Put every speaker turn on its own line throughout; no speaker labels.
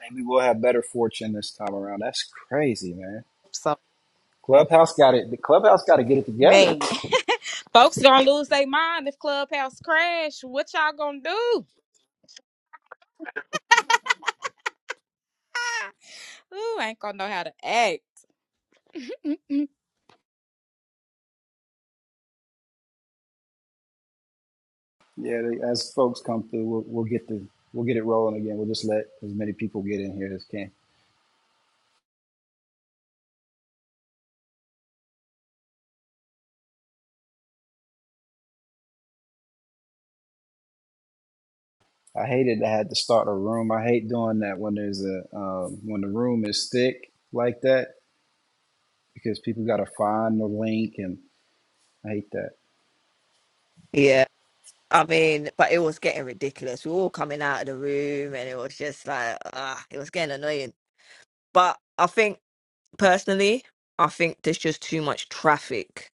Maybe we'll have better fortune this time around. That's crazy, man.
So
Clubhouse got it. The clubhouse got to get it together.
man, Folks gonna lose their mind if Clubhouse crash. What y'all gonna do? Ooh, ain't gonna know how to act. Mm.
Yeah, they, as folks come through, we'll, we'll get the we'll get it rolling again. We'll just let as many people get in here as can. I hated I had to start a room. I hate doing that when there's a um, when the room is thick like that because people got to find the link and I hate
Yeah, I mean, but it was getting ridiculous. We were all coming out of the room, and it was just like, ah, it was getting annoying. But I think personally, I think there's just too much traffic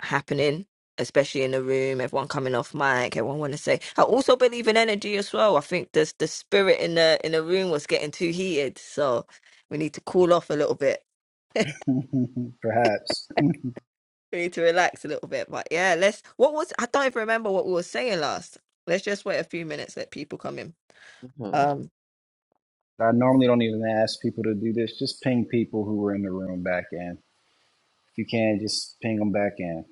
happening, especially in the room. Everyone coming off mic, everyone want to say. I also believe in energy as well. I think the the spirit in the in the room was getting too heated, so we need to cool off a little bit.
that. Perhaps
We need to relax a little bit. But yeah, let's. What was I don't even remember what we were saying last. Let's just wait a few minutes, let people come in.
Mhm.
Um.
I normally don't even ask people to do this. Just ping people who were in the room back in. If you can, just ping them back in.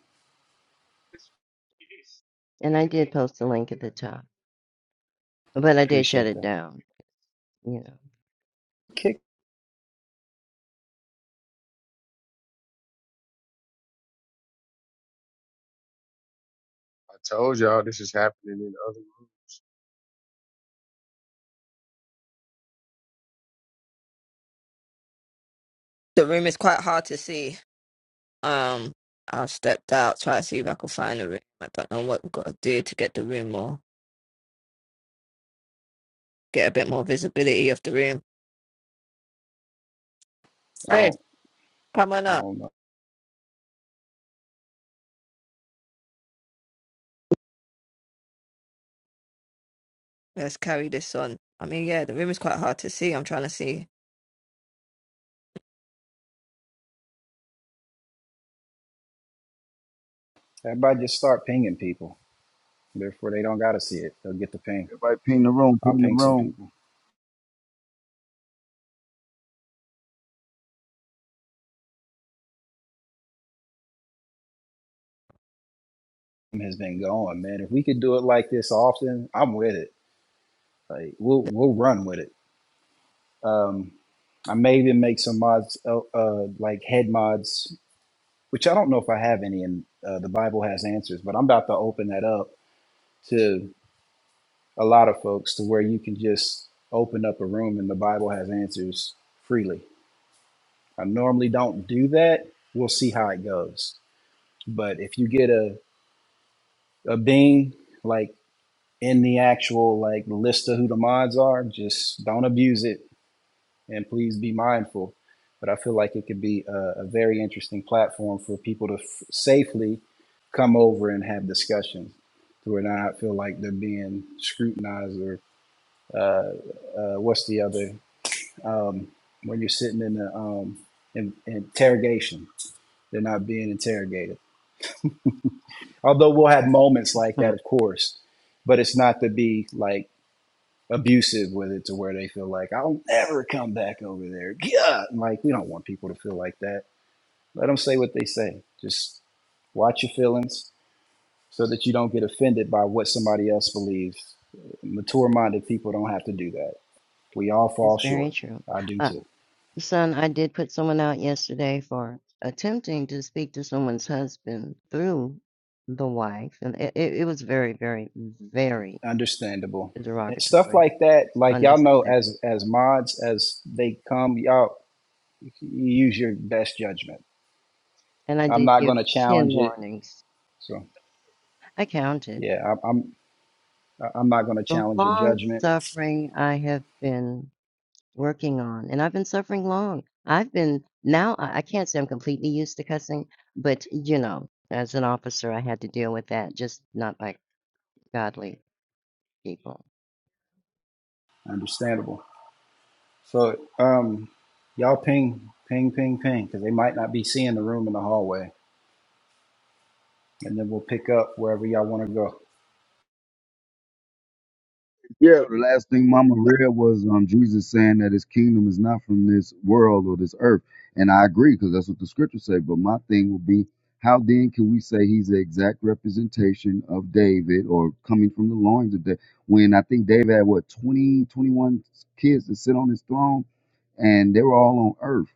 And I did post the link at the top, but I did shut
Appreciate
it
that.
down. You know,
Kick.
I told y'all this is happening in other
The room is quite hard to see. Um, I stepped out, try to see if I could find the room. I don't know what we've got to do to get the room more, get a bit more visibility of the room.
I
So,
don't.
come on
I
up.
don't know.
Let's carry this on. I mean, yeah, the room is quite hard to see. I'm trying to see.
Everybody just start pinging people. Therefore, they don't gotta see it. They'll get the ping.
Everybody ping the room,
I'll
ping the
ping some
room.
people. Has been going, man. If we could do it like this often, I'm with it. Like we'll we'll run with it. Um, I may even make some mods, uh, uh, like head mods, which I don't know if I have any. And uh, the Bible has answers, but I'm about to open that up to a lot of folks to where you can just open up a room and the Bible has answers freely I normally don't do that. We'll see how it goes. But if you get a, a bing like in the actual like list of who the mods are, just don't abuse it and please be mindful. But I feel like it could be a, a very interesting platform for people to f- safely come over and have discussions to where not feel like they're being scrutinized or uh, uh, what's the other um, when you're sitting in the um, in, in interrogation. They're not being interrogated. Although we'll have moments like that,
Mm.
of course, but it's not to be like abusive with it to where they feel like I'll never come back over there. Yeah, like we don't want people to feel like that. Let them say what they say. Just watch your feelings so that you don't get offended by what somebody else believes. Mature-minded people don't have to do that. We all fall
it's very
short.
true.
I do
Uh,
too.
son, I did put someone out yesterday for attempting to speak to someone's husband through the wife, and it, it, it was very, very, very
Understandable. And stuff
derogatory,
like that, like y'all know
unnecessary.
as as mods, as they come, y'all you use your best judgment.
And I
I'm
did
not
give
gonna
10
challenge it.
warnings.
So
I counted.
yeah, I'm I'm, I'm not gonna
The
challenge your
long
judgment.
suffering I have been working on, and I've been suffering long. I've been now I, I can't say I'm completely used to cussing, but you know, as an officer, I had to deal with that, just not like godly people.
Understandable. So um y'all ping, ping, ping, ping, because they might not be seeing the room in the hallway. And then we'll pick up wherever y'all want to go.
Yeah,
No, the last thing Mama read was um, Jesus saying that his kingdom is not from this world or this earth. And I agree because that's what the scriptures say. But my thing will be, how then can we say he's the exact representation of David or coming from the loins of David when I think David had, what, 20, 21 kids to sit on his throne and they were all on earth.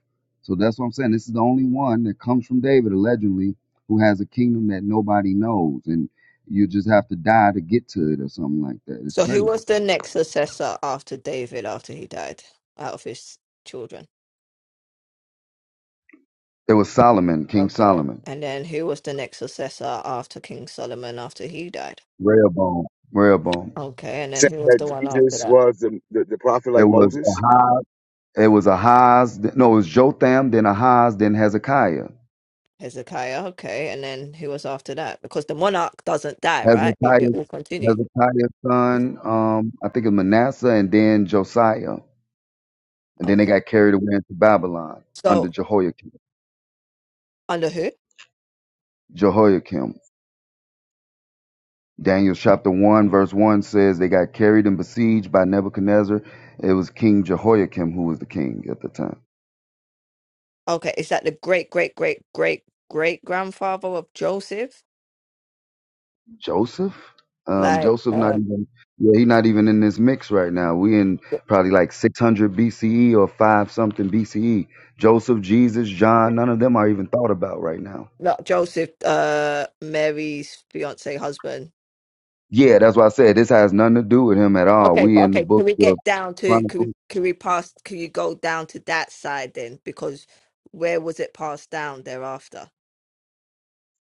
So that's what I'm saying. This is the only one that comes from David, allegedly, who has a kingdom that nobody knows. And you just have to die to get to it or something like that. It's
So, who
crazy.
was the next successor after David after he died out of his children?
It was Solomon, King
Okay.
Solomon.
And then who was the next successor after King Solomon after he died?
Rehoboam. Rehoboam.
Okay. And then
saying
who was
that
the one after
Jesus
that?
was the, the, the prophet
It
like
was
Moses.
Ahaz. It was Ahaz. No, it was Jotham, then Ahaz, then Hezekiah.
Hezekiah, okay, and then who was after that? Because the monarch doesn't die, right? It, it
Hezekiah,
will continue.
Hezekiah's
Mhm.
son. Um, I think it was Manasseh, and then Josiah, and then they
Okay.
got carried away into Babylon under
So
Jehoiakim.
under who?
Jehoiakim. Daniel chapter one
Mm.
verse one says they got carried and besieged by Nebuchadnezzar. It was King Jehoiakim who was the king at the time.
Okay, is that the great great great great great grandfather of Joseph?
Joseph? Um,
Like
Joseph not
uh
even yeah, he not even in this mix right now. We in probably like 600 BCE or 5 something BCE. Joseph, Jesus, John, none of them are even thought about right now.
not Joseph, uh Mary's fiance husband.
Yeah, that's why I said this has nothing to do with him at all.
Okay,
We
but
in the
okay, can
book
we
of
get down to can
Chronicles
we can we pass can you go down to that side then? Because where was it passed down thereafter?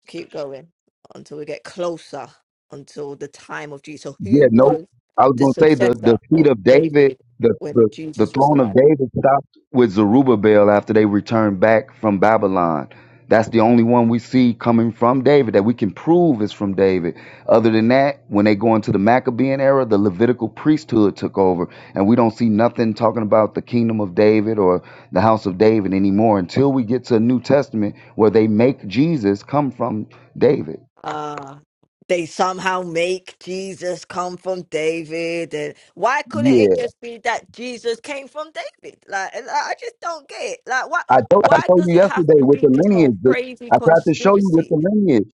keep going until we get closer until the time of Jesus. So who
Yeah, no,
was
I was
the
going to say the,
successor
the seat
of
of David,
David
the,
when
the, the
Jesus was
throne of
alive?
David stopped with Zerubbabel after they returned back from Babylon. That's the only one we see coming from David that we can prove is from David. Other than that, when they go into the Maccabean era, the Levitical priesthood took over, and we don't see nothing talking about the kingdom of David or the house of David anymore until we get to a New Testament where they make Jesus come from David.
Ah, they somehow make Jesus come from David. And why couldn't it just be that Jesus came from David? Like, and I I just don't get it. Like, why?
I told, I tried to
Why
show
does
you
it have
yesterday
to
with
be
the
this whole
lineage. the-
crazy
I tried to show you with
conspiracy?
the lineage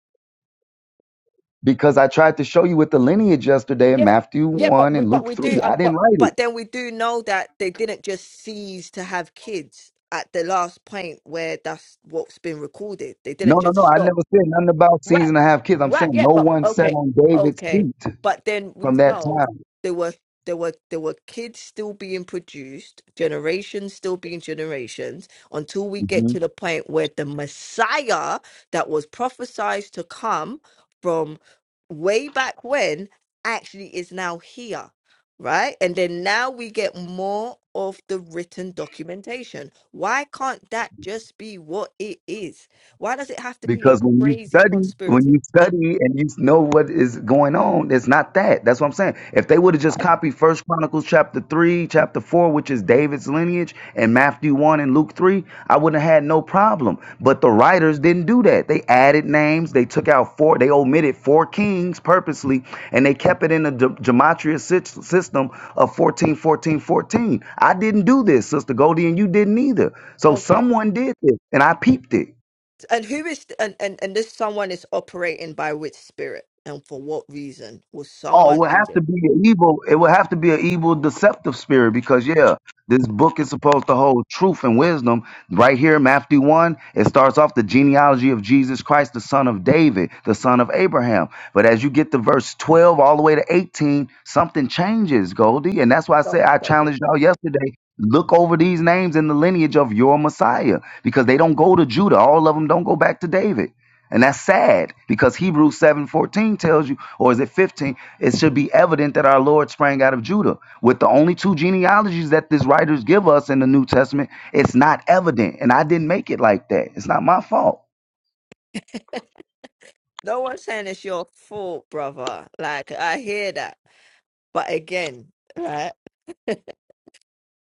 because I tried to show you with the lineage yesterday in
Yeah,
Matthew
yeah, but
1
we
and
but
Luke
we
3.
do uh,
I didn't
but
write it.
but then we do know that they didn't just cease to have kids at the last point where that's what's been recorded. They
No,
didn't
no,
just
no. I
stop.
never said nothing about
Right.
season to have kids. I'm
Right.
saying
Yeah.
no
But
one sat
okay.
on David's
Okay.
feet
But then we
from that
know
time.
there were there were there were kids still being produced, generations still being generations, until we
Mm-hmm.
get to the point where the Messiah that was prophesied to come from way back when actually is now here. Right? And then now we get more of the written documentation. Why can't that just be what it is? Why does it have to be a
Because when you
crazy
study, when
conspiracy?
you study and you know what is going on, it's not that. That's what I'm saying. If they would have just
Why?
copied First Chronicles chapter three, chapter four, which is David's lineage, and Matthew one and Luke three, I wouldn't have had no problem. But the writers didn't do that. They added names. They took out four. They omitted four kings purposely, and they kept it in the ge- gematria sy- system of 14, 14, fourteen. I didn't do this, Sister Goldie, and you didn't either. So
Okay.
someone did this, and I peeped it.
And who is and, and and this someone is operating by which spirit and for what reason will
Oh, it
someone
would
do
have to
this?
be an evil. It would have to be an evil, deceptive spirit because yeah, this book is supposed to hold truth and wisdom. Right here, Matthew one, it starts off the genealogy of Jesus Christ, the son of David, the son of Abraham. But as you get to verse twelve, all the way to eighteen, something changes, Goldie, and that's why I
Stop,
said I
stop it,
challenged y'all
stop it.
yesterday. Look over these names in the lineage of your Messiah because they don't go to Judah. All of them don't go back to David. And that's sad because Hebrews 7:14 tells you, or is it 15? It should be evident that our Lord sprang out of Judah. With the only two genealogies that these writers give us in the New Testament, it's not evident. And I didn't make it like that. It's not my fault.
No one's saying it's your fault, brother. Like I hear that, but again, right?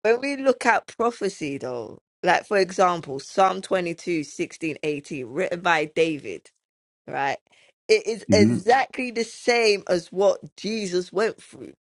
When we look at prophecy, though, like for example, Psalm 22, 16, 18, written by David. right? It is
Mhm.
exactly the same as what Jesus went through.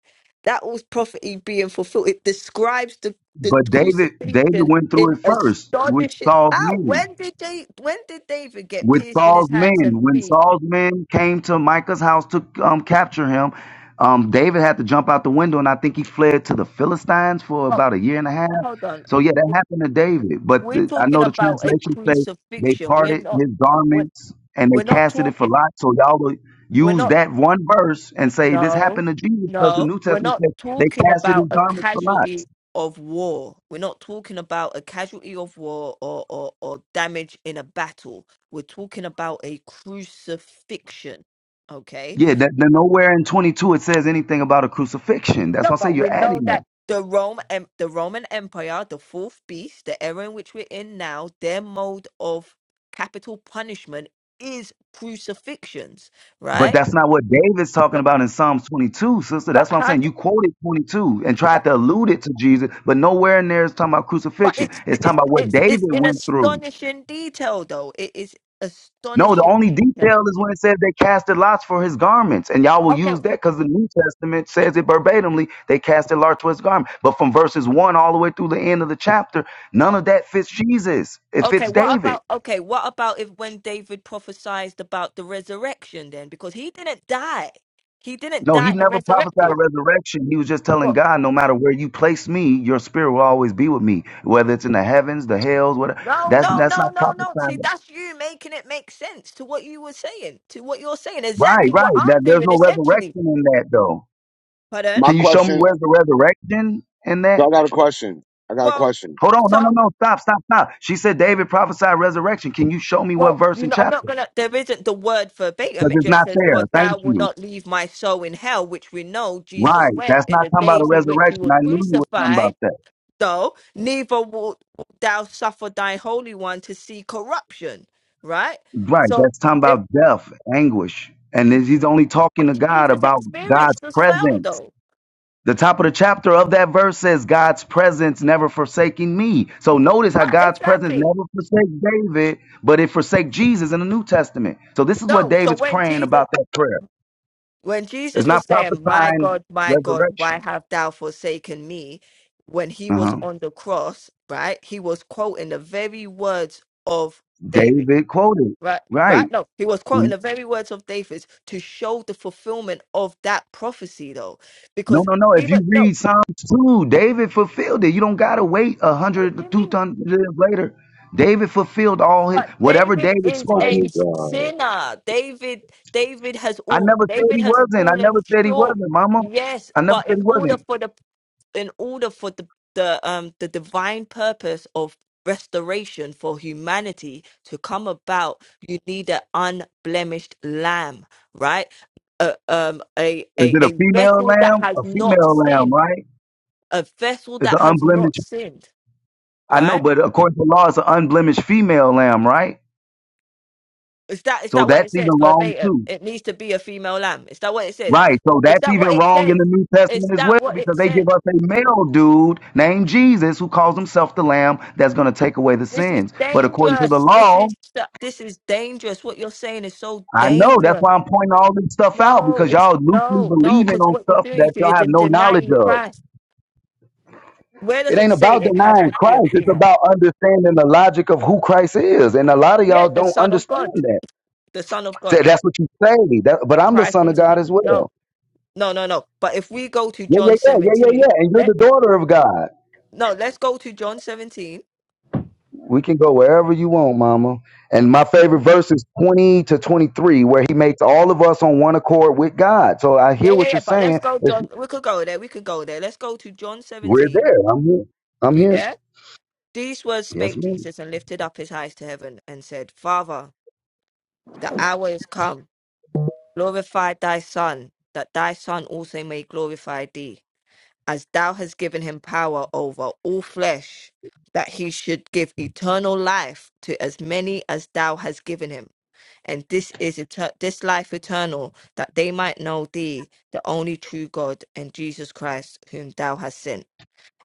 That was prophecy being fulfilled. It describes the, the
But David, David
crucifixion
went
in
through it first with
astonishing.
Saul's
How?
men.
When did they? When did David get
with
pierced in his
Saul's men.
hands and
When
feet?
Saul's men came to Micah's house to um, capture him, um, David had to jump out the window, and I think he fled to the Philistines for
But
about a year and a half.
hold on,
So yeah, that
W-
happened to David. But
we're
the, I
talking
know the
about a
translations say they
crucifixion. We're
parted
not.
his
We're,
garments and they
we're not
casted it for
talking.
lot. So y'all would
We're
use
not.
that one verse and say this
No,
happened to Jesus because the
no,
New
we're
Testament
not
says they
talking
casted
about
his
a
garments for lot.
casualty of war. We're not talking about a casualty of war or, or, or damage in a battle. We're talking about a crucifixion. Okay.
Yeah, that, that nowhere in 22 it says anything about a crucifixion. That's
No,
why I say
but we
you're
know
adding that.
that the Rome em- the Roman Empire, the fourth beast, the era in which we're in now, their mode of capital punishment is crucifixions,
But
right?
that's not what David's talking
Look,
about in Psalms 22, sister.
But
That's what I'm
how?
saying. You quoted 22 and tried to allude it to Jesus, but nowhere in there is talking about
But
crucifixion.
it's
It's talking
it's
about what
it's it's
David
in
went through.
astonishing detail, though. It is
No, the
astonishing
only detail
detail.
is when it says they casted lots for his garments. And y'all
But
will
okay,
use that because the New Testament says it verbatimly. They casted lots for his garment. But from verses 1 all the way through the end of the chapter,
uh,
none of that fits Jesus. It
okay.
fits
What
David.
about okay? What about if when David prophesied about the resurrection, then because he didn't die, he didn't
No, he
die and
never prophesied a
resurrected.
resurrection. He was just telling
But
God, no matter where you place me, your spirit will always be with me, whether it's in the heavens, the hells, whatever.
no,
That's
no,
that's not
no, no, no. See,
prophesying.
that's you making it make sense to what you were saying, to what you're saying.
Right,
Exactly what
right. That
I'm
there's
doing,
no
essentially.
resurrection in that though.
Pardon.
My
Can you show me
question,
where's the resurrection in
so
that?
I got a question. I got a
Well,
question.
Hold on, no,
so.
no, no, stop, stop, stop. She said David prophesied resurrection. Can you show me what
Well,
verse
you
and
know, I'm not
chapter?
gonna. There isn't the word verbatim.
Because
It
it's
just
not
says, "For
there.
thou
Thank
will
you.
not leave my soul in hell," which we know Jesus
Right.
went
That's
in
not
the
talking about a
days in which he
resurrection.
was
I knew you were talking about
crucified.
that.
Though neither will thou suffer thy holy one to see corruption. Right.
Right.
So,
That's talking
if
about death, anguish. And then he's only talking to
which
God
Jesus
about God's
experienced as well,
presence.
though.
The top of the chapter of that verse says, God's presence never forsaking me. So notice how
Right.
God's presence
Exactly.
never forsakes David, but it forsake Jesus in the New Testament. So this is what
No. So
David's
when
praying
Jesus
about that prayer.
when
It's
Jesus was
not
saying, My
prophesying
God, my God, why
resurrection.
have thou forsaken me? When he was
Uh-huh.
on the cross, right? He was quoting the very words of David,
David quoted,
right? Right?
right.
No, he was quoting the very words of David to show the fulfillment of that prophecy, though.
No,
Because
no, no. If
even,
you
no,
read Psalms 2, David fulfilled it. You don't got to wait a hundred,
what do you
two
mean?
hundred years later. David fulfilled all his,
But
whatever
David
David
is
spoke.
I
He,
a
was,
sinner. David, David has
I
all,
never said
David
he
has
wasn't. I
fallen
never said he
short.
wasn't, mama.
Yes,
I never
but
said
in
he
order
wasn't.
for the in order for the the um the divine purpose of restoration for humanity to come about you need an unblemished lamb right a um a,
Is
a
it a
a
female
vessel that
lamb?
has
A
not
female lamb,
sinned
right?
a vessel
It's
that
an
has not
unblemished.
sinned
I know,
right
but according to law, it's an unblemished female lamb, right?
is that is
So
that what
that's
it says
even wrong,
verbatim
too.
it needs to be a female lamb is that what it says
Right. So
is
that's
that what
even
it
wrong in
says
the New
is
Testament as
that
well
what
because
it
they give
says
us a male dude named Jesus who calls himself the Lamb that's going to take away the
this is
sins. But according to the
dangerous this
law,
is this is dangerous what you're saying is so
I know that's
dangerous
why I'm pointing all this stuff out
No,
because
it's
y'all loosely
no, no,
believing
because
on
what you're
stuff
doing is
that
you're
y'all have
den-
no knowledge
denying
of.
Christ. Where
It
does it
ain't
say
about
it has
denying
to be a
Christ. It's
female?
about understanding the logic of who Christ is. And a lot of
Yeah,
y'all
the
don't
Son of
understand
God.
that.
The Son of God.
Th- That's what you say. That, but I'm the
Christ
son of
Jesus.
God
is-
as
No,
well.
no, no, no. But if we go to
Yeah, yeah,
John
yeah, yeah, yeah,
17,
yeah. And you're
let
the daughter of God.
no, let's go to John 17.
We can go wherever you want, mama. And my favorite verse is 20 to 23, where he makes all of us on one accord with God. So I
Yeah,
hear
yeah,
what
yeah.
you're
But let's
saying.
go,
If
John. We could go there. We could go there. Let's go to John
We're
17.
there. I'm here. I'm
You
here.
there? These words
Yes,
spake
ma'am.
Jesus and lifted up his eyes to heaven and said, Father, the hour is come Glorify thy Son, that thy Son also may glorify thee, as thou hast given him power over all flesh, that he should give eternal life to as many as thou hast given him. And this is eter- this life eternal, that they might know thee, the only true God, and Jesus Christ, whom thou hast sent.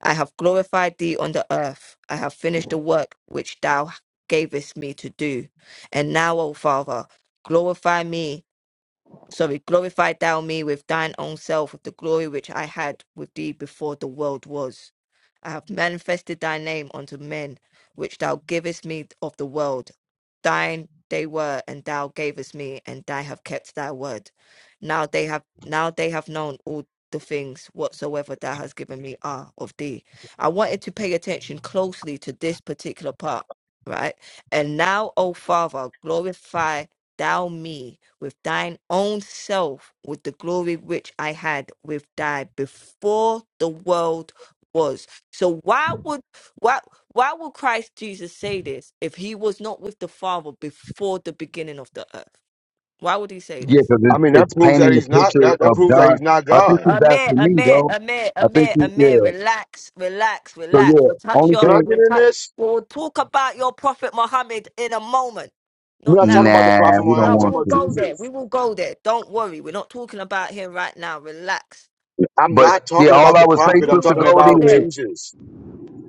I have glorified thee on the earth. I have finished the work which thou gavest me to do. And now, O Father, glorify me so we glorified thou me with thine own self, with the glory which I had with thee before the world was. I have manifested thy name unto men, which thou givest me of the world. Thine they were, and thou gavest me, and I have kept thy word. Now they have now they have known all the things whatsoever thou hast given me are of thee. I wanted to pay attention closely to this particular part, right? And now, O Father, glorify thou me with thine own self with the glory which I had with thy before the world was. So why would why why would Christ Jesus say this if he was not with the Father before the beginning of the earth? Why would he say
Yeah,
this?
because
uh, I
it's,
mean, that
it's
proves that
painting the
he's not,
picture
that, that
of
proves that
God.
he's not
I think
God.
he's
Amir,
asking me,
Amir,
though.
Amir,
I think,
Amir,
he,
Amir,
yeah.
relax, relax,
So,
relax.
yeah,
We'll touch
only
Can
your,
I
thing,
get
we'll
in
touch,
this?
we'll talk about your Prophet Muhammad in a moment.
We're
Not
not talking
now.
about the
nah,
prophet
we don't
Muhammad,
No,
I'm
we
talking
want
will
about
to.
go there. We
Jesus.
will go there. Don't worry. We're not talking about him right now. Relax.
I'm
But,
not
yeah,
talking
all
about
I
the
would say,
prophet, I'm
We
Sister
talking
will go
about
Goldie,
there.
Jesus.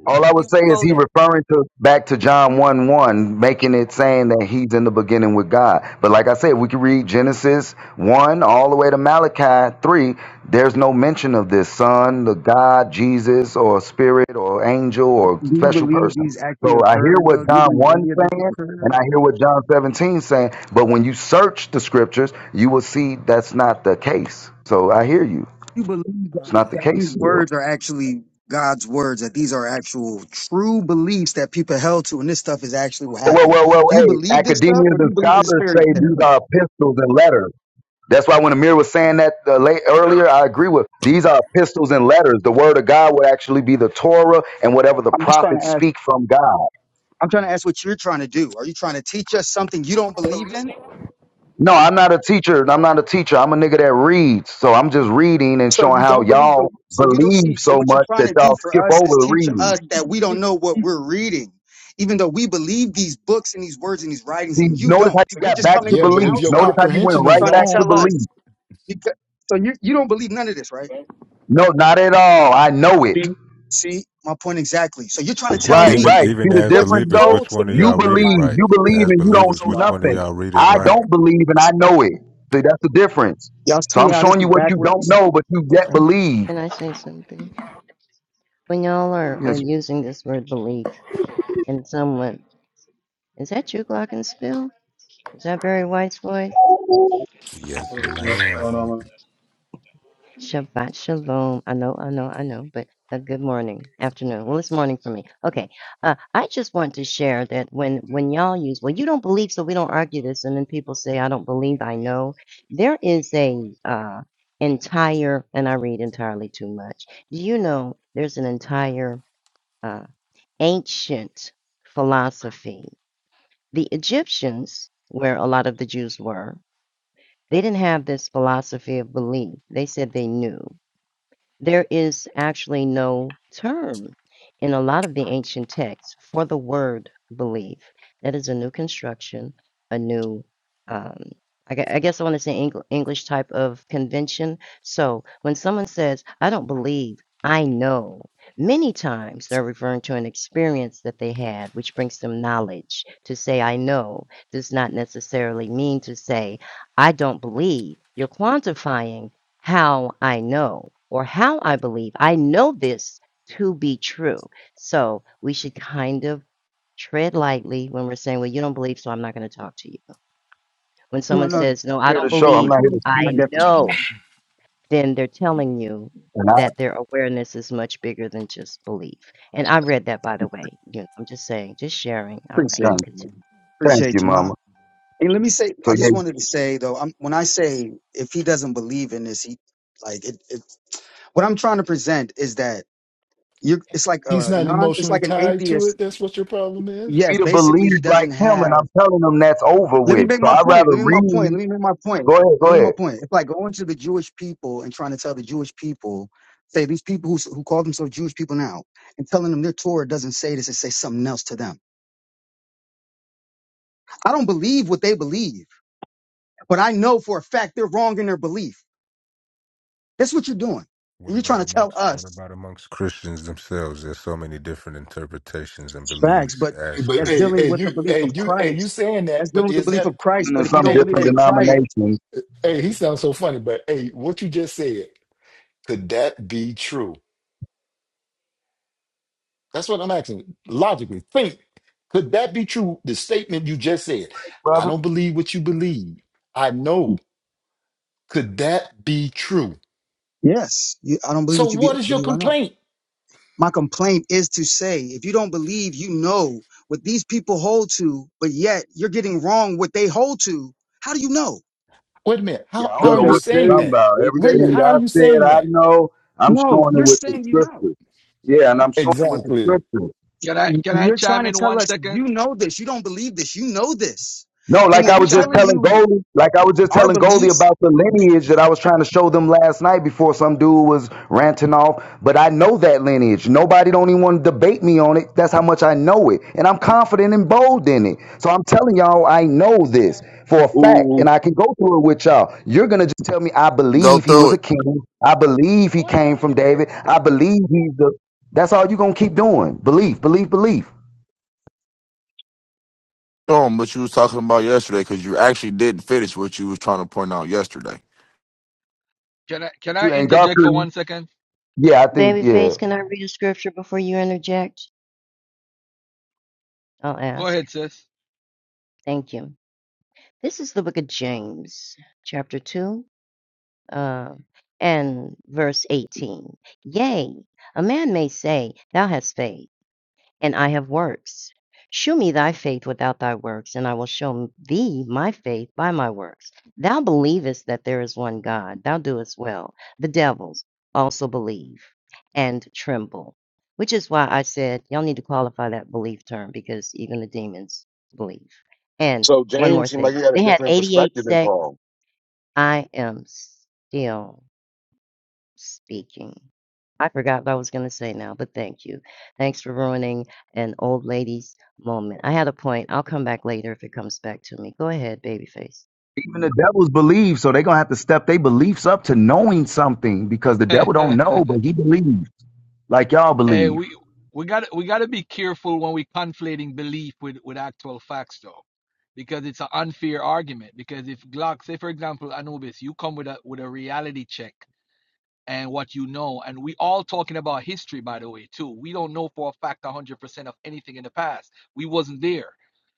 All I
We
would say
will
is
go
he
there.
referring to back to John 1 1, making it saying that he's in the beginning with God. But like I said, we can read Genesis 1 all the way to Malachi 3. There's no mention of this son, the God, Jesus, or spirit, or angel, or
Do you
special
believe
person.
these actually
So I hear
occurred,
what
though? Do you
John
believe
1
any of this
saying, and
occurred?
I hear what John 17 saying. But when you search the scriptures, you will see that's not the case. So I hear you.
Do you believe that,
It's not
Okay.
the
that these
case still.
words are actually God's words, that these are actual true beliefs that people held to, and this stuff is actually what
Well,
happened?
well, well,
Do you
hey,
believe this stuff, or
academians
do
and
you believe this is
scholars
fairy
say
tale?
these are epistles and letters. That's why when Amir was saying that uh, late, earlier, I agree with. These are epistles and letters. The word of God would actually be the Torah and whatever the
I'm just trying to
prophets
ask.
speak from God.
I'm trying to ask what you're trying to do. Are you trying to teach us something you don't believe in?
No, I'm not a teacher. I'm not a teacher. I'm a nigga that reads. So I'm just reading and
So
showing
you
how
don't believe the
y'all
so you don't see
believe
so
so
what you're
much
trying
that
to do
y'all
for
skip
us
over
is
the
teach
reading.
us that we don't know what we're reading, even though we believe these books and these words and these writings
See,
and you
notice
don't.
how you
So you're
got
just
back
coming
to
Yeah,
from the
but if
belief.
your
Notice how
outside
you went
comprehension is
right
trying to
back to
wrong,
tell
belief.
us because so you you don't believe none of this, right?
No, not at all. I know
See,
it.
see my point exactly. So you're trying to tell
Right,
me
Even
right.
even
See the
as
what's
difference
believers,
though?
which
told to
one of
You
y'all
me
read
from
it
my
believe,
right?
you
belief.
believe
As
and you don't
This is
believers,
know
which one
wild.
of
nothing.
y'all read it
I
right?
don't believe and
This
I
is
know
wild.
it. See, that's the difference.
Y'all
So
see
I'm
how this
showing you
is
what you don't
backwards?
know, but you yet
Okay.
believe.
Can I say something? When y'all are, uh
Yes.
using this word belief and someone, is that you, Glockenspiel? Is that Barry White's voice?
I'm
Yes,
What up, man? What's going on,
ma'am.
man?
Shabbat shalom. I know, I know, I know, but a good morning, afternoon. Well, it's morning for me. Okay. Uh, I just want to share that when when y'all use, well, you don't believe, so we don't argue this, and then people say, I don't believe, I know. There is a uh, entire, and I read entirely too much. Do you know there's an entire uh, ancient philosophy? The Egyptians, where a lot of the Jews were, they didn't have this philosophy of belief. They said they knew. There is actually no term in a lot of the ancient texts for the word believe. That is a new construction, a new, um, I, gue- I guess I want to say Engl- English type of convention. So when someone says, I don't believe, I know, many times they're referring to an experience that they had, which brings them knowledge. To say, I know, does not necessarily mean to say, I don't believe. You're quantifying how I know or how I believe. I know this to be true. So we should kind of tread lightly when we're saying, Well, you don't believe, so I'm not going to talk to you. When
No,
someone
no,
says, No, I
here to
don't
show. I'm
believe,
not here
definitely.
to
I
speak.
I
definitely
know, then they're telling you
And I
that their awareness is much bigger than just belief. And I read that, by the way. You know, I'm just saying, just sharing. All right, y'all
appreciate
thank,
you,
continue.
man.
thank
Appreciate
you,
you.
Mama.
And let me say, I
So yeah,
just
you
wanted to say though, I'm, when I say if he doesn't believe in this, he like it, it. What I'm trying to present is that you, it's like
he's
a
not
non, it's
emotionally
like an
tied to
atheist.
it. That's what your problem is.
be
Yes,
to
basically,
believe
he
like
doesn't
him, and
have.
I'm telling them that's over
Let me
with.
make
So
my
I'd
point.
rather
Let me make my point.
read.
Let me make my point.
Go ahead,
Let me
go
make my
ahead.
point. It's like going to the Jewish people and trying to tell the Jewish people, say these people who s- who call themselves Jewish people now, and telling them their Torah doesn't say this, it says something else to them. I don't believe what they believe, but I know for a fact they're wrong in their belief. That's what you're doing.
What
And you're
about
trying to tell
amongst what
us
about amongst Christians themselves? There's so many different interpretations and
facts,
beliefs
but
Hey,
as
but
that's
hey,
dealing
hey,
Christians.
with the
you,
belief
hey,
of
you, hey, you
Christ.
saying
That's
that?
dealing
But
with the
is
belief of
that?
Christ.
i
But
in
if you
some
don't
Hey,
believe
different
in
hey,
Christ,
denominations,
hey, he sounds so funny. But hey, what you just said could that be true? That's what I'm asking. Logically, think. Could that be true? The statement you just said. I
brother.
don't believe what you believe. I know. Could that be true?
yes, you, I don't believe
So
what you be,
what is your
believe I know.
complaint?
My complaint is to say, if you don't believe, you know what these people hold to, but yet you're getting wrong what they hold to. How do you know?
Wait a minute.
Yeah,
How
I
how
don't
So
are
know
you
they
what you're
saying
say,
talking
that?
about.
they
Wait
say
a minute.
Everything
it.
How
I
are you
said,
saying
I
that?
know. I'm
No,
showing
you're
it with the
saying you know.
scriptures. Yeah, and I'm showing it with the
Exactly.
scriptures.
Can I
Y-
can I
You're trying
chime
to
in
tell
one
us you
second?
know this. You don't believe this. You know this.
No,
And
Can
like
when
I
I
we're
was just
chime
telling
in?
telling
you
Goldie, like I was just
our
telling Goldie
beliefs
about the lineage that I was trying to show them last night before some dude was ranting off. But I know that lineage. Nobody don't even want to debate me on it. That's how much I know it. And I'm confident and bold in
Hold on,
it. So I'm telling
hold on.
y'all I know this for a fact.
Ooh.
And I can go through it with y'all. You're gonna just tell me I
Go
believe he was
through
a
it.
king. I believe he came from
Hey,
David. I believe he's the that's all you're gonna keep doing. Belief, belief, belief.
Show 'em what you was talking about yesterday because you actually didn't finish what you was trying to point out yesterday.
Can I can I
You ain't got
interject for
Garfield,
one second?
yeah, I think, yeah.
Babyface, can I read a scripture before you interject? I'll
Go
ask.
ahead, sis.
Thank you. This is the book of James, chapter 2, uh, and verse 18. Yea, a man may say, Thou hast faith, and I have works. Shew me thy faith without thy works, and I will show thee my faith by my works. Thou believest that there is one God, thou doest well. The devils also believe and tremble, which is why I said, y'all need to qualify that belief term because even the demons believe. And
So
one more
James seemed
thing
like he had a
they had
different
88
perspective than
sects.
Paul.
I am still speaking. I forgot what I was going to say now, but thank you. Thanks for ruining an old lady's moment. I had a point. I'll come back later if it comes back to me. Go ahead, babyface.
Even the devils believe, so they're gonna have to step their beliefs up to knowing something because the devil don't
hey,
know, but he believes like y'all believe.
we we got we got to be careful when we conflating belief with with actual facts, though, because it's an unfair argument. Because if Glock, say for example, Anubis, you come with a with a reality check and what you know. And we all talking about history, by the way, too. We don't know for a fact 100% of anything in the past. We wasn't there.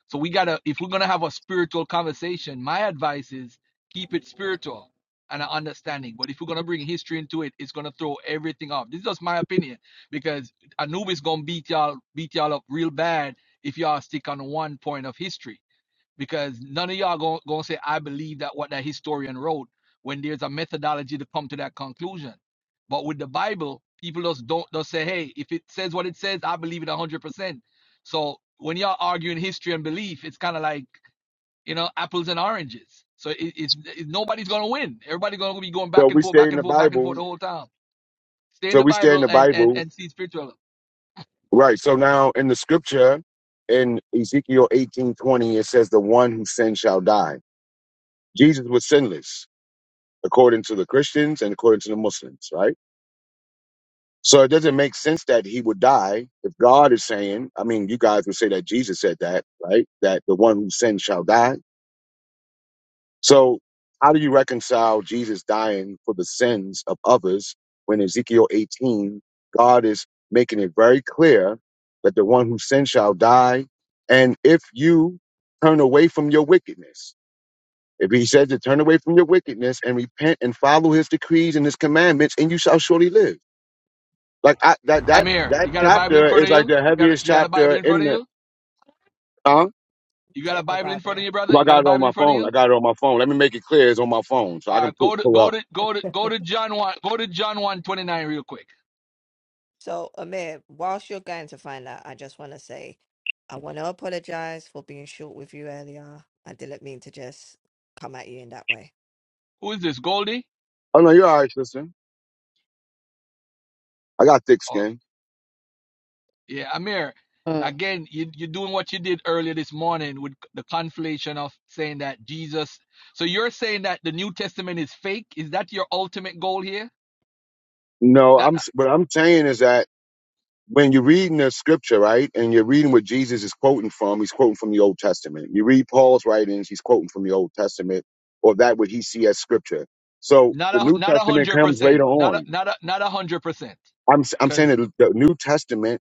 So we got to, if we're going to have a spiritual conversation, my advice is keep it spiritual and an understanding. But if we're going to bring history into it, it's going to throw everything off. This is just my opinion because Anubis going to beat y'all, beat y'all up real bad if y'all stick on one point of history because none of y'all going to say i believe that what that historian wrote when there's a methodology to come to that conclusion but with the bible people just don't just say hey if it says what it says i believe it 100% so when y'all arguing history and belief it's kind of like you know apples and oranges so it, it's, it, nobody's going to win everybody's going to be going
So
back and
we
forth
stay
back
in the
and forth back and forth
Bible.
the whole time stay in
So
the
we stay in
bible
the
and and
Bible.
and see spiritual
Right. So now in the scripture in Ezekiel eighteen twenty, it says, The one who sins shall die. Jesus was sinless, according to the Christians and according to the Muslims, right? So it doesn't make sense that he would die if God is saying, I mean, you guys would say that Jesus said that, right? That the one who sins shall die. So, how do you reconcile Jesus dying for the sins of others when Ezekiel 18, God is making it very clear that the one who sins shall die? And if you turn away from your wickedness, if he said to turn away from your wickedness and repent and follow his decrees and his commandments, and you shall surely live. Like I, that, that,
amir
that
you got a bible
chapter
in
is
front of
like
you
the
you got a,
heaviest
you got a
chapter
bible in front
in
of
the,
you
huh?
you
Do you
got a
have the
bible in front of
Bible?
you brother
Well, I
you got
got
a
it on
bible in
my
front of you
phone. I got it on my phone. Let me make it clear. It's on my phone so I
All
can
right,
pull,
go to
pull
go
up.
to go to go to John one. Go to John one twenty nine real quick.
So, Amir, whilst you're going to find out, I just want to say I want to apologize for being short with you earlier. I didn't mean to just come at you in that way.
Who is this? Goldie?
Oh no, you're all right, sister. I got thick
Oh
skin.
yeah, Amir.
Mm,
Again, you, you're doing what you did earlier this morning with the conflation of saying that Jesus. So you're saying that the New Testament is fake. Is that your ultimate goal here?
No,
That,
I'm. s- What I'm saying is that when you're reading the scripture, right, and you're reading what Jesus is quoting from, he's quoting from the Old Testament. You read Paul's writings, he's quoting from the Old Testament, or that what he see as scripture. So
not
the New
a not a
Testament
hundred
comes
percent.
later
Not a
on.
not a not a hundred percent.
I'm s- I'm saying
Because.
that the New Testament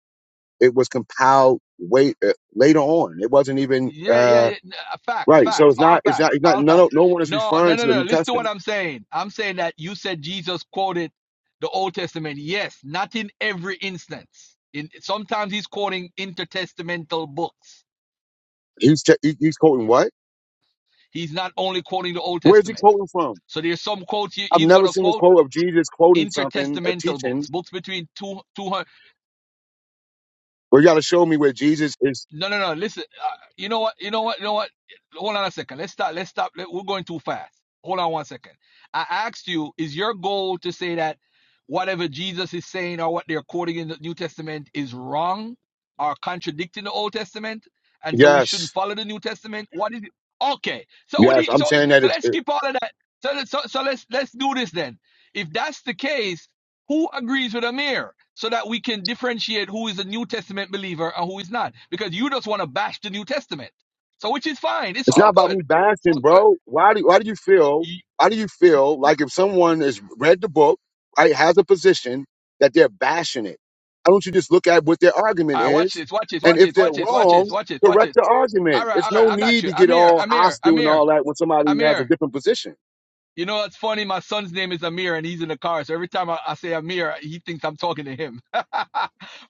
it was compiled way uh, later on. It wasn't even
Yeah, yeah,
uh
yeah. N- uh, Facts,
right. So
facts,
it's
all
not it's not
facts,
it's not
all
no no
facts.
no one is
No, no,
referring
no,
to the
no.
New
Listen to
Testament.
what I'm saying. I'm saying that you said Jesus quoted the Old Testament. Yes, not in every instance. In sometimes he's quoting intertestamental books.
He's t- he- he's quoting what?
He's not only quoting the Old
Where's he
Testament.
quoting from?
So there's some quotes he-
I've
he's
never
gonna
seen a
quote
quote of Jesus quoting something, a
intertestamental
teaching,
books, books between two, 200.
where you got to show me where Jesus is.
No, no, no. Listen, uh, you know what? You know what? You know what? Hold on a second. Let's stop. Let's stop. Let- We're going too fast. Hold on one second. I asked you, is your goal to say that whatever Jesus is saying or what they're quoting in the New Testament is wrong or contradicting the Old Testament, and so we shouldn't
Yes,
follow the New Testament? What is it? Okay. So we
yes,
need.
I'm
So
saying that
so
it's
let's
it-
skip all of that. So let- so so let's let's do this then. If that's the case who agrees with Amir so that we can differentiate who is a New Testament believer and who is not? Because you just want to bash the New Testament. So, which is fine. It's
it's
all
not about
good.
me
It's
bashing,
all good.
bro. Why do why do you feel?
You,
Why do you feel like if someone has read the book, right, has a position that they're bashing it? Why don't you just look at what their argument
all right, watch
is,
this, watch this,
and
watch
if
this,
they're
watch this, watch
wrong,
this, watch this, watch
correct
this.
the
All
argument.
right,
It's
all right,
no
I got
need
you.
to get
Amir,
all
Amir,
hostile and
Amir,
all that when somebody has a
Amir.
different position.
You know what's funny? My son's name is Amir and he's in the car. So every time I, I say Amir, he thinks I'm talking to him.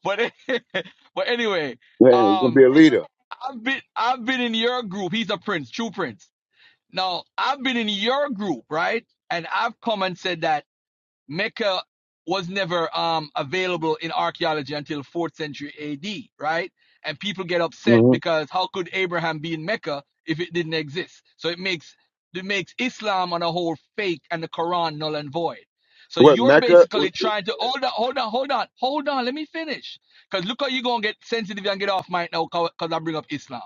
but, but anyway,
Man, you're gonna
um,
be a leader.
I've been, I've been in your group. He's a prince, true prince. Now, I've been in your group, right? And I've come and said that Mecca was never um, available in archaeology until 4th century AD, right? And people get upset
hmm
because how could Abraham be in Mecca if it didn't exist? So it makes it makes Islam on a whole fake and the Quran null and void. So
What
you're
Mecca?
basically trying to hold on, hold on, hold on, hold on. Let me finish. Because look how you're gonna get sensitive and get off my now because I bring up Islam.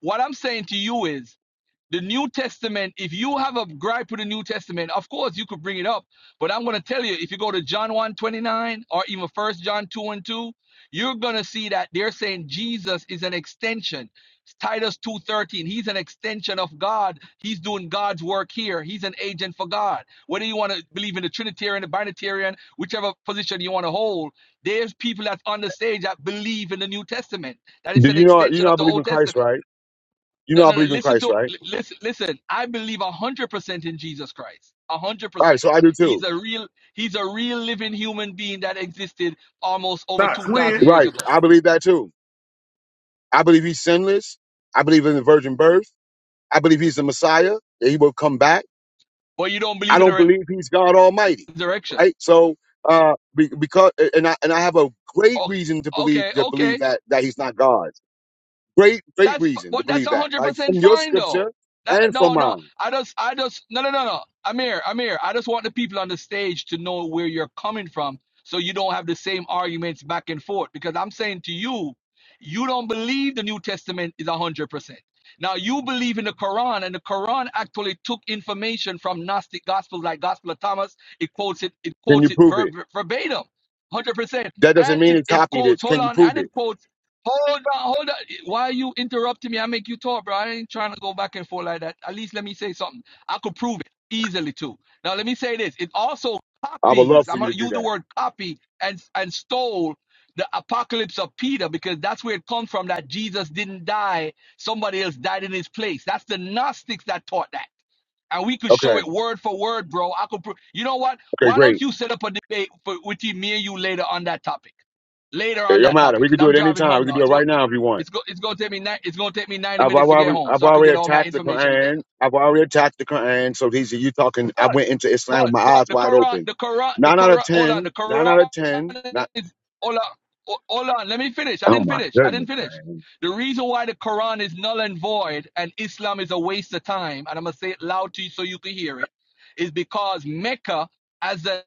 What I'm saying to you is the New Testament, if you have a gripe with the New Testament, of course you could bring it up. But I'm going to tell you, if you go to John 1 twenty-nine or even 1 John 2 and 2, you're going to see that they're saying Jesus is an extension. Titus 2:13, he's an extension of God. He's doing God's work here. He's an agent for God. Whether you want to believe in the Trinitarian, the Binitarian, whichever position you want to hold, there's people that's on the stage that believe in the New Testament. That is
Do
an
you know? You
extension
know I
of the
believe
Old
in Christ,
Testament.
right? You
No,
know I
no, no.
believe in
Listen
Christ,
to
right?
listen. Listen. I believe a hundred percent in Jesus Christ. A hundred
All right,
percent.
so I do
He's
too.
a real. He's a real living human being that existed almost over
Not
two thousand
twin.
years
Right,
ago.
I believe that too. I believe he's sinless. I believe in the virgin birth. I believe he's the Messiah. That he will come back.
But you don't
I
believe in
don't
the
believe he's God Almighty,
resurrection?
right? So, uh, be, because and I and I have a great
Okay.
reason to believe
Okay.
to
Okay.
believe that that he's not God. Great, great
That's
reason
but
to
that's a
believe that,
hundred
right?
percent
From your
fine though.
scripture
That,
and from
no, no,
mine.
I just, I just, no, no, no, no. Amir, Amir, I just want the people on the stage to know where you're coming from, so you don't have the same arguments back and forth. Because I'm saying to you, you don't believe the New Testament is a hundred percent. Now you believe in the Quran, and the Quran actually took information from Gnostic Gospels, like Gospel of Thomas. It quotes it, it
Can you
quotes it
prove
ver-
it?
ver- verbatim, hundred percent,
That doesn't
and
mean
it,
it
it
copied it.
quotes. Hold
Can you
on,
prove
and
it?
it quotes. Hold on, hold on. Why are you interrupting me? I make you talk, bro. I ain't trying to go back and forth like that. At least let me say something. I could prove it easily too. Now let me say this. It also
I would love
copies.
for
I'm
you to
gonna
do
use the
that.
word copy and and stole the apocalypse of Peter because that's where it comes from. That Jesus didn't die. Somebody else died in his place. That's the Gnostics that taught that and we could show it
Okay.
word for word, bro. I could. Pro- you know what?
Okay,
Why
great.
don't you set up a debate for with me and you later on that topic? Later
It
on
don't
that
matter.
topic,
We can
because
do
I'm
it
driving
anytime.
home
We can
now.
do it
It's going.
right now if you want.
It's going. It's going to take me. Ni- it's going to take me 90
I've
minutes to get
already,
home,
I've
so I could
already
get all my
attacked the
information together.
Quran. I've already attacked the Quran. So these are you talking. I
But
went into Islam with
but
my
but
eyes
the
wide
Quran,
open.
the Quran, the
Nine out of
Quran. Hold on, the
ten. Nine out of ten.
Quran
Not.
is hold on, hold on. Let me finish. I
Oh
didn't
my
finish. I didn't
goodness,
finish.
man.
The reason why the Quran is null and void and Islam is a waste of time, and I'm gonna say it loud to you so you can hear it, is because Mecca, as an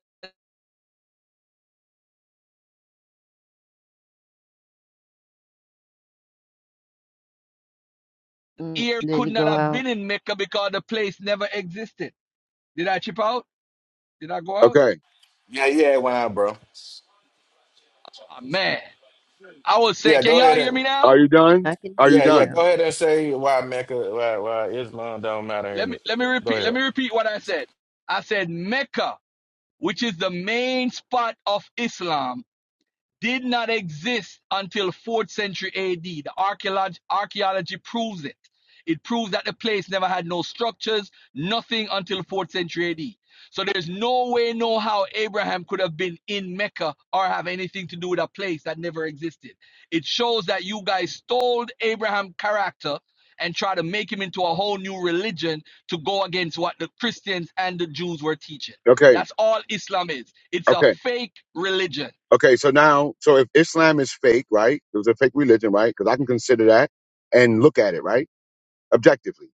mm.
ear,
Did
could
he
not
go
have
out?
been in Mecca because the place never existed. Did I chip out? Did I go out?
Okay.
Yeah, yeah, why, bro?
Oh man, I was saying.
Yeah,
Can
go ahead
y'all hear
and
me
Are
now?
you done?
I can
Are
hear
you
yeah,
you
yeah,
done?
go
now.
ahead and say why Mecca, why, why Islam don't matter.
Let me
And
let me
go
repeat. Let
ahead.
me repeat what I said. I said Mecca which is the main spot of Islam did not exist until 4th century AD. The archaeology, archaeology proves it. It proves that the place never had no structures, nothing until 4th century AD. So there's no way, no how Abraham could have been in Mecca or have anything to do with a place that never existed. It shows that you guys stole Abraham's character and try to make him into a whole new religion to go against what the Christians and the Jews were teaching.
Okay.
That's all Islam is. It's a
Okay.
fake religion.
Okay. So now, so if Islam is fake, right? It was a fake religion, right? Because I can consider that and look at it, right? Objectively.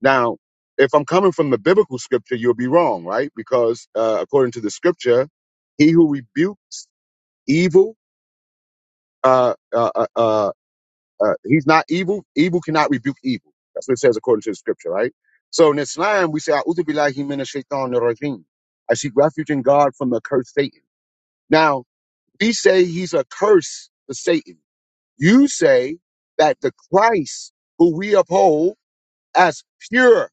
Now, if I'm coming from the biblical scripture, you'll be wrong, right? Because uh, according to the scripture, he who rebukes evil, uh, uh, uh, uh, uh, he's not evil. Evil cannot rebuke evil. That's what it says according to the scripture, right? So in Islam, we say, "A'udhu billahi minash shaitanir rajim." I seek refuge in God from the cursed Satan. Now, we say he's a curse to Satan. You say that the Christ who we uphold as pure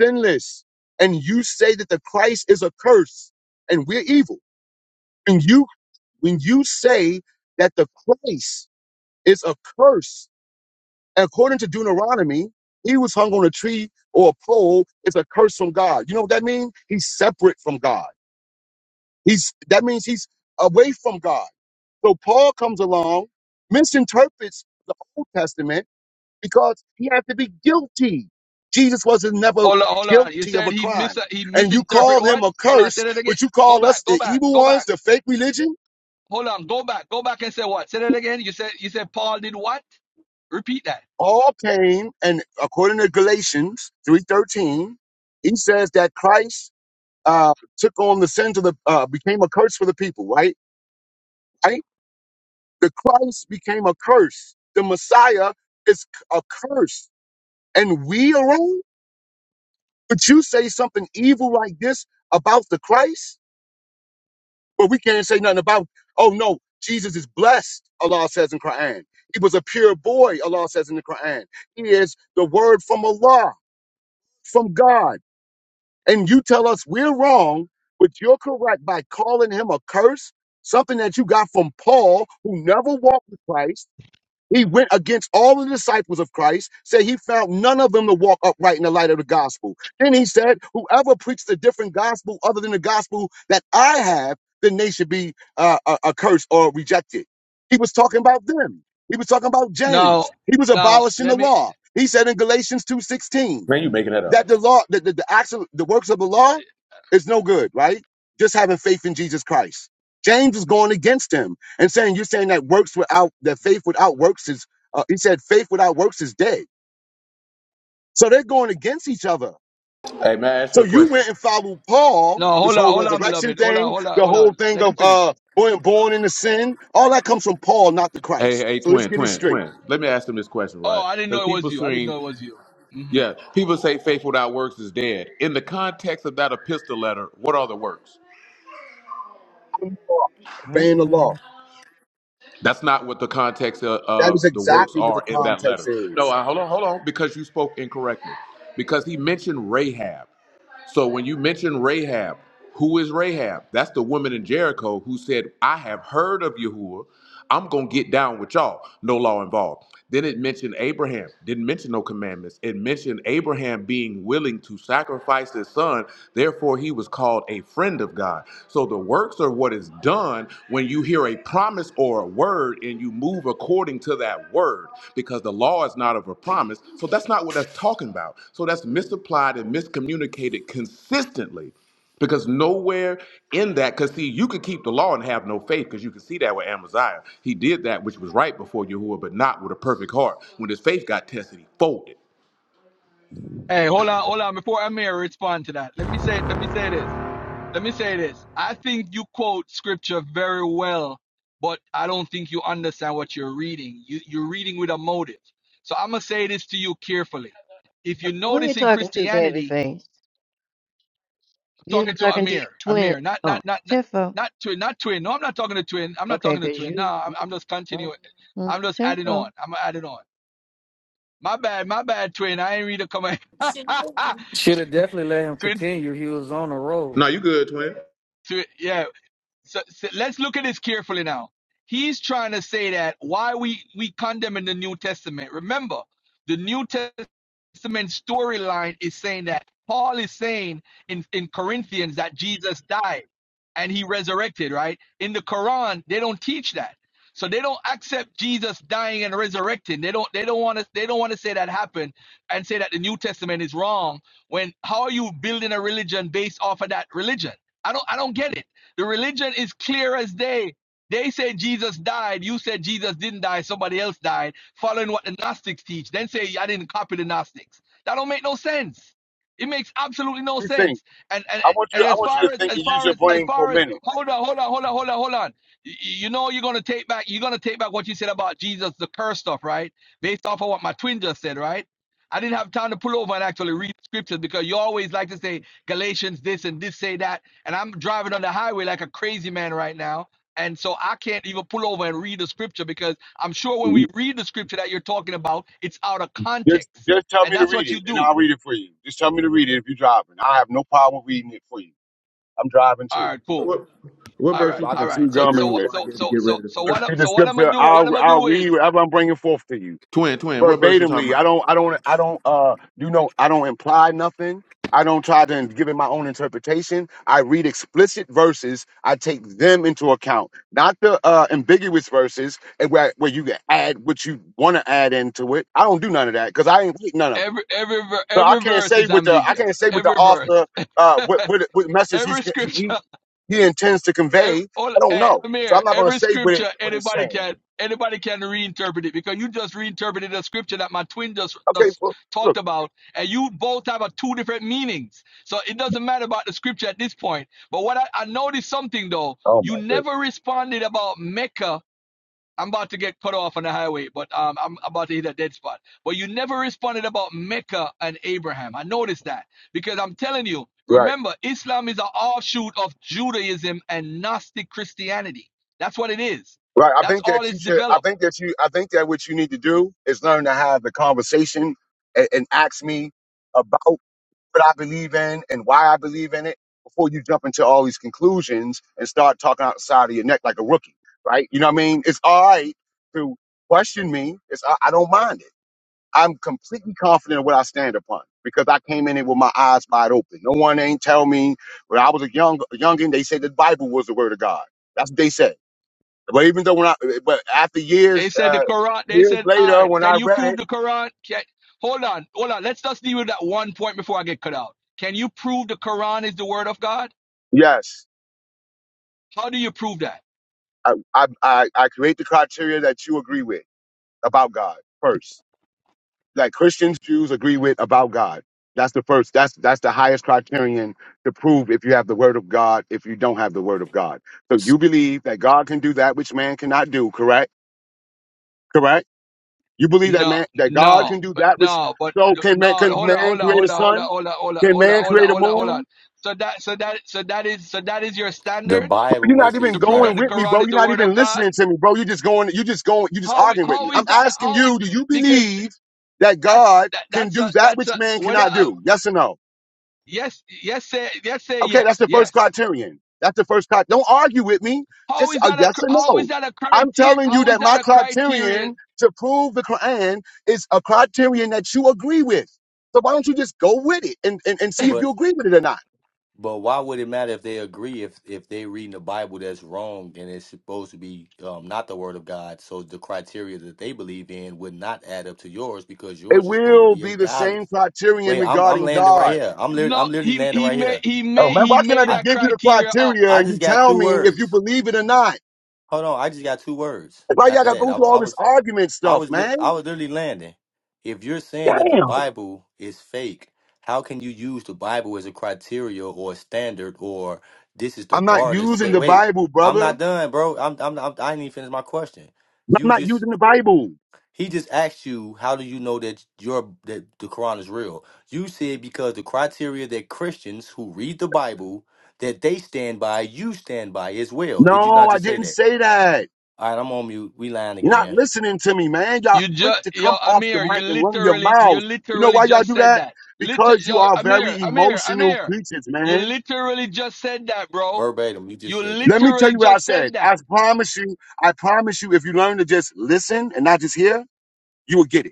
sinless and you say that the Christ is a curse and we're evil. And you when you say that the Christ is a curse, according to Deuteronomy, he was hung on a tree or a pole It's a curse from God. You know what that means? He's separate from God. He's that means he's away from God. So Paul comes along, misinterprets the Old Testament because he had to be guilty. Jesus wasn't never
Hold on, hold on. You
guilty of
said
a
he mis
crime.
he
And you
misinterpret
call him
what?
a
Hold on, say
curse,
that again.
but you
Go
call us
back, go
the
back,
evil
go
ones,
back.
the fake religion.
Hold on, go back, go back and say what? Say that again. You said you said Paul did what? Repeat that.
All came, and according to Galatians three thirteen, he says that Christ uh, took on the sins of the uh, became a curse for the people. Right, right. The Christ became a curse. The Messiah is a curse, and we are wrong. But you say something evil like this about the Christ? But we can't say nothing about, oh no, Jesus is blessed, Allah says in Quran. He was a pure boy, Allah says in the Quran. He is the word from Allah, from God. And you tell us we're wrong, but you're correct by calling him a curse, something that you got from Paul, who never walked with Christ he went against all the disciples of Christ, said he found none of them to walk upright in the light of the gospel. Then he said, Whoever preached a different gospel other than the gospel that I have, then they should be uh, uh, accursed or rejected. He was talking about them. He was talking about James.
Now,
He was
now
abolishing
let
the
me.
law. He said in Galatians 2:16
Man, you making that up.
that the law, that the, the acts of the works of the law is no good, right? Just having faith in Jesus Christ. James is going against him and saying, you're saying that works without, that faith without works is, uh, he said, faith without works is dead. So they're going against each other.
Hey, man, I ask you
So
a
you
question.
went and followed Paul,
No,
this
hold on,
whole
hold on,
resurrection
beloved. Hold on,
thing,
hold on,
the
hold
whole
on.
thing
Let
of,
him
uh,
finish.
being born into sin, all that comes from Paul, not the
Hey,
Christ.
hey,
So let's
twin,
get it
twin,
straight.
twin. Let me ask them this question,
Oh,
right?
I didn't
Because
know it
people
was you. I didn't
seem,
know it was you. hmm
yeah, people say faith without works is dead. In the context of that epistle letter, what are the works?
Obeying the
Mm-mm.
law.
That's not what the context of,
That is
of the works
exactly what the
are in that letter.
context
No,
is.
uh, hold on, hold on, because you spoke incorrectly. Because he mentioned Rahab. So when you mention Rahab, who is Rahab? That's the woman in Jericho who said, I have heard of Yahuwah. I'm going to get down with y'all. No law involved. Then it mentioned Abraham. Didn't mention no commandments. It mentioned Abraham being willing to sacrifice his son. Therefore, he was called a friend of God. So the works are what is done when you hear a promise or a word and you move according to that word because the law is not of a promise. So that's not what that's talking about. So that's misapplied and miscommunicated consistently because nowhere in that, because see, you could keep the law and have no faith because you can see that with Amaziah. He did that which was right before Yahuwah, but not with a perfect heart. When his faith got tested, he folded.
Hey, hold on, hold on. Before I may respond to that, let me say let me say this. let me say this. I think you quote scripture very well, but I don't think you understand what you're reading. You, you're reading with a motive. So I'm going to say this to you carefully. If
Uh,
you
Who are you
notice in
talking to,
Christianity,
babyface?
I'm
You're
talking
not
to
talking to your
Amir,
twin.
Amir, not,
Oh,
not, not, not,
Tiffo.
not twin, not twin. No, I'm not talking to twin. I'm not
Okay,
talking to
because
twin. No,
you,
I'm,
you
I'm just
mm,
continuing.
mm,
I'm just adding on.
Tiffo.
I'm adding on. My bad, my bad, twin. I ain't read a comment.
Should have definitely let him
twin,
continue. He was on a roll.
Now you good, twin.
twin, yeah. so, so let's look at this carefully now. He's trying to say that why we we condemn in the New Testament. Remember, the New Testament storyline is saying that Paul is saying in in Corinthians that Jesus died and he resurrected, right? In the Quran, they don't teach that. So they don't accept Jesus dying and resurrecting. They don't they don't want to they don't want to say that happened and say that the New Testament is wrong when how are you building a religion based off of that religion? I don't I don't get it. The religion is clear as day. They say Jesus died. You said Jesus didn't die. Somebody else died, following what the Gnostics teach. Then say I didn't copy the Gnostics. That don't make no sense. It makes absolutely no
What do you think?
sense. And and
I want you.
and
I
as
want you to
far as
think
as
and use
far
your
as as
brain for a
far as
minute.
hold on, hold on, hold on, hold on, hold on. You, you know you're gonna take back you're gonna take back what you said about Jesus, the curse stuff, right? Based off of what my twin just said, right? I didn't have time to pull over and actually read scriptures because you always like to say Galatians this and this say that and I'm driving on the highway like a crazy man right now. And so I can't even pull over and read the scripture because I'm sure when we read the scripture that you're talking about, it's out of
Just,
context.
just tell
And
me to
that's
read
what you
it, and
do.
I'll read it for you. Just tell me to read it if you're driving. I have no problem reading it for you. I'm driving
All
too.
right, cool.
What, what
All
verse
right,
you
But I can
all
talking
right.
chew
about,
So
gum
twin,
so
and read
before I
so
get to
so
get
so
ready to
so what
slide?
the
so what I'm gonna
scripture.
do? What
I'll,
I'm gonna
I'll
do
read
is
whatever I'm bringing forth to you.
Twin, twin, what verse you talking
verbatimly. I
about?
don't, I don't, I don't, uh, you know, I don't imply nothing. I don't try to give it my own interpretation. I read explicit verses. I take them into account, not the uh, ambiguous verses and where, where you can add what you want to add into it. I don't do none of that because I ain't read none of it.
every every ver-
So I
every
can't
verse
say
is
what the I can't
ambiguous.
say what the
Every verse,
author uh, what, what what message he's
every scripture
he he intends to
Every,
convey.
all,
I don't
eh,
know, so I'm
Amir,
not going to
every
say what
scripture
it what it's
anybody
saying.
can anybody can reinterpret it because you just reinterpreted a scripture that my twin just,
Okay,
just
well,
talked
look.
about, and you both have a two different meanings. So it doesn't matter about the scripture at this point. But what I, I noticed something though,
Oh my
you
goodness.
never responded about Mecca I'm about to get cut off on the highway, but um, I'm about to hit a dead spot. But you never responded about Mecca and Abraham. I noticed that because I'm telling you,
Right.
remember, Islam is an offshoot of Judaism and Gnostic Christianity. That's what it is.
Right. I
That's
think
all
that you
it's
should. I
developed.
think that you. I think that what you need to do is learn to have the conversation and, and ask me about what I believe in and why I believe in it before you jump into all these conclusions and start talking outside of your neck like a rookie. Right. You know what I mean? It's all right to question me. It's I, I don't mind it. I'm completely confident in what I stand upon because I came in it with my eyes wide open. No one ain't tell me when I was a young youngin. They said the Bible was the word of God. That's what they said. But even though when I, but after
They
years,
said the
uh,
Quran. They
years
said, all
later,
right,
when
can
I
you
read
prove
it,
the Quran? Can, hold on, hold on. Let's just deal with that one point before I get cut out. Can you prove the Quran is the word of God?
yes,
How do you prove that?
I, I, I, I create the criteria that you agree with about God first. Like Christians, Jews agree with about God. That's the first. That's that's the highest criterion to prove if you have the Word of God. If you don't have the Word of God, so you
The
believe that God can do that which man cannot do. Correct. Correct. You believe that
No,
man that God
no,
can do
but
that which.
no, but
So can
no.
man can
Hold on,
man
hold on,
create a
hold on, hold on,
sun?
hold on, hold on,
Can
hold on,
man
hold on,
create a
hold on, hold
moon?
on. So that, so that, so that is, so that is your standard
You're
Bible
not
is
even
his
to prove
going
that the
with me,
Quran
reference.
bro.
is
You're
the
not
word of
even
God.
listening to me, bro. You're just going, you're just going, you're just
How,
arguing with me.
how
I'm
is that?
asking
How is
you, do you
because
believe that
that's
God
that,
can
that's a
do that
that's a
which man
whether
cannot
a,
do? Yes or no?
yes, yes, say yes, say
Okay, that's
yes,
the first
yes.
criterion. That's the first criterion. Don't argue with me.
How
Just
is
a
that a
yes
cr-
or
how
no.
is that a
I'm
criteria?
telling you
How
that
is that
my
a criteria?
criterion to prove the Quran is a criterion that you agree with. So why don't you just go with it and, and, and see if
But
you agree with it or not?
but why would it matter if they agree if if they reading the Bible that's wrong and it's supposed to be um, not the word of God? So the criteria that they believe in would not add up to yours because
It
yours is supposed to
will
be a
be the
godly.
same criterion
Wait, I'm I'm
regarding
landing right
God.
here. I'm lit I'm
No,
literally
he
landing
he
right
made
here.
he
Oh
made
man,
he
why can't I
made
I
just
that
give you the
criteria up.
criteria
I
and you
just got
tell
two
me if you
words.
believe it or not?
Hold on, I just got two words.
Why y'all
After
gotta
that,
go
I
through
wa- I
all
was
this argument
I
stuff,
was li- I
man?
was literally landing. If you're saying that the
Damn.
Bible is fake, how can you use the Bible as a criteria or a standard or this is the
I'm not
bar that
using
said?
the
Wait,
Bible,
I'm
brother.
not
I'm
done, bro. I'm, I'm I'm I didn't even finish my question. You
not
just
using the Bible.
he just asked you how do you know that your that the Quran is real? You said because the criteria that Christians who read the Bible that they stand by, you stand by as well. Did you
No,
not
I
just say
didn't
that?
say that.
All right, I'm on mute. We lying
You're not
again.
listening to me, man. Y'all
You
quick
just,
to
yo,
come off the
Amir, you
mic and run your
literally, you
mouths. You know
literally
why y'all
just
do
said
that?
that. Liter,
Because you
yo,
are
Amir,
very
Amir,
emotional
Amir,
creatures,
you
man.
literally just said that, bro.
Verbatim, you just
You
said that.
Let me tell
literally
you what I
just
said.
said
I
that.
promise you, I promise you, if you learn to just listen and not just hear, you will get it.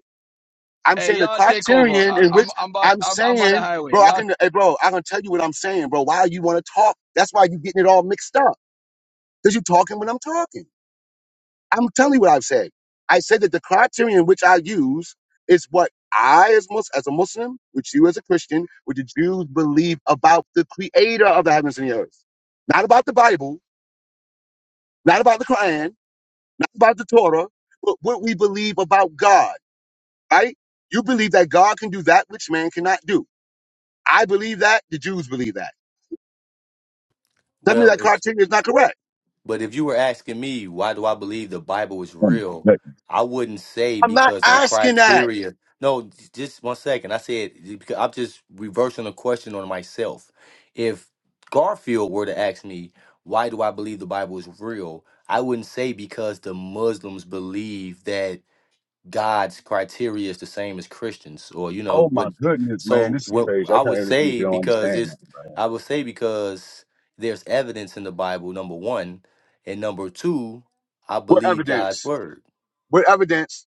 I'm
Hey,
saying the
y'all take over.
criterion
I,
in
I'm,
which
I'm about,
I'm
I'm, I'm on the
saying, bro,
highway.
I
Y'all,
can, hey, bro, I can tell you what I'm saying, bro. Why you want to talk? That's why you getting it all mixed up because you talking when I'm talking. I'm telling you what I've said. I said that the criterion which I use is what I, as Mus- as a Muslim, which you as a Christian, what the Jews believe about the Creator of the heavens and the earth, not about the Bible, not about the Quran, not about the Torah, but what we believe about God. Right? You believe that God can do that which man cannot do. I believe that. The Jews believe that. Tell me
Well,
that
if
criteria is not correct.
but if you were asking me why do I believe the Bible is
Um,
real,
but-
I wouldn't say
I'm not
because of the
asking that.
criteria. No, j- just one second. I said because I'm just reversing the question on myself. If Garfield were to ask me why do I believe the Bible is real, I wouldn't say because the Muslims believe that God's criteria is the same as Christians, or you know,
oh
what?
my goodness, man,
So
this is
what
crazy.
I
I can't
would
believe
say
you don't
because
understand
it's
that.
I would say because there's evidence in the Bible. Number one, and number two, I
What
believe God's
evidence?
word.
What evidence?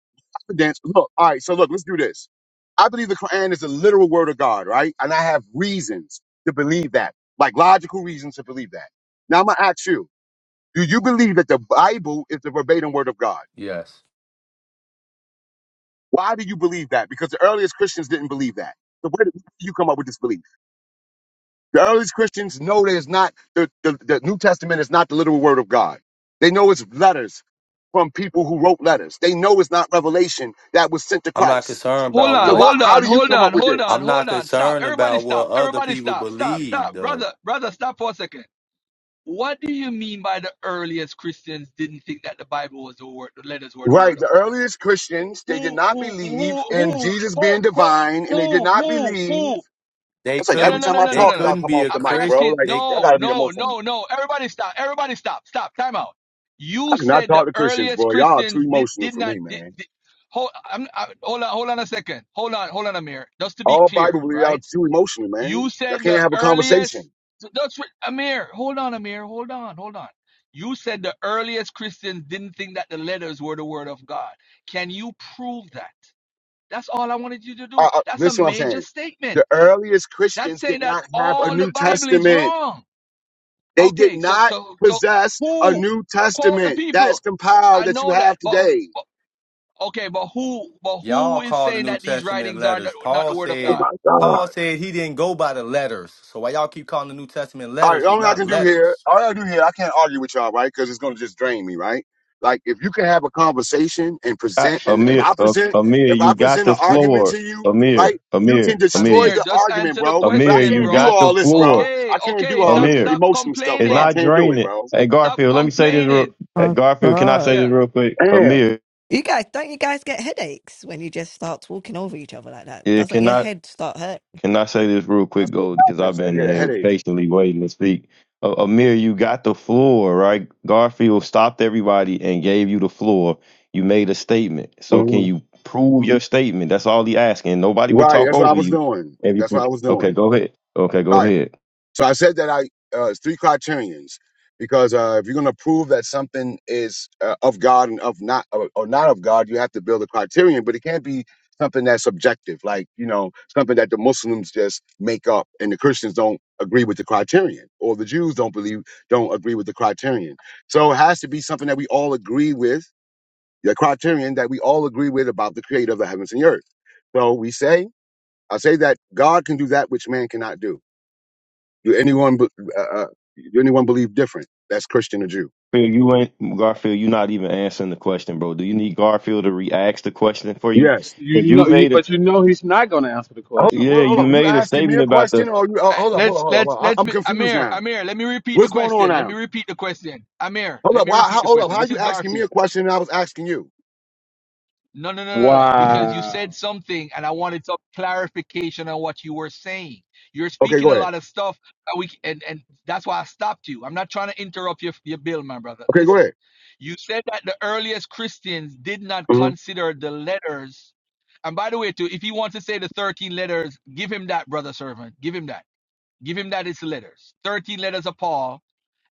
Evidence. Look, all right. So look, let's do this. I believe the Quran is the literal word of God, right? And I have reasons to believe that, like logical reasons to believe that. Now I'm gonna ask you: Do you believe that the Bible is the verbatim word of God?
Yes,
Why do you believe that? Because the earliest Christians didn't believe that. So where did you come up with this belief? The earliest Christians know there's not the, the, the New Testament is not the literal word of God. They know it's letters from people who wrote letters. They know it's not revelation that was sent to
I'm not
Christ.
concerned
hold
about
on,
So
what
why,
hold
how
on,
do you
hold
come
on,
up with
hold
this?
on,
I'm not
hold on. Stop.
concerned
Everybody
about what
stop.
other
Everybody
people
stop. Stop,
believe.
stop.
Though
Brother, brother, stop for a second. What do you mean by the earliest Christians didn't think that the Bible was the word, the letters were the word
Right. The
of God?
earliest Christians, they did
who
not
who
believe
who
in
who
Jesus being
quote quote
divine and they did
who
not
who
believe.
who
they
It's like
no no
every
couldn't,
no
time
no
I
no no
they
talk,
no no
y'all
couldn't
come
be
off
a
the
i'm
mic,
Christian.
bro.
asking
Like
They
y'all
no
gotta be
no
emotional.
no no everybody stop everybody stop stop time out
I
you
cannot
said the
talk to Christians,
earliest
bro. Y'all are too
christians did
emotional
did
for
not
me,
did,
man.
did, hold I'm, I, hold on hold on a second hold on hold on amir just to be
All
clear
Bible, you are
right
too emotional, man.
you
Y'all
said
can't
the
have a conversation.
earliest so that's what amir hold on amir hold on hold on you said the earliest christians didn't think that the letters were the word of god can you prove that that's all I wanted you to
uh,
do.
uh,
That's a
listen what I'm
major
saying. The
statement.
earliest
That's
Christians did
saying that
not have a
all the
New
Bible is
Testament.
wrong.
They did
Okay, so
not
so so
possess a
who
New
quote the
Testament that's
people?
compiled
I
that you
know that,
have
but
today.
okay, but who but who
Y'all
is
call the
saying
New
that these
Testament
writings are not,
letters.
not the
Paul
word of
Oh
said
God?
my God.
Paul said he didn't go by the letters. So why y'all keep calling the New Testament
All right,
letters? It's
only I
not
can do here,
letters.
all I do here, I can't argue with y'all, right? Because it's gonna just drain me, right? Like if you can have a conversation and
I,
present, and if
Amir,
I
uh,
present,
Amir,
if I
you got
present
the
an argument
floor.
to you, right?
Amir,
You can
Amir, Amir,
destroy
you,
Amir,
the
just
argument,
answer the
bro. But I
Amir,
question,
you
can't do
got
bro.
the
all this, bro.
floor.
Okay,
I can't do
okay,
all this
stop
Amir,
stop
emotional stuff,
it's
bro. I
complaining.
not
can't do it,
draining.
bro.
Hey,
Stop
Garfield, let me say this real.
complaining.
hey,
Oh,
Garfield, can I say
God.
this
Yeah.
real quick?
Damn.
Amir,
You guys, don't you guys get headaches when you just start talking over each other like that?
it
Doesn't your
cannot.
head start hurting?
Can I say this real quick,
That's what
Gold? Because I've
happens. I
been
get a
here
headache.
patiently waiting to speak. Uh, Amir, you got the floor, right? Garfield stopped everybody and gave you the floor. You made a statement. So can
Mhm.
you prove your statement? That's all he asking. Nobody will
Right.
talk
That's what I
over
was
you.
doing.
Have you
That's what
pro-
I was
okay,
doing.
go ahead. Okay, go
All right.
ahead.
So I said that I uh, it's three criterions because uh, if you're going to prove that something is uh, of God and of not or, or not of God, you have to build a criterion. But it can't be something that's subjective, like you know something that the Muslims just make up and the Christians don't agree with the criterion, or the Jews don't believe don't agree with the criterion. So it has to be something that we all agree with the criterion that we all agree with about the creator of the heavens and the earth. So we say, I say that God can do that which man cannot do. Do anyone, be- uh, uh, do anyone believe different? That's Christian or Jew.
Garfield, you ain't Garfield. You're not even answering the question, bro. Do you need Garfield to re-ask the question for you?
Yes.
'Cause
You
you
know, you,
made a
but you know he's not going to answer the
Hold up,
question.
hold
yeah,
up, hold
you
up. You
made a
asking me
statement
a
about the
question or you, uh,
All right,
hold up, hold up,
Let's
hold up. hold
let's
up. I,
let's
I'm
be
confused
Amir,
now.
Amir, let me repeat the
What's going on
question. Let
now?
me repeat the question. Amir,
Hold
let
up.
me
Why,
repeat
how,
the
hold up.
question.
How
This
you
is
asking me
Garfield.
a question and I was asking you?
No, no, no, no, no. Because you
Wow.
said something and I wanted some clarification on what you were saying. You're
Okay,
speaking
go
a
ahead.
lot of stuff and we and, and that's why I stopped you. I'm not trying to interrupt your your bill, my brother.
Okay, go
Listen.
ahead.
You said that the earliest Christians did not
Mhm.
consider the letters. And by the way, too, if he wants to say the 13 letters, give him that, brother servant. Give him that. Give him that it's letters. 13 letters of Paul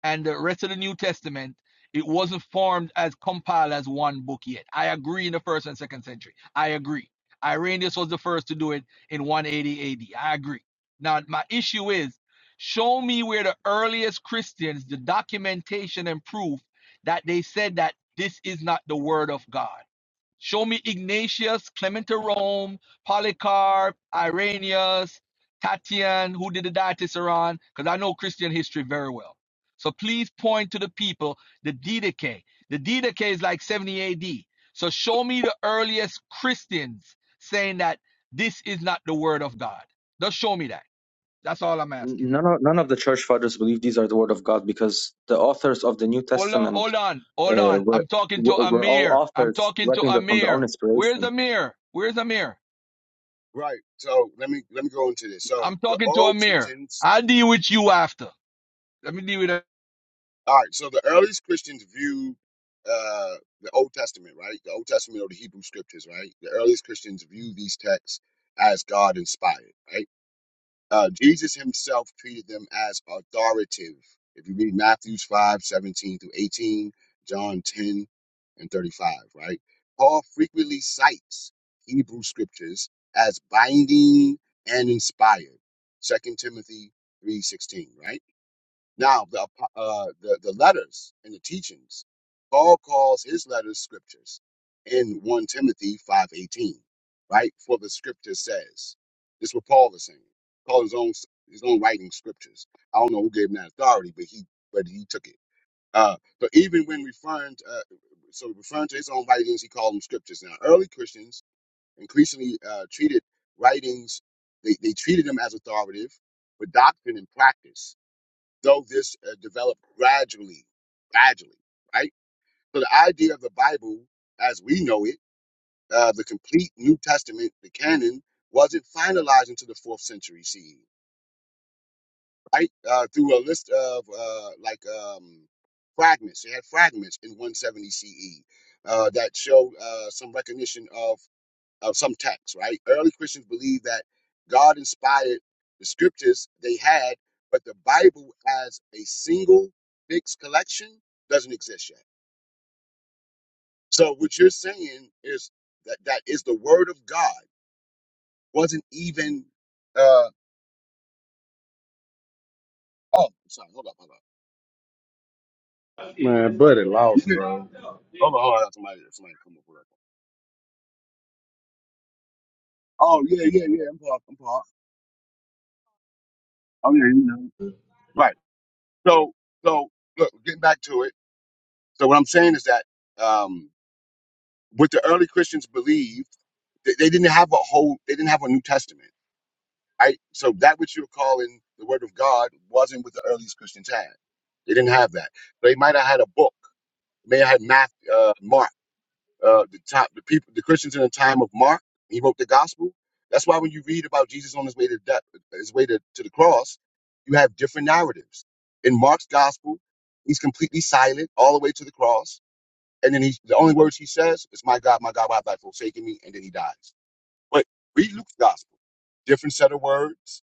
and the rest of the New Testament, it wasn't formed as compiled as one book yet. I agree in the first and second century. I agree. Irenaeus was the first to do it in 180 AD. I agree. Now, my issue is show me where the earliest Christians, the documentation and proof that they said that this is not the word of God. Show me Ignatius, Clement of Rome, Polycarp, Irenaeus, Tatian, who did the Diatessaron, because I know Christian history very well. So please point to the people, the Didache. The Didache is like 70 AD. So show me the earliest Christians saying that this is not the word of God. Just show me that. That's all I'm asking.
none of, none of the church fathers believe these are the word of God because the authors of the New
Hold on,
Testament
hold on, hold
uh,
on.
were
I'm talking to
were were all
Amir. I'm
authors
talking to
writing them from their own
Amir. Where's
inspiration.
Amir? Where's Amir?
Right. So let me, let me go into this. So
I'm
the
talking to
oral
Amir.
teachings
I deal with you after. Let me deal with that.
All right, so the earliest Christians viewed uh, the Old Testament, right? The Old Testament or the Hebrew Scriptures, right? The earliest Christians viewed these texts as God inspired, right? Uh, Jesus himself treated them as authoritative. If you read Matthew's 5 17 through 18, John 10 and 35, right? Paul frequently cites Hebrew Scriptures as binding and inspired, Second Timothy three sixteen, right? Now, the, apo- uh, the, the letters and the teachings, Paul calls his letters scriptures in 1 Timothy 5.18, right? For the scripture says. This is what Paul is saying. Paul his own his own writing scriptures. I don't know who gave him that authority, but he but he took it. Uh, but even when referring to, uh, so referring to his own writings, he called them scriptures. Now, early Christians increasingly uh, treated writings, they, they treated them as authoritative for doctrine and practice though this uh, developed gradually, gradually, right? So the idea of the Bible, as we know it, uh, the complete New Testament, the canon, wasn't finalized until the fourth century CE, right? Uh, through a list of uh, like um, fragments, they had fragments in 170 CE uh, that showed uh, some recognition of of some texts, right? Early Christians believed that God inspired the scriptures they had, but the Bible as a single fixed collection doesn't exist yet. So what you're saying is that that is the word of God wasn't even uh oh sorry, hold up, hold up.
Man, buddy
Isn't
lost,
it-
bro.
Hold on, hold on, somebody somebody come over. here. Oh yeah, yeah, yeah, I'm Paul, I'm Paul. Oh yeah, you know. Right. So so look, getting back to it. So what I'm saying is that um what the early Christians believe. They, they didn't have a whole, they didn't have a New Testament, right? So that which you're calling the Word of God wasn't what the earliest Christians had. They didn't have that. They might have had a book. They may have had Math, uh, Mark, uh, the top, the people, the Christians in the time of Mark. He wrote the gospel. That's why when you read about Jesus on his way to death, his way to, to the cross, you have different narratives. In Mark's gospel, he's completely silent all the way to the cross, and then he, the only words he says is "My God, My God, why have thou forsaken me?" And then he dies. But read Luke's gospel, different set of words,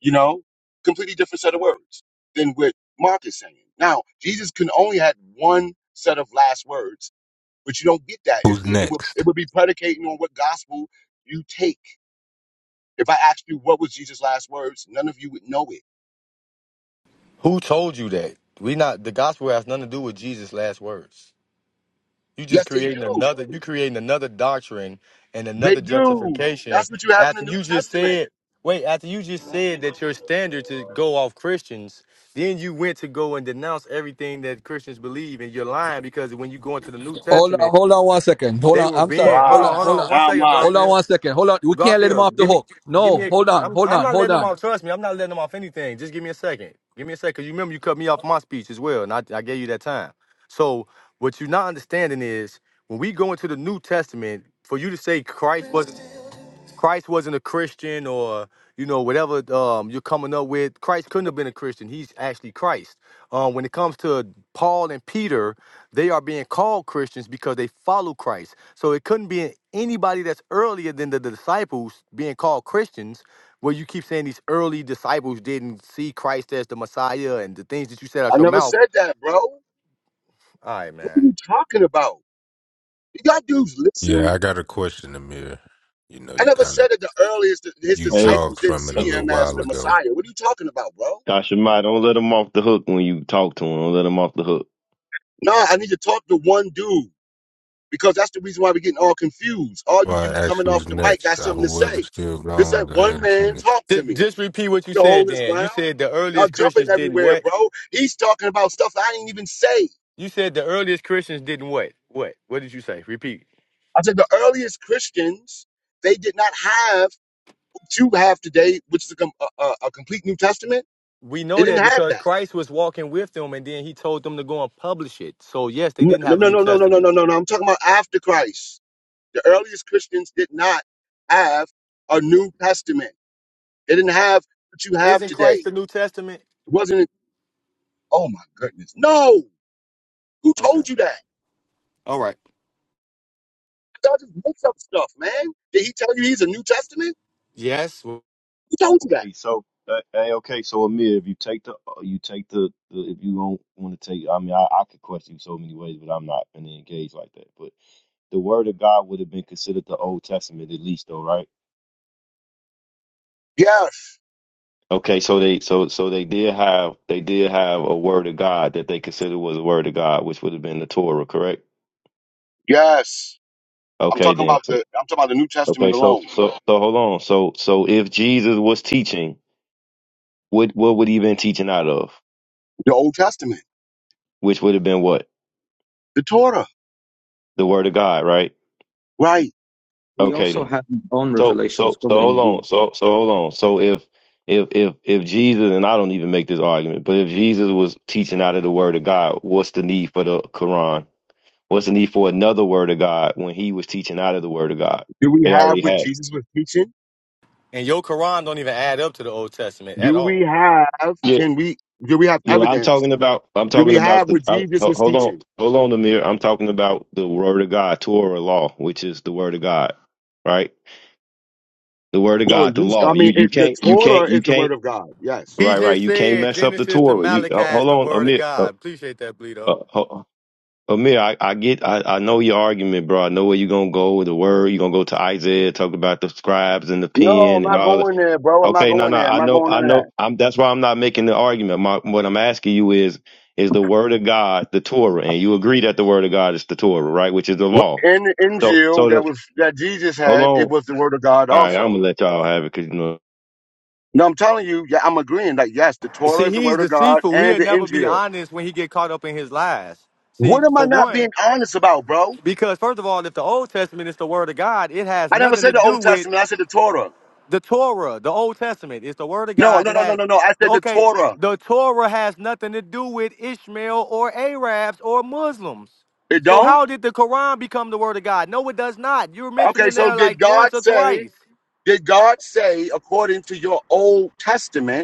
you know, completely different set of words than what Mark is saying. Now, Jesus can only had one set of last words, but you don't get that. It,
Who's
it, it would it
next?
would be predicating on what gospel you take. If I asked you what was Jesus' last words, none of you would know it.
Who told you that? We not the gospel has nothing to do with Jesus' last words. You just
Yes, they
creating
do.
another you creating another doctrine and
They
another
do.
justification
That's what you have in the
after
New
you just
Testament.
said wait, after you just said that your standards is go off Christians, then you went to go and denounce everything that Christians believe and you're lying because when you go into the New
Hold
Testament
on, hold on one second. Hold
They
on.
were
I'm
being
sorry.
hold
Hold
on,
on,
Wow.
hold
hold
on,
on.
one
Now I'm
second,
lying.
Hold on
Garfield.
one second. Hold on. We can't let him off
Garfield,
the
give me,
hook.
give me.
No,
A,
hold on,
I'm
hold
I'm
on,
not
hold
letting them
on.
off. Trust me, I'm not letting them off anything. Just give me a second. Give me a second. Cause you remember you cut me off my speech as well, and I I gave you that time. So what you're not understanding is when we go into the New Testament, for you to say Christ was Christ wasn't a Christian or you know whatever um, you're coming up with. Christ couldn't have been a Christian. He's actually Christ. Um, when it comes to Paul and Peter, they are being called Christians because they follow Christ. So it couldn't be anybody that's earlier than the disciples being called Christians. Where you keep saying these early disciples didn't see Christ as the Messiah and the things that you said out
I
your
never
mouth.
said that, bro.
All right,
What are
man.
you talking about? You got dudes listen?
Yeah, I got a question, Amir. You know,
I
you
never
kind of
said that the earliest that his
you
hey.
disciples
jogged
didn't
from it
see
a little
him as
while
the
ago.
Messiah. What are you talking about, bro?
Kashima, don't let him off the hook when you talk to him. Don't let him off the hook.
Nah, I need to talk to one dude because that's the reason why we're getting all confused. All you
Well,
dudes
I asked
coming off
who's
the mic got
next. Uh,
something to
whoever's
say.
still
Just
going,
that
go
one
ahead and
man
finish.
talk to
Just,
me.
just repeat what you
You
said,
hold his
Dan. You
ground.
said the
Y'all
earliest
jumping
Christians didn't
everywhere,
what?
bro. He's talking about stuff I ain't even say.
You said the earliest Christians didn't what? What? What did you say? Repeat.
I said the earliest Christians they did not have what you have today, which is a, com- a, a a complete New Testament.
We
They
know that
didn't have
because
that.
Christ was walking with them and then he told them to go and publish it. So yes, they
No,
didn't
no,
have a New
no, no, no, no,
Testament.
no, no. no. I'm talking about after Christ. The earliest Christians did not have a New Testament. They didn't have what you have
Isn't Christ
today.
the New Testament?
It wasn't, oh my goodness. No. Who
Okay.
told you that?
All right.
God just makes up stuff, man. Did he tell you he's a New Testament?
Yes. Well,
Who told you that?
Okay, so uh, hey, okay, so Amir, if you take the, uh, you take the, the if you don't want to take, I mean, I, I could question you so many ways, but I'm not gonna engage like that. But the word of God would have been considered the Old Testament at least, though, right?
Yes.
Okay, so they so so they did have they did have a word of God that they considered was a word of God, which would have been the Torah, correct?
Yes. I'm
Okay,
talking
then.
about the
So,
I'm talking about the New
okay,
Testament
so
alone.
so so hold on. So so if Jesus was teaching. what what would he been teaching out of?
The Old Testament.
Which would have been what?
The Torah.
The word of God, right?
Right.
He
Okay
also
then.
had his own
So
revelations
so
called
so
the
hold on.
Injil.
So so hold on. So if if if if Jesus and I don't even make this argument, but if Jesus was teaching out of the word of God, what's the need for the Quran? What's the need for another word of God when he was teaching out of the word of God?
Do we
They
have
already
what
had. it.
Jesus was teaching?
And your Quran don't even add up to the Old Testament at
Do we
all.
have
Yeah.
can we do we have
Yeah, I'm
evidence?
talking about I'm
Do we
talking about
have
the
what
I,
Jesus
ho-
was
hold on
teaching?
hold on Amir. I'm talking about the word of God, Torah law, which is the word of God, right? the word of
No,
God, the
you,
law.
I
You
mean,
you
it, the
can't you
Torah
can't you
is the
can't
word of God. Yes.
He
right right.
just
You can't
said
mess up the
Genesis to
Torah. You
Malachi
uh,
is
hold
the
on,
word of
Amir. Uh,
God. Appreciate that, Bleedo.
uh, ho- Amir, I, I get I, I know your argument, bro. I know where you're gonna go with the word. You're gonna go to Isaiah, talk about the scribes and the
No, I'm
pen and
not
all that.
going there, bro. I'm not
Okay, no,
going
no,
there. I'm
I
not
know
going
I
none of
know
that.
I'm that's why I'm not making the argument. My, what I'm asking you is is the word of God the Torah, and you agree that the word of God is the Torah, right? Which is the
What?
law.
In the
So
Injil
so the
that was that Jesus
hold on.
had, it
All
was the word of God
right, I'm gonna
also.
let y'all have it because you
No, I'm telling you, yeah, I'm agreeing. Like, yes, the Torah
See,
is the
he's
word of God
deceitful.
and
He'll
the
never be
Injil.
honest when he get caught up in his lies. See,
What am I
for
not
one,
being honest about, bro?
Because first of all, if the Old Testament is the Word of God, it has
I never
nothing to
said the
do
Old
with
Testament. I said the Torah.
the Torah. The Old Testament is the Word of
No,
God.
no,
It
no, no,
has
no, no. I said the
okay.
Torah.
The Torah has nothing to do with Ishmael or Arabs or Muslims.
It
So
don't.
how did the Quran become the Word of God? No, it does not. You were
Okay,
mentioning
so
there
did
like
God
once or
say?
twice.
Did God say according to your Old Testament?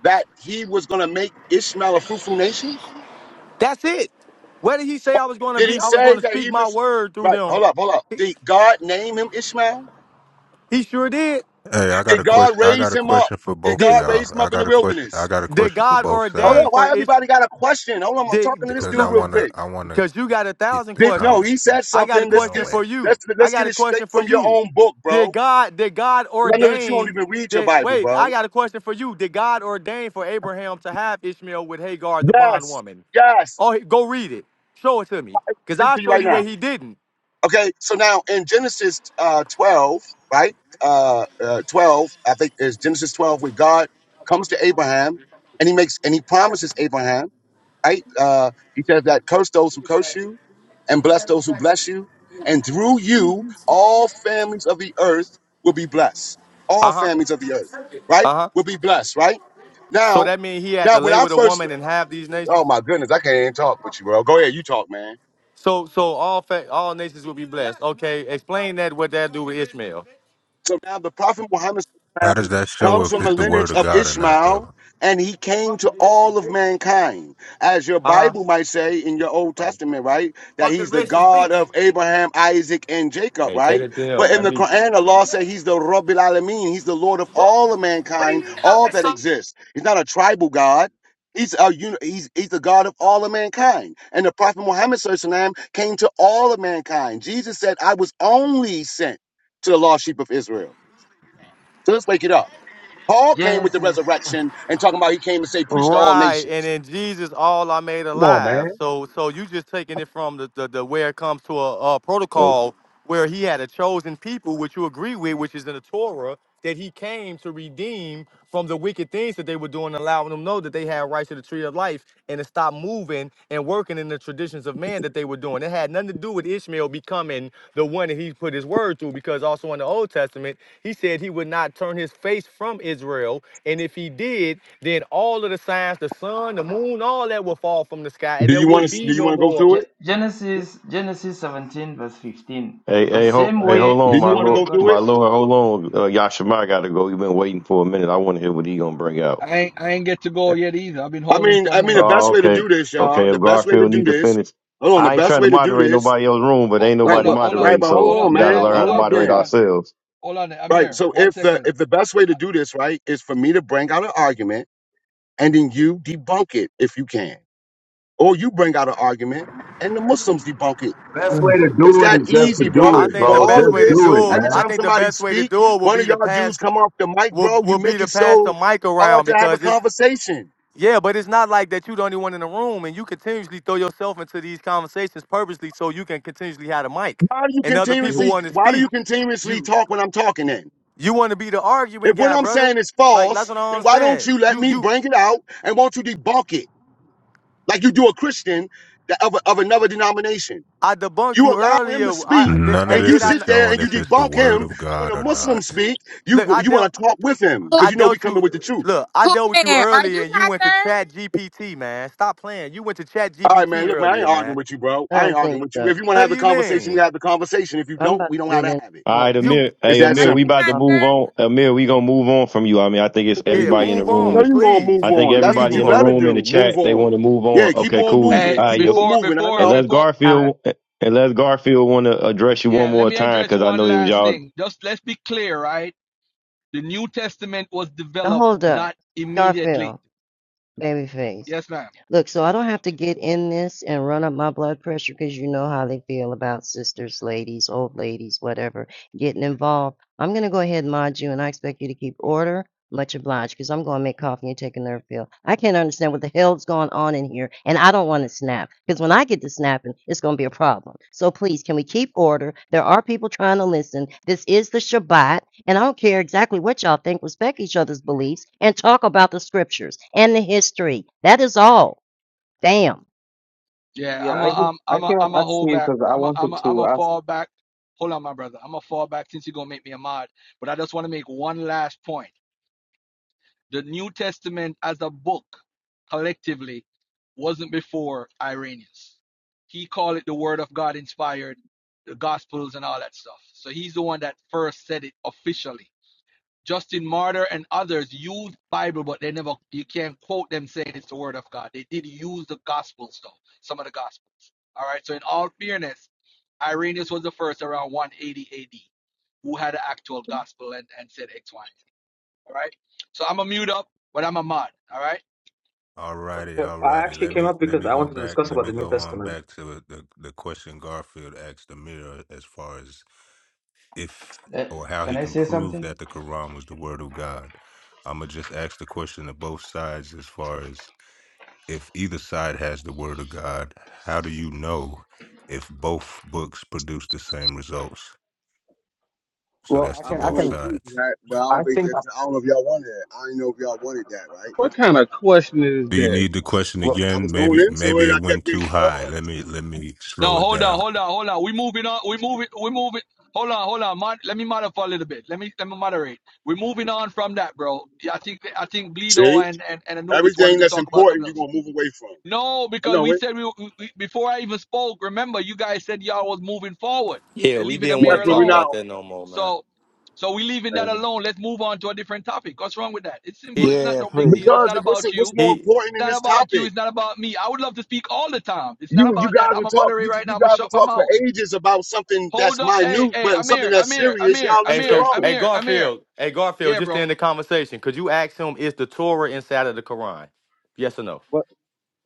that he was going to make Ishmael a fruitful nation?
That's it. Where did he say I was going to
Did
be?
he
I was
say
going to
that
speak
he
my
was
word through
right?
them.
Hold up, hold up.
He,
Did God name him Ishmael?
he sure did.
Hey, I got
Did
a question.
God
I
raise
got a
him up?
question for
Did
both of
God
Did
y'all.
raise him
I
up in the
got a question. I
wilderness?
got a
did
question for
God
both
Hold
ordain
on,
sides.
for
why
Ish?
everybody got a question? Hold on, I'm talking
Did,
to this
because I
dude
no,
real
wanna
quick.
I wanna
because you got a
get
thousand
the
Did no?
questions.
He said
conversation
I got a
something. Let's get
question
going.
for you.
let's
I
let's get
got a
it
question
straight
for
from your
you.
own book, bro.
Did
'Cause
God did God
I know that you don't
ordain
even read your
did
Bible,
wait, I
bro.
got a question for you. Did God ordain for Abraham to have Ishmael with Hagar, the
Yes,
bondwoman?
yes.
Oh he- go read it. Show it to me.
I can
Cause
read
I'll
to you
show
right
you
now.
where he didn't.
Okay, so now in Genesis uh, 12, right? Uh, uh, 12, I think it's Genesis 12, where God comes to Abraham and he makes and he promises Abraham, right? Uh, he says that curse those who curse you and bless those who bless you. And through you, all families of the earth will be blessed. All
Uh-huh.
families of the earth, right?
Uh-huh.
Will be blessed, right?
So
Now,
that means he had to
now when
lay
I
with a
first,
woman and have these
oh
nations?
my goodness, I can't even talk with you, bro. Go ahead, you talk, man.
So so all fa- all nations will be blessed. Okay, explain that what that do with Ishmael.
So now the Prophet Muhammad
How does that show
comes
if
from the
it's the word
lineage
of
of
God or not
Ishmael,
though?
and he came to all of mankind. As your Bible
Uh-huh.
might say in your Old Testament, right? That he's the God of Abraham, Isaac, and Jacob,
Hey, take
right?
it down.
But in
That
the
me.
Quran, Allah said he's the Rabbil Alameen. He's the Lord of all of mankind, all that exists. He's not a tribal God. He's, a, uni- he's, he's the God of all of mankind. And the Prophet Muhammad SAW came to all of mankind. Jesus said, I was only sent to the lost sheep of Israel. So let's wake it up. Paul came with the
Genesis
resurrection and talking about he came to say preach to all
Right, and
nations.
in Jesus, all are made
Come on,
alive.
man.
So, so you just taking it from the, the, the where it comes to a, a
know.
protocol where he had a chosen people, which you agree with, which is in the Torah, that he came to redeem from the wicked things that they were doing, allowing them know that they had rights to the tree of life, and to stop moving and working in the traditions of man that they were doing. It had nothing to do with Ishmael becoming the one that he put his word to, because also in the Old Testament, he said he would not turn his face from Israel. And if he did, then all of the signs, the sun, the moon, all that will fall from the sky, and
Do
there
you want
would
to?
be
Do you
no
want to go
more.
through it?
Ge- Genesis Genesis 17 verse 15.
Hey,
The
hey, hold,
same
hey, hold
way the
Do
on,
you
my
same
want to
way
lord,
go
God
through
my
it?
lord, hold on. Uh, Yashima got to go. You've been waiting for a minute. I want to hear what he gonna bring out.
I ain't I ain't get to go yet either. I've been
I
holding
mean, I
from
mean, the
when.
Oh,
best way to
okay,
do this,
okay.
y'all.
If
The best way to
Garfield
do
needs to
this.
finish,
Hold on. The
I ain't
best
trying to
way to do
moderate
this.
nobody else's room, but
Oh,
ain't
Right,
hold
nobody
on,
but
hold on,
right,
moderating,
but
so
hold
hold
on,
on,
we
hold
got to
man.
on,
learn
hold
how to
Hold up,
on,
moderate
hold
then.
on,
ourselves.
hold on,
Right.
Amir.
So
One
if the
second.
if the best way to do this, right, is for me to bring out an argument and then you debunk it if you can, or you bring out an argument and the Muslims debunk it
Best way to
It's
do
that
it is just to
easy,
do
bro.
I
it,
think
But
the
bro.
all
best
of
way
Just
to
this,
do it,
do it,
every
man.
I
time
think the
somebody
best way to
speak,
do it will
one
be
of
to
y'all
pass
dudes come off the mic,
will
bro. You
will be
make
to
it
pass
so
the mic
hard
around
to have a
because it's
conversation.
Yeah, but it's not like that you're the only one in the room and you continuously throw yourself into these conversations purposely so you can continuously have the mic
Why do you
and other
Mm,
people
continuously?
want to
Why do
speak.
you continuously
You
talk when I'm talking? Then,
you want to be the arguing
if what
guy,
I'm
brother.
saying is
Like that's
false,
what I don't
then why don't
understand.
you let
You
me
you
bring it out and won't you debunk it like you do a Christian that of, a- of another denomination?
I debunked
You
you
allow him
earlier.
to speak.
I did,
None of
hey
And you
did
this
I
is
sit
not-
there
showing
and you
if it's the
debunk
word
him.
of
When
God
a
or
Muslim
not.
speak, you
look? I
you want
dealt
to talk with him
Cool,
I
because you know we
dealt
coming with the
you
truth.
look. I
cool
dealt with you
man, are
earlier
you
and you
not
went to
there?
Chat GPT, man. Stop playing. You went to Chat
All right, man.
GPT
Look, man, I ain't
earlier, man.
arguing with you, bro.
I
I ain't
don't think
arguing with you.
so.
If you want to
What
have
do
the
you
conversation, we
mean?
have the conversation. If you
I'm
don't,
about
we
to
don't have
get
to
in.
have it.
All
in a
right,
You
minute.
Amir. Hey,
It's that
Are
Amir, we
you
simple.
about to
not
Hold
move
there?
on. Amir, we gonna move on from you. I mean, I think it's
Move
yeah.
everybody
on.
in the
Move
I
room
know
on,
is.
you gonna
please.
move
I think
on. That's
Please
what
everybody
move
you
in the
on.
better
room in the
do. Move
chat they want
on.
to move on.
Yeah, keep
Okay,
on
cool.
Hey,
All
moving.
right,
Keep
yo.
on
before,
moving. I
before,
know.
Unless
before.
Garfield, unless Garfield want to address you
Yeah,
one
let
more
me
time,
address
because I know
one
it was
last
y'all.
thing. Just let's be clear, right? The New Testament was developed
Hold up.
not immediately.
Garfield. babyface
Yes, ma'am.
Look, so I don't have to get in this and run up my blood pressure because you know how they feel about sisters, ladies, old ladies, whatever, getting involved. I'm going to go ahead and mod you, and I expect you to keep order. Much obliged, because I'm going to make coffee and take a nerve pill. I can't understand what the hell's going on in here, and I don't want to snap, because when I get to snapping, it's going to be a problem. So please, can we keep order? There are people trying to listen. This is the Shabbat, and I don't care exactly what y'all think. Respect each other's beliefs and talk about the scriptures and the history. That is all. Damn.
Yeah,
Yeah,
I'm
I
a
did-
um,
I
I'm a
came up
I'm a hold
actually
back.
because I
I'm a I'm
wanted
a I'm
to
a
ask.
fall back. Hold on, my brother. I'm a fall back since you're gonna make me a mod. But I just want to make one last point. The New Testament as a book collectively wasn't before Irenaeus. He called it the Word of God inspired, the Gospels and all that stuff. So he's the one that first said it officially. Justin Martyr and others used Bible, but they never you can't quote them saying it's the word of God. They did use the gospels though, some of the gospels. All right. So in all fairness, Irenaeus was the first around 180 AD who had an actual gospel and, and said X, Y, and Z. All right. So I'm a mute up, but I'm a mod. All right.
Alrighty,
Okay. I
alrighty.
actually
Let
came
me
up
let
because
me
I
go
wanted to
back.
discuss
Let
about
me
the New
go on
Testament.
back to the the question Garfield asked the mirror as far as if
uh,
or how he
can I
can
say
prove
something?
that the Quran was the word of God. I'ma just ask the question to both sides as far as if either side has the word of God, how do you know if both books produce the same results? So
Well,
that's
I
I,
to
I
can
was
I
both
going
can
to
sides.
that, but I don't
I
think
think
that I don't know if y'all wanted that. I didn't know if y'all wanted that, right?
What kind of question is
Do you
that?
need the question
well.
I
again?
was going
Maybe
into
maybe
it.
it
I
went
kept getting
too
cut
high.
off.
Let me
Uh-huh.
let me slow
No,
it
hold on,
down.
hold on, hold on. We moving on. We moving. We moving. Hold on, hold on. Mod, let me modify a little bit. Let me let me moderate. We're moving on from that, bro. Yeah, I think I think
See,
Bleedo and and, and Anubis wanted
everything
to
that's
talk about something
important, you're
else.
gonna move away from.
No,
I
because
know
we
it.
said we, we before I even spoke. Remember, you guys said y'all was moving forward.
Yeah,
They're
we
leaving
didn't want
Amir
to
That's what
talk
we
alone.
about
now.
that no more, man.
So, so we leaving that alone. Let's move on to a different topic. What's wrong with that? It's simple.
He
It's not
Yeah,
no big
please.
deal. It's
Because
not
it- what's
about you.
what's
It's
more
he.
important in
not
this
about
topic?
you. It's not about me. I would love to speak all the time. It's not
You you
about that.
guys
I'm
would
a
talk you,
moderator right now.
you
I'm gonna
guys
shut
would
my
talk for
mouth.
ages about something that's
Hold on. Hey,
minute,
hey,
but something
Amir,
that's
Amir,
serious.
Amir,
Y'all leave
Hey,
it
Amir,
so
alone.
hey
Amir, Amir.
Garfield, hey Garfield,
Yeah,
just to
bro.
end the conversation, could you ask him is the Torah inside of the Quran? Yes or no?
well,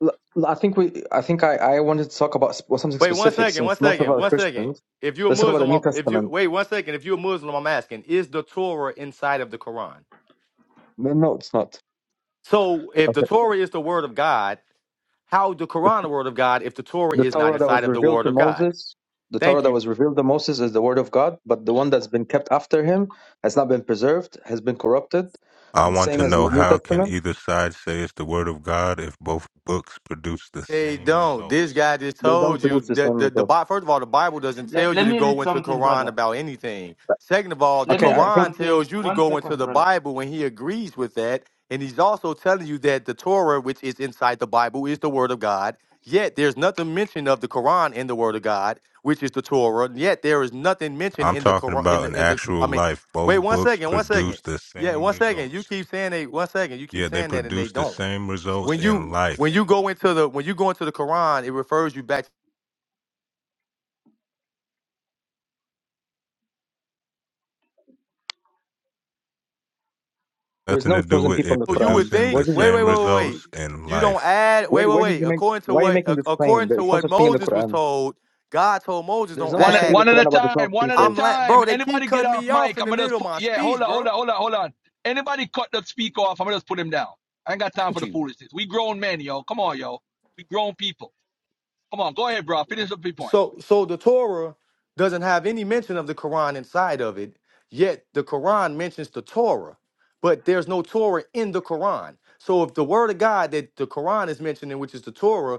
l- l- I think we. I think I, I wanted to talk about sp- well, something
Wait one
specific
second, one
since most of us
second,
are
one second.
Christians.
If you're a
Let's talk about the
Muslim,
New
I'm, if you
Testament.
wait one second, if you're a Muslim, I'm asking, is the Torah inside of the Quran?
No, no, it's not.
So if the
Okay.
Torah is the word of God, how the
It's
Quran the word of God if the Torah
the
is not
Torah that
inside
was
of the
revealed
word
to
of God?
Moses, the Torah
Thank
that
you.
was revealed to Moses is the word of God, but the one that's been kept after him has not been preserved, has been corrupted.
I
The
want
same
to
as
know
the New
how can
Testament.
either side say it's the word of God if both books produce the
They
same
don't. This
results?
guy just
They don't
told you
produce the same
that the, the
result.
Bi- first of all, the Bible doesn't tell
Let,
you
let
to
me
go
read
into
something,
Quran
brother.
about anything. Second of all, the
Let
Okay,
me
I
read
think
Quran
something.
tells you to
One
go into
second,
the
brother.
Bible and he agrees with that. And he's also telling you that the Torah, which is inside the Bible, is the word of God. Yet there's nothing mentioned of the Quran in the word of God, which is the Torah. Yet there is nothing mentioned
I'm
in the
talking
Quran in
about
the
in
in the
actual
I mean,
life.
wait
Both
one
books
second, one second.
produce the
Yeah,
same
one second. You
results.
keep saying they one second, you keep
Yeah, they
saying that and they
produce the
don't
same results
when
in
you
life.
when you go into the when you go into the Quran, it refers you back.
there's
Nothing
no
to do
chosen
with
people in
it
the
So you would
Quran.
producing
Where
think,
the
did
wait, wait,
same
wait,
you
wait, wait.
results in
You don't
life.
add, wait,
where
wait,
where did
wait.
you make
According to
why are you
what
making
ac-
this claim?
according to
There's no
what
such thing in the
Moses was
Quran.
told, God told Moses,
There's
don't
no
One
such
at-
thing in
add.
the
one at
Quran
a
about the twelve
time, one at a
I'm
people.
like, bro,
time.
they keep
Anybody get
cutting
off
me off
mic?
in
I'm
the
gonna just
middle of
put
my
yeah, hold
speech,
on,
bro.
hold on, hold on, hold on. Anybody cut the speaker off, I'm gonna just put him down. I ain't got time for
Thank
the
you.
foolishness. We grown men, yo. Come on, yo. We grown people. Come on, go ahead, bro. Finish up your point.
so so the Torah doesn't have any mention of the Quran inside of it, yet the Quran mentions the Torah, but there's no Torah in the Quran. So if the word of God that the Quran is mentioning, which is the Torah,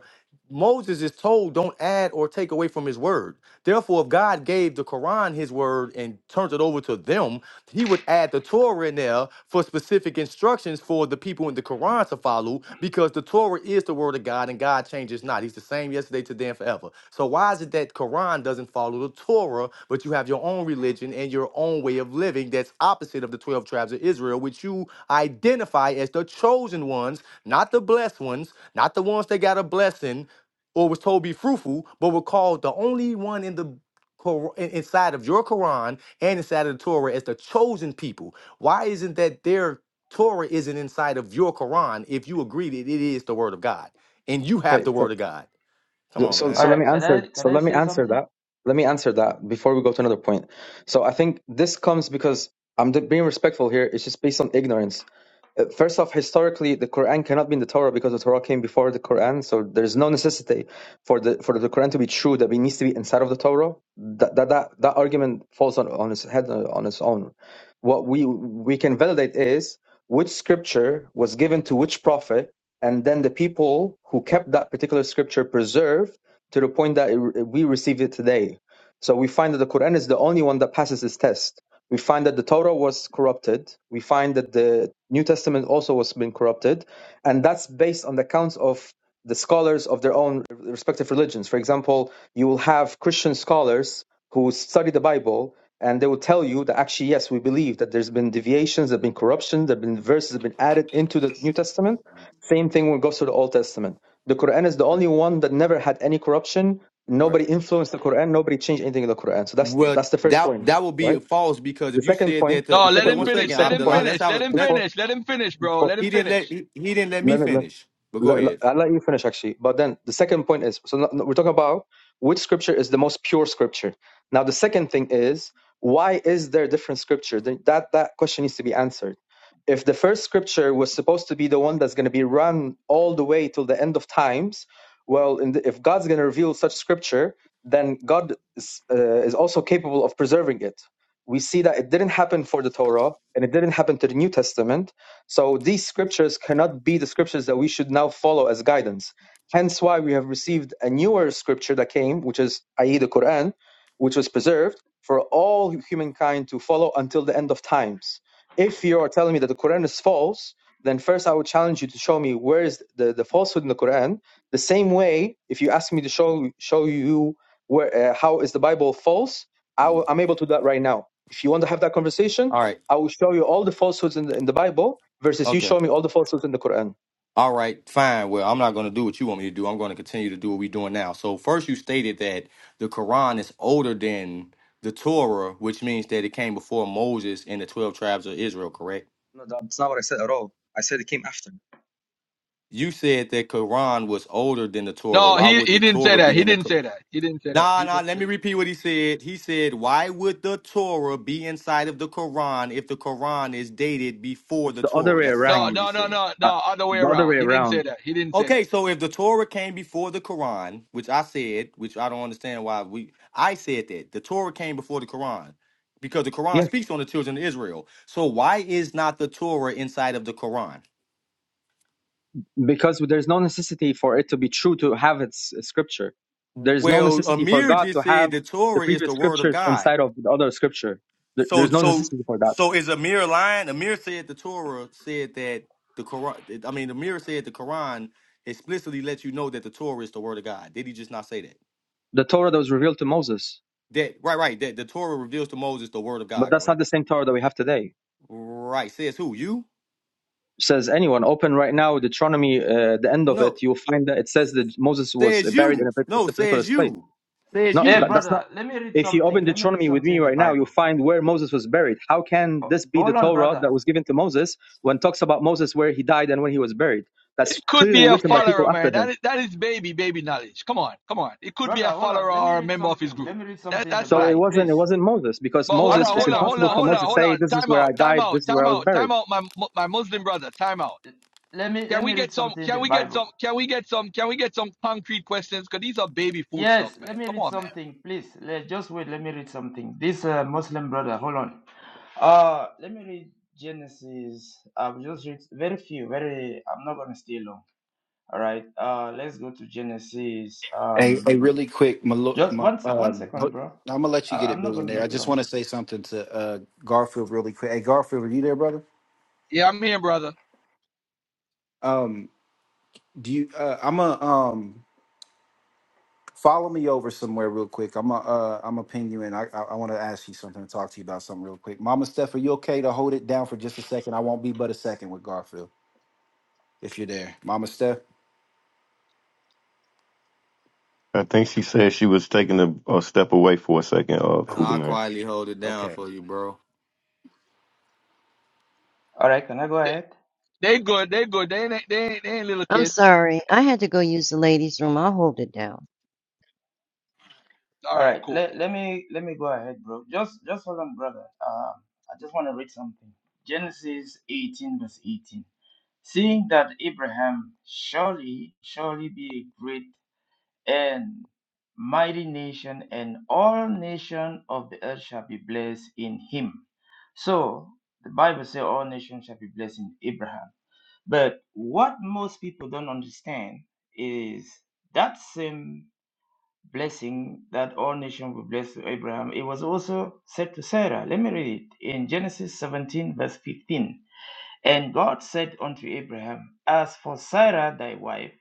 Moses is told don't add or take away from his word. Therefore, if God gave the Quran his word and turns it over to them, he would add the Torah in there for specific instructions for the people in the Quran to follow Talu, because the Torah is the word of God and God changes not. He's the same yesterday, today, and forever. So why is it that Quran doesn't follow the Torah, but you have your own religion and your own way of living that's opposite of the 12 tribes of Israel, which you identify as the chosen ones, not the blessed ones, not the ones that got a blessing or was told be fruitful, but were called the only one in the Qur- in- inside of your Quran and inside of the Torah as the chosen people. Why isn't that there? Torah isn't inside of your Quran if you agree that it is the word of God and you have
Okay,
the
so
word of God. Come
so
on,
so
man.
so
All
let me
right, can
answer
I can
so
I
let me
say
answer
something?
that let me answer that before we go to another point so i think this comes because i'm d- being respectful here it's just based on ignorance uh, First off, historically, the Quran cannot be in the Torah because the Torah came before the Quran, so there's no necessity for the for the Quran to be true that it needs to be inside of the Torah. That that that, that argument falls on, on its head uh, on its own. What we we can validate is which scripture was given to which prophet, and then the people who kept that particular scripture preserved to the point that it, we received it today. So we find that the Quran is the only one that passes this test we find that the Torah was corrupted. We find that the New Testament also was been corrupted, and that's based on the accounts of the scholars of their own respective religions. For example, you will have Christian scholars who study the Bible, and they will tell you that actually, yes, we believe that there's been deviations, there've been corruptions, there've been verses that have been added into the New Testament. Same thing when it goes to the Old Testament. The Quran is the only one that never had any corruption.
Right.
Nobody influenced the Quran. Nobody changed anything in the Quran. So that's
Well,
that's the first
that
point,
that would
right?
be false because
The
if you
second
said
point,
that
the
No,
to
let
second,
wait
him
one
the
finish.
second,
Let
second
him
Abdullah,
point
let's
finish.
have
Let
a
him
let
before,
finish. Let him finish, bro.
before,
Let him
he didn't let
finish.
he, he didn't let me
let me, let,
finish. But go
let, let-
ahead.
I'll let you finish actually. But then the second point is so no- no, we're talking about which scripture is the most pure scripture. Now the second thing is why is there different scripture? Then That that question needs to be answered. If the first scripture was supposed to be the one that's going to be run all the way till the end of times, well, in the, if God's going to reveal such scripture, then God is, uh, is also capable of preserving it. We see that it didn't happen for the Torah and it didn't happen to the New Testament so these scriptures cannot be the scriptures that we should now follow as guidance. Hence why we have received a newer scripture that came, which is i.e. the Quran, which was preserved for all humankind to follow until the end of times. If you are telling me that the Quran is false, then first I would challenge you to show me where is the, the falsehood in the Quran. The same way, if you ask me to show show you where uh, how is the Bible false, i w-
Mhm.
I'm able to do that right now. If you want to have that conversation,
All right.
I will show you all the falsehoods in the, in the Bible versus you
Okay.
show me all the falsehoods in the Quran.
All right. Fine. Well, I'm not going to do what you want me to do. I'm going to continue to do what we're doing now. So first, you stated that the Quran is older than the Torah, which means that it came before Moses and the twelve tribes of Israel. Correct.
No, that's not what I said at all. I said it came after.
You said that Quran was older than the Torah.
No,
Why
he
would the
he didn't say
Torah
that.
be
He
in the
didn't
Quran?
say that. He didn't say that.
Nah,
He
nah,
didn't
let
say
me repeat what he said. He said, Why would the Torah be inside of the Quran if the Quran is dated before
It's
the
the other
Torah?
way
That's
No,
exactly what
around.
he
no, no,
said.
no,
Uh,
no, other way
the other
around.
way
He didn't say
around.
that. He didn't say that.
Okay, so if the Torah came before the Quran, which I said, which I don't understand why we I said that. The Torah came before the Quran because the Quran
Yes,
speaks on the children of Israel. So why is not the Torah inside of the Quran?
because there's no necessity for it to be true to have its scripture. There's no
Well,
necessity for
Amir
God
just
to
said
have
the
the
Torah is
previous
the word of
scriptures
God.
inside of the other scripture. There-
So
There's no
so
necessity for that.
so is Amir lying? Amir said the Torah said that the Quran. I mean, Amir said the Quran explicitly lets you know that the Torah is the word of God. Did he just not say that?
The Torah that was revealed to Moses,
That right, right. That the Torah reveals to Moses the word of
but
God.
that's not
Correct.
the same Torah that we have today.
Right. Says who? You?
says anyone open right now deuteronomy uh, the end of
No.
it you'll find that it says that moses was
Says
buried in
you.
a, pat-
No.
it's a particular
Says
place
you. Says
not
Hey,
you.
that, that's not
brother, let me read
if you open
something. Let me read
deuteronomy with
something
me
in the
right now you'll
Bible.
find where moses was buried how can
Oh,
this be the
hold on,
torah
brother.
that was given to moses when it talks about moses where he died and when he was buried that's
could
clearly
be a
Hey,
written by
hey,
follower,
people after
man.
him
That is, that is baby, baby knowledge. Come on, come on. It could be
brother,
a
hold
follower
on. Let me
or a
read
member of his
something. Let
group.
me read
That
something in the
that's
so it
Bible,
light.
wasn't
please.
it wasn't moses because
But hold
One
moses
on,
it's
hold on,
seconds.
hold on,
impossible
One
for
hold on,
moses to
seconds.
hold
say
on.
this is
Time
where i
out, time
died
out,
this is where
time
i was
out,
buried
time out, my my Muslim brother. Time out.
Let me
Can
let
we
me read
get some?
something in
Can
the
we get
Bible.
some? Can we get some? Can we get some concrete questions? Cause these are baby food stuff,
Yes,
man.
let me
Come
read
on, man.
something, please. Let, just wait, let me read something. This uh, Muslim brother, hold on. Uh, let me read Genesis. I've just read very few, very, I'm not gonna stay long. All right, uh, let's go to Genesis.
Hey,
Um,
hey, really quick, my, lo-
just one, se- one
um,
second,
I'm
bro.
gonna let
Uh,
you get it,
I'm not gonna
billionaire. I
make
just
long.
want to say something to uh, Garfield really quick. Hey, Garfield, are you there, brother?
Yeah, I'm here, brother.
Um, do you? Uh, I'm a um. Follow me over somewhere real quick. I'm a uh, I'm a ping you in. I I, I want to ask you something and talk to you about something real quick. Mama Steph, are you okay to hold it down for just a second? I won't be but a second with Garfield if you're there, Mama Steph.
I think she said she was taking a, a step away for a second. Oh,
Ugh,
cool,
I
man.
quietly hold it down
okay.
for you, bro.
All right, can I go ahead?
They good, they good. They ain't, they ain't, they ain't little
I'm
kids.
sorry. I had to go use the ladies' room. I'll hold it down.
All
All
right,
right,
cool.
let, let me let me go ahead, bro. Just just hold on, brother. Um, I just want to read something. Genesis 18 verse 18. Seeing that Abraham surely surely be a great and mighty nation, and all nation of the earth shall be blessed in him. So the Bible says all nations shall be blessed in Abraham. But what most people don't understand is that same blessing that all nations will bless to Abraham, it was also said to Sarah. Let me read it in Genesis 17, verse 15. And God said unto Abraham, As for Sarah thy wife,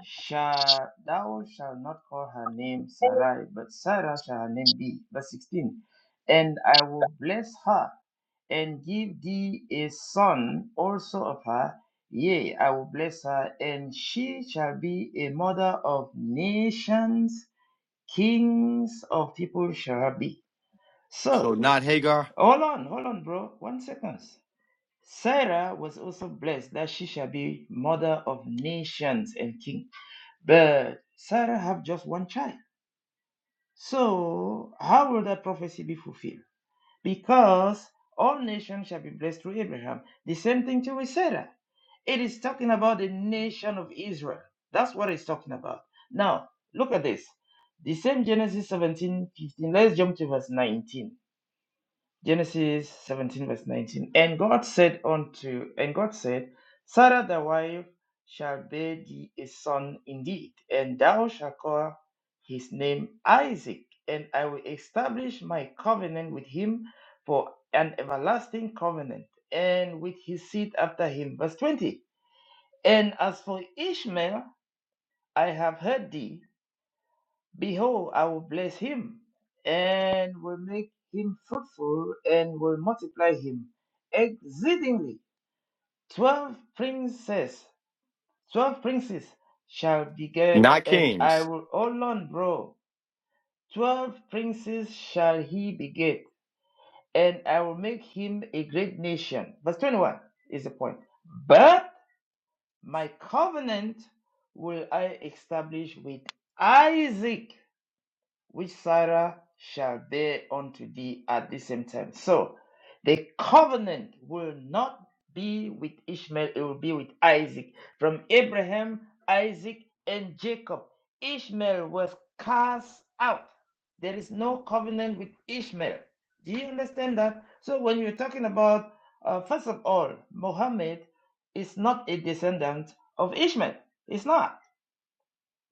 shall, thou shalt not call her name Sarai, but Sarah shall her name be. Verse 16. And I will bless her and give thee a son also of her. Yea, I will bless her, and she shall be a mother of nations Kings of people shall be.
So
So,
not Hagar,
hold on, hold on, bro. One second. Sarah was also blessed that she shall be mother of nations and king. But Sarah have just one child. So, how will that prophecy be fulfilled? because all nations shall be blessed through Abraham. The same thing to with Sarah. It is talking about the nation of Israel. That's what it's talking about. Now, look at this. The same Genesis seventeen fifteen. Let's jump to verse 19. Genesis 17, verse 19. And God said unto, and God said, Sarah thy wife shall bear thee a son indeed, and thou shalt call his name Isaac, and I will establish my covenant with him for an everlasting covenant, and with his seed after him. Verse 20. And as for Ishmael, I have heard thee, Behold, I will bless him, and will make him fruitful, and will multiply him exceedingly. Twelve princes, twelve princes shall beget,
not
and I
Kings,
will alone bro. Twelve princes shall he beget, and I will make him a great nation. Verse 21 is the point. But my covenant will I establish with Isaac which Sarah shall bear unto thee at the same time. So, the covenant will not be with Ishmael, it will be with Isaac. From Abraham, Isaac, and Jacob, Ishmael was cast out. There is no covenant with Ishmael. Do you understand that? So, when you're talking about, uh, first of all, Mohammed is not a descendant of Ishmael. It's not.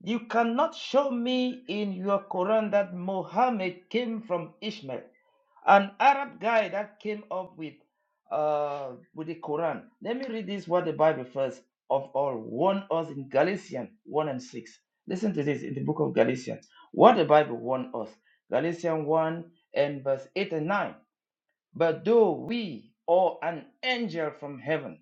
You cannot show me in your Quran that Muhammad came from Ishmael, an Arab guy that came up with uh, with the Quran. Let me read this what the Bible first of all warned us in Galatians 1 and 6. Listen to this in the book of Galatians. What the Bible warned us. Galatians 1 and verse 8 and 9. But though we or an angel from heaven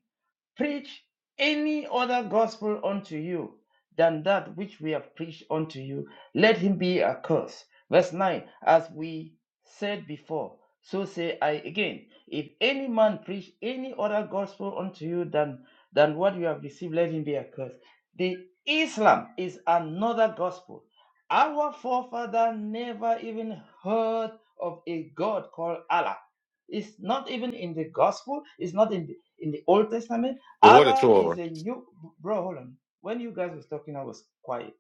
preach any other gospel unto you than that which we have preached unto you, let him be accursed. Verse 9 As we said before, so say I again. If any man preach any other gospel unto you than, than what you have received, let him be accursed. The Islam is another gospel. Our forefather never even heard of a God called Allah. It's not even in the gospel, it's not in the, in the Old Testament
or the
Allah is
Torah.
a new bro. Hold on. When you guys was talking, I was quiet.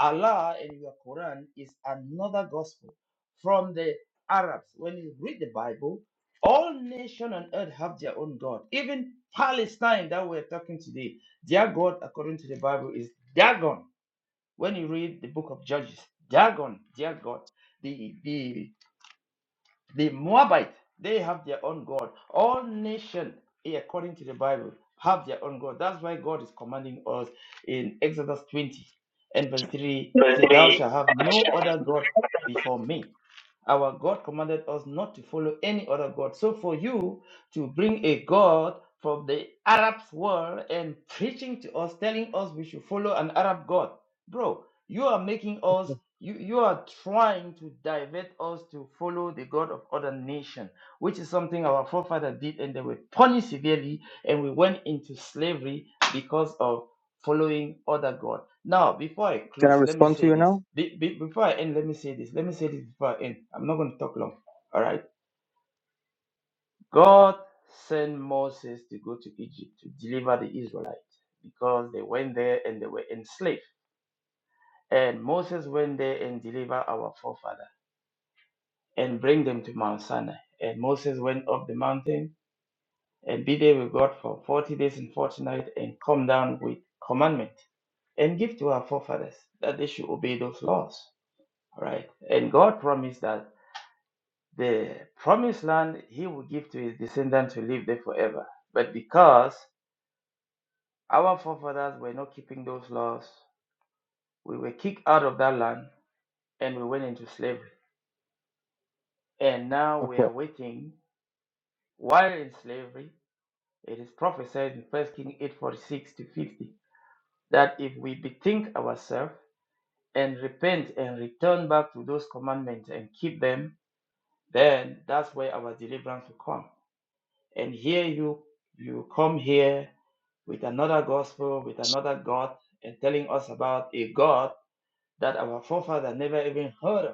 Allah and your Quran is another gospel from the Arabs. When you read the Bible, all nation on earth have their own God. Even Palestine that we're talking today, their God according to the Bible is Dagon. When you read the book of Judges, Dagon, their God. The the. The Moabites, they have their own God. All nations, according to the Bible, have their own God. That's why God is commanding us in Exodus 20 and verse 3 say, Thou
Firstly,
shalt have no other God before me. Our God commanded us not to follow any other God. So for you to bring a God from the Arab world and preaching to us, telling us we should follow an Arab God, bro, you are making us, you, you are trying to divert us to follow the God of other nation, which is something our forefathers did and they were punished severely and we went into slavery because of following other God. Now, before I
can i
close, let me
respond to
say
you
this.
now
Be- be- before I end, let me say this. Let me say this before I end. I'm not going to talk long. All right. God sent Moses to go to Egypt to deliver the Israelites because they went there and they were enslaved. And Moses went there and delivered our forefather and bring them to Mount Sinai. And Moses went up the mountain and be there with God for forty days and forty nights and come down with commandment and give to our forefathers that they should obey those laws. Right? And God promised that the promised land he will give to his descendants to live there forever. But because our forefathers were not keeping those laws, we were kicked out of that land and we went into slavery. And now we
okay
are waiting While in slavery, it is prophesied in First Kings 8:46 to 50 that if we bethink ourselves and repent and return back to those commandments and keep them, then that's where our deliverance will come. And here you you come here with another gospel, with another God, and telling us about a God that our forefather never even heard of.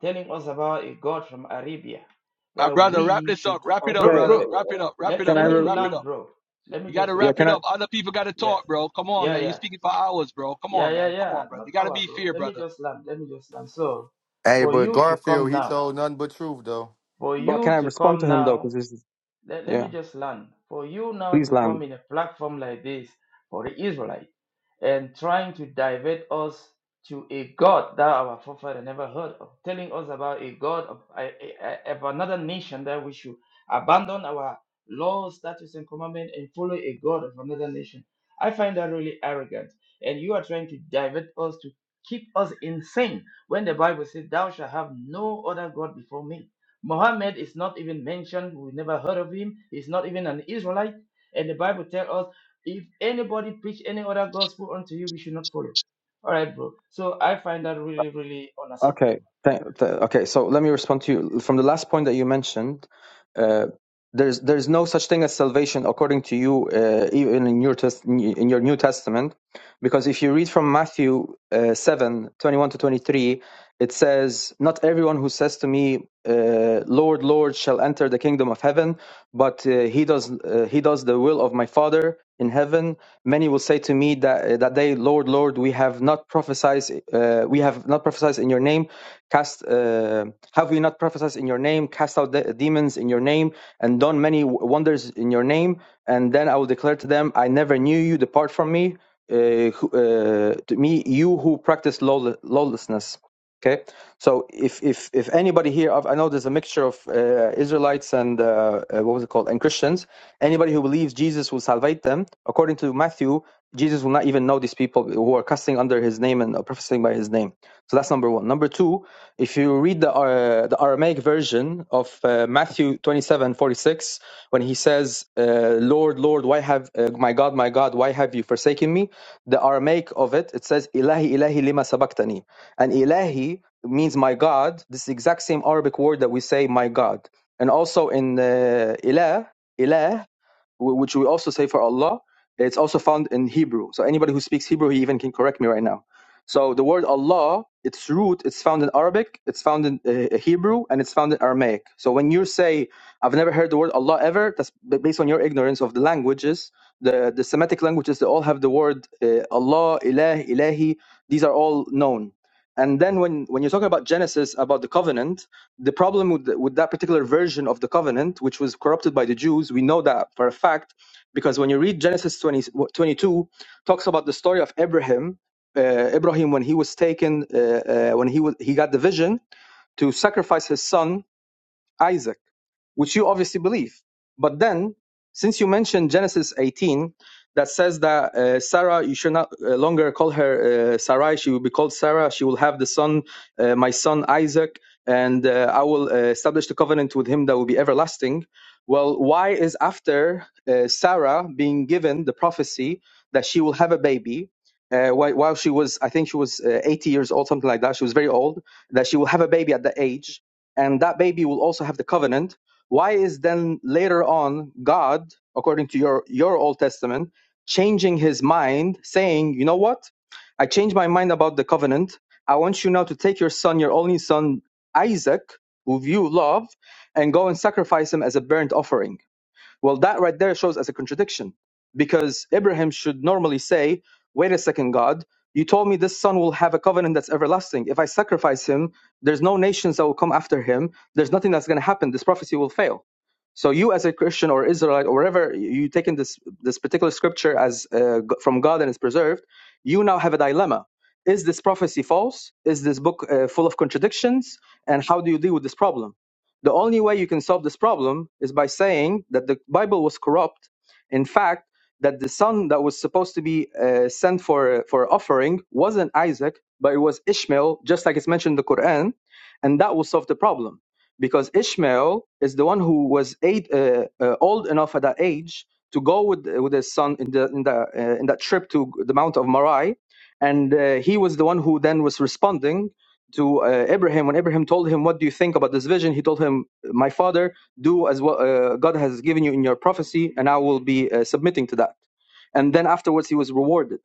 telling us about a God from Arabia
My
that
brother, wrap
we
this
should,
up. Wrap it up,
bro,
okay
brother.
bro,
Wrap it up. Wrap it
let,
can
up,
i
let me
brother.
re-
Wrap it
learn,
up.
bro. Let me
You got
just
to
yeah
learn.
wrap
can I
it up. Other people got to
Yes.
talk, bro. Come on,
Yeah,
man. You
yeah.
speaking for hours, bro. Come
Yeah,
on,
yeah,
man. Come
yeah.
on, brother.
Not
You got to
our,
be
bro.
fair,
Let me
brother.
just learn. Let me just learn. So,
Hey,
for
but
you to come
Garfield, he
now,
told nothing but truth though.
for
But can
you
I
to
respond to
come
him though?
now
Because this is
let, let
yeah.
me just learn for you now
Please
to
land.
come in a platform like this for the Israelite and trying to divert us to a God that our forefather never heard of, telling us about a God of, a- a- a- of another nation that we should abandon our laws, statutes, and commandments and follow a God of another nation. I find that really arrogant. And you are trying to divert us to keep us insane when the Bible says, Thou shalt have no other God before me. Muhammad is not even mentioned. We never heard of him. He's not even an Israelite. And the Bible tells us if anybody preach any other gospel unto you, we should not follow. All right, bro. So I find that really, really
Okay.
unacceptable.
Th- th- okay. So let me respond to you from the last point that you mentioned. Uh, there's there's no such thing as salvation according to you, uh, even in your test in your New Testament, because if you read from Matthew uh, seven twenty one to twenty three, it says, "Not everyone who says to me, uh, Lord, Lord, shall enter the kingdom of heaven, but uh, he does uh, he does the will of my father in heaven many will say to me that uh, that day lord lord we have not prophesied uh, we have not prophesied in your name cast uh, have we not prophesied in your name cast out de- demons in your name and done many w- wonders in your name and then i will declare to them i never knew you depart from me uh, who, uh, to me you who practice lawle- lawlessness Okay, so if if if anybody here, I know there's a mixture of uh, Israelites and uh, uh, what was it called, and Christians. Anybody who believes Jesus will salvate them, according to Matthew, Jesus will not even know these people who are cussing under his name and professing by his name. So that's number one. Number two, if you read the uh, the Aramaic version version of uh, Matthew 27:46, when he says, uh, Lord, Lord, why have, uh, my God, my God, why have you forsaken me? The Aramaic of it, it says, Ilahi, Ilahi, lima sabaktani. And Ilahi means my God, this exact same Arabic word that we say, my God. And also in uh, Ilah, Ilah, wh- which we also say for Allah, it's also found in Hebrew. So anybody who speaks Hebrew, he even can correct me right now. So the word Allah, its root, it's found in Arabic, it's found in uh, Hebrew, and it's found in Aramaic. So when you say, "I've never heard the word Allah ever," that's b- based on your ignorance of the languages, the the Semitic languages. They all have the word uh, Allah, Ilah, Ilahi. These are all known. And then when when you're talking about Genesis, about the covenant, the problem with, the- with that particular version of the covenant, which was corrupted by the Jews, we know that for a fact, because when you read Genesis 20 22, talks about the story of Abraham, uh, Abraham when he was taken, uh, uh, when he was he got the vision to sacrifice his son Isaac, which you obviously believe. But then, since you mentioned Genesis 18, that says that uh, Sarah, you should not uh, longer call her uh, Sarai, she will be called Sarah, she will have the son, uh, my son Isaac, and uh, I will uh, establish the covenant with him that will be everlasting. Well, why is after uh, Sarah being given the prophecy that she will have a baby? Uh, while while she was, I think she was uh, 80 years old, something like that. She was very old. That she will have a baby at that age and that baby will also have the covenant why is then later on god according to your your old testament changing his mind saying you know what i changed my mind about the covenant i want you now to take your son your only son isaac who you love and go and sacrifice him as a burnt offering well, that right there shows as a contradiction because Abraham should normally say, Wait a second, God, you told me this son will have a covenant that's everlasting. If I sacrifice him, there's no nations that will come after him. There's nothing that's going to happen. This prophecy will fail. So you, as a Christian or Israelite or wherever you you taking this this particular scripture as uh, from God and is preserved, you now have a dilemma: Is this prophecy false? Is this book uh, full of contradictions? And how do you deal with this problem? The only way you can solve this problem is by saying that the Bible was corrupt. In fact, that the son that was supposed to be uh, sent for for offering wasn't Isaac, but it was Ishmael, just like it's mentioned in the Quran, and that will solve the problem because Ishmael is the one who was eight, uh, uh, old enough at that age to go with with his son in the in the uh, in that trip to the Mount of Moriah, and uh, he was the one who then was responding to uh, Abraham when Abraham told him, "What do you think about this vision?" He told him, "My father, do as what uh, God has given you in your prophecy, and I will be uh, submitting to that." And then afterwards, he was rewarded.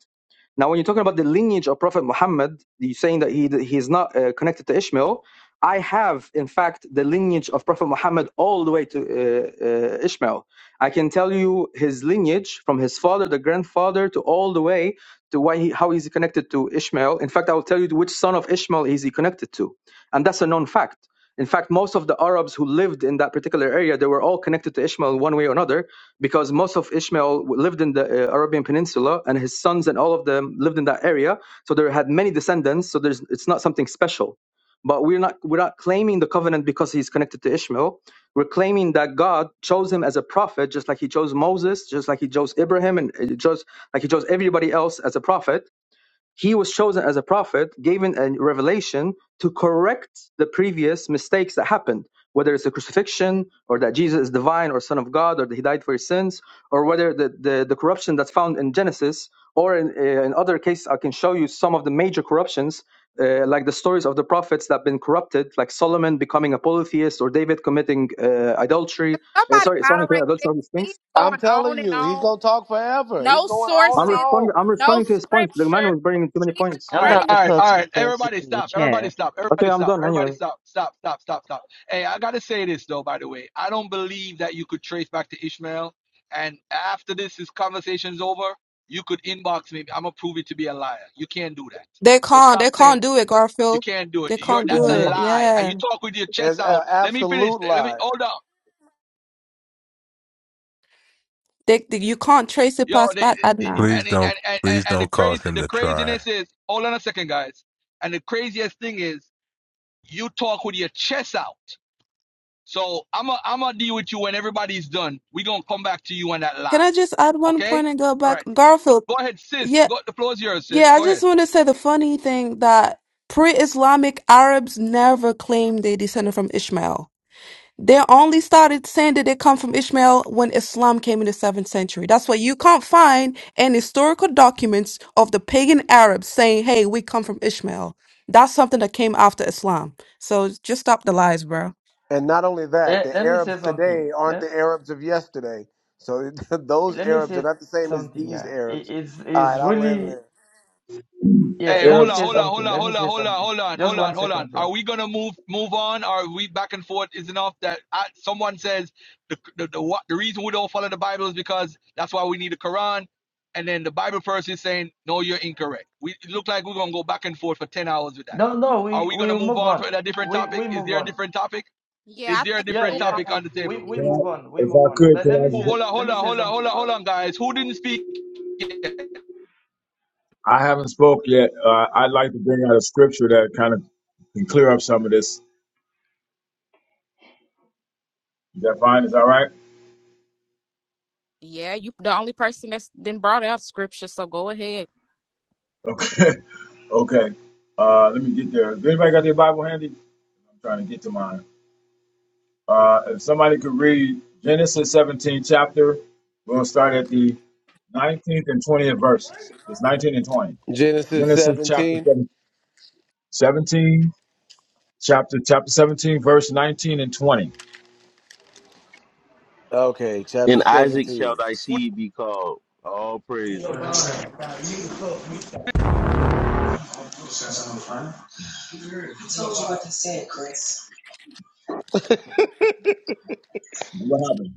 Now, when you're talking about the lineage of Prophet Muhammad, you're saying that he he's not uh, connected to Ishmael. I have, in fact, the lineage of Prophet Muhammad all the way to uh, uh, Ishmael. I can tell you his lineage from his father, the grandfather, to all the way to why he, how he's connected to Ishmael. In fact, I will tell you which son of Ishmael is he connected to, and that's a known fact. In fact, most of the Arabs who lived in that particular area, they were all connected to Ishmael one way or another, because most of Ishmael lived in the uh, Arabian Peninsula, and his sons and all of them lived in that area. So they had many descendants. So there's, it's not something special. But we're not we're not claiming the covenant because he's connected to Ishmael. We're claiming that God chose him as a prophet, just like He chose Moses, just like He chose Abraham, and just like He chose everybody else as a prophet he was chosen as a prophet, given a revelation to correct the previous mistakes that happened, whether it's the crucifixion or that Jesus is divine or Son of God or that he died for his sins, or whether the, the, the corruption that's found in Genesis or in, uh, in other cases, I can show you some of the major corruptions. Uh, like the stories of the prophets that have been corrupted, like Solomon becoming a polytheist or David committing uh, adultery.
Can
Uh,
Somebody
sorry, sorry,
moderate
adultery,
this.
all these
He's
things.
I'm
going
telling
on and
you, he's
on.
gonna talk forever. He's
No
going on
I'm
and
sources,
responding.
on.
I'm
no
responding to his points. The man
scripture.
was bringing too many
He's just
points.
All
I'm
right,
about
running.
to
all right,
post
all
some
right.
sources
Everybody
in the
stop. Everybody
chat.
stop.
Okay,
Everybody
I'm
stop.
done
Everybody
anyway.
stop. Stop, stop, stop, stop. Hey, I got to say this, though, by the way. I don't believe that you could trace back to Ishmael. And after this, this conversation's over, you could inbox me. I'm going to prove it to be a liar. You can't do that.
They
So
can't.
stop
They
playing
can't
that.
do it,
You
Garfield.
can't do it.
They
You're,
can't
Yeah,
do
that's a
yeah.
it.
lie. And
Yeah.
you talk with your chest
It's an
out. Let me finish.
absolute
Let me
lie.
hold on.
They, they- you can't trace it
Yo,
past
they,
Bat
they,
Adnan.
Please
and, it-
don't
and and and
please
and the
don't cause
crazy
him
the
to try.
craziness is hold on a second, guys. And the craziest thing is you talk with your chest out. So I'm a, I'm gonna deal with you when everybody's done. We gonna come back to you on that
Can I
lie,
just add one
okay?
point and go
All
back?
right,
Garfield,
go ahead, sis.
yeah,
Go, the floor is yours, sis.
yeah, I
Go ahead.
just want to say the funny thing that pre-Islamic Arabs never claimed they descended from Ishmael. They only started saying that they come from Ishmael when Islam came in the 7th century. That's why you can't find any historical documents of the pagan Arabs saying, hey, we come from Ishmael. That's something that came after Islam. So just stop the lies, bro.
And not only that,
Eh,
the
let me
Arabs
say something.
today aren't
Let,
the Arabs of yesterday. So those
let me
Arabs are
say
not the same as
something.
these
Yeah, It-
Arabs.
it's
All right,
it's
I'll end
really
there.
yeah.
Hey,
Let me
hold on,
Arabs,
say
hold on, hold
something.
on,
Let me
hold on,
say
hold on,
something.
hold on,
Just
hold on,
one
hold on.
second,
Are
bro.
we gonna move move on? Are we back and forth? Is enough that I, someone says the the the, what, the reason we don't follow the Bible is because that's why we need the Quran, and then the Bible person is saying no, you're incorrect. We it look like we're gonna go back and forth for ten hours with that.
No, no.
Are
We
we
we
gonna move
move
on
on.
for a different
We
topic?
we
Is
move
there a
on.
different topic? Is
Yeah, I
there a
think
Yeah,
different
move
yeah.
topic
on,
on the
We
table?
can
we
please.
I,
move on. We
if
move
I
on.
could,
But let me
can
Ho-
say
Hold on,
let
hold
me
on,
say
hold on, hold
something,
on,
bro
hold on, guys. Who didn't speak?
I, I haven't spoke yet. Uh, I'd like to bring out a scripture that kind of can clear up some of this. Is that fine? Is that all right?
Yeah, you the only person that's then brought out scripture, so go ahead.
Okay. okay. Uh, let me get there. Has anybody got their Bible handy? I'm trying to get to mine. Uh, if somebody could read Genesis 17 chapter, we'll start at the 19th and 20th verses. It's 19 and 20.
Genesis
Genesis chapter
17.
7 17, chapter chapter 17, verse 19 and 20.
Okay, chapter
In Isaac shall
17.
thy
Who
seed be called. All praises.
Yeah,
What happened?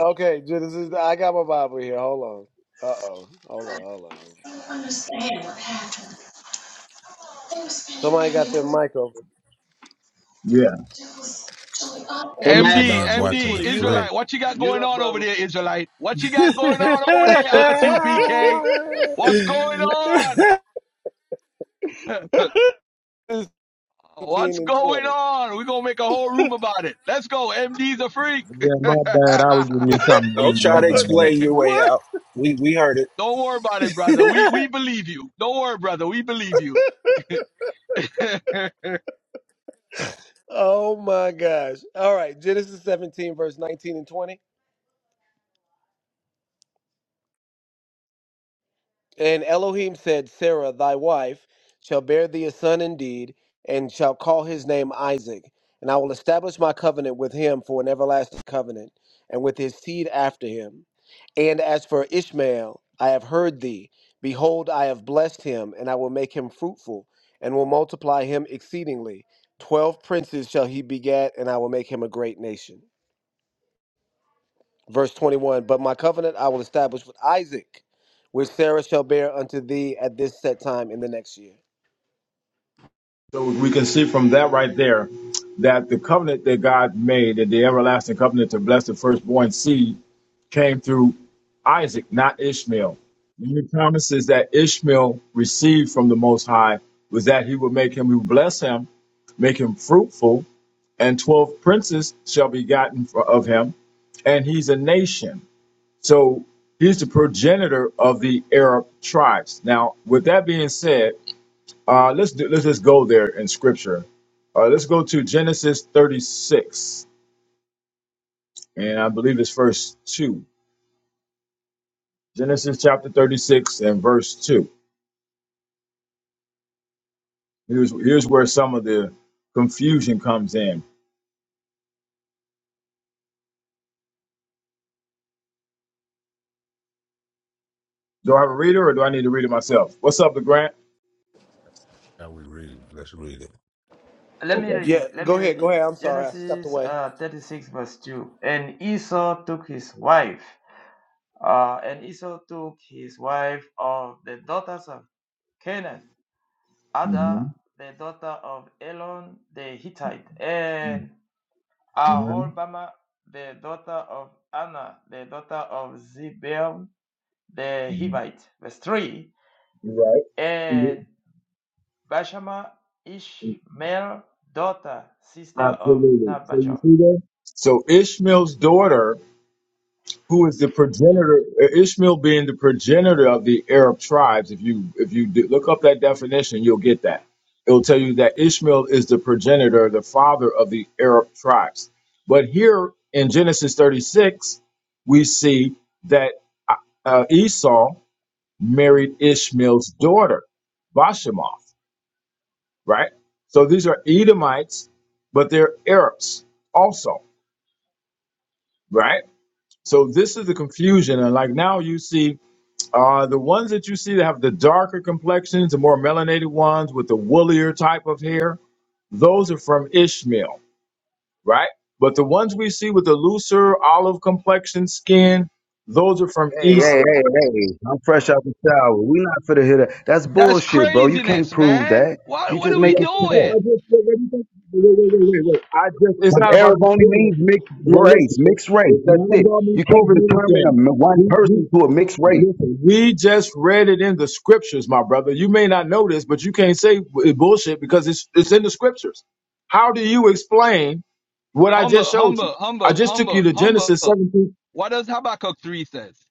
Okay, Genesis. I got my Bible here. Hold on. Uh oh. Hold on. Hold on. Somebody got their mic over.
Yeah.
Hey,
I
Mad
mean
MD,
Dog
watching
MD,
the
2020, mute up.
flick.
Israelite, what you got
Mute
going
up,
on over
brother.
there, Israelite? What you got going on over there, RSUPK? What's going on? What's
18 and
going
20.
on? We're going to make a whole room about it. Let's go. MD's a freak.
my bad. I was giving me something to
Don't
eat. My
try to explain
bad.
your way
What?
out. We we heard it.
Don't worry about it, brother. We, we believe you. Don't worry, brother. We believe you.
Oh my gosh. All right. Genesis 17, verse 19 and 20. And Elohim said, Sarah, thy wife, shall bear thee a son indeed, and shall call his name Isaac. And I will establish my covenant with him for an everlasting covenant, and with his seed after him. And as for Ishmael, I have heard thee. Behold, I have blessed him, and I will make him fruitful, and will multiply him exceedingly. Twelve princes shall he begat, and I will make him a great nation. verse 21 but my covenant i will establish with isaac which sarah shall bear unto thee at this set time in the next year
So we can see from that right there that the covenant that God made, that the everlasting covenant to bless the firstborn seed, came through Isaac, not Ishmael. And the promises that Ishmael received from the Most High was that he would make him who bless him, make him fruitful, and 12 princes shall be gotten for, of him, and he's a nation. So he's the progenitor of the Arab tribes. Now, with that being said, uh, let's do, let's just go there in scripture. Uh, let's go to Genesis 36, and I believe it's verse two. Genesis chapter 36 and verse two. Here's here's where some of the confusion comes in. Do I have a reader, or do I need to read it myself? What's up, the Grant?
Now we read it. Let's read it.
Let me
Okay.
read it.
yeah
Let me
go
read
ahead go
it.
ahead i'm sorry i stepped
Genesis
away
uh, 36, verse 2. And Esau took his wife, uh, and Esau took his wife of the daughters of Canaan,
Mm-hmm.
Ada, the daughter of Elon the Hittite, and
Mm-hmm.
Aholbama, the daughter of Anna, the daughter of Zibeon the
hmm
Hivite. Verse 3.
You're right. Mhm.
And Bashama Ishmael, daughter, sister of
Absolutely. So you
Nabal.
see there. So Ishmael's daughter who is the progenitor uh, Ishmael being the progenitor of the Arab tribes if you if you do, look up that definition you'll get that it'll tell you that Ishmael is the progenitor the father of the Arab tribes but here in Genesis 36 we see that uh, uh, Esau married Ishmael's daughter Bashemoth right so these are Edomites but they're Arabs also right so this is the confusion and like now you see Uh, the ones that you see that have the darker complexions, the more melanated ones with the woollier type of hair, those are from Ishmael, right? But the ones we see with the looser olive complexion skin, those are from
Hey, hey,
Esau.
hey, hey! I'm fresh out the shower. We not for to hear that. That's
That's
bullshit, bro. You can't
craziness,
prove
man.
that.
What,
You
what
just
are we
making shit up.
doing?
wait, wait, wait, wait, wait, wait, wait. I just, it's
Because
not about
Arab
me
only
proving it.
means mixed
No,
race,
listen, it-
mixed race.
it's
That's
not
it.
about me
You can't
proving
determine a
anything.
one person to a mixed race.
Listen, we just read it in the scriptures, my brother. You may not know this, but you can't say it bullshit because it's it's in the scriptures. How do you explain what I
Humble,
just showed you?
humble,
I
humble,
just took you
humble,
to
humble.
Genesis 17.
What does Habakkuk 3 says?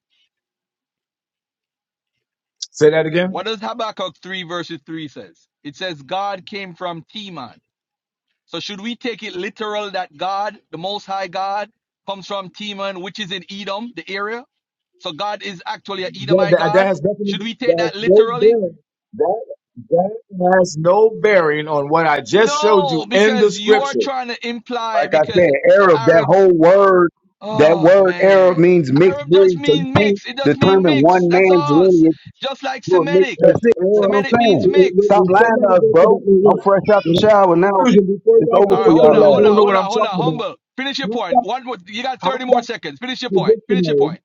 Say that again.
What does Habakkuk 3 verses 3 says? It says God came from Teman. So should we take it literal that God, the most high God, comes from Teman, which is in Edom, the area? So God is actually an
That,
Edomite
that, that
God?
has nothing. to
Should
do.
we
That
take
has
that
no
literally?
bearing. That that has no bearing on what I just showed you
No,
in the
because you are
scripture.
trying to imply
Like I
because
said,
the
Arab, that
Arabs,
whole word, that
oh
word Arab
man.
means mixed
Arab just
breed. So you
means
can't
mix. It just mean
determine
mix.
one
That's
man's
all.
lineage
Just like
to a mixed.
Semitic.
If,
That's it. That's
or,
what I'm
Semitic
if if
saying.
means mix.
Stop
if
lying to
somebody go
us,
to the
bro. I'm
look,
fresh out the
the
shower. Now
confusion before
it's
y'all
over
All
try
right,
to
for
tell
hold on,
me
y'all
I
hold
ass.
on,
don't know
hold
what
on,
I'm
hold on.
talking
Humble, finish your point. One, more, you got thirty
about.
more seconds. Finish your
the
point. Finish your
dictionary.
point.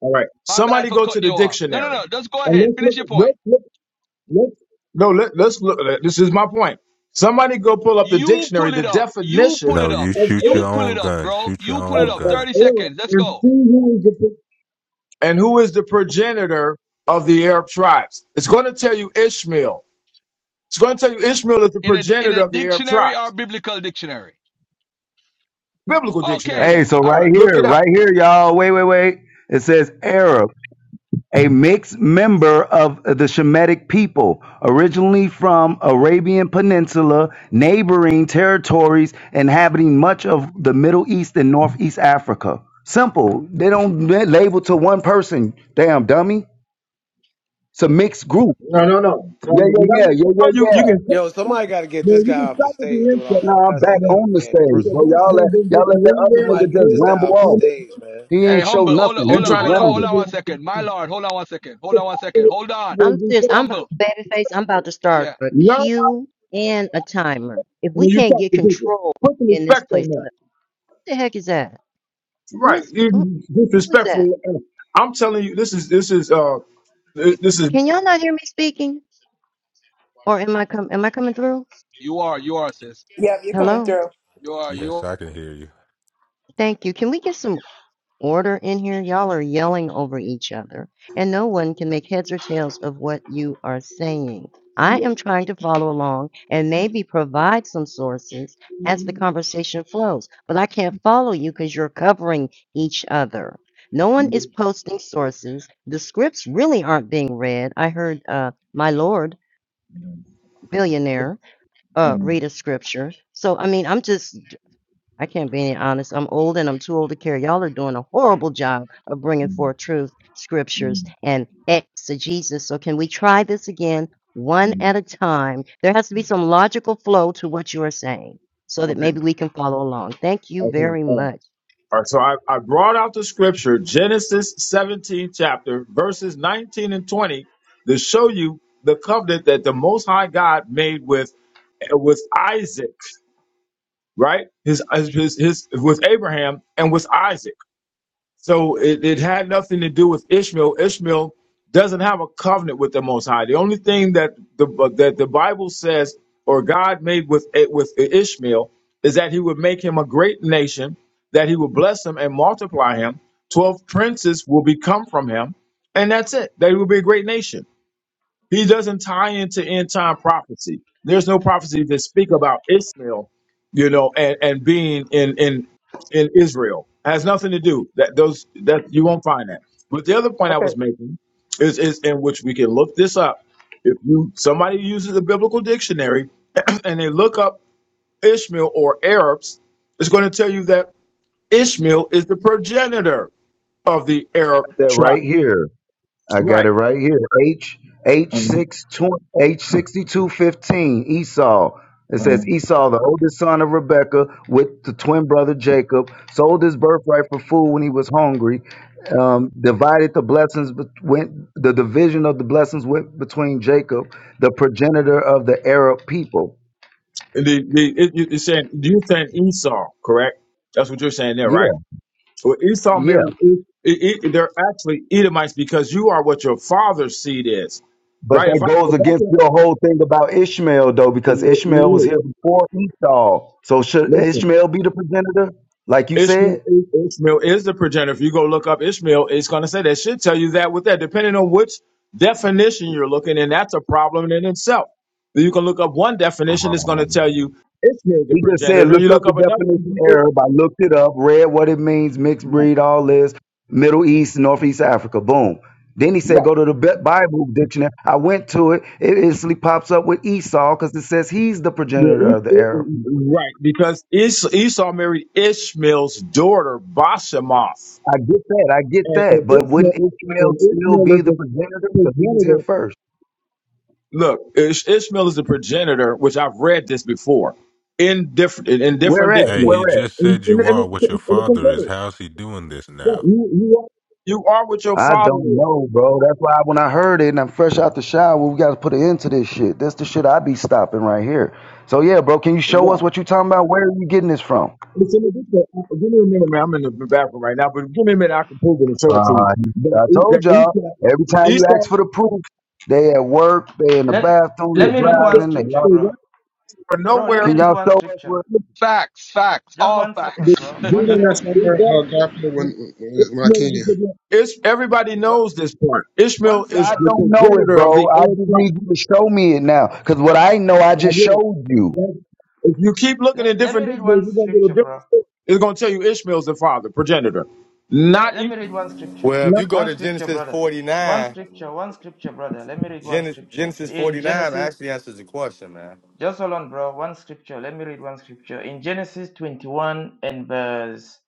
All right.
My bad
Somebody
for
go to
cutting
the
you off. No, no,
dictionary.
no. Just go
And
ahead.
let's look
Finish your
at
point.
let's look let's no let, let's look this is my point. Somebody go pull up the
You
dictionary,
pull
the
it up. You
definition
pull it
No, you
up.
of
shoot
error
your
You pull
own
it up,
gun.
bro.
Shoot your
You pull
of,
it
own
up.
of
gun.
Thirty
error
seconds. Let's
and
go.
see who is the pro- and who is the progenitor of the Arab tribes. It's going to tell you Ishmael. It's going to tell you Ishmael is the
In a in
progenitor
a
of the Arab
dictionary or
tribes.
biblical dictionary.
Biblical
Okay
dictionary.
Hey,
then.
so
All
right
right.
Look
here,
it up.
right here, y'all. Wait, wait, wait. It says Arab. a mixed member of the Shemitic people, originally from Arabian Peninsula, neighboring territories, inhabiting much of the Middle East and Northeast Africa. Simple. They don't la- label to one person. Damn dummy. It's a mixed group.
No, no, no. no,
Yeah,
no. You
yeah,
got
yeah,
no
yeah,
phone.
yeah,
You you
yeah.
can stop.
yo somebody got to get
No,
this
you
guy
can
off the
stop at
stage
the
doing all
insult.
that
Nah, I'm back
cussing
No,
and,
on the
and
stage,
because
bro.
personal
that's
Y'all
attack
let
not going to get
y'all let
you
that other
anywhere
nigga
in
somebody get
just
this
Florida
guy
ramble
off the
and
off.
there's
stage
no-
man
He
Hey,
ain't show
humble. Hold on,
nothing. He
hold
and
on,
just
trying to
hold on,
call
hold
rambled.
on
people
one
out their
second. My
name.
lord, hold on one second. Hold
The
on one second.
problem with
Hold on.
people is
I'm
we
serious.
so
I'm about
Humble.
babyface. I'm about to start
Yeah,
a
learn
queue and a timer. If
and
we
then you
can't
talk
get
to people.
control
Put some
in this
respect
place,
on
I'm
that.
like, what the heck is that? Who
Right,
is
you
who,
you
who is that?
disrespectful. uh, I'm telling you, this is this is uh this is.
Can y'all not hear me speaking? Or am I com am I coming through?
you are. You are, sis.
Yep, you're coming
Hello?
through.
You are. You.
Yes,
Are.
I can hear you.
Thank you. Can we get some order in here. Y'all are yelling over each other, and no one can make heads or tails of what you are saying. I am trying to follow along and maybe provide some sources as the conversation flows, but I can't follow you because you're covering each other. No one is posting sources. The scripts really aren't being read. I heard uh, my lord billionaire uh, read a scripture. So I mean, I'm just I can't be any honest. I'm old and I'm too old to care. Y'all are doing a horrible job of bringing forth truth, scriptures, and exegesis. So, can we try this again, one at a time? There has to be some logical flow to what you are saying so that
Okay.
maybe we can follow along. Thank you very
Okay.
much.
All right, so I, I brought out the scripture, Genesis 17 chapter, verses 19 and 20, to show you the covenant that the Most High God made with with Isaac, right? His his his, his with Abraham and with Isaac. So it, it had nothing to do with Ishmael. Ishmael doesn't have a covenant with the Most High. The only thing that the that the Bible says or God made with with Ishmael is that He would make him a great nation, that He would bless him and multiply him. Twelve princes will become from him, and that's it. That he will be a great nation. He doesn't tie into end time prophecy. There's no prophecies that speak about Ishmael, you know, and, and being in in in Israel. has nothing to do that those that you won't find that. But the other point I
Okay.
was making is is in which we can look this up. If you somebody uses a biblical dictionary and they look up Ishmael or Arabs, it's going to tell you that Ishmael is the progenitor of the Arab
That right
tribe.
here. I got
Right.
it right here. H H
Mm-hmm.
six twenty H sixty two fifteen Esau. It
Mm-hmm.
says Esau, the oldest son of Rebekah, with the twin brother Jacob, sold his birthright for food when he was hungry. Um, divided the blessings bet- went the division of the blessings went between Jacob, the progenitor of the Arab people.
The, the, it, you- it's saying you're saying Esau, correct? That's what you're saying there,
Yeah,
right? Well, Esau
yeah.
married. It, it, it- they're actually Edomites because you are what your father's seed is,
But
right?
that
If I
goes
if I
against
can
your whole thing about Ishmael, though, because
li-
Ishmael was
li-
here
li-
before Esau. So should
listen,
Ishmael be the progenitor, like you
Ishmael
said?
is- Ishmael is the progenitor. If you go look up Ishmael, it's going to say that should tell you that with that, depending on which definition you're looking, and that's a problem in itself. You can look up one definition, it's going to
Um,
tell you Ishmael is the
he just said,
progenitor. You
look up
look
the
up another
definition
one,
Arab. I looked it up, read what it means, mixed
right?
breed, all this, Middle East, Northeast Africa, boom. Then he said,
Right.
go to the Bi- Bible dictionary. I went to it. It instantly pops up with Esau because it says he's the
Yeah,
progenitor of
Ish-
the Arab.
Ish- right, because Ish- Esau married Ishmael's daughter, Bashemoth.
I get that. I get
And, and,
that. But
Ishmael,
wouldn't Ishmael
and
still
Ishmael is
be the
the
progenitor because he was here
progenitor.
first?
Look, Ish- Ishmael is the progenitor, which I've read this before in different in, in
Where
different
at?
Hey,
dictionary.
he
Where at?
just
In,
said
in,
you
in,
are what your
in the
father is.
concordance.
How's he doing this
Right,
now?
you, you, are, you are what your
I
father
don't
is.
know, bro. That's why when I heard it and I'm fresh out the shower, we got to put an end to this shit. That's the shit I be stopping right here. So yeah, bro, can you show us
Right.
what you talking about? Where are you getting this from?
It's in the dictionary. Uh, uh, Give me a minute, man. I'm in the bathroom right now, but give me a minute. I can prove it and
Uh,
show it to you. That,
I
E-
told y'all.
that
Every time you
Esau
ask for the proof, they at work, they in the
Let
bathroom,
let
they
Look,
me
I'm
read
gonna
one
say,
driving, they
I'm gonna
scripture,
lost.
say
bro.
right from
Bro, let
nowhere,
me
Can
read
y'all
one
show us
scripture.
where?
look,
Facts. Facts.
Just
All
one seconds,
this
facts.
bro.
You
One
this
getting
uh,
that
seconds.
this
somewhere, uh,
document,
Garfield, when, when when I
Ishmael is
can?
the, progenitor- it's, everybody
What
knows this part.
one
Ishmael is
I
seconds.
the
don't know it,
progenitor of
bro.
the
I
Arab
just
tribe.
need you to show me it now, cause what I know, I
I
just
will.
showed you.
That's If you keep looking in
Let, let me
different
read
dictionaries,
one
you're gonna get a
scripture, bro.
different story. It's gonna tell you Ishmael's the father, progenitor,
Let,
not
let
Ishmael.
me read one scripture.
Well, if
not
you go
One
to
scripture,
Genesis
brother. One
49,
scripture, one scripture, brother. Let me read one
Genesis,
scripture.
Genesis
In
49
Genesis,
actually answers the question, man.
just hold on, bro. One scripture. Let me read one scripture. In Genesis 21 and verse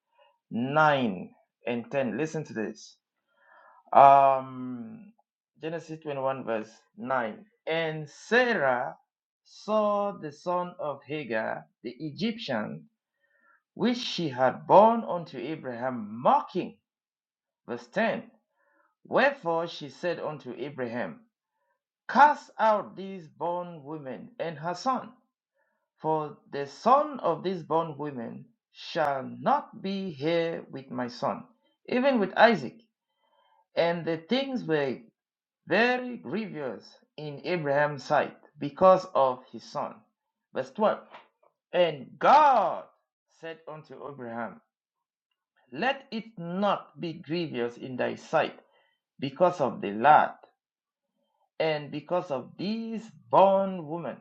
9 and 10. Listen to this. Um, Genesis 21, verse 9. And Sarah saw the son of Hagar, the Egyptian, which she had borne unto Abraham, mocking. Verse 10. Wherefore she said unto Abraham, Cast out these born women and her son, for the son of these born women shall not be here with my son, even with Isaac. And the things were very grievous in Abraham's sight because of his son. Verse 12 And God said unto Abraham, Let it not be grievous in thy sight because of the lad and because of these born woman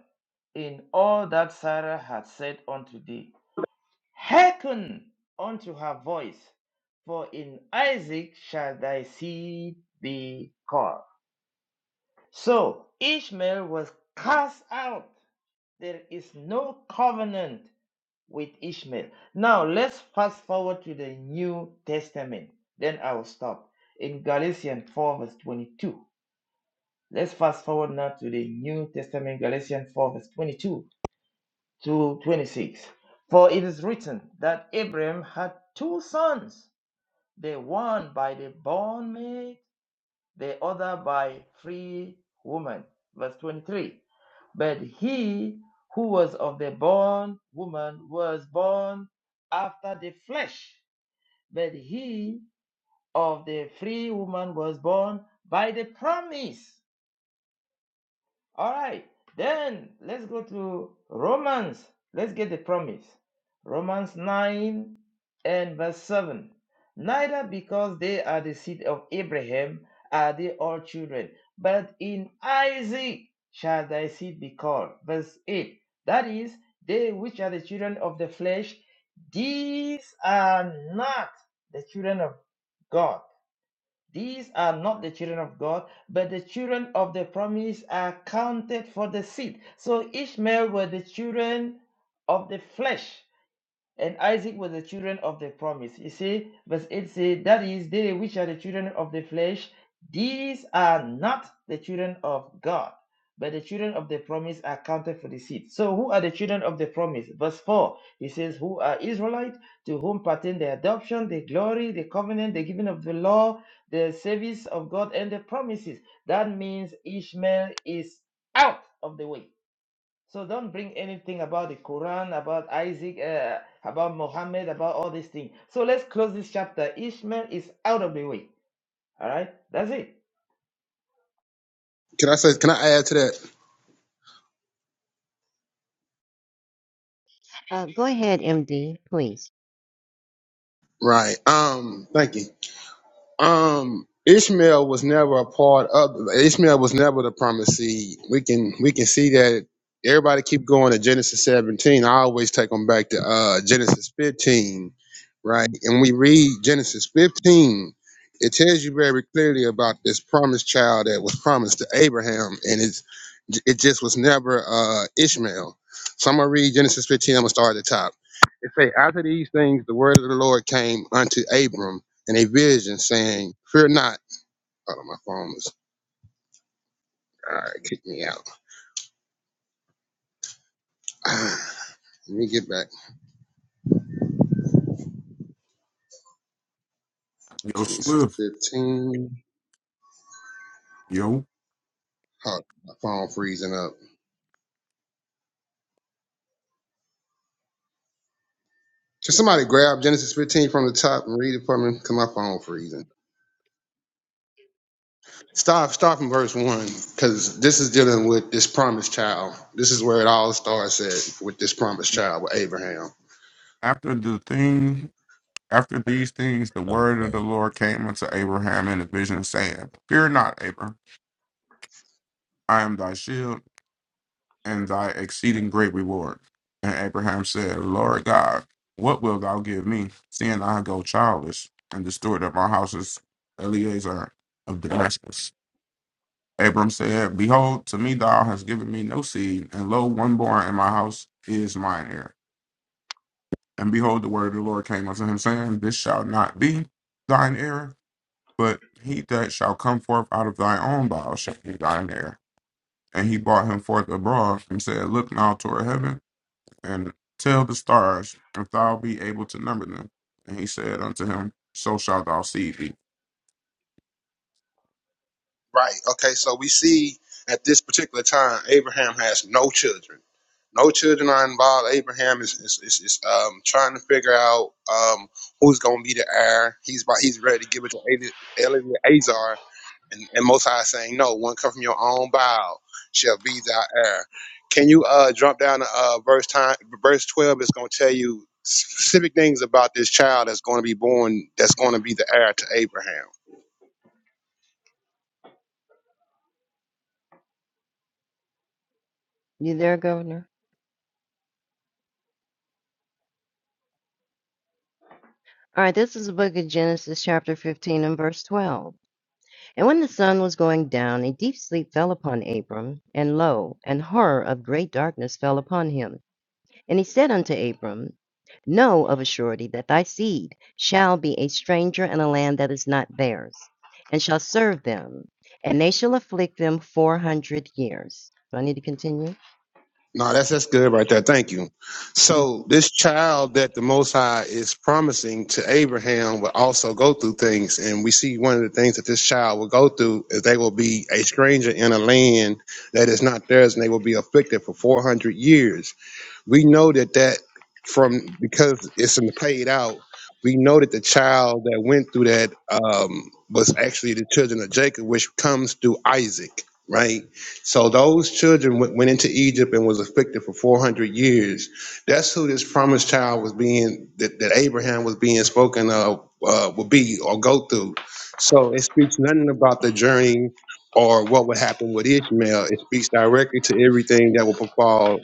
in all that Sarah hath said unto thee. Hearken unto her voice, for in Isaac shall thy seed be called. So Ishmael was cast out. There is no covenant with Ishmael. Now let's fast forward to the New Testament. Then I will stop in Galatians 4, verse 22. Let's fast forward now to the New Testament, Galatians 4, verse 22 to 26. For it is written that Abraham had two sons, the one by the bondmaid the other by free woman. Verse 23. But he who was of the born woman was born after the flesh, but he of the free woman was born by the promise. All right, then let's go to Romans. Let's get the promise. Romans 9 and verse 7. Neither because they are the seed of Abraham are they all children, but in Isaac shall thy seed be called. Verse 8. That is, they which are the children of the flesh, these are not the children of God these are not the children of God, but the children of the promise are counted for the seed. So Ishmael were the children of the flesh, and Isaac was the children of the promise. You see, verse 8 says, That is, they which are the children of the flesh, these are not the children of God, but the children of the promise are counted for the seed. So, who are the children of the promise? Verse 4, he says, Who are Israelites to whom pertain the adoption, the glory, the covenant, the giving of the law, the service of God, and the promises. That means Ishmael is out of the way so don't bring anything about the Quran, about Isaac, uh, about Muhammad, about all these things. So let's close this chapter. Ishmael is out of the way. All right, that's it.
Can I say? Can I add to that?
Uh, go ahead, MD, please.
Right. Um. Thank you. Um, Ishmael was never a part of. Ishmael was never the promised seed. We can we can see that. Everybody keep going to Genesis 17. I always take them back to uh, Genesis 15, right? And we read Genesis 15. It tells you very clearly about this promised child that was promised to Abraham, and it's it just was never uh, Ishmael. So I'm gonna read Genesis 15. I'm gonna start at the top. It say, after these things, the word of the Lord came unto Abram and a vision saying, Fear not. Oh, my phone is all right, kick me out. Let me get back.
Yo,
Genesis
Swift,
15.
yo,
Oh, my phone freezing up. Can somebody grab Genesis 15 from the top and read it for me? Because my phone freezing. Start, start from verse 1, because this is dealing with this promised child. This is where it all starts at, with this promised child, with Abraham.
after the thing, after these things, the word of the
Okay.
Lord came unto Abraham in a vision, saying, Fear not, Abram, I am thy shield and thy exceeding great reward. And Abraham said, Lord God, what wilt thou give me, seeing I go childless, and the steward of my house is Eleazar of Damascus? Abram said, Behold, to me thou hast given me no seed, and lo, one born in my house is mine heir. And behold, the word of the Lord came unto him, saying, This shall not be thine heir, but he that shall come forth out of thy own bowels shall be thine heir. And he brought him forth abroad and said, Look now toward heaven and tell the stars, if thou be able to number them. And he said unto him, So shalt thou see thee.
Right. Okay. So we see at this particular time, Abraham has no children. No children are involved. Abraham is is, is, is um, trying to figure out um, who's going to be the heir. He's about, he's ready to give it to Eli- Eleazar, and, and Most High is saying, "No, one come from your own bow shall be thy heir." Can you uh, jump down to uh, verse time? Verse twelve is going to tell you specific things about this child that's going to be born. That's going to be the heir to Abraham.
You there, Governor? All right, this is the book of Genesis, chapter 15, and verse 12. And when the sun was going down, a deep sleep fell upon Abram, and lo, an horror of great darkness fell upon him. And he said unto Abram, Know of a surety that thy seed shall be a stranger in a land that is not theirs, and shall serve them, and they shall afflict them four hundred years. Do I need to continue?
No, that's that's good right there. Thank you.
hmm
So this child that the Most High is promising to Abraham will also go through things, and we see one of the things that this child will go through is they will be a stranger in a land that is not theirs, and they will be afflicted for four hundred years we know that that from because it's in played out we know that the child that went through that um, was actually the children of jacob which comes through isaac right so those children went, went into egypt and was afflicted for 400 years that's who this promised child was being that, that abraham was being spoken of uh, would be or go through so it speaks nothing about the journey or what would happen with ishmael it speaks directly to everything that will befall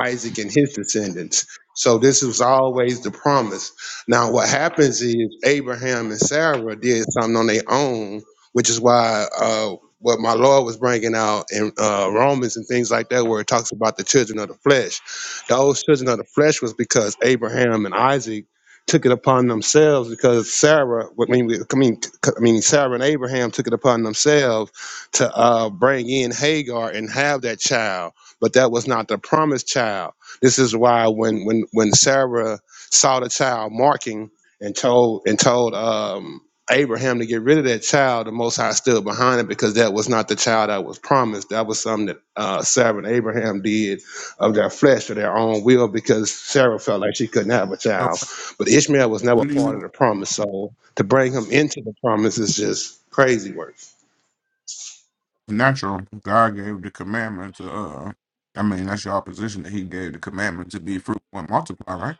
Isaac and his descendants. So this was always the promise. Now what happens is Abraham and Sarah did something on their own, which is why uh, what my Lord was bringing out in uh, Romans and things like that, where it talks about the children of the flesh. Those children of the flesh was because Abraham and Isaac took it upon themselves because Sarah, I mean, we- I mean, I mean, Sarah and Abraham took it upon themselves to uh, bring in Hagar and have that child but that was not the promised child. This is why when when when Sarah saw the child marking and told and told um, Abraham to get rid of that child, the Most High stood behind it because that was not the child that was promised. That was something that uh, Sarah and Abraham did of their flesh or their own will because Sarah felt like she couldn't have a
So,
child. But Ishmael was never
what do
part
you
of the promise, so to bring him into the promise is just crazy work.
natural? God gave the commandment to, uh, I mean, that's your position that he gave the commandment to be fruitful and multiply, right?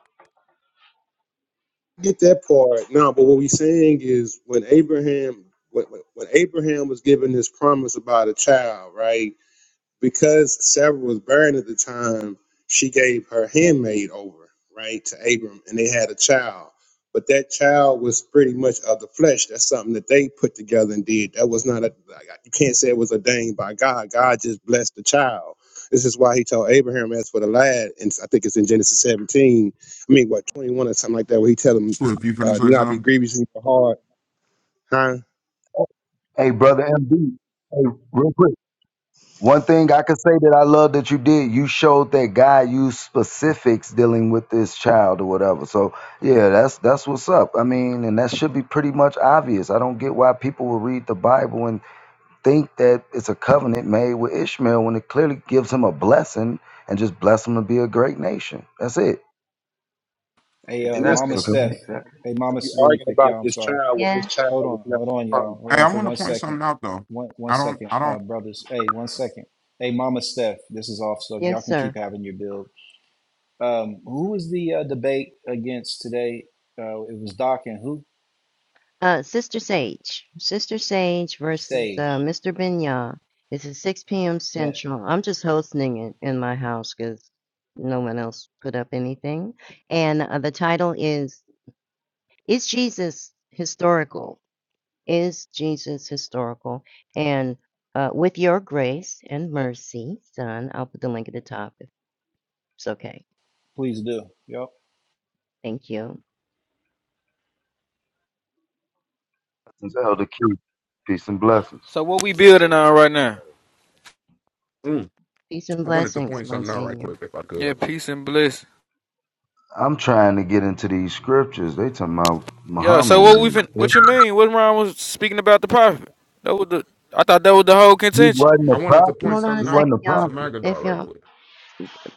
get that part. No, but what we're saying is when Abraham when, when when Abraham was given this promise about a child, right? because Sarah was barren at the time, she gave her handmaid over, right, to Abram, and they had a child. But that child was pretty much of the flesh. That's something that they put together and did. That was not a, like, you can't say it was ordained by God. God just blessed the child. This is why he told Abraham, as for the lad, and I think it's in Genesis 17, I mean, what, 21 or something like that, where he tell him,
So, if you
uh,
finish
do
with
not be
something.
grievous in your heart, huh?
Hey, brother MB. Hey, real quick. One thing I could say that I love that you did, you showed that God used specifics dealing with this child or whatever. So yeah, that's that's what's up. I mean, and that should be pretty much obvious. I don't get why people will read the Bible and think that it's a covenant made with Ishmael when it clearly gives him a blessing and just bless him to be a great nation. That's it.
Hey, uh,
And that's the,
Mama
So
Exactly,
Steph.
come
exactly.
Hey,
and
Mama,
we
really
arguing
quick,
about
y'all. I'm
this
sorry.
child when this
Yes,
child
Hold
was
on,
never
hold on,
promised.
y'all. Hold
Hey,
on
I
for
want to
one
point
second.
something out though.
One one
I don't,
second,
I don't.
uh, brothers. Hey, one second. Hey, Mama Steph, this is off, so
yes,
y'all can
sir.
keep having your build. Um, who was the uh, debate against today? Uh, it was Doc and who?
Uh, Sister Sage, Sister Sage versus uh,
Sage.
Mr. Benya. It's at 6 p.m.
That
Central. I'm just hosting it in my house because no one else put up anything. And uh, the title is Is Jesus Historical? is Jesus historical? And uh, with your grace and mercy, son, I'll put the link at the top if it's okay.
please do. Yep.
Thank you.
blessings, Elder Q. Peace and blessings.
So what
Peace
we
and
building
blessings.
on
How's
right now?
everybody?
Mm.
Peace and
I wanted to
blessings,
point something out right
Monsignor.
quick if I
Yeah,
could.
peace and bliss.
I'm trying to get into these scriptures. They talking about
Yeah. So
Muhammad
what we
and
fin-
yeah.
What you mean? What Ron was speaking about the prophet? That was the. I thought that was the whole
he
contention.
wasn't a
I wanted to
prophet.
point
Hold on
He
a
something
wasn't
second,
out
a
y'all.
to
prophet.
Magadar
If
right
y'all,
quick.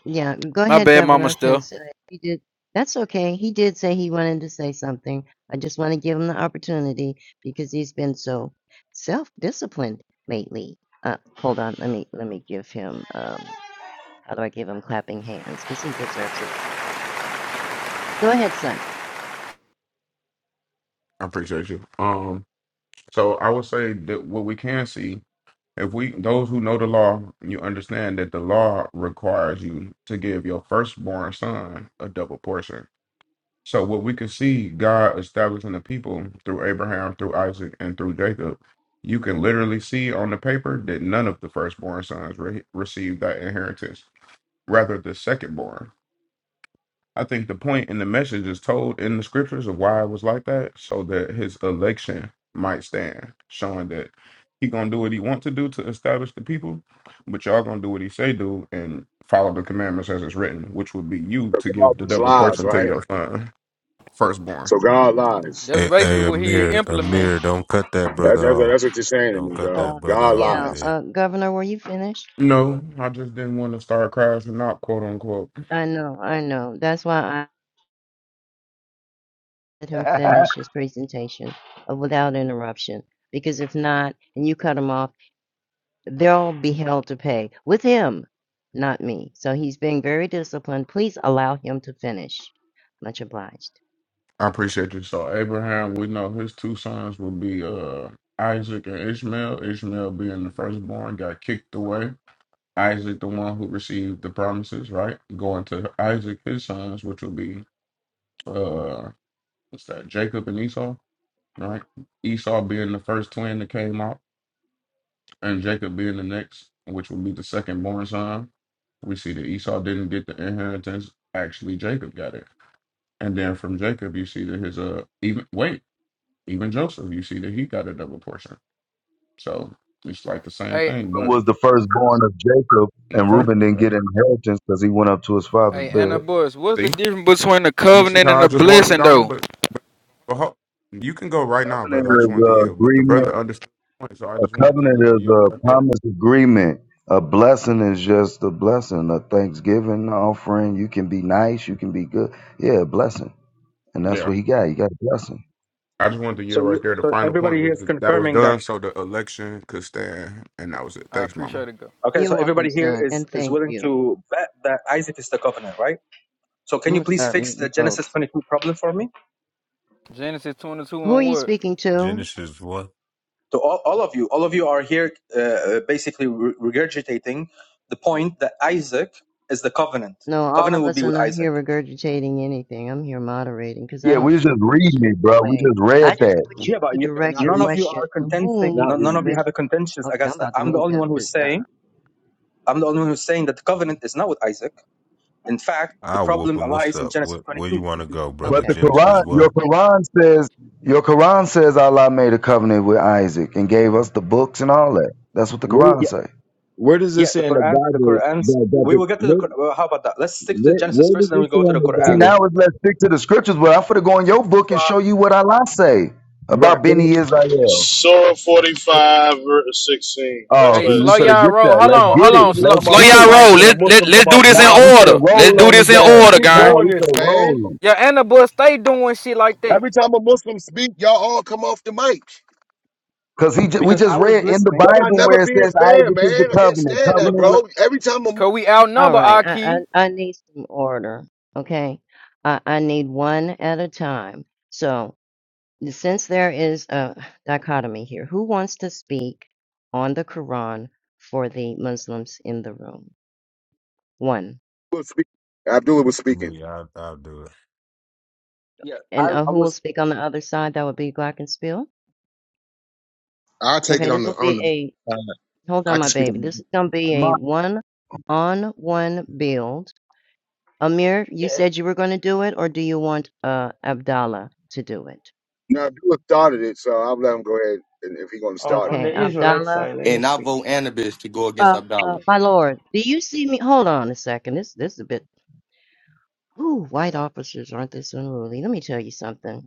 yeah, go
My
ahead,
bad, Mama.
Governor,
Still.
because uh, he did. That's okay. He did say he wanted to say something. I just want to give him the opportunity because he's been so self-disciplined lately. Uh, hold on. Let me let me give him. Um, how do I give him clapping hands? Because he deserves it. Go ahead, son.
I appreciate you. Um, so I would say that what we can see, if we those who know the law, you understand that the law requires you to give your firstborn son a double portion. So what we could see God establishing the people through Abraham, through Isaac, and through Jacob, you can literally see on the paper that none of the firstborn sons re- received that inheritance, rather the secondborn. I think the point in the message is told in the scriptures of why it was like that, so that his election might stand, showing that he gonna do what he want to do to establish the people, but y'all gonna do what he say do and follow the commandments as it's written, which would be you
So
to
God
give the
just
double
lies,
portion to
right?
your son, firstborn.
So God lies.
That's
Hey,
basically
hey,
what he
Amir,
implementing.
Amir, don't cut that
That,
brother
that,
off.
that's what you're saying to
Don't
me,
cut
bro.
that
Uh,
brother
God
off,
yeah,
lies.
Amir.
uh, Governor, were you finished?
No, I just didn't want to start crashing out, quote unquote.
I know, I know. That's why I let him
Reuben
finish his presentation uh, without interruption. Because if not, and you cut him off, they'll be held to pay with him, not me. So he's being very disciplined. Please allow him to finish. Much obliged.
I appreciate you. So Abraham, we know his two sons would be uh Isaac and Ishmael. Ishmael being the firstborn got kicked away. Isaac, the one who received the promises, right? Going to Isaac, his sons, which would be uh what's that, Jacob and Esau, right? Esau being the first twin that came out, and Jacob being the next, which would be the second born son. We see that Esau didn't get the inheritance. Actually, Jacob got it And then from Jacob, you see that his uh even wait even Joseph, you see that he got a double portion. So it's like the same
Hey,
thing. But
was the firstborn of Jacob,
in the
and
first,
Reuben didn't get an inheritance because he went up to his father's
hey, Anna
bed.
Bush, what's the
see,
difference between a
you see
covenant
how
and
I
a
just walked it
blessing,
down. though?
though?
But but but ho- you can go right now,
Covenant
brother. I just
is
wanted to
uh,
yield. But the
agreement.
brother understood the point, so I
A
just wanted to
covenant
just
is
yield
a
right there.
promise agreement. A blessing is just a blessing. A thanksgiving offering. You can be nice. You can be good. Yeah, a blessing. And that's
Yeah,
what he got. He got a blessing.
I just wanted to
So
yield right
you,
there. The
so
final
everybody
point
here
was
is
that, that was
confirming that.
done, so the election could stand, and that was it.
I
Thanks, Mama.
appreciate it, go.
Okay, so
You're welcome,
everybody here
son,
is
and
is
thank
willing
you.
to bet that Isaac is the covenant, right? So can
I'm
you
gonna
please
start
fix the
muting
Genesis
folks.
22 problem for me?
Genesis 22
Who are
and
you
what?
speaking to?
Genesis what?
So all, all of you, all of you are here uh, uh, basically re- regurgitating the point that Isaac is the covenant.
No, all
Covenant
of
will be
us are
with
not here
Isaac.
regurgitating anything. I'm here moderating because I
Yeah,
don't
we was just
take
reading
position
it, bro.
either
We
way.
just
I
read
just
that.
put
Yeah,
you
but
to
you,
You're
direct
not
your
none
reading.
of you
question
are
to
contending.
whom
Not
None
you
none of
reading
you
it.
wish.
have a contentious
Okay, I'm
against that.
about to
I'm the
move
only
them
one who's
because
saying.
uh,
I'm the only one who's saying that the covenant is not with Isaac. In fact, the
I'll whoop
problem
him. What's
lies in
up?
Genesis
What, where you
22.
want to go, brother?
But the
okay,
Quran,
Genesis what?
your
take. the-
Quran says, your Quran says Allah made a covenant with Isaac and gave us the books and all that. That's what the
where
Quran says.
Where does
yeah
this
the
say in the
quran the
Bible?
quran's
that that
we will
the-
get to the
where
Qur- well, how about that let's stick to
where
genesis
where
first
does
and then we
it say
go to
in
the
the
See,
quran
Bible?
now it's let's stick to the scriptures. Well, I'm going to go in your book and show you what Allah say
Right.
about
Where,
Benny Israel.
Surah 45, verse 16.
Oh,
That's
Hey,
see,
what it
we
slow
could have
says.
y'all
get
roll.
that.
Hold
Yeah,
Let's
All
on,
these
hold
get it.
on.
people
Slow,
Let's
come
slow
off the
get
y'all
it.
mic
roll.
when a
Let let
Muslim
let's
come
do
off the
this in
Nah,
mic.
we could
order.
have
Let's
roll
do
on his
this in
Why do we
ass.
order,
keep
gang.
Nah,
doing
we could
this,
have
man?
roll him.
Yeah, Anna Bush, stay doing shit like that.
Every time a Muslim speak, y'all all come off the mic.
Because he ju- we
because
just
i was
read in the
listening
Y'all not
Bible
never
where it
being
says
fair,
Isaac
man.
is the
I can't
covenant.
stand that,
look
Covenant.
look
bro.
with
Every time a
Cause we
All
outnumber
right,
our key.
I, I I need some order. Okay, I I need one at a time. So since there is a dichotomy here, who wants to speak on the Quran for the Muslims in the room? One.
Muslim speak, Abdullah was speaking.
Me, I, I'll do it.
yeah i,
And uh,
I
who will
was
speak on the other side? That would be Glockenspiel.
I take it
Okay,
on
this
the
will
on
be
the.
a
Uh,
hold
I
on,
can
my
speak
baby.
on
This
the.
is going to be a
My,
one on one build. Amir, you
Yeah.
said you were going to do it, or do you want uh, Abdallah to do it?
Now Abdullah started it, so I'll let him go ahead and if he gonna
On
start
on
it.
the
Okay,
Israelite
Abdallah,
side, let me
And I
speak.
vote Anubis to go against
uh, uh,
Abdallah.
my lord, do you see me? Hold on a second. This this is a bit. Ooh, white officers aren't this unruly? Let me tell you something.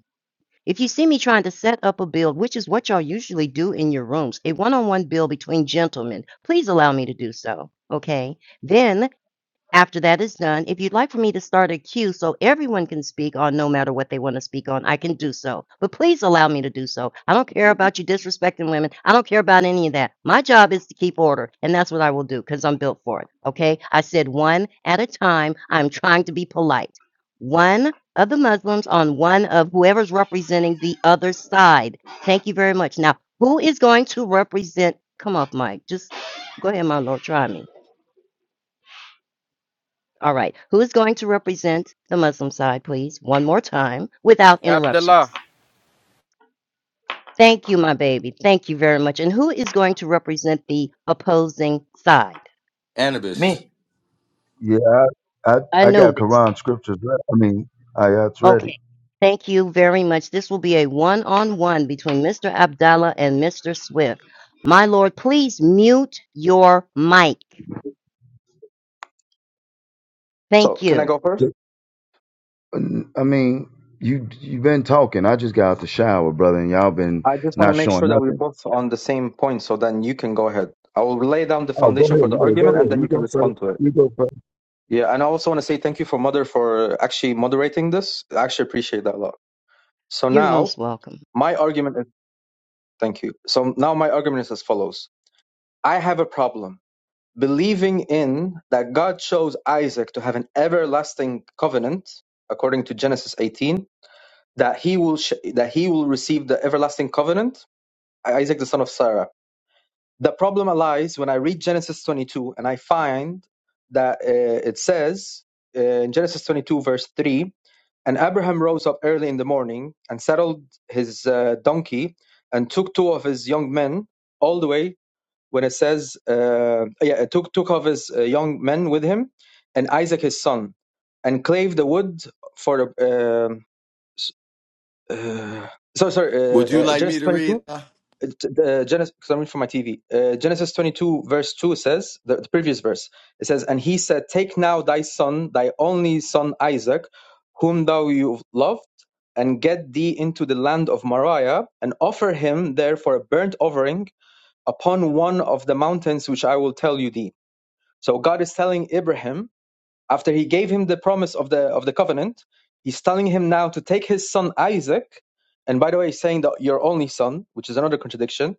If you see me trying to set up a build, which is what y'all usually do in your rooms, a one on one build between gentlemen, please allow me to do so. Okay. Then after that is done, if you'd like for me to start a queue so everyone can speak on no matter what they want to speak on, I can do so. But please allow me to do so. I don't care about you disrespecting women. I don't care about any of that. My job is to keep order, and that's what I will do because I'm built for it. Okay? I said one at a time. I'm trying to be polite. One of the Muslims on one of whoever's representing the other side. Thank you very much. Now, who is going to represent? Come off, Mike. Just go ahead, my lord. Try me. All right. Who is going to represent the Muslim side, please? One more time without interruptions.
Abdullah.
Thank you, my baby. Thank you very much. And who is going to represent the opposing side?
Anubis,
Me.
yeah, I, I, I got
Anubis.
Quran scriptures. re- I mean, ayats ready.
Okay. Thank you very much. This will be a one on one between Mr. Abdallah and Mr. Swift. My lord, please mute your mic.
so
Thank
can i
you.
go first
I mean, you you've been talking. I just got out the shower, brother, and y'all been
i just want to
not
make
showing
sure that
nothing.
we're both on the same point so then you can go ahead i will lay down the
Oh, go
foundation for
ahead.
the
Yeah, go
argument and
ahead.
then
You
you can
go first.
respond to it
You go first.
yeah and i also want to say thank you for mother for actually moderating this i actually appreciate that a lot so
You're
now
most welcome.
my argument is thank you so now my argument is as follows i have a problem believing in that God chose Isaac to have an everlasting covenant, according to Genesis 18, that he will sh- that he will receive the everlasting covenant, Isaac the son of Sarah. The problem lies when I read Genesis 22 and I find that uh, it says uh, in Genesis 22 verse 3, and Abraham rose up early in the morning and saddled his uh, donkey and took two of his young men all the way when it says, uh, yeah, took, took of his uh, young men with him and Isaac his son and clave the wood for the. um uh, sorry, sorry,
would
uh,
you
uh,
like me
Genesis
to read?
22. Uh, uh, Genesis, because I'm reading from my TV. Uh, Genesis 22, verse 2 says, the, the previous verse, it says, And he said, Take now thy son, thy only son Isaac, whom thou you loved, and get thee into the land of Moriah, and offer him there for a burnt offering upon one of the mountains which I will tell you thee. So God is telling Abraham after he gave him the promise of the of the covenant, he's telling him now to take his son Isaac, and by the way, he's saying that your only son, which is another contradiction.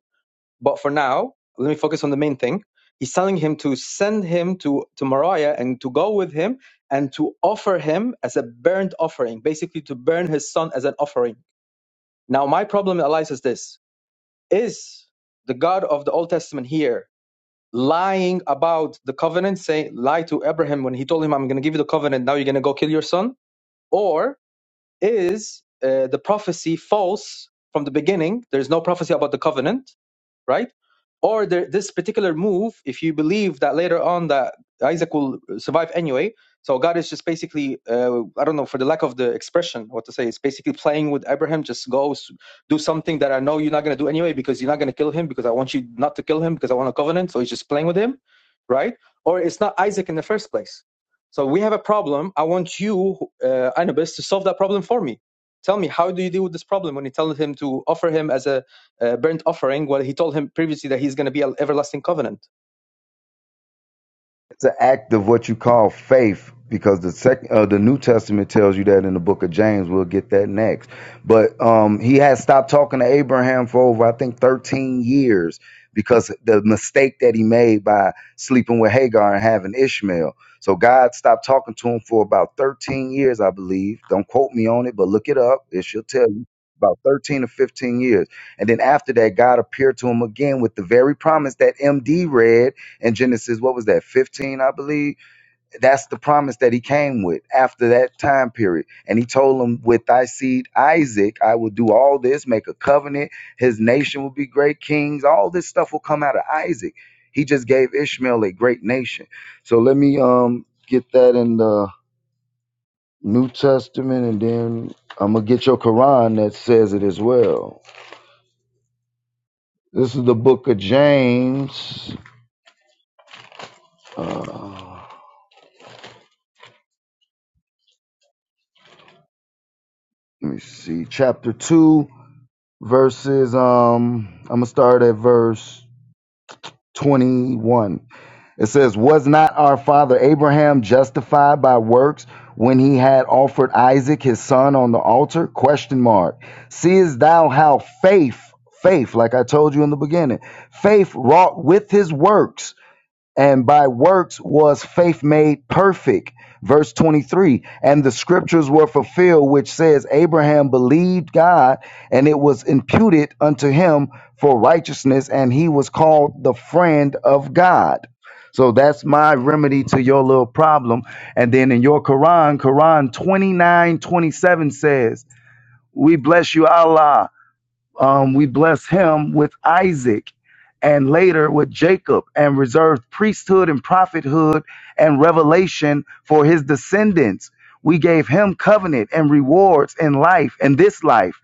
But for now, let me focus on the main thing. He's telling him to send him to to Moriah and to go with him and to offer him as a burnt offering, basically to burn his son as an offering. Now, my problem, Elias, is this: Is the God of the Old Testament here lying about the covenant, say lie to Abraham when he told him, "I'm going to give you the covenant. Now you're going to go kill your son," or is uh, the prophecy false from the beginning? There's no prophecy about the covenant, right? Or there, this particular move, if you believe that later on that Isaac will survive anyway, so God is just basically, uh, I don't know, for the lack of the expression, what to say, it's basically playing with Abraham. Just go s- do something that I know you're not going to do anyway because you're not going to kill him because I want you not to kill him because I want a covenant. So he's just playing with him, right? Or it's not Isaac in the first place. So we have a problem. I want you, uh, Anubis, to solve that problem for me. Tell me, how do you deal with this problem when you tell him to offer him as a uh, burnt offering while he told him previously that he's going to be an everlasting covenant.
It's an act of what you call faith, because the second, uh, the New Testament tells you that in the Book of James. We'll get that next. But um, he had stopped talking to Abraham for over, I think, thirteen years because the mistake that he made by sleeping with Hagar and having Ishmael. So God stopped talking to him for about thirteen years, I believe. Don't quote me on it, but look it up. It should tell you about thirteen or fifteen years. And then after that, God appeared to him again with the very promise that MD read in Genesis, what was that, 15, I believe? That's the promise that he came with after that time period. And he told him, With thy seed Isaac, I will do all this, make a covenant. His nation will be great kings. All this stuff will come out of Isaac. He just gave Ishmael a great nation. So let me um get that in the New Testament and then I'm gonna get your Quran that says it as well. This is the book of James. Uh, let me see, chapter 2 verses um i'm gonna start at verse 21 it says was not our father abraham justified by works when he had offered isaac his son on the altar question mark seest thou how faith faith like i told you in the beginning faith wrought with his works and by works was faith made perfect. Verse 23 And the scriptures were fulfilled, which says, Abraham believed God, and it was imputed unto him for righteousness, and he was called the friend of God. So that's my remedy to your little problem. And then in your Quran, Quran 29 27 says, We bless you, Allah um, we bless him with Isaac and later with Jacob and reserved priesthood and prophethood and revelation for his descendants. We gave him covenant and rewards in life, in this life,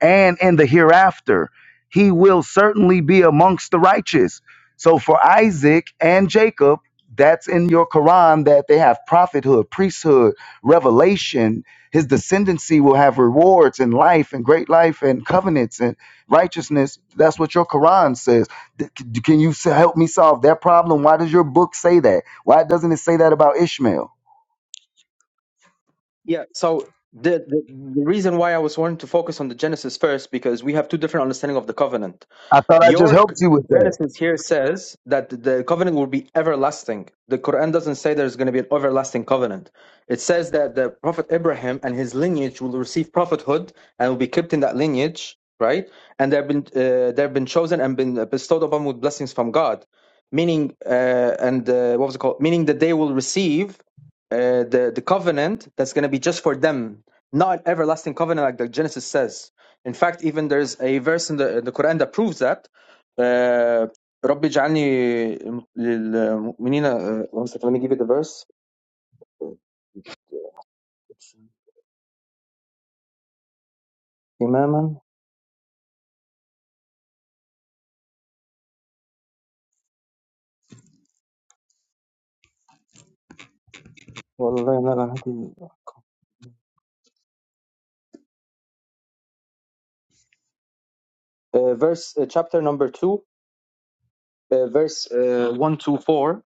and in the hereafter. He will certainly be amongst the righteous. So for Isaac and Jacob, that's in your Quran that they have prophethood, priesthood, revelation. His descendancy will have rewards in life and great life and covenants righteousness. That's what your Quran says. Th- c- Can you s- help me solve that problem? Why does your book say that? Why doesn't it say that about Ishmael?
Yeah, so the, the the reason why I was wanting to focus on the Genesis first because we have two different understanding of the covenant.
I thought I just
Your c-
helped you with that.
Genesis here says that the covenant will be everlasting. The Quran doesn't say there's going to be an everlasting covenant. It says that the Prophet Abraham and his lineage will receive prophethood and will be kept in that lineage, right? And they've been uh, they've been chosen and been bestowed upon with blessings from God, meaning uh, and uh, what was it called? Meaning that they will receive uh, the the covenant that's going to be just for them, not an everlasting covenant like the Genesis says. In fact, even there's a verse in the in the Quran that proves that. Uh, رب اجعلني للمؤمنين uh, one second, let me give you the verse إماما والله ما لم أهدي- uh, verse uh, chapter number two, uh, verse uh, one two four.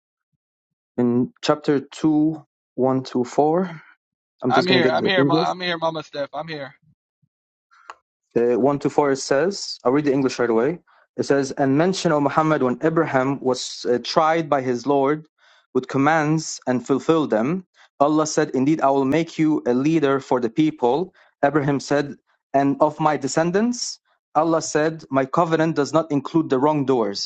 In chapter two, one to four. I'm just
I'm
gonna
here.
get
I'm
the
here. Ma-
English.
I'm here, Mama Steph. I'm here.
uh, 1 to 4, it says, I'll read the English right away. It says, And mention, O Muhammad, when Abraham was uh, tried by his Lord with commands and fulfilled them, Allah said, Indeed, I will make you a leader for the people. Abraham said, And of my descendants? Allah said, My covenant does not include the wrongdoers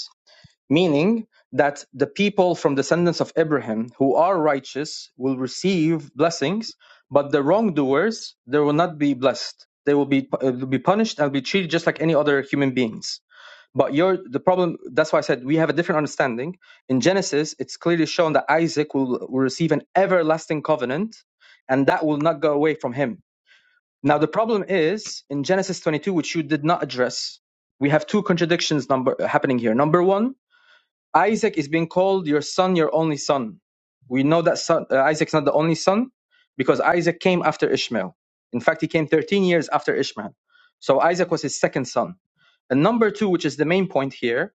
meaning that the people from descendants of Abraham who are righteous will receive blessings, but the wrongdoers they will not be blessed. They will be uh, will be punished and be treated just like any other human beings. But your the problem that's why I said we have a different understanding. In Genesis, it's clearly shown that Isaac will, will receive an everlasting covenant, and that will not go away from him. Now the problem is in Genesis 22, which you did not address. We have two contradictions number happening here. Number one, Isaac is being called your son, your only son. We know that son, uh, Isaac's not the only son because Isaac came after Ishmael. In fact, he came 13 years after Ishmael. So Isaac was his second son. And number two, which is the main point here,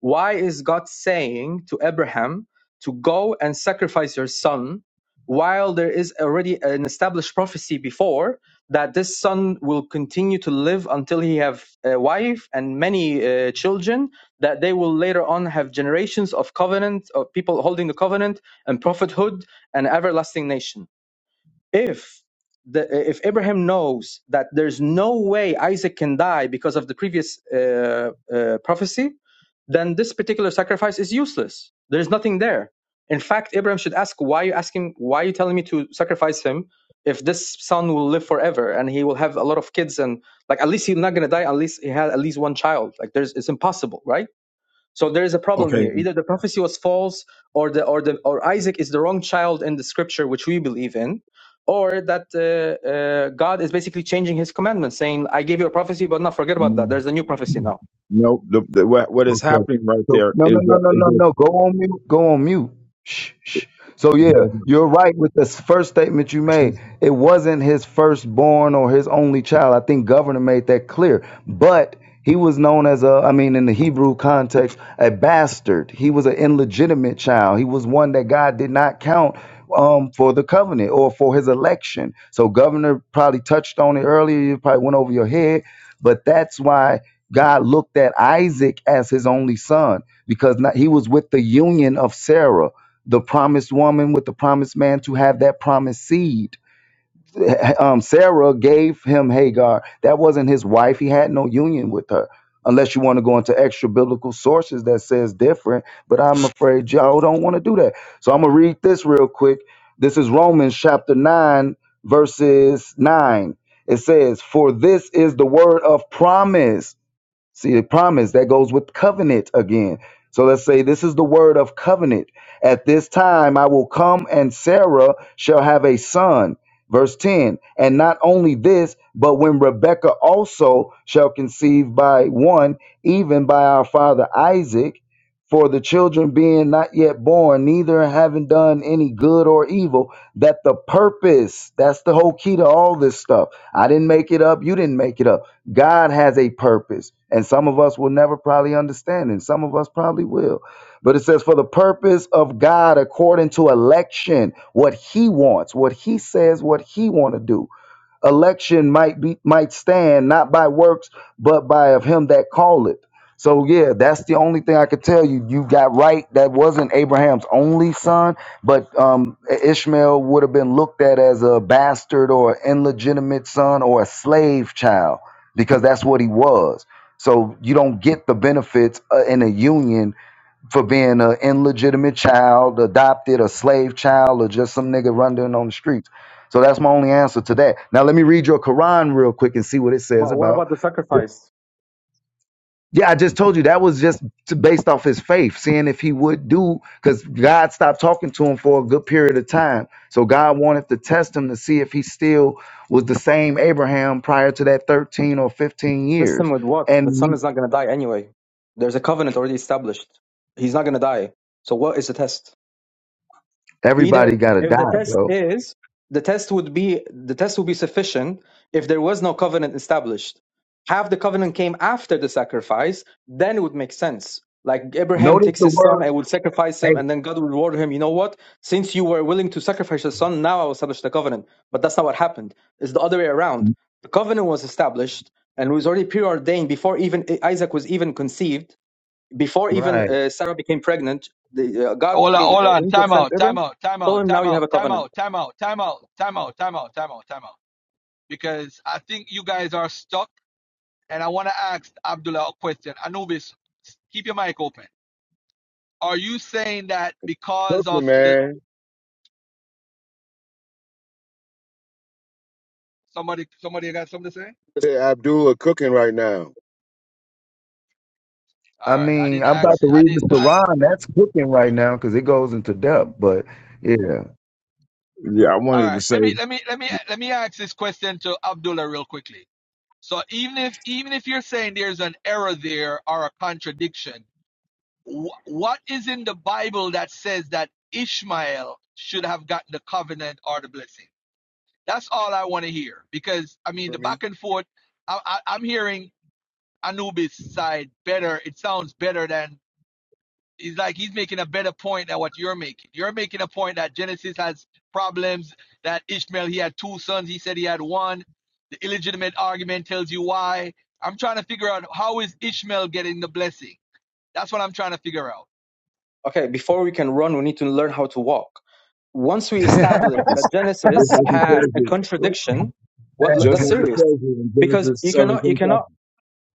why is God saying to Abraham to go and sacrifice your son while there is already an established prophecy before that this son will continue to live until he have a wife and many uh, children that they will later on have generations of covenant of people holding the covenant and prophethood and everlasting nation if the, if Abraham knows that there's no way Isaac can die because of the previous uh, uh, prophecy, then this particular sacrifice is useless. There is nothing there. In fact, Abraham should ask, why are you asking, why are you telling me to sacrifice him if this son will live forever and he will have a lot of kids and like at least he's not gonna die unless he had at least one child. Like there's it's impossible, right? So there is a problem
Okay.
here. Either the prophecy was false or the or the or Isaac is the wrong child in the scripture which we believe in. Or that uh, uh, God is basically changing His commandments, saying, "I gave you a prophecy, but now forget about that. There's a new prophecy now."
No, the, the, what, what is
Okay.
happening right
So
there
no, no,
is
no,
that
no,
is
no, no. Go on mute. Go on mute. Shh, shh. So yeah,
that
you're right with this first statement you made. It wasn't his firstborn or his only child. I think governor made that clear. But he was known as a, I mean, in the Hebrew context, a bastard. He was an illegitimate child. He was one that God did not count um, for the covenant or for his election. So governor probably touched on it earlier. You probably went over your head, but that's why God looked at Isaac as his only son because not, he was with the union of Sarah, the promised woman with the promised man to have that promised seed. Um, Sarah gave him Hagar. That wasn't his wife. He had no union with her. Unless you want to go into extra biblical sources that says different, but I'm afraid y'all don't want to do that. So I'm gonna read this real quick. This is Romans chapter 9, verses 9. It says, For this is the word of promise. See, the promise that goes with covenant again. So let's say this is the word of covenant. At this time, I will come and Sarah shall have a son. Verse 10. And not only this, but when Rebekah also shall conceive by one, even by our father Isaac, for the children being not yet born, neither having done any good or evil, that the purpose, that's the whole key to all this stuff. I didn't make it up. You didn't make it up God has a purpose, and some of us will never probably understand, and some of us probably will. But it says, for the purpose of God, according to election, what He wants, what He says, what He want to do election might be might stand not by works but by of him that calleth so yeah that's the only thing i could tell you you got right that wasn't abraham's only son but um ishmael would have been looked at as a bastard or illegitimate son or a slave child because that's what he was so you don't get the benefits uh, in a union for being an illegitimate child, adopted, a slave child, or just some nigga running on the streets. So that's my only answer to that. Now let me read your Quran real quick and see what it says
But what
about.
about the sacrifice?
Yeah, I just told you that was just to- based off his faith, seeing if he would do, because God stopped talking to him for a good period of time. So God wanted to test him to see if he still was the same Abraham prior to that 13 or 15
Test him
years.
with what?
And
The son
he,
is not going to die anyway. There's a covenant already established. He's not going to die. So what is the test?
everybody
either
got to
if
die,
the test
bro.
is the test would be the test would be sufficient if there was no covenant established have the covenant came after the sacrifice then it would make sense like abraham
Notice
takes
the
his
word
son and would sacrifice him
faith.
and then god would reward him you know what since you were willing to sacrifice your son now i will establish the covenant but that's not what happened it's the other way around the covenant was established and was already preordained before even isaac was even conceived before even
Right.
uh, Sarah became pregnant, the, uh, God
Hold on.
came,
Hold
uh,
on.
angel
Time
sent
out. Time
Abram,
out. Time
told
out.
him, now
Time
you have
out.
a
Time
covenant.
out. Time out. Time out. Time out. Time out. Time out. Time out. Because I think you guys are stuck, and I want to ask Abdullah a question. Anubis, keep your mic open. Are you saying that because
Cooking,
of the
man.
somebody? Somebody got something to say? All
Say Abdullah cooking right now. You
I
right. I
mean,
didn't
I'm
ask.
yeah,
about to
I
read
didn't.
the
I,
Quran. That's cooking right now because it goes into depth. But yeah,
yeah. I
all
wanted to
right.
say
Let me. Let me. Let me. Let me ask this question to Abdullah real quickly. So even if even if you're saying there's an error there or a contradiction Wh- what is in the Bible that says that Ishmael should have gotten the covenant or the blessing? That's all I want to hear because I mean
know what
the
I mean?
back and forth. I, I, I'm hearing Anubis side better. It sounds better than he's like he's making a better point than what you're making. You're making a point that Genesis has problems. That Ishmael he had two sons. He said he had one. The illegitimate argument tells you why. I'm trying to figure out how is Ishmael getting the blessing. That's what I'm trying to figure out.
Okay, before we can run, we need to learn how to walk. Once we
no,
establish
like it's
that
just
Genesis
like it
has
tells
a
you,
contradiction,
no,
what,
just
that's
like it
serious.
tells you in
Because
Genesis
you cannot, you
seventeen
cannot
chapter.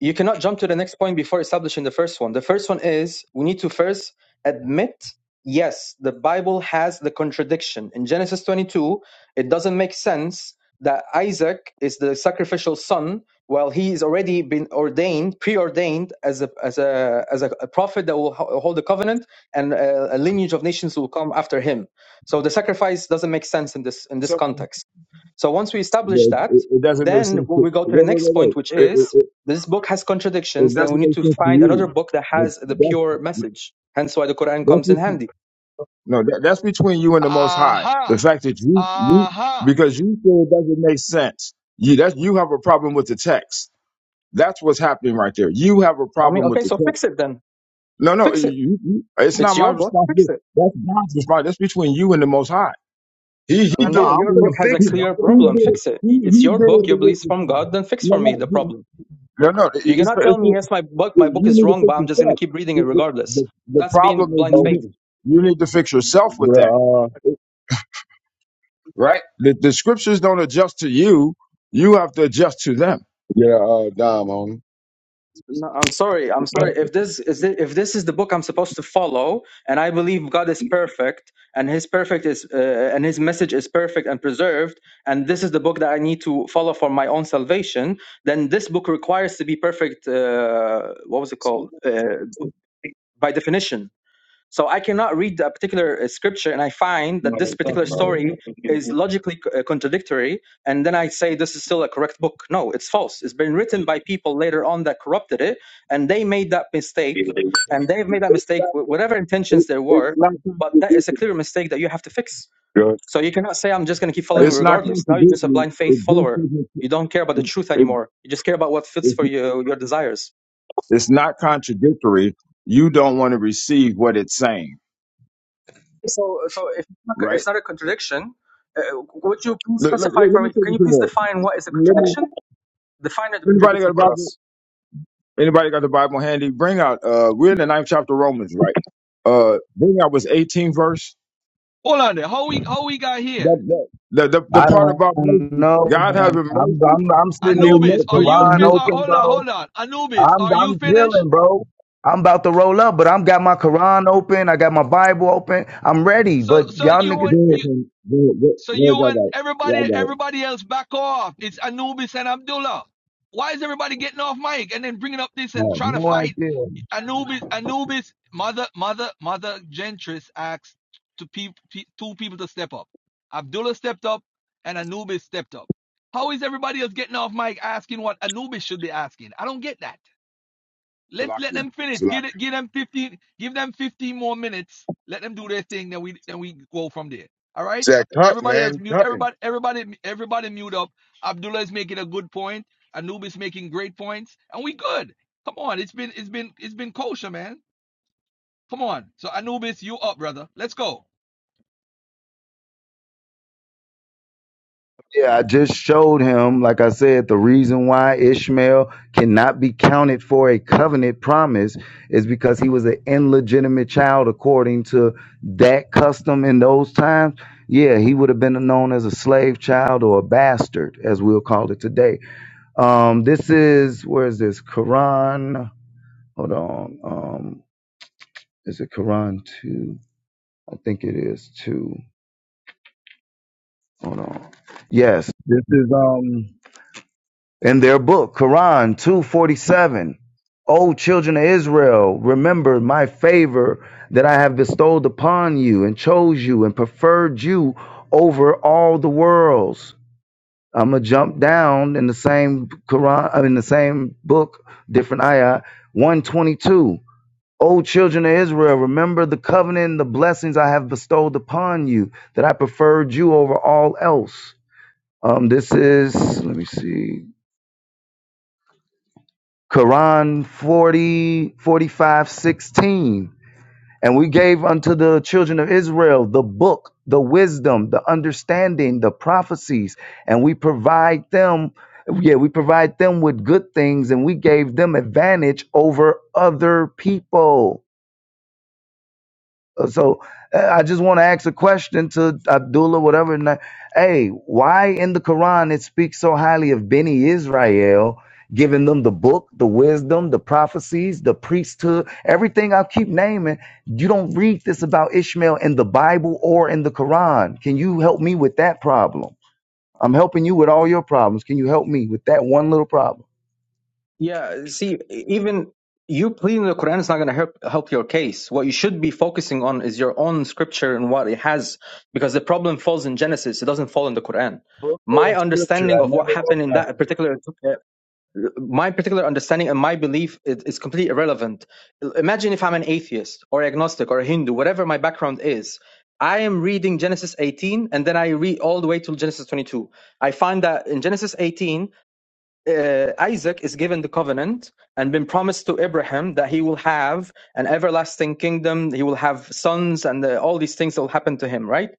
you cannot jump to the next point before establishing the first one. The first one is we need to first admit yes, the Bible has the contradiction. In Genesis 22, it doesn't make sense that Isaac is the sacrificial son while he is already been ordained, preordained as a as a as a, prophet that will ho- hold the covenant and a, a lineage of nations will come after him. So the sacrifice doesn't make sense in this in this
So,
context so once we
yeah,
establish
it,
that,
it, it doesn't make
then
sense to wait,
we go to the
wait,
next
wait,
point, which
wait. It,
is
it, it,
this book has
it
contradictions. Then we
doesn't
need
make
to
sense to
find
you,
another book that
but
has the
that's
pure message. Hence why the Quran
that's
comes in
what you,
handy.
no, that, that's between you and the Most High.
Aha! Uh-huh.
The fact that you you
Aha.
because you feel it doesn't make sense. You that's you have a problem with the text. That's what's happening right there. You have a
I mean,
problem with
okay,
the
so
text.
fix it then.
No, no,
Fix it.
you, you, it's not
It's
my
your book. Fix
responsibility.
it.
That's God's responsibility. That's between you and the Most High. He he
no.
did
No,
the
I'm
your book
gonna
thing.
has a
He,
fix it. I'm
clear
gonna
he
fix
problem.
did it.
it.
Fix it.
He,
It's
he
your
did
I'm
book.
it
gonna
the
Your
fix
way.
beliefs
it.
from
for him.
God. Then fix
No,
for me
no,
the
he-
problem.
no, no. it-
You
It's,
cannot tell
it's,
me yes, my book, my book
you
is
need to
wrong, but
fix
I'm just going
yourself.
to keep reading it
The, the,
regardless.
the, the
That's
problem
being
is
blind
you
faith.
need,
Coaches.
you need to fix yourself with
Yeah,
that,
uh,
right? The, the scriptures don't adjust to you. You have to adjust to them.
yeah, uh, Dom, homie.
No, I'm sorry. I'm sorry. If this is the, if this is the book I'm supposed to follow, and I believe God is perfect, and His perfect is uh, and His message is perfect and preserved, and this is the book that I need to follow for my own salvation, then this book requires to be perfect. Uh, what was it called? Uh, by definition. So I cannot read a particular uh, scripture and I find that this particular story is logically uh, contradictory, and then I say this is still a correct book. No, it's false. It's been written by people later on that corrupted it, and they made that mistake, and they've made that mistake with whatever
It,
intentions there
it's
were,
not
but that is a
contradictory.
clear mistake that you have to fix.
Good.
So you cannot say, I'm just going to keep following
It's not
regardless. Now you're just a
contradictory.
blind
It
faith
just
follower.
doesn't.
You don't care about the truth
It,
anymore. You just care about what fits
it,
for you, your desires.
It's not contradictory. You don't want to receive what it's saying,
So, so if it's not,
right?
it's not a contradiction, uh, would you please
Look, look,
specify
look let
for
me
me?
take
Can
you
you
to
please
that.
define what is a
Let me.
contradiction? Define the
Anybody got
contradiction
a
for
Bible?
us.
Anybody got the Bible handy? Bring out. Uh, we're in the ninth chapter of Romans, right? Uh, bring out was 18 verse.
Hold on there. How we how we got here?
That, that, the, the the
I
part about
don't
mercy,
know,
God
man.
having
I'm
mercy,
I'm I'm sitting here
having
with the
Anubis, are
mercy
you
on
Quran
fi-
you.
uh,
open,
hold on,
bro.
hold on. Anubis,
I'm
are you
I'm
finished?
chilling, bro. I'm about to roll up, but I'm got my Quran open. I got my Bible open. I'm ready,
So
but
so
y'all
you
niggas
want
There it
you
is. There it is.
so you
I got
want
it? Yeah,
everybody
I
everybody else back off. It's Anubis and Abdullah. Why is everybody getting off mic and then bringing up this and
have
trying to
no
fight?
idea.
Anubis, Anubis, mother, mother, mother Gentris asked to peop pe- two people to step up. Abdullah stepped up and Anubis stepped up. How is everybody else getting off mic asking what Anubis should be asking? I don't get that. Let
got it.
let
Salakia.
them finish. Give it,
Salakia.
give them 15 give them 15 more minutes. Let them do their thing then we then we go from there. All right?
Zach, cut,
Everybody else
man.
mute
Cutting.
everybody everybody everybody mute up. Abdullah is making a good point. Anub is making great points and we good. Come on. It's been it's been it's been kosher, man. Come on. So Anubis, you up, brother. Let's go.
Yeah, I just showed him, like I said, the reason why Ishmael cannot be counted for a covenant promise is because he was an illegitimate child according to that custom in those times. Yeah, he would have been known as a slave child or a bastard, as we'll call it today. Um, this is where is this? Quran. Hold on. Um, is it Quran two? I think it is two. Hold on. Yes, this is um. in their book, Quran two forty seven, O children of Israel, remember my favor that I have bestowed upon you and chose you and preferred you over all the worlds. I'm gonna jump down in the same Quran, I mean, the same book, different ayah, 122. O children of Israel, remember the covenant and the blessings I have bestowed upon you, that I preferred you over all else. Um, this is, let me see, Quran 40 45 16, And we gave unto the children of Israel the book, the wisdom, the understanding, the prophecies, and we provide them, yeah, we provide them with good things, and we gave them advantage over other people. Uh, So uh, I just want to ask a question to Abdullah, whatever. and that- Hey, why in the Quran it speaks so highly of Beni Israel, giving them the book, the wisdom, the prophecies, the priesthood, everything I keep naming? You don't read this about Ishmael in the Bible or in the Quran. Can you help me with that problem? I'm helping you with all your problems. Can you help me with that one little problem?
Yeah, see, e, even you pleading the Quran is not going to help help your case. What you should be focusing on is your own scripture and what it has, because the problem falls in Genesis. It doesn't fall in the Quran.
book or
My
scripture.
understanding
I
of what
never wrote
happened in that
nothing.
particular uh, my particular understanding and my belief is, is completely irrelevant. Imagine if I'm an atheist or agnostic or a Hindu, whatever my background is. I am reading Genesis 18 and then I read all the way till Genesis 22. I find that in Genesis 18, uh, Isaac is given the covenant and been promised to Abraham that he will have an everlasting kingdom, he will have sons, and uh, all these things will happen to him, right?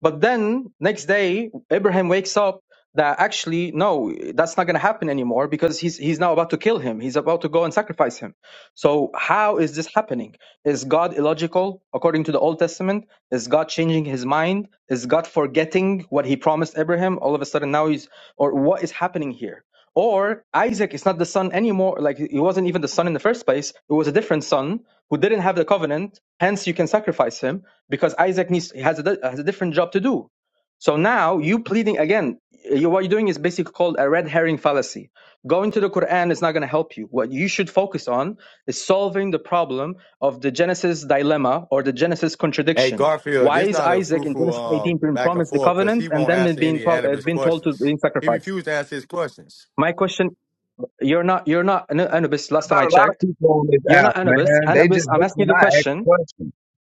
But then next day, Abraham wakes up that actually no that's not going to happen anymore because he's he's now about to kill him he's about to go and sacrifice him so how is this happening is god illogical according to the old testament is god changing his mind is god forgetting what he promised abraham all of a sudden now he's or what is happening here or Isaac is not the son anymore, like he wasn't even the son in the first place. It was a different son who didn't have the covenant. Hence, you can sacrifice him because Isaac needs has a has a different job to do. So now you pleading again. eh, You, what you're doing is basically called a red herring fallacy. Going to the Quran is not going to help you. What you should focus on is solving the problem of the Genesis dilemma or the Genesis
Hey,
contradiction.
Garfield,
Why
this
is
not a
Isaac in
fruitful
Genesis
um,
18 being
back and
promised the
forth because
covenant
he
and
won't
then it
answer
being
any
pro- uh,
Anubis
being told to
questions.
being
He
sacrificed?
refused to answer his questions.
My question you're not. You're not Anu- Anubis. Last time
about
I
a lot of
checked,
people on this
you're
app,
not Anubis.
man? They
Anubis,
just
I'm
hope
asking you
when
the
I ask
question.
questions.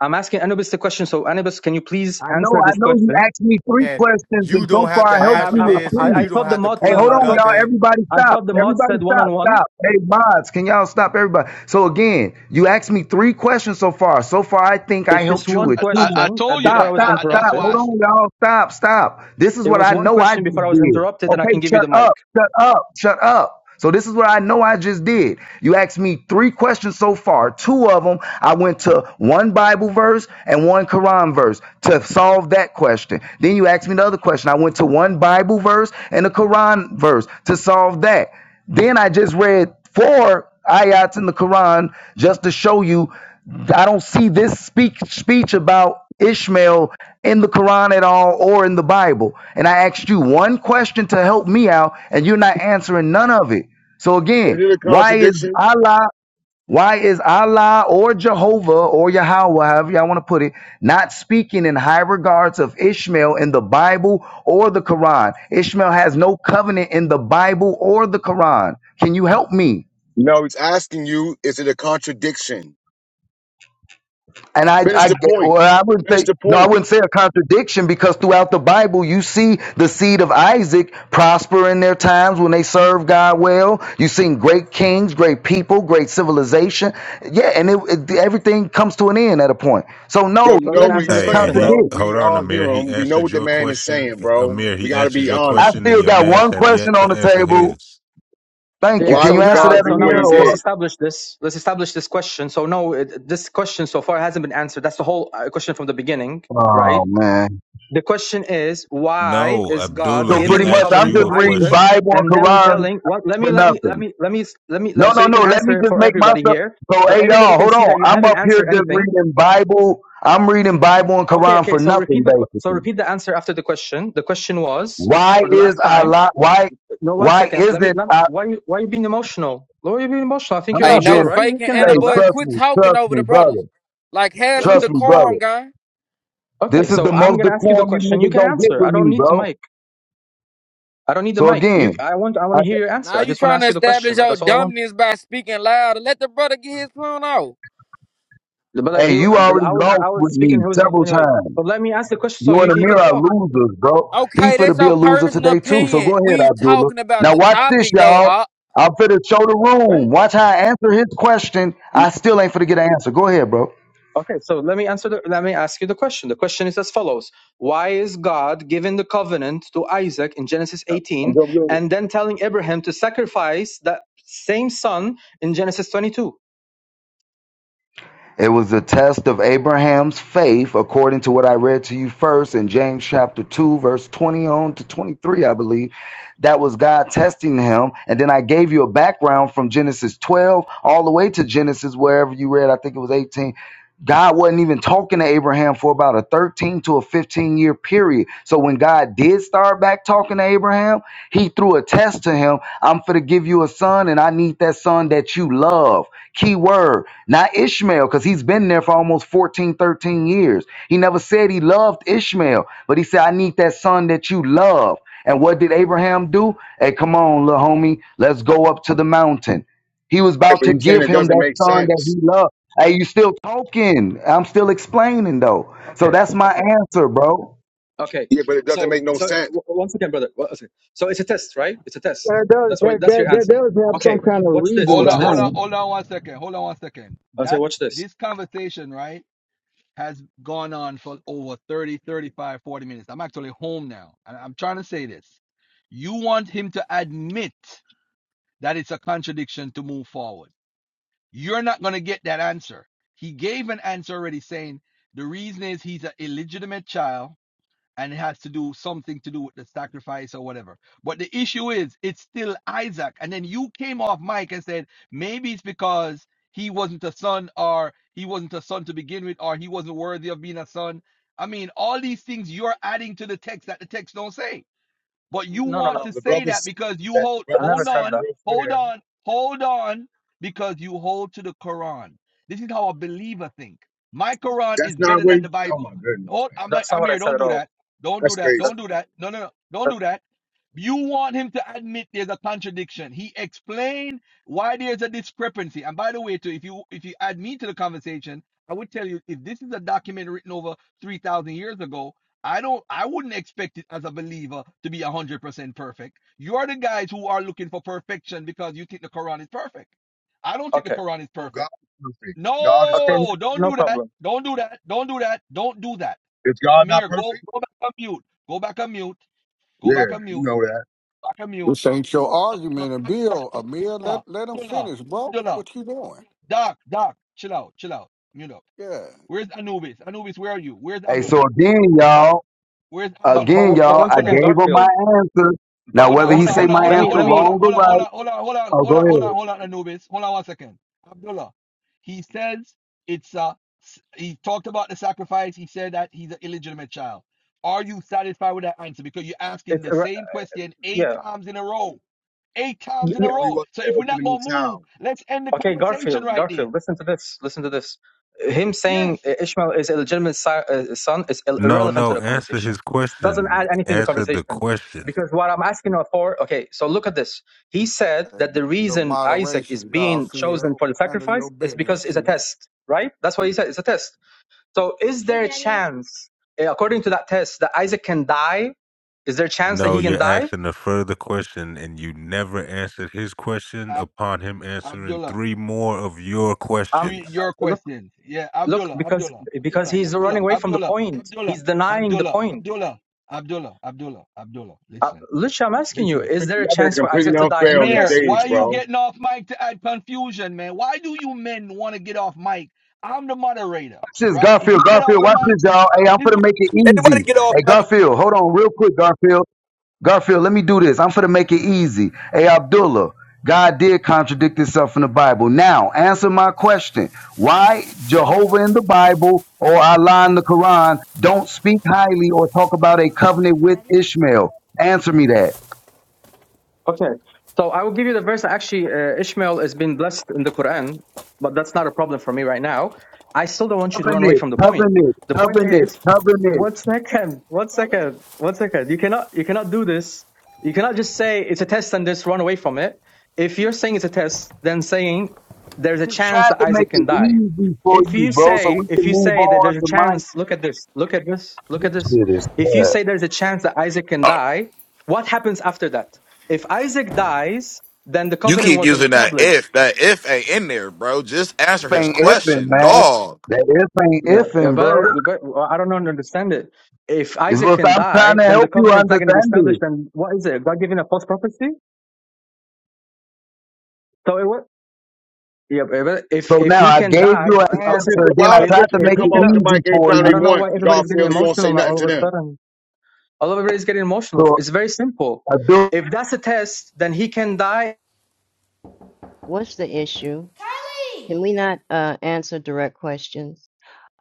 I'm asking Anubis the question. So Anubis, can you please
I know,
answer
I
this
know you
question?
asked me three
And
questions
you
and
don't
so
have
far
to
I
I
helped
I
you
answer
I,
with
this
I
and
two.
I
you don't
thought the
have to
mod. t-
Hey, hold
prove
I
on,
thought
y'all.
nothing
Everybody
I
stop.
thought the mod
Everybody
said one on
stop.
one.
Stop. Hey, mods, can y'all stop everybody? So again, you asked me three questions so far. So far, I think I
It's just
helped you
one
with
I,
two.
I, I
question uh,
told you
before
Stop,
I
that.
was
I,
stop,
I, that's
stop.
interrupted.
why I.
Hold on, y'all. Stop, stop. This is
It
what
was
I
one
know I
question before I
just
was
did.
interrupted, and I
Okay,
can give you
shut
the mic.
up, shut up, shut up. So this is what I know I just did. You asked me three questions so far. Two of them, I went to one Bible verse and one Quran verse to solve that question. Then you asked me the other question. I went to one Bible verse and a Quran verse to solve that. Then I just read four ayats in the Quran just to show you I don't see this speak, speech about Ishmael in the Quran at all or in the Bible. And I asked you one question to help me out, and you're not answering none of it. So
Is
again,
it a
why is
contradiction?
Allah, why is Allah or Jehovah or Yahweh, however y'all want to put it, not speaking in high regards of Ishmael in the Bible or the Quran? Ishmael has no covenant in the Bible or the Quran. Can you help me?
No, he's asking you, is it a contradiction?
And I,
Finish
I,
the
get-
point.
well, I wouldn't
Finish
say
the
no. I
point.
wouldn't say a contradiction because throughout the Bible, you see the seed of Isaac prosper in their times when they serve God well. You've seen great kings, great people, great civilization. Yeah, and it, it, everything comes to an end at a point. So
Bro,
no,
you
he
So
know
then
what
didn't
answer
he's
the
Hey,
saying,
and
question then.
he
contradict.
bro.
hold
We
on,
all hear
Amir. He
him. We know
answered
what the
your
man is
question,
saying, bro.
Amir.
We
He
gotta
answered
be
your
honest.
I
question, and
still
your
got
man's
one
have yet
question on
to
the
answer
table.
his.
Thank you.
Yeah.
Why
Can
So
you
would
answer
now,
God
that,
so
do
now
what
Amir?
he
let's let's
Or
did?
establish this. Let's establish this question. So no, it, this question so far hasn't been answered. That's the whole uh, question from the beginning, right?
oh man.
The question is, why
No,
is God
Abdullah.
So
He
giving
pretty
the
much,
asked
I'm
covenant to
you
just
a
reading
Isaac
question.
Bible and
and then
Quran
telling? Well, let me,
for
let me,
nothing.
let me, let me, let me.
No,
Let, so
no,
you can
no. Let me
answer it
just
for
make
everybody
myself.
here,
So,
so
hey,
everybody
y'all,
can
hold
see
on.
that you
I'm
haven't
up here
answered
just
anything.
reading Bible. I'm reading Bible and
Okay,
Quran
okay.
for
So
nothing,
repeat the, que- so
basically.
repeat the answer after the question. The question was
Why
for the
is
last time.
Allah? Why?
No, one
Why
second. Let me.
isn't
Let,
I?
why, you- why you being emotional? Why are you being emotional? I think
I'm
you're
Hey,
not
mature,
no
being.
right? You
faking
can
and the
Hey,
handle that.
boys
trust
quit
me,
talking
trust
over
me,
the brothers.
brother.
Like have
Okay.
some
Trust me, brother.
decorum, guy.
Okay.
This is
So
the
I'm
most
gonna ask you the
decorum you
question. You
niggas
can
don't get
answer. I
with
don't
me,
need the
bro.
mic. I don't need the
So
mic. You,
again,
I want, I want
I,
to hear your
Now
answer. I
you
just want to
trying to
ask you the
establish
question.
your
That's all I want.
dominance by speaking loud and let the brother get his point out.
But
hey,
he,
you already
I was,
lost
I was
with
speaking.
me
He was
several
anyway.
times.
But let me ask the question
You
so you,
and
he
Amir
can
are
talk,
losers, bro. He
Okay, that's
finna be
your
a loser
personal
today too. So
opinion.
go ahead,
We
Abdullah.
talking about
Now
the
watch this,
topic though,
y'all.
Op.
I'm finna show the
right?
room.
So,
Watch how I answer his question. I still ain't finna get an answer. Go ahead, bro.
Okay. So let me answer. The, let me ask you the question. The question is as follows: Why is God giving the covenant to Isaac in Genesis 18, and then telling Abraham to sacrifice that same son in Genesis 22?
It was a test of Abraham's faith, according to what I read to you first in James chapter 2, verse 20 on to 23, I believe. That was God testing him. And then I gave you a background from Genesis 12 all the way to Genesis, wherever you read, I think it was 18. God wasn't even talking to Abraham for about a 13 to a 15 year period. So when God did start back talking to Abraham, he threw a test to him. I'm for to give you a son, and I need that son that you love. Key word, not Ishmael, because he's been there for almost 14, 13 years. He never said he loved Ishmael, but he said, I need that son that you love. And what did Abraham do? Hey, come on, little homie, let's go up to the mountain. He was
Right,
about
but
to
he's saying
give
it
him
doesn't
that
make
son that
sense.
he loved. Hey, you still talking? I'm still explaining though. So
Okay.
that's my
Okay.
answer, bro.
Okay.
Yeah, but it doesn't
So,
make no
so
sense.
w- once again, brother. one second. So it's a test, right? It's a test.
That does
That's why.
that,
That's
that
your
that
answer.
does have
Okay.
some kind of
Watch this.
reason
hold
Watch
on, hold
this.
behind
on,
it.
hold on one second. Hold on one second.
I say,
That
watch this.
this conversation, right? has gone on for over 30, 35, forty minutes. I'm actually home now. And I'm trying to say this. You want him to admit that it's a contradiction to move forward. You're not going to get that answer. He gave an answer already saying the reason is he's an illegitimate child and it has to do something to do with the sacrifice or whatever. But the issue is, it's still Isaac. And then you came off mic and said maybe it's because he wasn't a son, or he wasn't a son to begin with, or he wasn't worthy of being a son. I mean, all these things you're adding to the text that the text don't say. But you
No, no,
want
Uh,
to
the
no.
say
brother's
that because
saying
you
that the
hold
I
brother is
never
hold
said
saying
that.
on,
real
hold
clear.
on, hold on, because you hold to the Quran. This is how a believer think. My Quran is
That's not
better
what.
than
He,
the
oh
Bible.
my goodness,
Oh,
man,
I'm,
That's not
I'm
what I
here.
said
Don't
at
do
all.
that. Don't do
that's
that.
That's,
crazy,
Don't do
man.
that. No, no, no. Don't
that's
do that. You want him to admit there's a contradiction. He explained why there's a discrepancy. And by the way, too, if you if you add me to the conversation, I would tell you if this is a document written over three thousand years ago, I don't I wouldn't expect it as a believer to be 100% perfect. You're the guys who are looking for perfection because you think the Quran is perfect. I don't think the
okay.
Quran is
Oh,
perfect.
God is perfect. God is
Okay,
No,
perfect.
don't
no
do that.
problem.
Don't do that. Don't do that. Don't do that.
Is God not
Amir, go
perfect?
go back on mute. Go back on mute. Go
Yeah,
back on
you
mute.
know that.
Back on mute.
This ain't your
Uh,
argument, and
Abdullah,
Bill, Amir,
Abdullah,
let let him
Abdullah,
finish, bro.
Abdullah,
What you doing?
Abdullah. Doc, Doc, chill out, chill out. Mute up.
Yeah,
Where's Anubis? Anubis, where are you? Where's
Hey,
Abdullah?
so again, y'all.
Where's
But
Abdullah?
but
Again,
but
Where's
y'all,
one
I
second,
Abdullah?
gave him my
Garfield.
answer.
But
Now,
Hold on,
whether
one
hold
he
on,
say
hold
second.
on,
my
hold
Let
on,
me
hold
answer
let
on, hold
me.
on,
wrong or
hold on, hold
right,
on, hold on, hold on,
oh,
hold
go
on, hold
ahead.
on, hold on, Anubis. Hold on one second. Abdullah, he says it's uh s- he talked about the sacrifice. He said that he's an illegitimate child. Are you satisfied with that answer? Because you're asking
It's
the
irre-
same question eight
yeah.
times in a row. Eight
Y-
times in a
y-
No, he
row.
wasn't
So if we're
the
not
illegitimate
gonna move,
child.
let's end the
Okay,
conversation
Garfield.
right there.
Garfield. Listen to this. Listen to this. Him
Yes.
saying uh, Ishmael is a legitimate si- uh, son is il-
No,
irrelevant to
no.
the
Answer his
conversation. It doesn't
question.
add anything to the
Answer the
conversation
question.
because what I'm asking her for. Okay, so look at this. He said that
and
the
good
reason Isaac is
moderation,
being chosen
Garfield.
for the
Handle your
sacrifice is
business,
because it's a
chief.
test, right? That's what he said. It's a test. So is there a chance, eh, according to that test, that Isaac can die? Is there a chance that
No,
he can
you're
die?
asking a further question, and you never answered his question.
Ab-
Upon him answering
Abdullah.
three more of your
Um, uh,
three
questions,
your
look,
questions. Yeah,
look,
Abdullah,
because
Abdullah,
because
Abdullah,
he's running
Abdullah,
away from the
Abdullah,
point.
Abdullah,
He's denying the
Abdullah,
point.
Abdullah, Abdullah, Abdullah, Abdullah.
Uh,
Listen,
Lucia, I'm asking you,
listen.
is there a
Mother is
chance for
completely
Isaac to die in
unfair
the
on the
Amir,
test?
why
stage,
are you
bro.
getting off mic to add confusion, man? Why do you men want to get off mic? I'm the moderator,
Watch this,
right? If
Garfield.
you get off
Garfield,
the
watch
mic,
this, y'all. Hey, I'm
this is
finna make it
anybody
easy.
get off
Hey,
mic.
Garfield, hold on real quick, Garfield. Garfield, let me do this. I'm finna make it easy. Hey, Abdullah, God did contradict himself in the Bible. Now, answer my question. Why Jehovah in the Bible or Allah in the Quran don't speak highly or talk about a covenant with Ishmael? Answer me that.
Okay. So I will give you the verse that actually uh, Ishmael has been blessed in the Quran, but that's not a problem for me right now. I still don't want you to run away
covenant,
from the point.
covenant,
The point
covenant,
is One
covenant.
second. One second. One second. You cannot you cannot do this. You cannot just say it's a test and just run away from it. If you're saying it's a test, then saying there's a
Just
chance
tried
that
to make
Isaac can
it
die.
easy for
If
you,
you
bro, so
say
we
if
can
you
move
say that
on
there's a
to my
chance, look at this, look at this, look at this.
shit is
If you
uh,
say there's a chance that Isaac can
Oh,
die, what happens after that? If Isaac dies, then the
you
covenant
keep
wasn't
using that
established.
if. That if ain't in there, bro. Just answer
If
his
ain't ifing,
question,
man.
dog.
That if ain't
Yeah, yeah,
ifing,
but
bro.
but well, I don't understand it. If
Is
Isaac
what
can
I'm trying
die,
to
then the
help you
covenant's not going to be
understand
established.
it.
Then what is it? God giving a false prophecy? So it what? Yeah, but if
So
if
now
he
I
can
gave
die,
you an
uh, one
Why
second.
answer,
a
then I
wild
If
tried to
Christian
if
could
make
he
come
it
off
cannot,
the
easy
mic
for
anytime
I
they
don't
you.
know why
want, God
everybody's getting
feels you don't say
emotional
nothing
all of
to
a
them.
sudden. All of everybody's getting emotional.
So
It's very simple.
I do
If that's a test, then he can die.
What's the issue? Can we not uh, answer direct questions?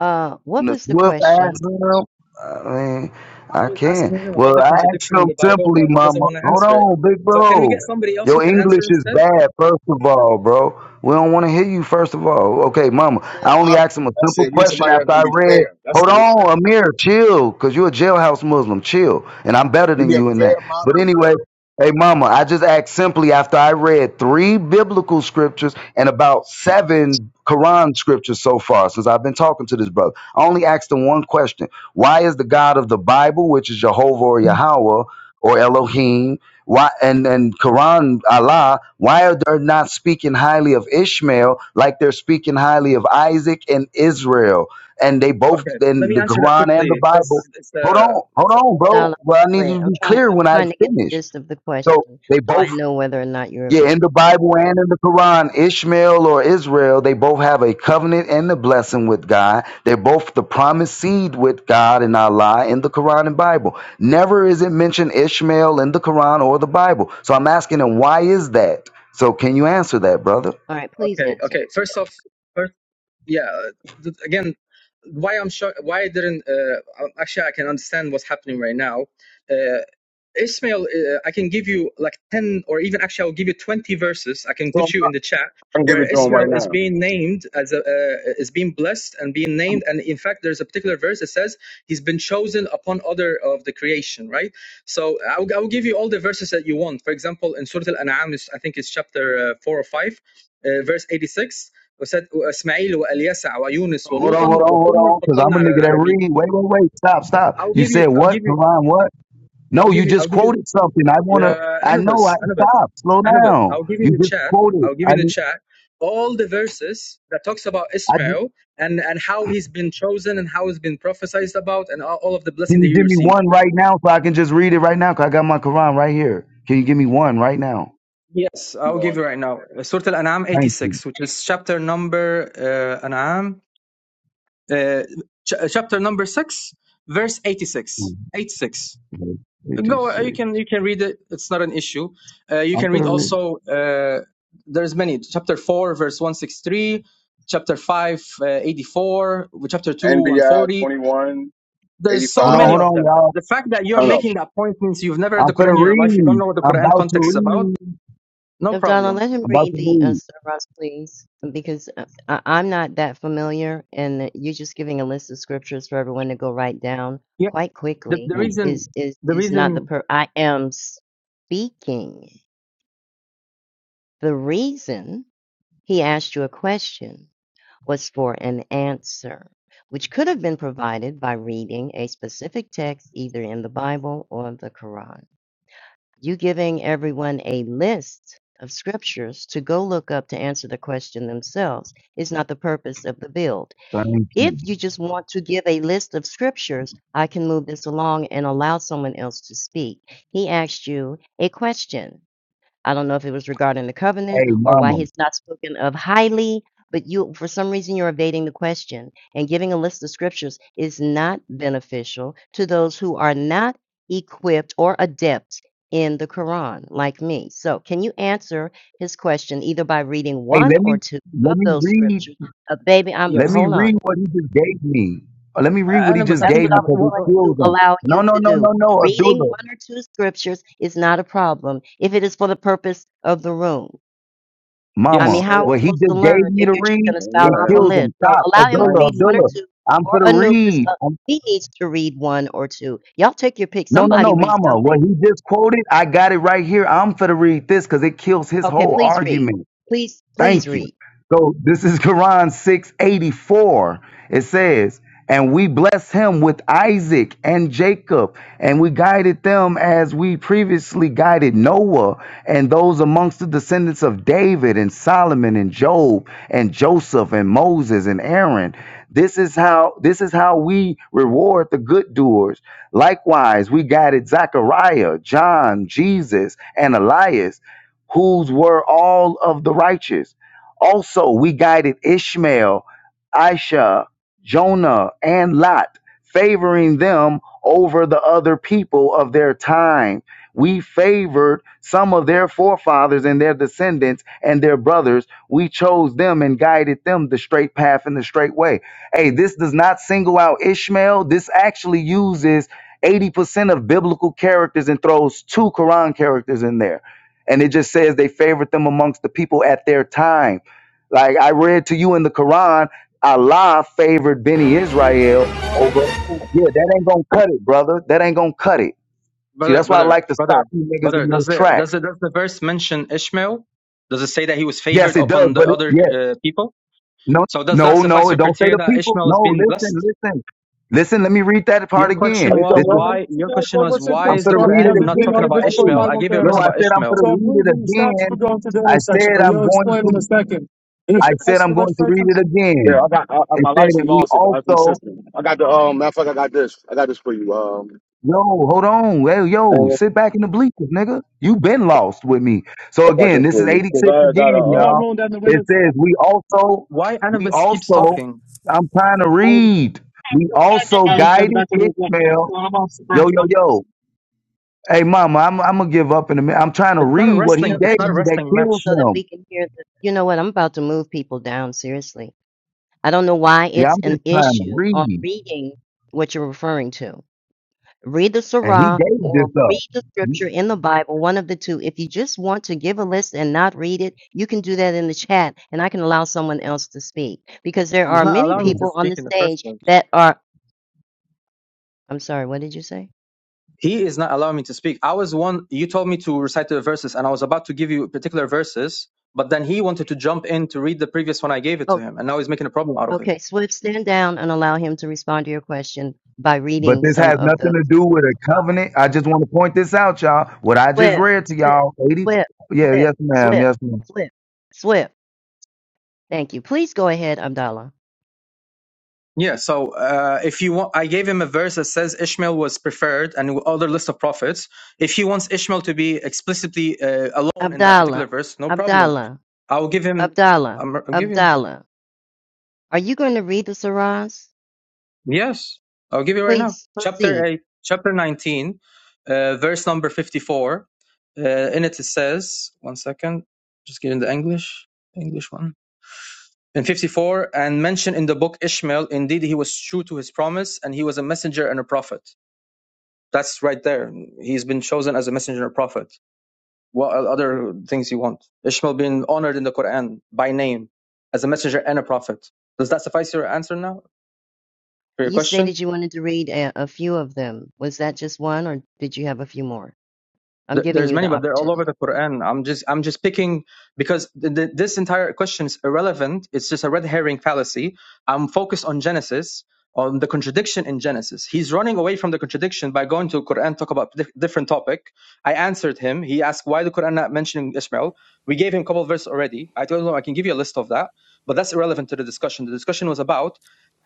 Uh, what
And the
was the
Swift asked
question?
him. I mean,
I
I
was
can.
asking him about
Well,
the
I asked
contradiction in
him
the Bible,
simply,
but he doesn't
Mama.
want to
Hold
answer it.
on, big
So can we get
bro.
somebody else
Your
who can
English
answer
is
instead?
bad, first of all, bro. We don't want to hear you, first of all. Okay, Mama.
Fair
I only
moderator.
asked him a
That's
simple
it. We need
question
somebody that's
after
gonna
I
be
read.
fair. That's
Hold
it.
on, Amir, chill, because you're a jailhouse Muslim. Chill. And I'm better
We
than
need a
you in that.
fair
But
moderator.
anyway, hey, Mama, I just asked simply after I read three biblical scriptures and about seven Quran scriptures so far since I've been talking to this brother. I only asked him one question. Why is the God of the Bible, which is Jehovah or Yahweh or Elohim, why and, and Quran Allah, why are they not speaking highly of Ishmael like they're speaking highly of Isaac and Israel? And they both
Okay, let
in
me
the
answer that
Quran and the
quickly
Bible.
because it's
Hold
a
on, hold
it's a
on,
yeah.
No,
bro.
no,
Well, I need
wait.
you to
I'm
be
trying.
clear
I'm
when I
trying to get the
finish.
gist of the
So
question,
they
so
both
I know whether or not you're
yeah,
available.
in the Bible and in the Quran, Ishmael or Israel, they both have a covenant and a blessing with God. They're both the promised seed with God and Allah in the Quran and Bible. Never is it mentioned Ishmael in the Quran or the Bible. So I'm asking him, why is that? So can you answer that, brother?
All right, please
Okay,
answer.
okay. First off, first, yeah uh, th- again why i'm sure why i didn't uh, um, actually i can understand what's happening right now uh, ismail uh, i can give you like 10 or even actually i'll give you 20 verses i can
So I'm
put you in the chat
gonna give it
where
to him
ismail
right
is
now.
being named as a uh, is being blessed and being named and in fact there's a particular verse that says he's been chosen upon other of the creation right so i'll, I'll give you all the verses that you want for example in surah al-an'am is- i think it's chapter uh, 4 or 5 uh, verse 86 واسماعيل واليسع ويونس
Hold on,
ولوطا
hold on, hold
وكلا
on, because I'm
فضلنا
a
على
nigga that
العالمين
read. Wait, wait, wait. Stop, stop.
I'll
You
give you
said
I'll
what?
give you one
Quran,
second.
what? No,
I'll give
you
you
just
I'll give you
quoted something. I wanna.
yeah
I
Anubis
know. I
Anubis
stop. Slow
Anubis
down.
I'll give you
You
in the
just
chat
quoted.
I'll give
I.
you in the chat all the verses that talks about
I.
Ismail and and how he's been chosen and how he's been prophesied about and all, all of the blessing
Can you
that he
give me
received.
one right now so I can just read it right now? Cause I got my Quran right here. Can you give me one right now?
Yes,
You
I'll give
on
you right now. Surah Al-An'am
Thank you.
86 which is chapter number uh, An'am uh, ch- chapter number 6 verse 86 86 go uh,
86.
you can you can read it it's not an issue uh, you
I'm
can read
gonna read.
also uh, there's many chapter 4 verse 163 chapter 5 uh, 84 chapter 2
NBI 2185. I
140
twenty-one
there's so
Hold on,
eighty-five.
many
hold
of
on,
them
y'all.
the fact that
I
you're
don't know.
making that point means you've never read
I'm
the quran
gonna
in your life you don't
read.
know what the
I'm
quran
about to
context is about
read.
no
Abdallah,
problem
let him
I'm about
read
to
the uh,
read.
surahs, please, because uh, I, I'm not that familiar, and you're just giving a list of scriptures for everyone to go write down
yeah
quite
the,
quickly.
the
Thank
reason
Is is
the
is not the
reason
per? I am speaking. The reason he asked you a question was for an answer, which could have been provided by reading a specific text either in the Bible or the Quran. You giving everyone a list of scriptures to go look up to answer the question themselves is not the purpose of the build.
thank
If
you.
you just want to give a list of scriptures, I can move this along and allow someone else to speak. He asked you a question. I don't know if it was regarding the covenant
Hey,
or why
mama.
he's not spoken of highly, but you, for some reason, you're evading the question. And giving a list of scriptures is not beneficial to those who are not equipped or adept in the Quran, like me. So, can you answer his question either by reading
Hey,
one
let me
or two
let
of
me
those
read.
scriptures? Uh, baby, I'm
Let
yes
me
hold on.
read what he just gave me. Uh, Let me
uh,
read what he
Anubis,
just
i
That's
think
gave
what I
me
I've,
was
because it
wha-
going
uh,
to
kills him.
allow
No,
you
no,
to
no,
do.
no, no,
Reading
Abdullah.
one or two scriptures is not a problem if it is for the purpose of the room. I
yes
mean,
Mama,
how are we
what he
supposed to
just gave
learn
me
if
to
you're just
read,
going to spout
uh,
it
off a
kills
list?
him.
So
Stop.
allow him to
I
Abdullah,
want
read
to
one or
Abdullah,
come.
two,
I'm for
or
the
Anubis.
read.
Uh,
I'm-
he needs to read one or two. Y'all take your pick.
no, no,
Somebody
no,
read
Mama,
something.
what he just quoted, I got it right here. I'm for the read this because it kills his
Okay,
whole
please read.
argument.
Please, please
Thank you.
read.
So this is Quran 684. It says, And we blessed him with Isaac and Jacob, and we guided them as we previously guided Noah and those amongst the descendants of David and Solomon and Job and Joseph and Moses and Aaron. This is how this is how we reward the good doers. Likewise, we guided Zechariah, John, Jesus, and Elias whose were all of the righteous. Also, we guided Ishmael, Aisha, Jonah, and Lot, favoring them over the other people of their time. We favored some of their forefathers and their descendants and their brothers. We chose them and guided them the straight path and the straight way. Hey, this does not single out Ishmael. This actually uses 80% of biblical characters and throws two Quran characters in there and it just says they favored them amongst the people at their time. Like I read to you in the Quran, Allah favored Benny Israel over. Yeah, that ain't gonna cut it, brother. That ain't gonna cut it. See,
Brother,
that's why I
brother,
like to stop
brother,
you niggas
brother,
in your
does the,
track.
does the, does the verse mention Ishmael? Does it say that he was
Yes,
favored
it does,
upon
but
the
it,
other
yeah,
uh, people?
no,
So does that
no,
suffice
no,
for
it don't say
criteria
the
that
people.
Ishmael is
No,
being
listen,
blessed?
listen, listen. Let me read that
Your
part
question
again.
I just
was
got
This is
one more
why,
thing,
your question
more
was
thing,
why
I'm
please.
is the
gonna
Corvette,
read
that's
it
Quran
the
not
thing.
talking
Only
again.
about
picture for the
Ishmael?
Hey,
I
Bible
gave you a
yo,
verse
camera.
I
about
said I'm
Ishmael.
So
gonna
I
read
believe
it
you stopped for
again.
going to the
I
intersection,
said
but
I'm
you'll
going
explain in a
to.
second. Is
I
your
said
license
I'm
and
going to read it
registration?
again.
Yeah, I got I, I-
and
my
said
license
that we
lost it, but I think
also
system. I got the um. Matter of fact, I got this. I got this for you. Um,
yo hold on hey yo
Uh,
sit back in the bleachers nigga you been lost with me so
I got
again
this
this
for
is
you because
86
I got a
again
I'm not um.
y'all
rolling down the
it
windows.
says we also
Why
we
Anubis keeps
also
talking?
i'm trying to read we also
I looked out the
guided
back window. as well.
ishmael
So I'm off the
yo
first
yo
one.
yo hey mama i'm, I'm gonna give up in a minute i'm trying to
It's not a
read what he
So
wrestling,
I
it's
gave
not a
me
just
that
did
wrestling
it
kills
match.
so that
him
we can hear the. You know what? I'm about to move people down. Seriously, I don't know why
yeah
it's
i'm
an
just trying to
issue on
read
reading what you're referring to. read the
and he
Surah
gave this
or read the
up
scripture in the Bible, one of the two. If you just want to give a list and not read it, you can do that in the chat and I can allow someone else to speak because there
He's
are
not
many
allowing me to
people on
speak
the
in the first
stage
place.
that are. I'm sorry, what did you say?
He is not allowing me to speak. I was one, you told me to recite the verses, and I was about to give you particular verses, but then he wanted to jump in to read the previous one I gave it to
Oh,
him, and now he's making a problem out of it.
okay, Swift, stand down and allow him to respond to your question by
But
reading
this
some
has
of
nothing
the
to do with a
Surah.
covenant. I just want to point this out, y'all. What I just
Swift,
read to
Swift,
y'all, 80.
Swift,
Yeah,
Swift,
yes, ma'am.
Swift,
Yes, ma'am.
Swift, Swift. Thank you. Please go ahead, Abdallah.
Yeah, so uh, if you want, I gave him a verse that says Ishmael was preferred and other list of prophets. If he wants Ishmael to be explicitly uh, alone in that particular
Abdallah,
verse, no problem.
Abdallah.
I will give him.
Abdallah,
I'm, I'm giving.
Abdallah, are you going to read the Surahs?
Yes, I'll give you right now.
Please
Chapter
proceed.
8, chapter 19, uh, verse number 54. Uh, in it, it says, one second, just get in the English, English one. In 54, and mentioned in the book Ishmael, indeed he was true to his promise, and he was a messenger and a prophet. That's right there. He's been chosen as a messenger and a prophet. What other things you want? Ishmael being honored in the Quran by name as a messenger and a prophet. Does that suffice your answer now for your
You
question?
stated you wanted to read a, a few of them. Was that just one, or did you have a few more? I'm
Th-
giving
there's
you
many
the
but they're all over the
opportunity.
quran i'm just i'm just picking because th- th- this entire question is irrelevant it's just a red herring fallacy i'm focused on genesis on the contradiction in genesis he's running away from the contradiction by going to quran talk about di- different topic i answered him he asked why the quran not mentioning ishmael we gave him a couple of verses already i told him i can give you a list of that but that's irrelevant to the discussion the discussion was about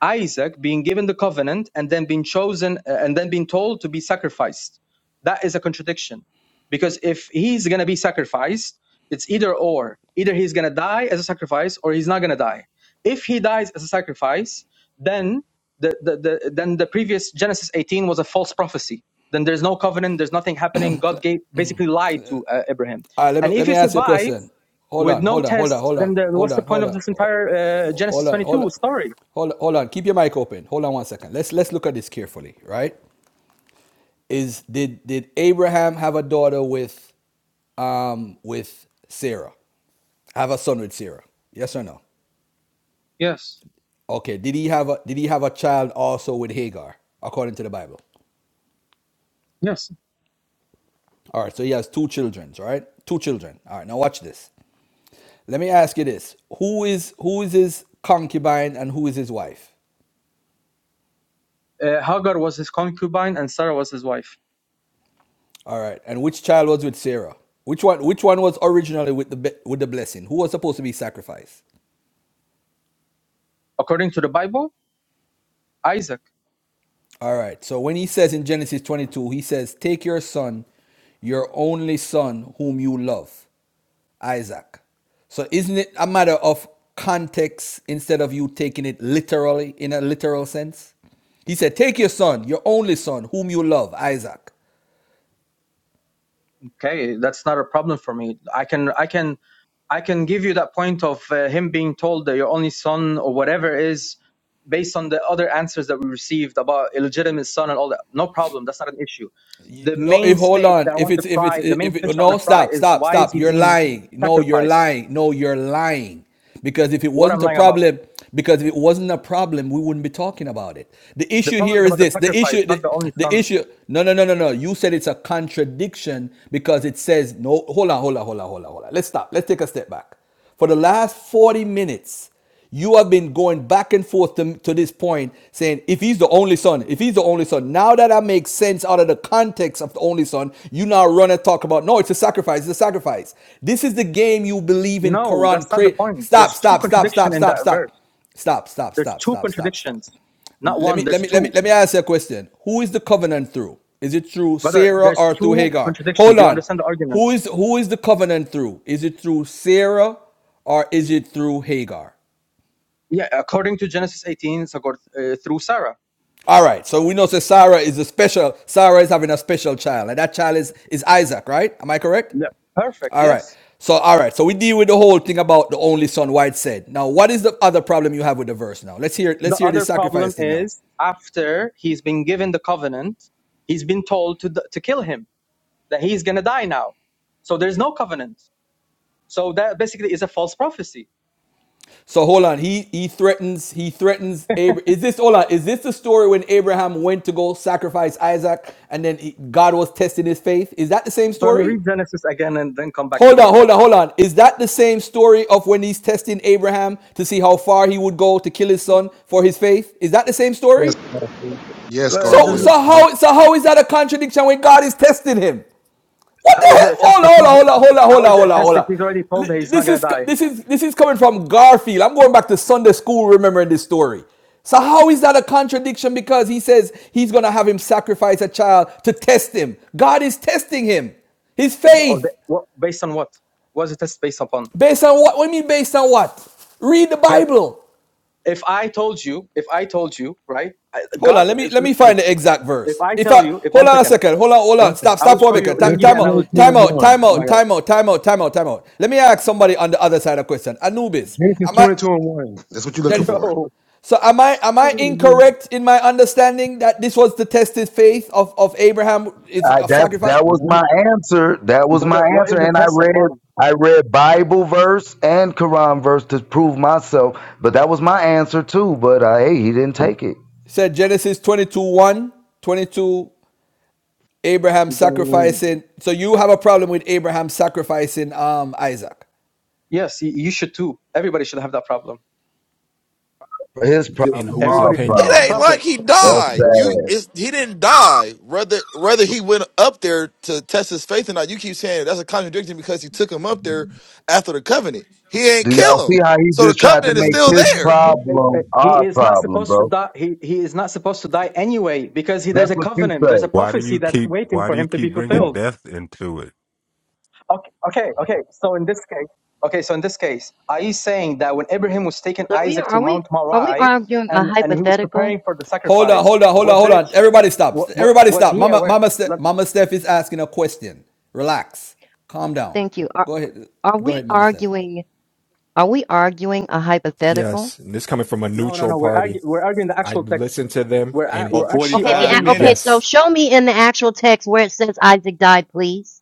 isaac being given the covenant and then being chosen uh, and then being told to be sacrificed that is a contradiction because if he's going to be sacrificed it's either or either he's going to die as a sacrifice or he's not going to die if he dies as a sacrifice then the, the, the then the previous genesis 18 was a false prophecy then there's no covenant there's nothing happening god gave basically lied to uh, abraham
All right, let
and
me
Oh,
if
let
he
me ask you a
survives
question. Hold
with
on,
no
hold on, hold on,
test
hold on,
then the,
hold
what's the
on,
point
hold
of
on,
this
hold on,
entire uh,
hold
genesis
on,
22 story
hold on, hold on. Keep your mic open. Hold on one second. Let's let's look at this carefully, right? Is did did Abraham have a daughter with um with Sarah? Have a son with Sarah? Yes or no?
yes
Okay. Did he have a did he have a child also with Hagar according to the Bible?
yes
All right. So he has two children. All right. Two children. All right. Now watch this. Let me ask you this: Who is who is his concubine and who is his wife?
uh, hagar was his concubine and sarah was his wife
All right. And which child was with Sarah? Which one? Which one was originally with the be- with the blessing? Who was supposed to be sacrificed?
according to the bible isaac
All right. So when he says in Genesis 22, he says, Take your son, your only son, whom you love, Isaac. So isn't it a matter of context instead of you taking it literally in a literal sense? He said, Take your son, your only son, whom you love, Isaac.
okay that's not a problem for me i can i can i can give you that point of uh, him being told that your only son or whatever is based on the other answers that we received about illegitimate son and all that no problem that's not an issue
You-
the
No,
main
if hold
stake
on.
that i
If
want to
it's if it's
fry the main
if
fish
it
i want
no
to fry
stop
is
stop
why is
stop.
he
You're
being
lying. No, you're
sacrificed
lying. No, you're lying. Because if it
what i'm
wasn't a
lying about
problem, because if it wasn't a problem, we wouldn't be talking about it. The
the
issue
problem
here
is
is
about the
this. The
sacrifice
issue the,
not the only
the
son
issue no no no no no. You said it's a contradiction because it says no hold on, hold on, hold on, hold on, hold on. Let's stop. Let's take a step back. For the last 40 minutes, you have been going back and forth to, to this point, saying, if he's the only son, if he's the only son, now that I make sense out of the context of the only son, you now run and talk about, no, it's a sacrifice, it's a sacrifice. This is the game you believe in
no that's
Quran.
not the
Create.
point
Stop,
there's two
stop, stop,
contradiction
stop,
in that
stop, stop.
verse
Stop, stop,
there's
stop,
two
stop, stop, stop.
contradictions not
Let
one
me let
there's
me let
two
me let me ask you a question. Who is the covenant through? Is it through
Brother,
Sarah
there's
or through
two
Hagar?
contradictions.
Hold
Do you
on.
understand the argument?
Who is who is the covenant through? Is it through Sarah or is it through Hagar?
Yeah, according to Genesis 18, it's accord- uh, through Sarah.
All right. So we know that Sarah is a special. Sarah is having a special child, and that child is is Isaac, right? Am I correct?
Yeah. Perfect,
All right.
yes.
So all right. So we deal with the whole thing about the only son. White said. Now, what is the other problem you have with the verse? Now, let's hear
The
let's hear
other
this
problem
sacrifice thing now.
is After he's been given the covenant, he's been told to, to kill him, that he's going to die now. So there's no covenant. So that basically is a false prophecy.
So hold on. He he threatens he threatens Abraham. Is this hold on? Is this the story when Abraham went to go sacrifice Isaac and then he, God was testing his faith? Is that the same
Brother,
story?
read Genesis again and then come back to
Hold
me.
on, hold
Like,
on, hold on. Is that the same story of when he's testing Abraham to see how far he would go to kill his son for his faith? Is that the same
Yes,
story?
Garfield.
uh,
Yes,
So
uh,
Garfield.
so
Yep.
how so how is that a contradiction when God is testing him? What the
how is it
hell? Hold
attested?
on, hold on,
He's,
hold on, hold on, hold
how
on,
is it
hold on.
attested? He's already told that he's not
This is
gonna die.
this is this is coming from Garfield. I'm going back to Sunday school remembering this story. So how is that a contradiction? Because he says he's gonna have him sacrifice a child to test him. God is testing him. His
or or
faith.
the- what, based on what? What is the test based upon?
Based on what? What do you mean based on what? Read the
Yeah.
Bible.
if I told you, if I told you, right? I-
Hold on,
God,
let me
if
let me
listen to
find
this.
the exact
If
verse.
I
If
tell
I
you, if
hold
one
on a
second,
second, hold on, hold
one
on,
second,
stop,
I
stop
will
for a
show you.
minute.
Let me
Ti-
give
Genesis
you an
Time out,
twenty two
analogy.
time
and
out, time
one.
Oh my
out,
God,
time out, time out, time out, time out. Let me ask somebody on the other side a question. Anubis,
Genesis
am I?
twenty two and one. That's what you're looking for.
bro,
So am I? Am I incorrect in my understanding that this was the tested faith of of Abraham is
I,
of
that's
sacrifice?
that was
Nope.
my answer. That was my
brother, what is
answer.
a
And I
test
read
upon?
I read Bible verse and Quran verse to prove myself. But that was my answer too. But uh, hey, he didn't take it.
It Said Genesis 22, one 22, Abraham
You don't even know.
sacrificing. So you have a problem with Abraham sacrificing um Isaac?
Yes, you, you should too. Everybody should have that problem.
His
In
problem,
whose
our
Everybody should
It
have
opinion?
that
problem.
ain't like
problem.
he
That's
died. You,
sad.
it's, he didn't die. Whether whether he went up there to test his faith or not, you keep saying that's a contradiction because he took him up there after the covenant. He ain't
Do y'all
kill
see
him,
how he
so the
just tried to
covenant is
make
still
his
there.
It-
problem
it- He
our
is not
problem,
supposed to
bro?
die. He, he is not supposed to die anyway because he, there's
That's
a
what you
covenant,
say.
there's a
why do
prophecy
you
that's
keep?
waiting
Why do
for
you
him to be
keep
fulfilled.
bringing death into it?
Okay, okay, okay. So in this case, okay, so in this case, are you saying that when Abraham was taking
so we
Isaac to
are we
Mount
are we
Moriah
arguing a
and and he was
hypothetical?
preparing for the
Hold on,
sacrifice,
hold on, hold on,
was
hold
there
on.
ch-
Everybody stop.
what what
Everybody
was
stop.
he
Mama,
aware?
Mama, Ste-
Look,
Mama Steph is asking a question. Relax. Calm down.
Thank you. Are
Go ahead.
are
Go
we
ahead, Mama Steph.
arguing? Are we arguing a hypothetical?
Yes, and this coming from a
No, no,
neutral
no. We're
party.
argu- we're arguing the
I
actual text.
listened to them,
We're a-
and
for
we're actually
Okay. The
45
arguing
a-
the
okay.
text.
minutes.
So
yes,
show me in the actual text where it says Isaac died, please.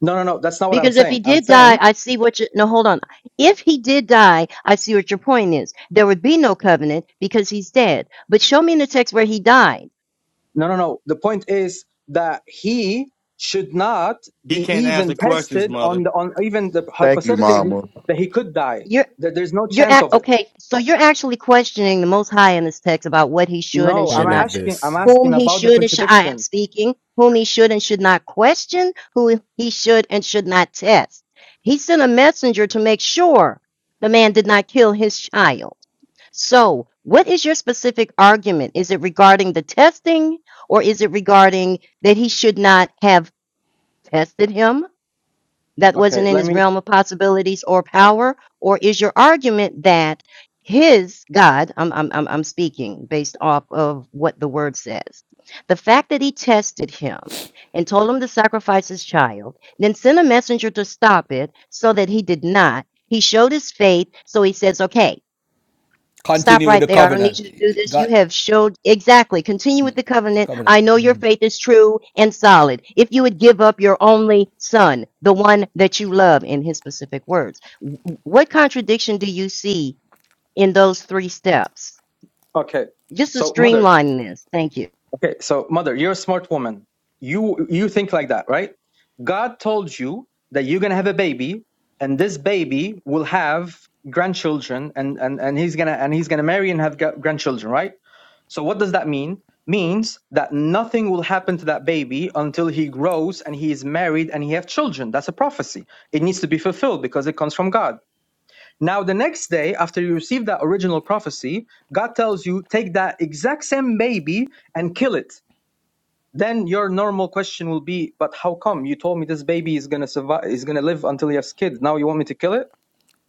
No, no, no. That's not what I'm
Because if
saying.
he
I'm
did
saying
die, I see what you no, hold on. If he did die, I see what your point is. There would be no covenant because he's dead. But show me in the text where he died.
no, no, no. The point is that he should not
He
be
can't answer
even
questions,
tested
mother.
on the on even the
Thank you,
hypothetically
Mama.
that he could die.
You're
That there's no
you're
chance
at,
of it
okay, so you're actually questioning the most high in this text about what he should and
No, I'm
should
point
not
of
do.
asking. I'm
this
Whom
asking
he
about the
should and should I am
contradiction.
speaking, whom he should and should not question, who he should and should not test. He sent a messenger to make sure the man did not kill his child. So, what is your specific argument? Is it regarding the testing or is it regarding that he should not have tested him? That
Okay,
wasn't in
let
his
me.
realm of possibilities or power? Or is your argument that his God, I'm, I'm, I'm I'm speaking based off of what the word says, the fact that he tested him and told him to sacrifice his child, then sent a messenger to stop it so that he did not. He showed his faith, so he says, okay, Stop
Continue with
right
the
there. I don't need
covenant.
you to do this.
God,
You have showed exactly. Continue with the covenant.
covenant.
I know your faith is true and solid. If you would give up your only son, the one that you love, in his specific words, W- what contradiction do you see in those three steps?
Okay,
Just to
so mother.
streamline this. Thank you.
Okay, so mother, you're a smart woman. You you think like that, right? God told you that you're gonna have a baby, and this baby will have grandchildren, and and and he's gonna and he's gonna marry and have gra- grandchildren, right? So what does that mean? Means that nothing will happen to that baby until he grows and he is married and he have children. That's a prophecy. It needs to be fulfilled because it comes from God. Now, the next day, after you receive that original prophecy, God tells you, take that exact same baby and kill it. Then your normal question will be, but how come you told me this baby is gonna survive, is gonna live until he has kids? Now you want me to kill it?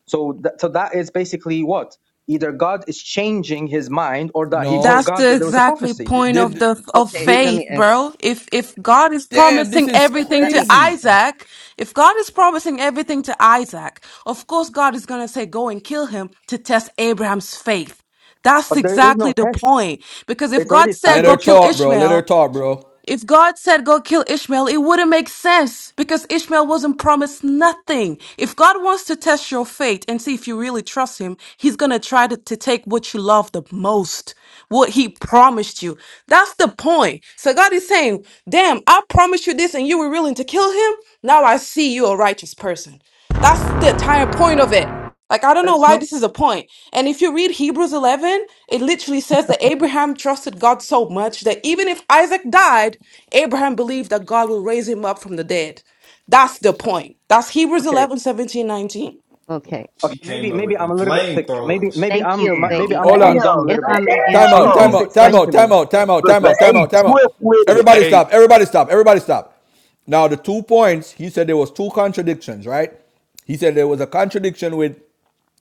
So, that, so that is basically what either God is changing his mind or that he
No.
That's
forgot
the
that there was a
exactly
prophecy.
Did,
point of
did,
the of
Okay,
did,
let
faith,
me ask.
bro. If if God is
damn, this
promising
is
everything
Let
to
me answer
crazy.
that.
Isaac, if God is promising everything to Isaac, of course God is going to say go and kill him to test Abraham's faith. That's
But there is
exactly
no
the
test;
point. Because if
it's already
God said
Let her
go
established.
kill
talk, bro. Let her
Ishmael,
talk, bro.
if God said go kill Ishmael, it wouldn't make sense because Ishmael wasn't promised nothing. If God wants to test your faith and see if you really trust him, he's going to try to, to take what you love the most, what he promised you. That's the point. So God is saying, damn, I promised you this and you were willing to kill him. Now I see you're a righteous person. That's the entire point of it. Like, I don't know
That's
why
not
this is a point. And if you read Hebrews 11, it literally says that Abraham trusted God so much that even if Isaac died, Abraham believed that God will raise him up from the dead. That's the point. That's Hebrews
okay.
eleven seventeen nineteen.
Okay.
Okay,
He came
maybe
up
maybe I'm a little bit thick. Maybe
with
maybe
Thank
I'm
you,
maybe
Damn,
baby.
I'm
Hold
I'm
on.
dumb a
If
little
damn,
bit.
I may
Time
answer
Can
Time
the
you
Time Time
damn.
please
out! out!
question.
explain to
out!
me?
time out! Time out! Time
Sister
out!
Let's.
A
Time out! Time out!
Swift with it.
He
Everybody
ate.
stop, everybody stop, everybody stop. Now, the two points, he said there was two contradictions, right? He said there was a contradiction with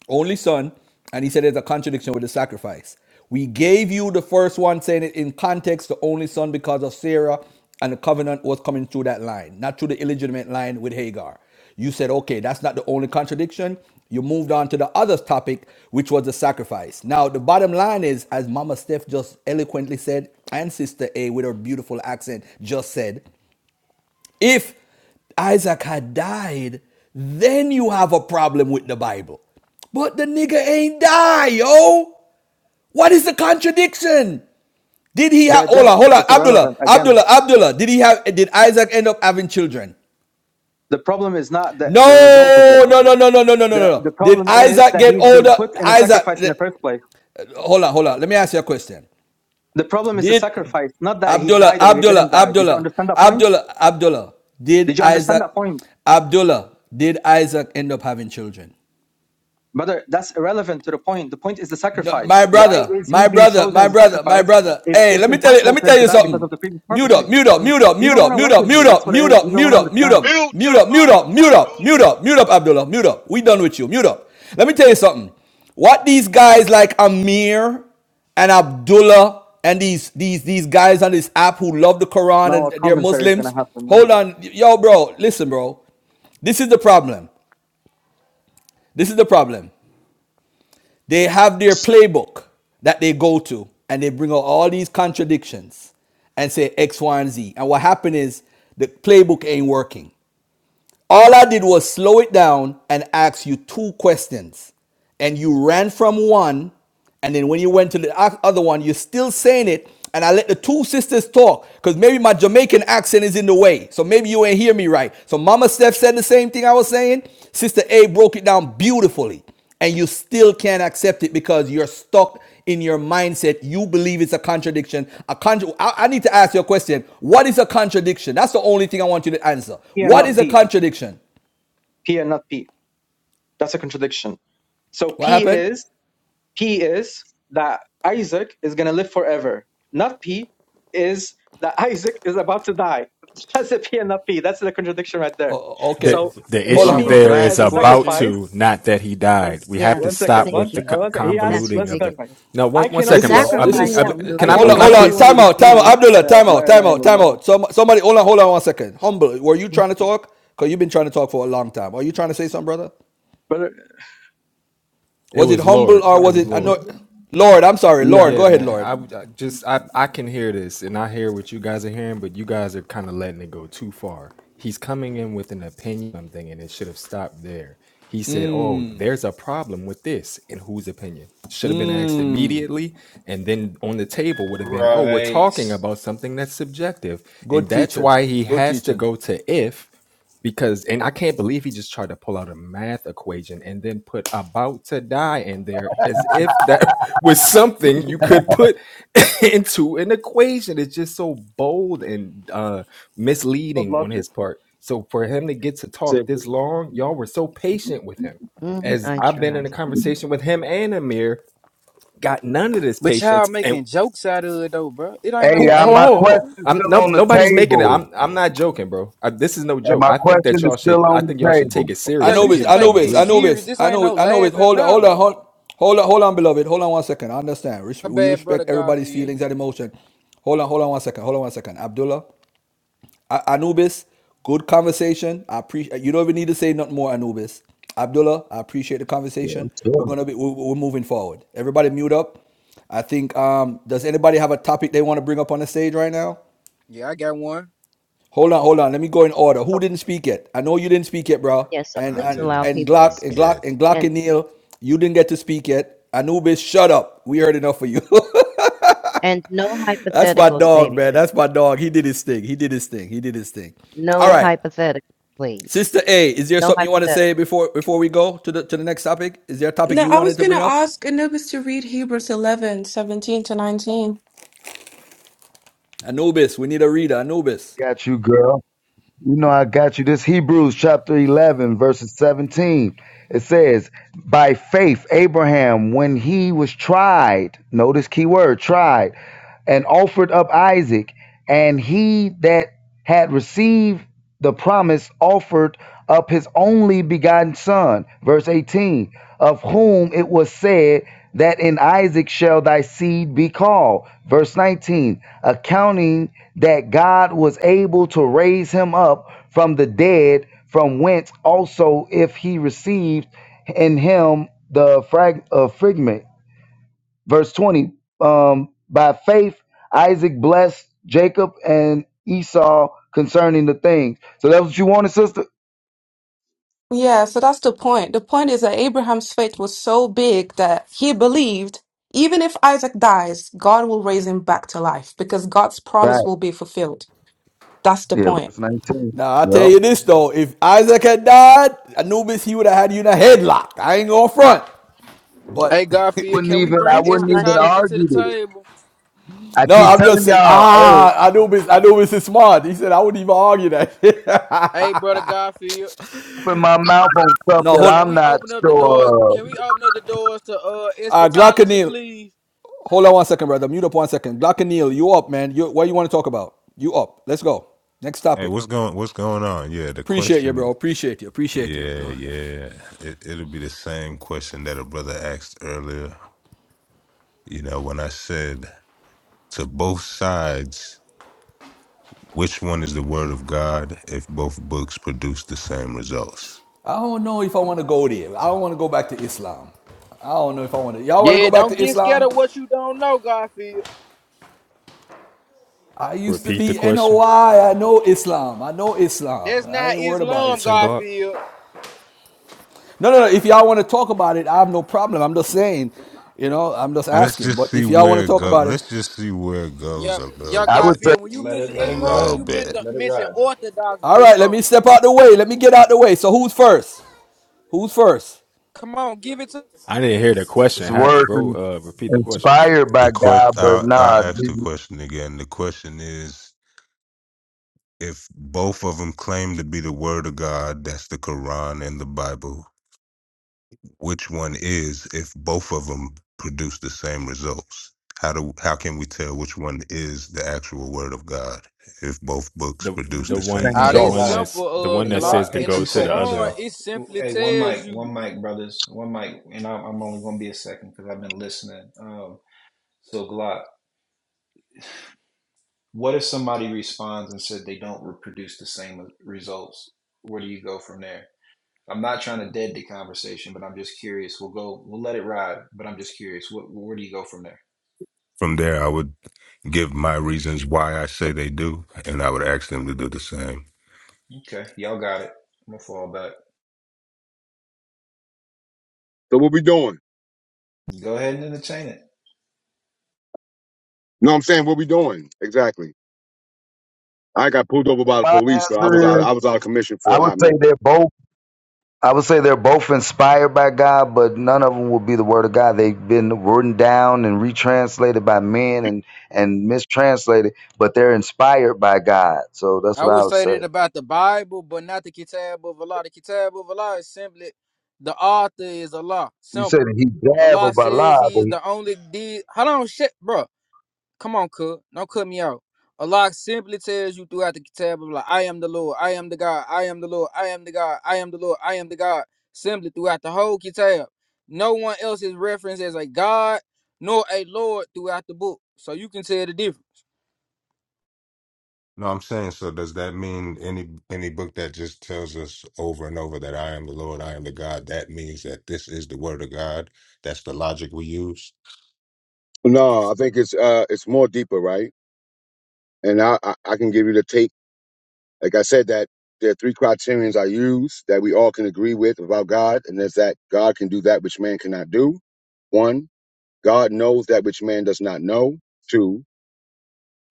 only son, and he said it's a contradiction with the sacrifice. We gave you the first one, saying it in context, the only son because of Sarah, and the covenant was coming through that line, not through the illegitimate line with Hagar. You said, okay, that's not the only contradiction. You moved on to the other topic, which was the sacrifice. Now, the bottom line is, as Mama Steph just eloquently said, and Sister A with her beautiful accent just said, if Isaac had died, then you have a problem with the Bible. But the nigga ain't die, yo. What is the contradiction? Did he have
the
hold
death
on, hold on,
is
Abdullah,
irrelevant again
Abdullah, Abdullah? Did he have did Isaac end up having children?
the problem is not the, the result of it
No, no, no, no, no, no, no, no,
the,
no.
the
Did
problem is
Isaac
that
get
he's been
older?
put in a
Isaac,
sacrifice in the first place
hold on, hold on. Let me ask you a question.
the problem is the
Did
sacrifice not that he
Abdullah,
died or he
Abdullah,
didn't die did you
Abdullah,
understand that point
Abdullah, Abdullah, did
did you understand
Isaac,
that point
Abdullah, did Isaac end up having children?
brother that's irrelevant to the point the point is the
No, my
sacrifice why
brother,
is he
my
being
brother,
chosen
my
as a
brother, my
sacrifice
brother.
if
Hey,
it's
let me tell you,
impossible
let me
for him
tell
to
you
die because of
something.
the previous
Mute up,
prophecy
Mm,
mute up,
mm,
mute up,
you
mute
don't
up,
want to
mute
work
up,
with me
mute
that's
up,
what it
mute
is you
up,
don't want
mute
to
up, mute
understand
up,
Mute
mute
your
up, mute
mic,
up, mute up,
Abdullah.
mute up, mute up, Abdullah, mute up. We done with you. Mute up. Let me tell you something. What these guys like Amir and Abdullah and these these these guys on this app who love the Quran
now a
and they're
commentary is going
Muslims.
to happen no?
Hold on, yo, bro. Listen, bro. This is the problem. This is the problem. They have their playbook that they go to and they bring out all these contradictions and say X, Y, and Z. And what happened is the playbook ain't working. All I did was slow it down and ask you two questions. And you ran from one. And then when you went to the other one, you're still saying it. And I let the two sisters talk because maybe my Jamaican accent is in the way. So maybe you ain't hear me right. So Mama Steph said the same thing I was saying. Sister A broke it down beautifully and you still can't accept it because you're stuck in your mindset. You believe it's a contradiction. A contra- I, I need to ask you a question. What is a contradiction? That's the only thing I want you to answer.
p and
What
not
is a
p
contradiction?
p and not p that's a contradiction so p
What happened?
is P is that Isaac is going to live forever. Not P is that Isaac is about to die. That's a P and not P. That's the contradiction right there.
Oh, oh,
that
okay,
So
the
hold
him
issue
being
Garfield,
on.
could
there
put
I ask
is
as
a
a
about
question?
sacrifice.
to, not that he died. We
yeah.
have to
One second.
stop
One,
Thank
with the
you.
co-
one second. He asked.
That's
convoluting
Let's
of the.
clarify.
ridiculous.
No, one
I
one
The
cannot
This
be
second,
the
bro.
is this
only
Abd-
is
sacrifice,
one.
Abd-
I
can
Abdullah.
I
It-
hold
cannot
on,
it-
be
can I
the
hold
only
on.
please
one in
Time
this
speak
out, time
real
out.
quick?
room.
Abdullah,
Uh,
time
la
out, time
ilaha
out, time
illallah.
out. Some, somebody, hold on, hold on one second. Humble, were you trying to talk? Cause you've been trying to talk for a long time. Are you trying to say something, brother?
It
Was it
was
humble
Lord.
It's
or
It
like-
was
was
it? I know.
Lord.
Lord, I'm sorry. Lord,
Yeah,
go ahead,
man.
Lord.
I, would- I just I I can hear this and I hear what you guys are hearing, but you guys are kind of letting it go too far. He's coming in with an opinion on something and it should have stopped there. He said, "Oh, there's a problem with this." And whose opinion? Should have been asked
Mm,
immediately and then on the table would have been, "Oh, we're talking
right.
about something that's subjective." And
good
that's
teaching.
why he
Good
has to
teaching.
go to if because and I can't believe he just tried to pull out a math equation and then put about to die in there as if that was something you could put into an equation. It's just so bold and uh misleading on
Brother,
his part. So for him to get to talk this long,
Yeah.
y'all were so patient with him.
Mm,
As
I
I've been in a
tried.
conversation with him and Amir, got none of this
But y'all
patience, and.
making jokes out of it though, bro. It ain't no
Hey,
Who?
uh,
Ho
my
ho
laughing
ho!
matter.
question's
I'm
still
no,
on the
nobody's making it.
table.
I'm I'm not joking, bro. I, this is no
And
joke.
my
I think
question
that
is
y'all should.
still
I
on
think
the
y'all should
table.
take it
Yeah,
serious
you
that
Anubis,
should
people try to
take
Anubis,
this
mislead y'all.
serious.
Anubis,
This ain't
Anubis,
no
Anubis.
laughing
Hold on, hold
matter.
on, hold Hold on, hold on, beloved. Hold on one second. I understand. Res-
My
We
bad brother
respect everybody's
Garfield.
feelings and emotion. Hold on, hold on one second. Hold on one second. Abdullah, A- Anubis, good conversation. I appreciate. You don't even need to say nothing more, Anubis. Abdullah, I appreciate the
Yeah, I'm
conversation. We're
telling
gonna be. We're, we're moving forward. Everybody, mute up. I think. Um, does anybody have a topic they want to bring up on the stage right now?
Yeah, I got one.
Hold on, hold on. Let me go in order. Who didn't
Okay,
speak yet? I know you didn't speak yet, bro.
yes, uh,
And
I
please
and
allow
didn't
and
people to
speak
Glock and
speak.
Glock
yet.
and Glock
And
and Neil, you didn't get to speak yet. Anubis, shut up. We heard enough of you.
and no
That's my
hypotheticals,
dog,
baby.
man. That's my dog. He did his thing. He did his thing. He did his thing. All
No
right.
hypotheticals, please.
Sister A, is there
No
something you want to
hypotheticals.
say before before we go to the to the next topic? Is there a
17,
topic
No,
you
I
wanted
was
to
going to
bring up?
ask Anubis to read Hebrews 11 17 to 19.
Anubis, we need a reader. Anubis.
you. Got you, girl. You know I got you. This Hebrews chapter 11, verses 17. It says, By faith, Abraham, when he was tried, notice key word, tried, and offered up Isaac, and he that had received the promise offered up his only begotten son verse 18 of whom it was said that in isaac shall thy seed be called verse 19 accounting that god was able to raise him up from the dead from whence also if he received in him the frag- uh, fragment verse 20 um by faith isaac blessed jacob and esau concerning the things so that's what you wanted sister
Yeah, so that's the point. The point is that Abraham's faith was so big that he believed even if Isaac dies, God will raise him back to life because God's promise
right
will be fulfilled. That's the
yeah
point.
verse 19
Now I tell
yep
you this though, if Isaac had died, Anubis, he would have had you in a headlock. I ain't going front.
Hey
But
Garfield,
wouldn't
can we
even i
bring
That's why
wouldn't
I
even
eschatology
said,
to the
argue this
table?
i
No,
keep
I'm just
telling
saying.
y'all hey
Ah, Anubis, Anubis is smart. He said I wouldn't even argue that.
Hey brother Garfield.
open my mouth on stuff
no,
that
hold.
Can
i'm
we
not
open up the door?
sure of
Can we open up the doors to uh
Uh,
eschatology,
Glockenil,
please?
hold on one second, brother. Mute up one second. Glockenil, you up, man? You what you want to talk about? You up? Let's go. Next
Hey,
topic.
what's going what's going on? Yeah, the
Appreciate you, bro.
question
Appreciate you. Appreciate you.
yeah, yeah. It it'll be the same question that a brother asked earlier. You know, when I said to both sides, which one is the word of God if both books produce the same results?
I don't know if I want to go there. I don't want to go back to Islam. I don't know if I want to. Y'all want to
Yeah,
go back
don't
to
get scared
Islam?
of what you don't know, Garfield.
I used to
Repeat the
be N O
question,
I. I know Islam. I know Islam.
That's
I
not
ain't worried about
Islam,
Shin
Islam.
Glock.
Garfield.
No, no, no. If y'all want to talk about it, I have no problem. I'm just saying, you know, I'm just
Let's
asking.
just
But
see
if y'all want
where
to
it
talk
goes.
about it,
Let's just see where it goes
Yep,
a
yeah,
little
i
bit.
would say
Garfield. When you
Let
mention
it
A
let it
Islam,
little
ride.
you meant
bit.
to
Let it
mention
ride.
Orthodox
all right, let
Islam.
me step out the way. Let me get out the way. So who's first? Who's first?
Come on, give it to.
I didn't hear the
it's
question, ha,
words
bro.
in-
Uh, repeat the question.
inspired
The
by
question
god but
I'll, I'll
nah
ask the
the-
question again. The question is if both of them claim to be the word of God, that's the Quran and the Bible, which one is if both of them produce the same results how do how can we tell which one is the actual word of god if both books
The
produce
Produce
the
the
the
same
one
Ah,
pain.
Hey
the
that's
one
results
Glock.
that's
simple.
the
Uh,
one
Hey
that
Glock
says
Glock.
to
Hey,
in the
go
two
to the
seconds,
other
Quran,
y'all.
one.
it simply
Hey, one
tells
mic,
you.
one mic, brothers, one mic, and I'm, I'm only gonna be a second because I've been listening. Um. So Glock, what if somebody responds and said they don't reproduce the same results? Where do you go from there? I'm not trying to dead the conversation, but I'm just curious. We'll go. We'll let it ride, but I'm just curious. What, where do you go from there?
from there i would give my reasons why i say they do and i would ask them to do the same
Okay, y'all got it. I'm gonna fall back.
So what we doing?
Go ahead and entertain it.
No, I'm saying what we doing exactly. I got pulled over by the
my
police, so I was out.
answer is
I was out of commission for
i
a
would
hot
say
minute.
they're both I would say they're both inspired by God, but none of them will be the word of God. They've been written down and retranslated by men and and mistranslated, but they're inspired by God. So that's
I
what
would
I would
say
say.
that about the Bible, but not the Kitab of Allah. The Kitab of Allah is simply the author is Allah.
You
Simple.
said he jab
Allah
of
says
Allah.
he
But
is
he,
the only deed. Hold on, shit, bro. Come on, cuz. Don't cut me out. Allah simply tells you throughout the kitab of like, I am the Lord, I am the God, I am the Lord, I am the God, I am the Lord, I am the God. Simply throughout the whole kitab. No one else is referenced as a God nor a Lord throughout the book. So you can tell the difference.
no i'm saying so does that mean any any book that just tells us over and over that i am the lord i am the god that means that this is the word of god that's the logic we use
No, I think it's uh, it's more deeper, right? And I, I I can give you the take. Like I said, that there are three criterions I use that we all can agree with about God, and that's that God can do that which man cannot do. One, God knows that which man does not know. Two,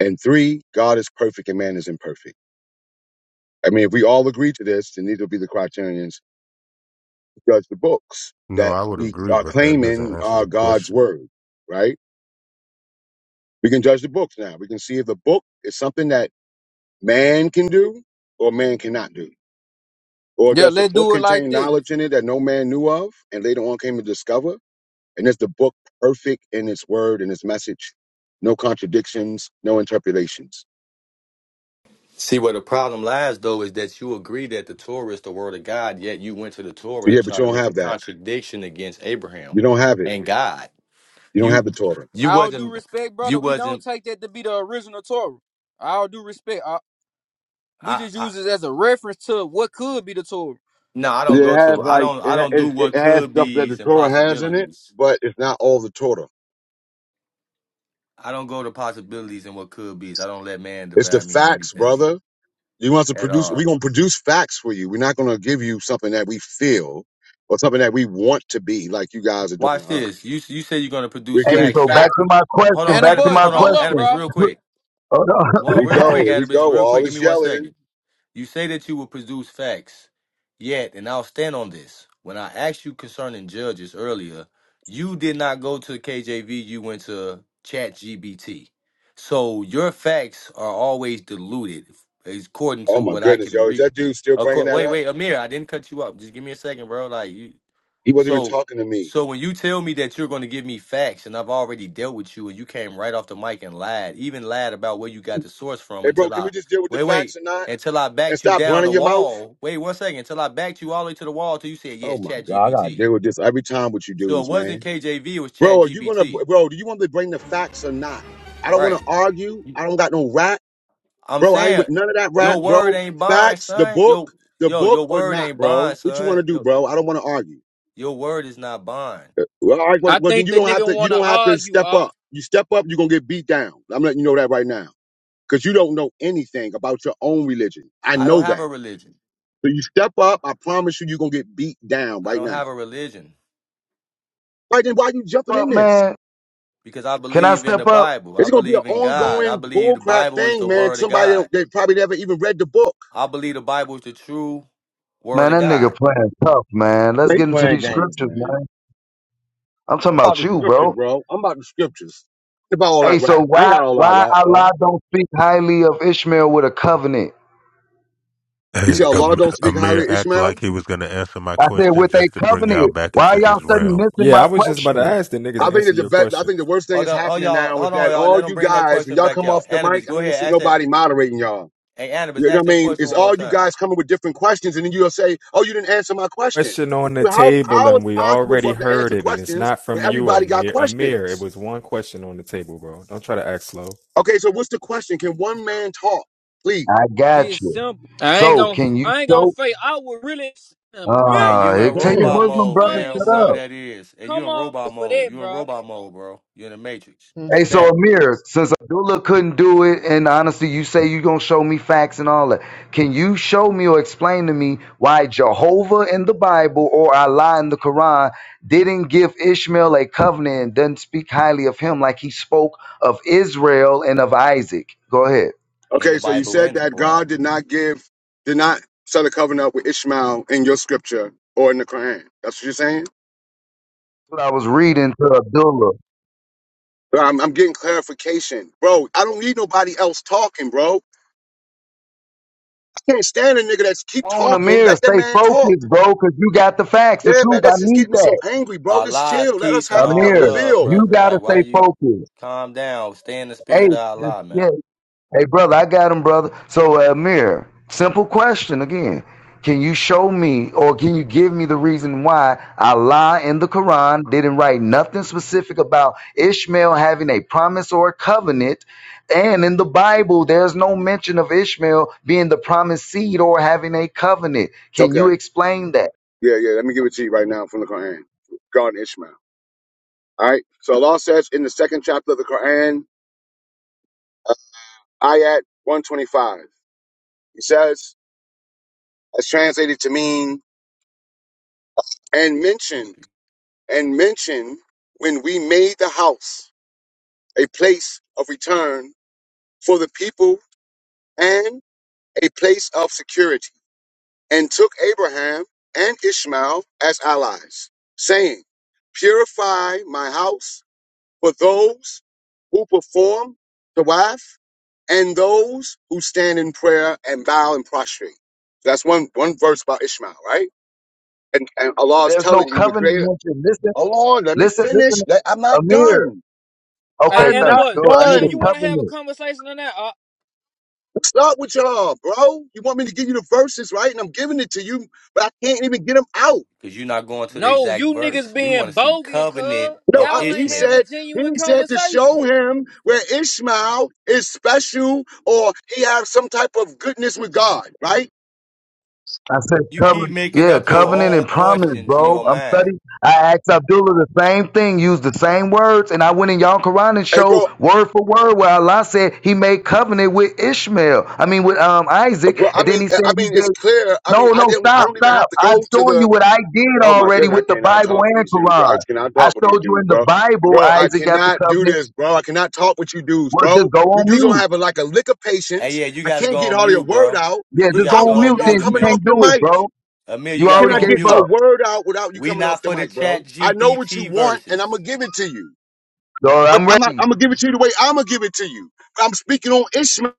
and three, God is perfect and man is imperfect. I mean, if we all agree to this, then these will be the criterions judge the books
no
that
i would
we
agree
are
but that doesn't
claiming
answer the
are God's
question
word, right? We can judge the books now. We can see if the book is something that man can do or man cannot do. Or
Yeah,
does the
let's
book
do it like
contain
this.
knowledge in it that no man knew of and later on came to discover? And is the book perfect in its word and its message? No contradictions, no interpolations.
See where the problem lies, though, is that you agree that the Torah is the word of God, yet you went to the Torah to
Yeah, but
try
you
to
don't
make a
have that.
contradiction against Abraham
You don't have it.
and God.
You don't have
You,
the Torah.
you
All due
wasn't,
respect, brother,
you
we don't
wasn't.
take that to be the original Torah. All due respect. uh, we
I,
just
I
use it as a reference to what could be the Torah.
no, I don't
It
go
has
to. I
like
don't.
it,
I
ha-
don't do
it, it
what
has
could
stuff that the
be's and
Torah has in it,
possibilities.
but it's not all the Torah.
I don't go to possibilities and what could be's. I don't let man
It's the
divide me in
facts,
anything
brother. You want us to
at
produce? We're
all.
gonna produce facts for you. We're not gonna give you something that we feel or something that we want to be, like you guys are doing
Watch
to us.
this. You you say you're gonna
We
produce
give
hey,
you
facts,
so
yet
back
facts.
to my
hold
question.
on,
And the
Back to
Anubis.
boys,
my
Hold
hold
on,
up,
question.
Anubis,
bro.
real quick.
Hold
Here
One,
we
real
go.
quick,
on.
Here we
Anubis,
go.
real quick.
All
Give me
is
one second.
yelling.
You say that you will produce facts, yet, and I'll stand on this. When I asked you concerning judges earlier, you did not go to KJV, you went to ChatGPT, So your facts are always diluted, according
Oh
to
my
what I
goodness,
can
yo! Is
read.
that dude still bringing
Acco-
that
wait,
up?
wait, Amir, I didn't cut you up. Just give me a second, bro. Like you,
He wasn't even
so,
talking to me.
so when you tell me that you're going to give me facts, and I've already dealt with you, and you came right off the mic and lied, even lied about where you got the source from,
Hey, bro,
until
can we
I
just deal with the
wait,
facts
wait,
or not?
until I
And
backed you
stop
down
running
the
your mouth.
wall. Wait one second, until I backed you all the way to the wall, till you said
Oh
yes,
my
Chat
God, I gotta
GPT.
deal with this every time with you
So it
dudes,
wasn't
man.
KJV, it was Chat
Bro, are you gonna,
GPT,
bro? Do you want me to bring the facts or not? I don't want to
right?
argue. I don't got no rap.
I'm
Bro, I ain't with
saying
none of that rap,
your word
bro.
ain't bond,
Facts, the
son.
book,
Yo,
the
yo,
book
your
or
word
not,
ain't
bro.
bond,
What you want to
son.
do,
Yo,
bro? I don't want to argue.
your word is not bond.
Uh, Well, all right, well,
I
well, then
think
you
the
don't have
nigga
to. You
wanna
don't have to
argue,
step
uh,
up. You step up, you're gonna get beat down. I'm letting you know that right now, because you don't know anything about your own religion. I
I don't
know
have a
that.
religion.
So you step up. I promise you, you're gonna get beat down
I
right
don't have
now.
a religion.
Right then, why you jumping in
up
this?
man,
because I
can I
believe in the
step up?
Bible. I
It's gonna be an
believe in God. I
ongoing
believe the
bullcrap
Bible is
thing,
the
man.
word of
Somebody
God.
don't, they probably never even read the book.
I believe the Bible is the true word
Man,
of
that nigga
God.
playing tough, man. Let's
They
get into
playing
these
games,
scriptures,
man.
man. I'm talking
about
about
the
you,
scriptures,
bro.
bro. I'm about the scriptures. Ain't about all that
Hey,
rap.
so
I ain't
why
got all that
why
rap, bro.
Allah don't speak highly of Ishmael with a covenant?
You
Hey,
see, Allah
um,
don't speak highly
Amir
of
acted
Ishmael.
like he was going to answer my
I said,
question
with a
just to bring y'all
covenant.
back
Why are
into his
y'all suddenly
realm.
missing my
Yeah, I was just about to
question?
ask the niggas
I
and
think that
answer
the
your
best, I
question.
think the worst thing
Hold
that's
on, oh
happening
y'all,
now is
hold on,
that
y'all. Let
all
them
you
bring that
guys, when
question
y'all
back
come
out.
off the
Anubis,
mic, I
go
don't
ahead,
see
ask that.
nobody moderating y'all.
Hey, Anubis,
You know
ask
what I
that
mean?
question
It's
one more
all you
time.
guys coming with different questions, and then you'll say, "Oh, you didn't answer my question."
Question on the
Well, How
table,
how
and
is it
we
possible for
already
us to
heard
answer
it, and it's
questions
not
when
from you,
everybody got
Amir. Amir, it
questions?
was one question on the table, bro. Don't try to act slow.
Okay, so what's the question? Can one man talk, please?
I got
just
you.
simple. I ain't
So
gonna,
can you
I ain't gonna
show?
fake. I would really
Hey,
Uh,
you
hey,
in
tell your
Damn.
robot
Muslim
mode,
brother
explain
fam.
this
shut
Whoever
something.
up.
that is, hey, you
Come
in
on
robot
for
mode.
that,
You in
bro.
robot mode, bro. You in the Matrix.
Mhm.
Hey, so
Stamp
Amir, since Abdullah couldn't do it, and honestly, you say you gonna show me facts and all that. Can you show me or explain to me why Jehovah in the Bible or Allah in the Quran didn't give Ishmael a covenant and doesn't speak highly of him like he spoke of Israel and of Isaac? Go ahead.
in
Okay,
the
so you
Bible
said
and the
that
Quran.
God did not give, did not set a covenant with Ishmael in your scripture or in the Quran. That's what you're saying?
What I was reading to Abdullah.
Bro, I'm, I'm getting clarification. Bro, I don't need nobody else talking, bro. I can't stand a nigga that's keep
on
talking.
Amir,
Let that
stay
man talk.
focused, bro, because you got the facts, the
Yeah, man,
truth. I
that's just
need
getting me so
that.
angry, bro.
Our
Just
lives,
chill. Let us
peace, and
have the, co-
all
the
Amir,
love,
bill.
you
brother.
gotta
Like, why
stay
you
focused.
calm down? Stay in the
Hey,
spirit of
just-
Allah, man.
yeah. Hey, brother, I got him, brother. So, uh, Amir, simple question again. Can you show me or can you give me the reason why Allah in the Quran didn't write nothing specific about Ishmael having a promise or a covenant? And in the Bible, there's no mention of Ishmael being the promised seed or having a covenant. Can
Okay.
you explain that?
Yeah, yeah. Let me give it to you right now from the Quran. God and Ishmael. All right. So Allah says in the second chapter of the Quran, uh, ayat 125, He says, as translated to mean and mention and mention when we made the house a place of return for the people and a place of security and took abraham and ishmael as allies saying purify my house for those who perform the wife and those who stand in prayer and bow and prostrate that's one one verse about ishmael right and, and allah is
There's no
telling you the
covenant
creator
mentioned. Listen,
Hold on, let me
listen,
finish.
listen.
Let- I'm not
Amir.
done.
Hey,
Okay,
I'm
and the
thank
not
boys,
you. Go- I need
damn, you
a
done.
wanna have a
covenant.
conversation or not? Uh,
What's up with y'all, bro? You want me to give you the verses, right? And I'm giving it to you, but I can't even get them out.
because you're not going to the
no,
exact
you
verse.
niggas
We want
being
to see
bogus,
covenant
cuz.
No,
of
I'm,
Y'all ain't
he
having a
Ishmael.
said. He
genuine
said to show
conversation.
him where Ishmael is special, or he has some type of goodness with God, right?
I said
You keep
covenant.
making
Yeah,
up your
covenant
own
and promise,
questions in
bro.
your
I'm
mind.
studying. I asked Abdullah the same thing, used the same words, and I went in y'all Quran and
Hey, bro.
showed word for word where Allah said he made covenant with Ishmael. I mean with um Isaac,
Well, I
and then
mean,
he said
I
he
mean,
gave
it's clear. I mean,
no,
I
no,
didn't. I
stop,
don't even
stop.
have to
I've
go to
shown
the
you what I did
Oh my
already
goodness,
with
I
the
cannot
Bible
talk with
and
these dudes. I
Quran.
just cannot
I
talk with these
showed you
dudes,
in the
bro.
Bible
Bro, I
Isaac got the
cannot do
covenant.
this, bro. I cannot talk with you dudes,
Well, just
bro.
go
You
on
dudes don't
mute.
have a, like a lick of
Hey,
patience.
yeah, you
I
got to
can't
go
get
on
all your
mute,
word
bro.
out
Yeah,
You
just
got
go
to
without
on
go
one of
on
mute
y'all
then.
mute,
You
coming off
Amir.
can't
the
do it,
mic.
bro.
Amir, you
You
got to
Can
already
I
go
gave
on
get a
mute.
up.
word out without you
We
coming off
not
the
for the
mic, bro?
chat
I know what you
GPT
want, and I'm
verses.
gonna give it to you.
So
But
I'm
I'm not.
ready.
I'm gonna give it to you the way I'm gonna give it to you. I'm speaking on Ishmael.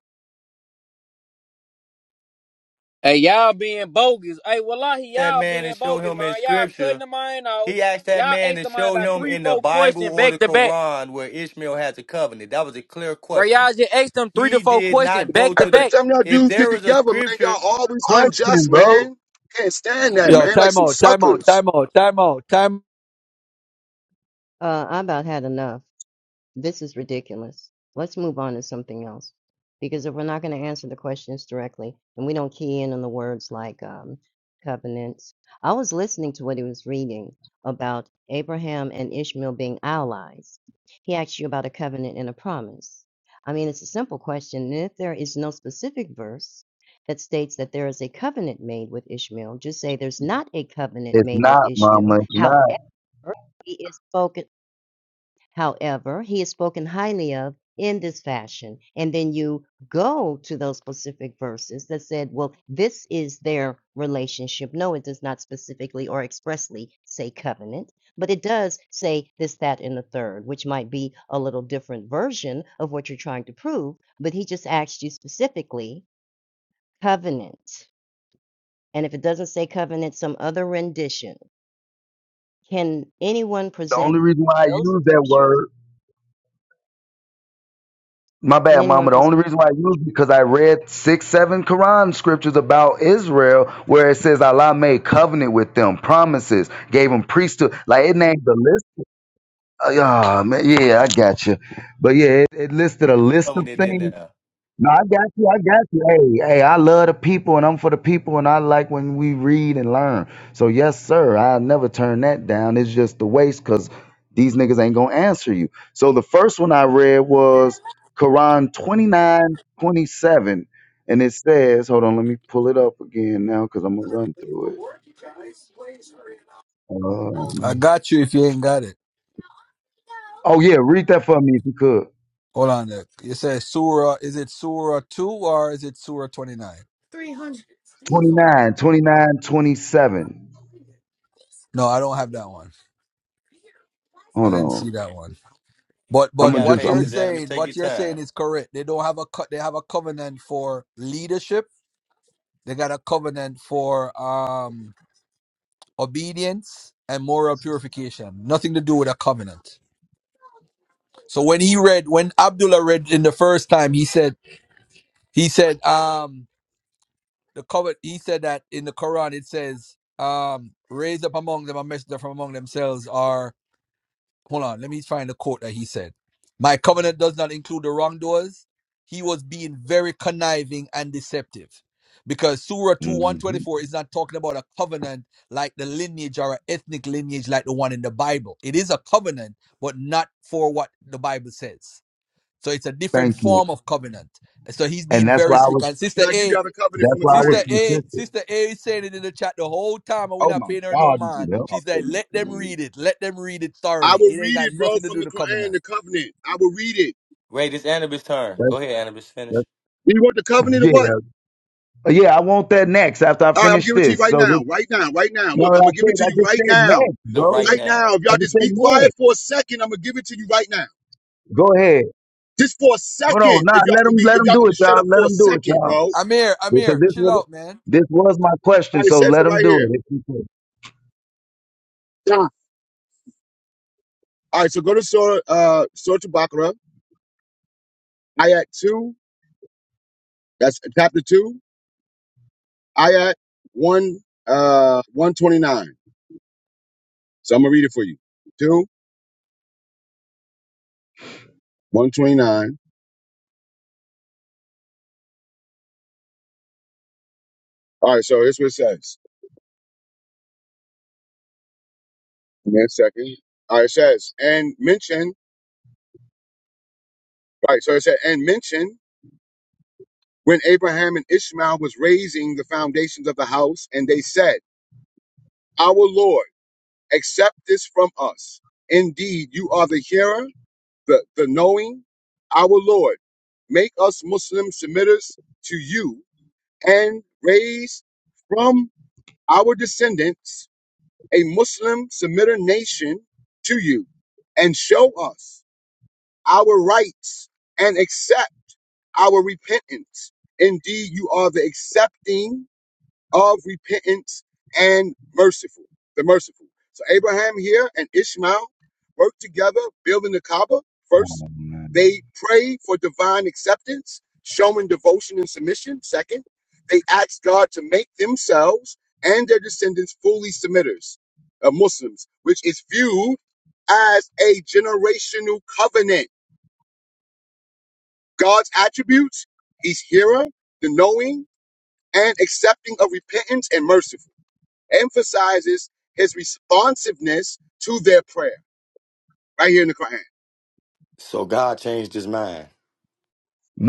Hey, y'all being bogus. Hey, wallahi,
That
y'all
man
being
and show
bogus,
him
man.
in
Y'all cutting
scripture.
the mind off.
He asked that
Y'all
man
asked
to
the mind
show
about
him
three,
in the
four
Bible
questions
or
back
the
to back.
Quran where Ishmael has a covenant. That was a clear
Bro,
question.
y'all just asked them three to
He
four
did
questions
not go
back to
to
Every
the.
back.
time y'all
If
dudes get
there was a
together, man,
scripture
y'all always
Question,
unjust,
bro.
man. Can't stand that,
Yo,
man. Like
time
some
out, time out,
suckers.
time out, time out, time.
uh, I about had enough. This is ridiculous. Let's move on to something else. Because if we're not going to answer the questions directly and we don't key in on the words like um, covenants, I was listening to what he was reading about Abraham and Ishmael being allies. He asked you about a covenant and a promise. I mean, it's a simple question. And if there is no specific verse that states that there is a covenant made with Ishmael, just say there's not a covenant
It's
made with
not, mama.
Ishmael.
It's
However,
not.
he is spoken. However, he is spoken highly of in this fashion. And then you go to those specific verses that said, well, this is their relationship. No, it does not specifically or expressly say covenant, but it does say this, that, and the third, which might be a little different version of what you're trying to prove. But he just asked you specifically covenant. And if it doesn't say covenant, some other rendition. Can anyone
The
present
only reason why I
those
use that
scriptures?
word, my
Can
bad,
anyone
mama. The
present?
only reason why I use it because I read six, seven Quran scriptures about Israel where it says Allah made covenant with them, promises, gave them priesthood. Like it named the list. Oh, yeah, man. Yeah, I got you. But yeah, it, it listed a list of
covenant in
things.
there,
No, I got you. I got you. Hey, hey, I love the people and I'm for the people and I like when we read and learn. So, yes, sir, I'll never turn that down. It's just the waste because these niggas ain't going to answer you. So, the first one I read was Quran 29 27, And it says, hold on, let me pull it up again now because I'm going to run through it.
I
Um,
got you if you ain't got it.
oh, yeah, read that for me if you could.
Hold on. There. You say Surah. Is it Surah 2 or is it Surah 29?
29, 29, 27.
No, I don't have that one. I
Hold
didn't see
on.
that one. But
We
I'm
but
going to
got
just,
what you're
patience,
I'm,
Anubis.
saying,
Take
what
your
you're saying
time.
is correct. They don't have a co- they have a covenant for leadership They got a covenant for um, obedience and moral purification. Nothing to do with a covenant. So when he read, when Abdullah read in the first time, he said, he said, um, the covenant. He said that in the Quran it says, um, raise up among them a messenger from among themselves, or hold on, let me find the quote that he said. My covenant does not include the wrongdoers. He was being very conniving and deceptive. Because Surah 2
Mhm.
124 is not talking about a covenant like the lineage or an ethnic lineage like the one in the Bible. It is a covenant, but not for what the Bible says. So it's a different
Thank you.
form of covenant. So he's
and
being
that's
out
very
why
a
I
slick.
couple-
was
And Sister
Can I give
A
y'all the covenant from
that's
the
why I was
Sister
Quran?
A,
consistent.
Sister A is saying it in the chat the whole time, and we're
Oh
not
my
paying her no
God, these
mind.
niggas
Yep.
She
talk so
said,
much,
"Let them
man.
read it. Let them read it
I
thoroughly.
will
It ain't
read
got
it, bro,
nothing to do
from the
with the
Quran,
covenant."
the covenant. I will read it.
Wait, it's Anubis' turn.
That's,
Go ahead, Anubis. Finish.
that's,
You want the covenant or
yeah,
what?
yeah. I want that next after I
All right, I'm
finish
giving it to you
this.
right
So this,
now, right now, right now.
no,
Look, I'm
what I
gonna give
said
it to
I
you
just
right
said
now,
next,
The right
bro.
right
now.
now. If
I
y'all
just
just
said
be
next.
quiet for a second, I'm gonna give it to you right now,
Go ahead.
just for a
Hold
second.
on, nah.
If y'all
Let
can
them
be,
let
if
them
y'all
do
can
it,
just shut
y'all.
up
Let
for a
them do it,
second,
y'all.
bro. All
Amir,
Because
Amir,
this
chill
was
out, man.
this was my
right,
question.
it
So
says
let
it
them
right
do it.
here.
If you could.
Yeah. All right, so go to Surah, uh, Surah Baqarah, ayat two. That's chapter two. Ayat 1, uh, 129. So I'm going to read it for you. 2, 129. All right, so here's what it says. Give me a second. All right, it says, and mention, right, so it said, and mention when Abraham and Ishmael was raising the foundations of the house, and they said, Our Lord, accept this from us. Indeed, you are the hearer, the, the knowing. Our Lord, make us Muslim submitters to you and raise from our descendants, a Muslim Semitic nation, to you and show us our rights and accept our repentance. Indeed, you are the accepting of repentance and merciful, the merciful. So Abraham here and Ishmael work together building the Kaaba. First,
Oh, man.
they pray for divine acceptance, showing devotion and submission. Second, they ask God to make themselves and their descendants fully submitters, uh, Muslims, which is viewed as a generational covenant. God's attributes, he's hearer, the knowing, and accepting of repentance and merciful emphasizes his responsiveness to their prayer right here in the Quran.
So God changed his mind.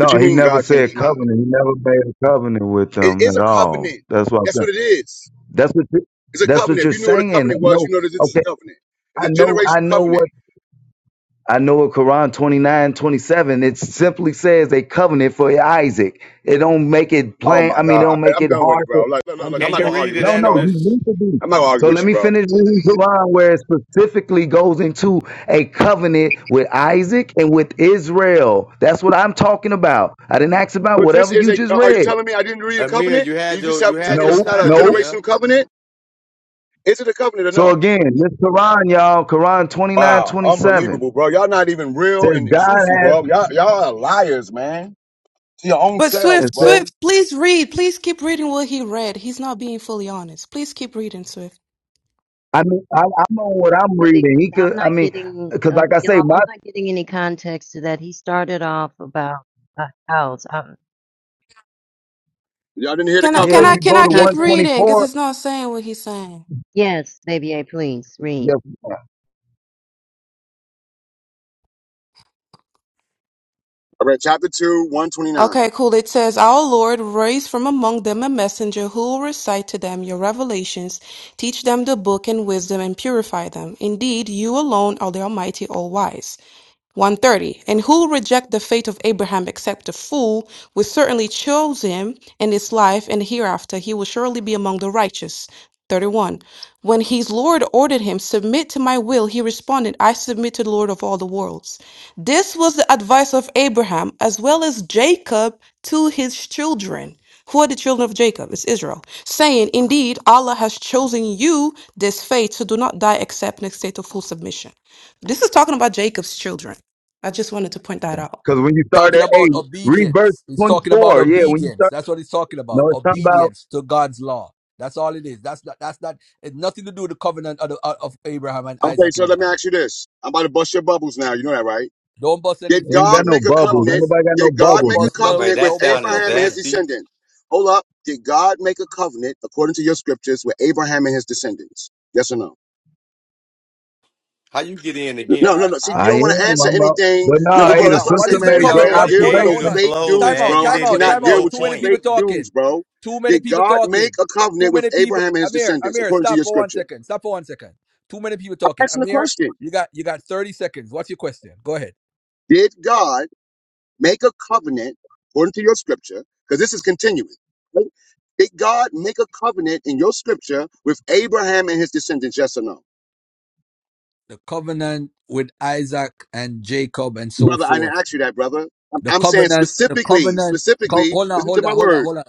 What you
he
mean
never
God changed
said
his mind?
covenant. He never made a covenant with
It
them
is
at
a
all.
covenant.
That's what I'm
That's what
saying.
it is.
That's what you,
It's a
that's what
covenant. If
you're
you knew what a
saying.
covenant was,
No,
you know that this is
okay.
a covenant. It's
I
a
know. I
generational
know what.
covenant.
I know in Quran 29 27. it simply says a covenant for Isaac. It don't make it
Oh
plain.
my
I mean, it
God.
don't
I-
make
I'm
it
done with it,
hard to
bro. Like, look, look, look, I'm
Can
not
you
understand.
going to
read
argue
it,
No,
with you,
no,
bro.
you
Anubis?
need to be.
I'm not going to argue
So
with
let
you,
me
bro.
finish reading Quran where it specifically goes into a covenant with Isaac and with Israel. That's what I'm talking about. I didn't ask about
But this
whatever
is
you
a,
just
uh, are you
read.
telling me I didn't read a
Amir,
covenant?
you
Do
had
you just
your you
have, tell
had
me
your
this is
Nope,
not a
time,
nope.
Amir.
generational covenant? Is it a covenant or
So
no?
again, this Quran, y'all, Quran 29
Wow.
27
Unbelievable, bro. Y'all not even real and, and
says God
truthful,
has,
bro. Y'all, y'all are liars, man. to your own
But
selves,
Swift,
it says
bro.
Swift, please read. Please keep reading what he read. He's not being fully honest. Please keep reading, Swift.
I mean, I, I'm what I'm
really,
reading. He could,
I'm
I
not
mean,
getting,
because
uh,
like I say,
y'all,
my
I'm not getting any context to that. He started off about a house. Um,
Y'all didn't hear the
Can I
can
yeah,
can
covenant.
if
I
someone
you
give
can
go
the
I
to
keep
context?
reading? Because
124,
it's not saying what he's saying.
Yes, baby A, please
yeah,
read.
I read chapter 2, 129.
Okay, cool. It says, Our Lord raised from among them a messenger who will recite to them your revelations, teach them the book and wisdom, and purify them. Indeed, you alone are the Almighty, all wise. 130. And who will reject the faith of Abraham except a fool will certainly chose him in his life, and hereafter he will surely be among the righteous. 31. When his Lord ordered him, Submit to my will, he responded, I submit to the Lord of all the worlds. This was the advice of Abraham as well as Jacob to his children. Who are the children of Jacob? It's Israel. Saying, Indeed, Allah has chosen you this faith, so do not die except in a state of full submission. This is talking about Jacob's children. I just wanted to point that out.
because when you start
Talking
at
about
eight, read verse
obedience. He's talking about
24. Yeah, when you
obedience.
start,
That's what he's talking about.
no, it's talking about
Obedience to God's law. That's all it is. That's not. That's not. It's nothing to do with the covenant of, the, uh, of Abraham and
Okay,
Isaac in
so
the
let me
Bible.
ask you this. I'm about to bust your bubbles now. You know that, right?
Don't bust
Did
anything,
ain't
God
got
please.
no
make a
bubbles. Ain't
covenant?
nobody
Don't
got no
Did God
bubbles,
make a
bust
nigga.
no.
Wait,
covenant
that
with
Don't bust
sounded
Abraham
nothing
and his
here.
zesty.
descendant? Hold up. Did God make a covenant according to your scriptures with Abraham and his descendants? Yes or no?
How you get in
No, no,
again?
I.
no. See,
I
you
I
don't want to
am.
answer
I'm out.
anything.
But
No,
Hold
nah,
on,
but
hey,
bro,
hold
the
that's why
on.
I
What
say,
sister
is the
man,
We
made
I
cover?
great
can't
What?
already
deal
Hold
with
gave
on,
no
you
hold
the
observation.
on.
fake
flow,
Time
dudes,
man.
out,
You
bro. I
time
didn't
out,
make
cannot
time
deal
out.
no
with
Too
you
many
point.
people
fake dudes,
talking.
bro.
Too many
Did
people
God make
talking.
a
Too
covenant with
many people.
Abraham and his
Amir,
descendants
Amir,
according to
stop
your
for one
scripture?
second. Stop for one second. Too many people
I'm
talking.
asking the
Amir,
question.
you got you got thirty seconds. What's your question? Go ahead.
Did God make a covenant according to your scripture? Because this is continuing. right? Did God make a covenant in your scripture with Abraham and his descendants? Yes or no?
The covenant with Isaac and Jacob and so
Brother, I didn't
forth.
ask you that, brother. I'm,
The
I'm saying
covenant. The
specifically,
covenant. Co-
specifically,
hold on,
listen to
hold on,
my
hold on,
word.
hold on.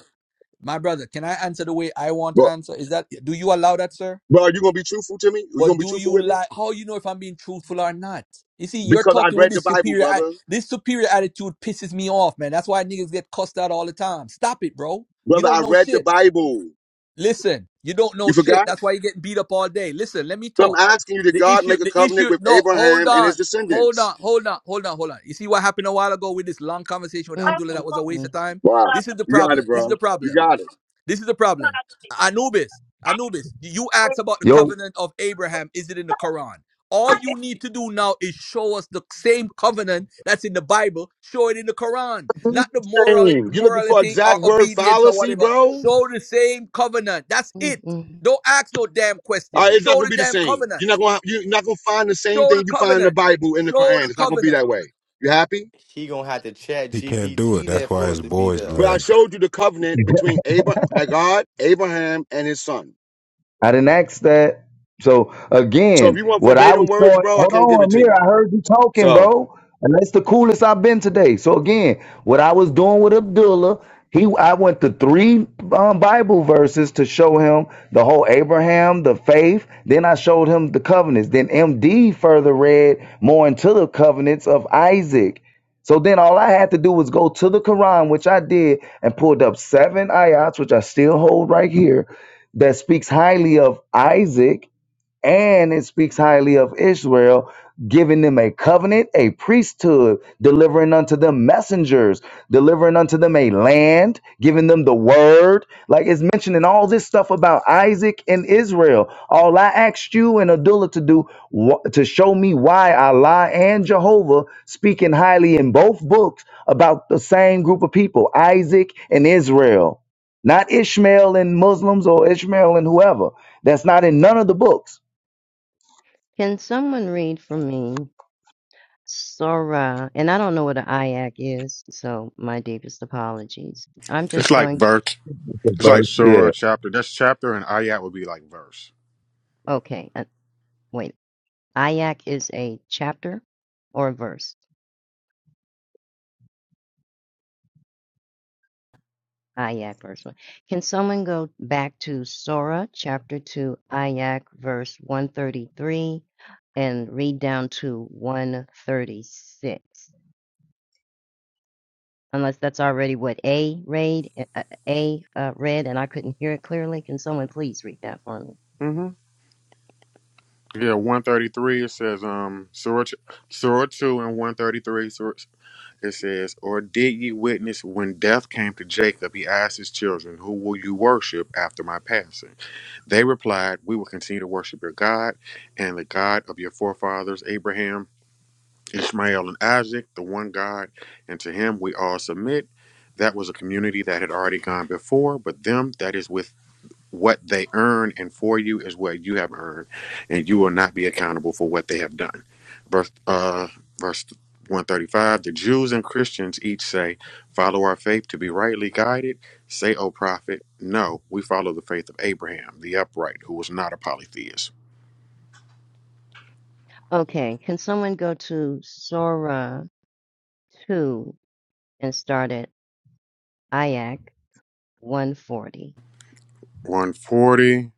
My brother, can I answer the way I want to
Bro,
answer? Is that do you allow that, sir?
bro, are you going to be truthful to me? Are you going
But
to be
do
truthful
you
with me?
like how you know if I'm being truthful or not? You see, you're
Because I
talking with
read the
this
Bible,
superior
brother.
this superior attitude pisses me off, man. That's why niggas get cussed out all the time. Stop it, bro. You
Brother,
don't
I
know
read the
shit.
Bible.
Listen, you don't
You
know shit.
forgot?
That's why you're getting beat up all day. Listen, let me
So I'm
talk.
asking you, did
The
God
issue,
make a
the
covenant
issue,
with
no, hold
Abraham and
on.
his
Hold
descendants?
on, hold on, hold on, hold on. You see what happened a while ago with this long conversation with
mm
Abdullah that was a waste
mm
of time?
Wow.
This is the
You got
problem.
it,
This is the
bro. You
problem.
got it.
This is the problem. Anubis, Anubis, you asked about the
Yo,
covenant of Abraham. Is it in the Quran? All you need to do now is show us the same covenant that's in the Bible. Show it in the Quran, not the moral
You looking for
morality
exact
or
word
obedience or
fallacy,
whatever.
bro? All
Show the same covenant. That's
mm,
it.
mm.
Don't ask no damn question.
right, it's not
Show
gonna
the
be the
damn
same.
covenant.
You're not gonna you're not gonna find the same
Show
thing
the
you find in the
covenant.
Bible in the
Show
Quran.
the
It's not gonna be
covenant.
that way. You happy?
He gonna have to chat
He can't do it.
GPT
That's
that
why
for
his
it to be
boys
there.
But I
left.
showed you the covenant between Abra- uh, God, Abraham, and his son.
I didn't ask that. So
So if
again,
you want
what I
verbatim
was
words,
showing,
bro, I
hold
can't give
on,
it to
Amir,
you.
I heard you talking,
So
bro. And that's the coolest I've been today. So again, what I was doing with Abdullah, he I went to three um, Bible verses to show him the whole Abraham, the faith. Then I showed him the covenants. Then MD further read more into the covenants of Isaac. So then all I had to do was go to the Quran, which I did, and pulled up seven ayats, which I still hold right here that speaks highly of Isaac and it speaks highly of Israel, giving them a covenant, a priesthood, delivering unto them messengers, delivering unto them a land, giving them the word. Like it's mentioning all this stuff about Isaac and Israel. All I asked you and Adullah to do wa- to show me why Allah and Jehovah speaking highly in both books about the same group of people, Isaac and Israel. Not Ishmael and Muslims or Ishmael and whoever. That's not in none of the books.
Can someone read for me Sora? And I don't know what an ayak is, so my deepest apologies. I'm
It's
just
like
going
verse.
The
It's like
verse,
surah
yeah,
chapter. That's chapter and ayat would be like verse.
to, okay, uh, wait. Ayak is a chapter or a verse? Ayak verse 1. Can someone go back to Sora chapter 2, Ayak verse 133, and read down to 136? Unless that's already what A read, uh, uh, A uh, read, and I couldn't hear it clearly. Can someone please read that for me?
hmm Yeah, one thirty three. It says um surah ch- surah two and one thirty three. It says, "Or did ye witness when death came to Jacob? He asked his children, Who will you worship after my passing? They replied, We will continue to worship your God and the God of your forefathers Abraham, Ishmael, and Isaac, the one God, and to Him we all submit." That was a community that had already gone before, but them that is within what they earn and for you is what you have earned and you will not be accountable for what they have done verse uh verse 135 the jews and christians each say follow our faith to be rightly guided say o prophet no we follow the faith of abraham the upright who was not a polytheist
Okay. Can someone go to Sora 2 and start at Ayak 140?
140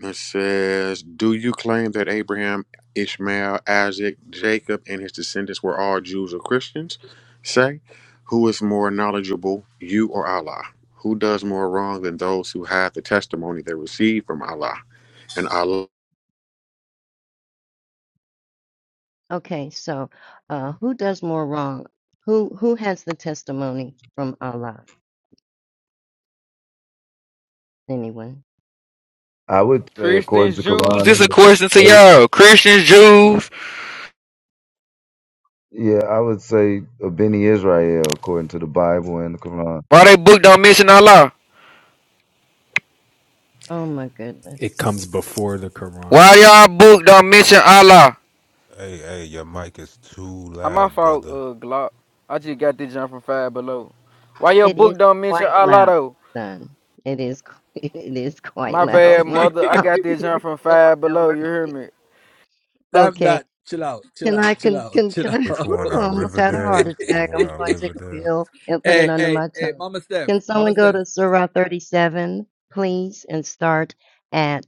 It says, Do you claim that Abraham, Ishmael, Isaac, Jacob, and his descendants were all Jews or Christians? Say, Who is more knowledgeable, you or Allah? Who does more wrong than those who have the testimony they received from Allah? And Allah
Okay, so uh, who does more wrong? Who who has the testimony from Allah? Anyone?
I would say according
Christians,
to
Jews,
Quran
this is a
and the,
question to
it would-
y'all. Christians, Jews,
yeah, I would say a Beni Israel according to the Bible and the Quran.
why they book don't mention Allah?
Oh my goodness,
It comes before the
Why
Quran.
y'all book don't mention Allah?
Hey, hey, your mic is too
Uh, My
loud,
fault,
brother.
uh, Glock. I just got this jump from Five Below. Why your
it is
book don't mention
quite
Allah
loud,
though?
son. It is qu- it is quite
My
loud.
bad,
My
mother. I
apologies,
got this jump from
Lord
Five
have
Below. You
mercy.
hear me?
Stop
Okay,
that. Chill out. Chill
can
out.
I
Chill
can
out.
can
Chill
can I?
Which
out.
Whew,
one
I
on
almost had a heart
Riverdale? The
attack.
one
hey,
I'm
on
going to take a
Riverdale?
pill and put it under
hey,
my
hey,
tongue.
Mama Steph.
Can someone
Mama
go
Steph.
to Surah 37, please, and start at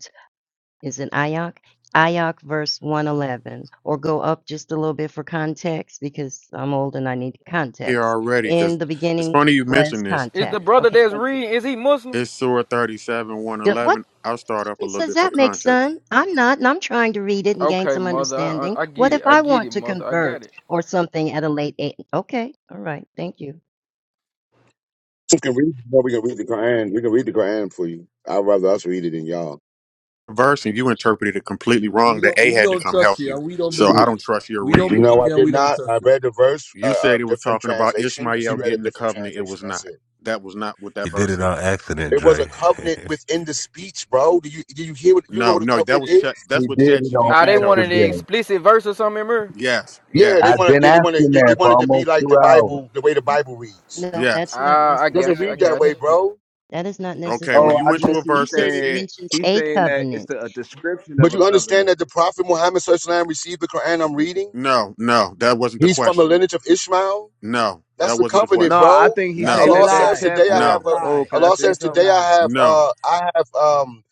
is in Ayok. Ayok verse 111, or go up just a little bit for context because I'm old and I need
here
context.
already,
In
because
the
it's
beginning
funny you
was
mentioned this.
Is the
context.
brother
Okay,
that's
thank you.
reading? Is he Muslim?
It's Surah 37,
Do- what
111. I'll start up a
difference
little
does
bit for
that make,
context.
son? I'm not, and I'm trying to read it and gain
Okay,
some
mother. I,
understanding.
I, I
What
get it.
if
I
I
get it,
want to
mother. I got
convert
it.
or something at a late age? Okay, all right, thank you.
we can read. No, we can read the Quran. We can read the Quran for you. I'd rather us read it than y'all.
Verse, and you interpreted it completely
We
wrong
don't
that A
we
had to
don't
come
trust
help
you
you.
and we don't
So I
believe
N-
you.
don't trust your
We don't
reading.
believe
No, I
you and
did
we don't
not. I
trust you.
read the verse, uh,
You
a
said it was
different
talking about
translation, and she
Ishmael
read a
getting the
different
covenant. It
translation.
was
That's
not.
it.
That was not what that
He did
verse
it
said.
on accident,
It was a
Dre.
covenant within the speech, bro. Do you do you hear what you know
No,
what a
no, that
covenant
was Chat-
is?
He
that's what
did
Chat
it on
Ah,
GPT
they
told
wanted the
you.
accident.
explicit verse or something, bro.
Yes,
Yeah, they
yes,
I've
want
been
yeah, they want to
asking
they, they
that for
wanted to be
almost
like
two
the
hours.
Mm,
Bible, the way the Bible reads.
No,
yes.
that's not
Ah, I
It doesn't
got you. I
read
necessarily
that
got
way,
you.
true.
bro.
That is not
Okay, well,
Oh,
you
I
necessarily
went
true.
to
guess
a
You
he's
verse that
said it
said
saying
mentions
he's
a
saying that it's
covenant.
the, a description
But
of a
you understand
covenant.
that the Prophet Muhammad SAW received the Quran I'm reading.
no, no, that wasn't the
He's from the
question.
lineage of Ishmael.
No,
That's
that
the
wasn't the
covenant,
No,
question.
I
bro.
think he's
That's
No,
a
saying
Allah
that that
says
lie.
today I
That's a
chapter.
have
no,
a
Oh,
lie.
can I
Allah
say
says
That's a
today
something,
I
lie.
have
no,
uh I have um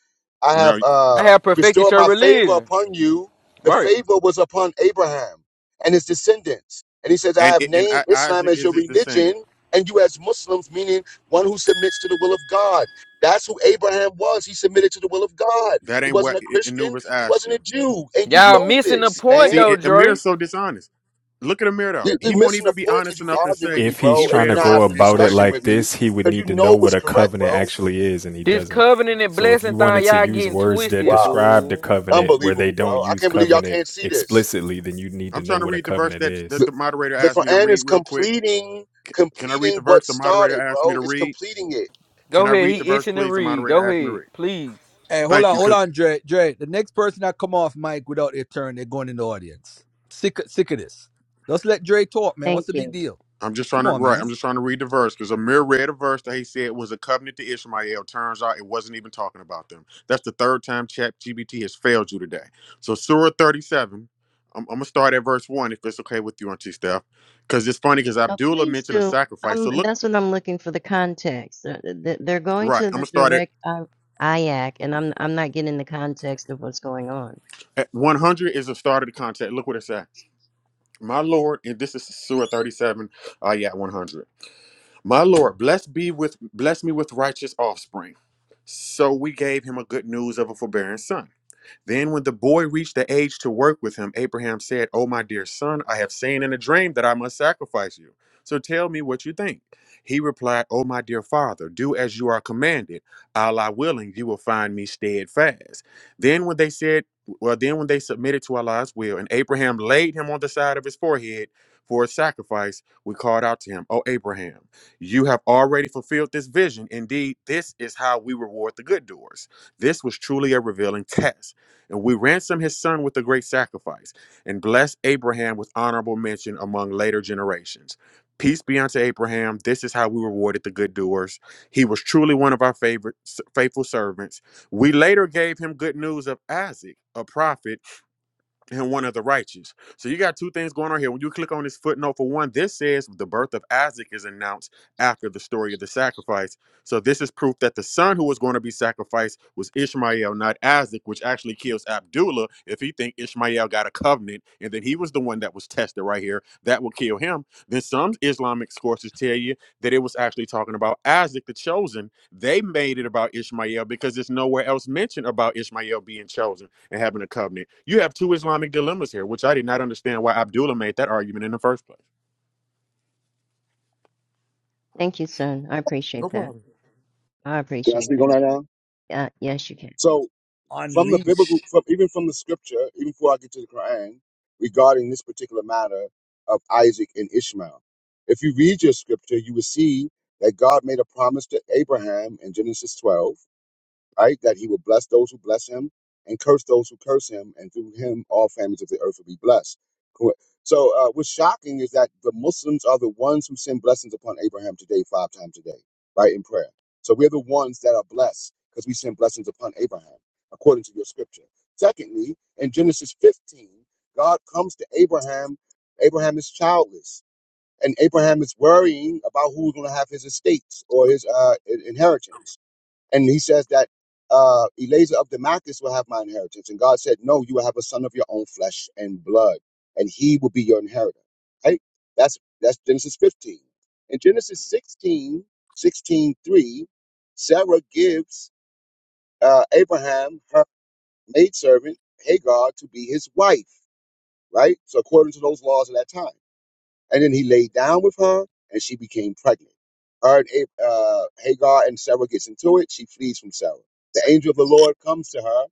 I have
no.
I
uh
have perfected
bestowed
your
my favor
religion.
upon you. The
Right.
favor was upon Abraham and his descendants. And he says, I
And
have
and
named
I-
Islam
Isaac
as
is
your
his descendant.
religion and you as Muslims, meaning one who submits to the will of God. That's who Abraham was. He submitted to the will of God.
That
He
ain't what
wasn't a
I-
Christian.
Anubis
He
asked
wasn't a
you.
Jew. And you
Y'all
You
know
missing the
this,
point
man.
though,
see, Amir
Dre.
is so dishonest. Look at Amir though.
You-
He
You're
won't
missing
even
the
be
point because
honest
you
enough and
arguing with
say
me,
If he's
he
bro, and
trying
read
you're
to
a
not
go
verse
having a
about it
incorrectly.
discussion
like
with me
this, he would
because you
need to know
know
what
what's
a
correct,
covenant
bro.
actually is, and he
This
doesn't.
covenant and
So if
blessing
you
thing,
wanted to
y'all
use
getting
words that
twisted,
Wow.
describe the
fool.
covenant where they
Unbelievable,
don't
bro. I
use
can't believe y'all
covenant
can't see this.
explicitly, then you need to
I'm
know
trying to
what a
read the verse
covenant
that,
is.
that
The,
the moderator
the
asked me to
Quran
read
is
real quick.
completing
C- Can I read the
completing
verse
what
the moderator
started,
asked me
bro.
to
It's
read?
completing it.
Can
Go
I
ahead,
read the
he
verse,
itching to
please? The
read.
moderator
Go
asked me to
ahead,
read.
please.
Hey, hold
Thank
on,
you,
hold
because
on, Dre. Dre, the next person that come off mic without their turn, they're going in the audience. Sick, sick of this. Let's let Dre talk, man. What's
Thank
the big
you.
deal?
I'm just trying
Come
to
on,
right.
man.
I'm just trying to read the verse because Amir read a verse that he said was a covenant to Ishmael. Turns out it wasn't even talking about them. That's the third time Chat has failed you today. So Surah 37. I'm, I'm gonna start at verse one if it's okay with you, Auntie Steph because it's funny because
Oh,
Abdullah
please
mentioned a
do.
sacrifice. So
Um,
look.
that's what I'm looking for the context. Uh, th- They're going
Right.
to
I'm
the
gonna start it
direct uh, IAC, and I'm I'm not getting the context of what's going on.
at 100 is the start of the contract. Look what it said. My Lord, and this is Surah 37. Uh, yeah, 100. My Lord, bless be with bless me with righteous offspring. So we gave him a good news of a forbearing son. Then, when the boy reached the age to work with him, Abraham said, "O my dear son, I have seen in a dream that I must sacrifice you. So tell me what you think. He replied, "O my dear father, do as you are commanded. Allah willing, you will find me steadfast. Then, when they said, Well, then when they submitted to Allah's will, and Abraham laid him on the side of his forehead for a sacrifice, we called out to him, "O Abraham, you have already fulfilled this vision. Indeed, this is how we reward the good doers. This was truly a revealing test. And we ransom his son with a great sacrifice and bless Abraham with honorable mention among later generations. Peace be unto Abraham. This is how we rewarded the good doers. He was truly one of our favorite, faithful servants. We later gave him good news of Isaac, a prophet and one of the righteous. So you got two things going on here. When you click on this footnote, for one, this says the birth of Isaac is announced after the story of the sacrifice. So this is proof that the son who was going to be sacrificed was Ishmael, not Isaac, which actually kills Abdullah if he think Ishmael got a covenant and then he was the one that was tested right here. That will kill him. Then some Islamic sources tell you that it was actually talking about Isaac the chosen. They made it about Ishmael because there's nowhere else mentioned about Ishmael being chosen and having a covenant. You have two Islamic dilemmas here, which I did not understand why Abdullah made that argument in the first place.
Thank you, son. I
No
appreciate that.
problem.
I
Can I
appreciate
speak on
that.
that now?
Uh, yes, you can.
So from the biblical
Unleash.
from even from the scripture, even before I get to the Quran, regarding this particular matter of Isaac and Ishmael. If you read your scripture, you will see that God made a promise to Abraham in Genesis 12 right? That he will bless those who bless him and curse those who curse him, and through him all families of the earth will be blessed. Cool. So, uh, what's shocking is that the Muslims are the ones who send blessings upon Abraham today, five times a day, right, in prayer. So, we're the ones that are blessed because we send blessings upon Abraham, according to your scripture. Secondly, in Genesis 15, God comes to Abraham. Abraham is childless, and Abraham is worrying about who's going to have his estates or his uh, in- inheritance and he says that uh, Eliezer of Damascus will have my inheritance. And God said, No, you will have a son of your own flesh and blood, and he will be your inheritor. Right? That's that's Genesis 15. In Genesis 16:16,3, Sarah gives uh, Abraham her maidservant, Hagar, to be his wife. Right? So according to those laws of that time. And then he laid down with her, and she became pregnant. Her and Ab- uh, Hagar and Sarah gets into it. She flees from Sarah. The angel of the Lord comes to her,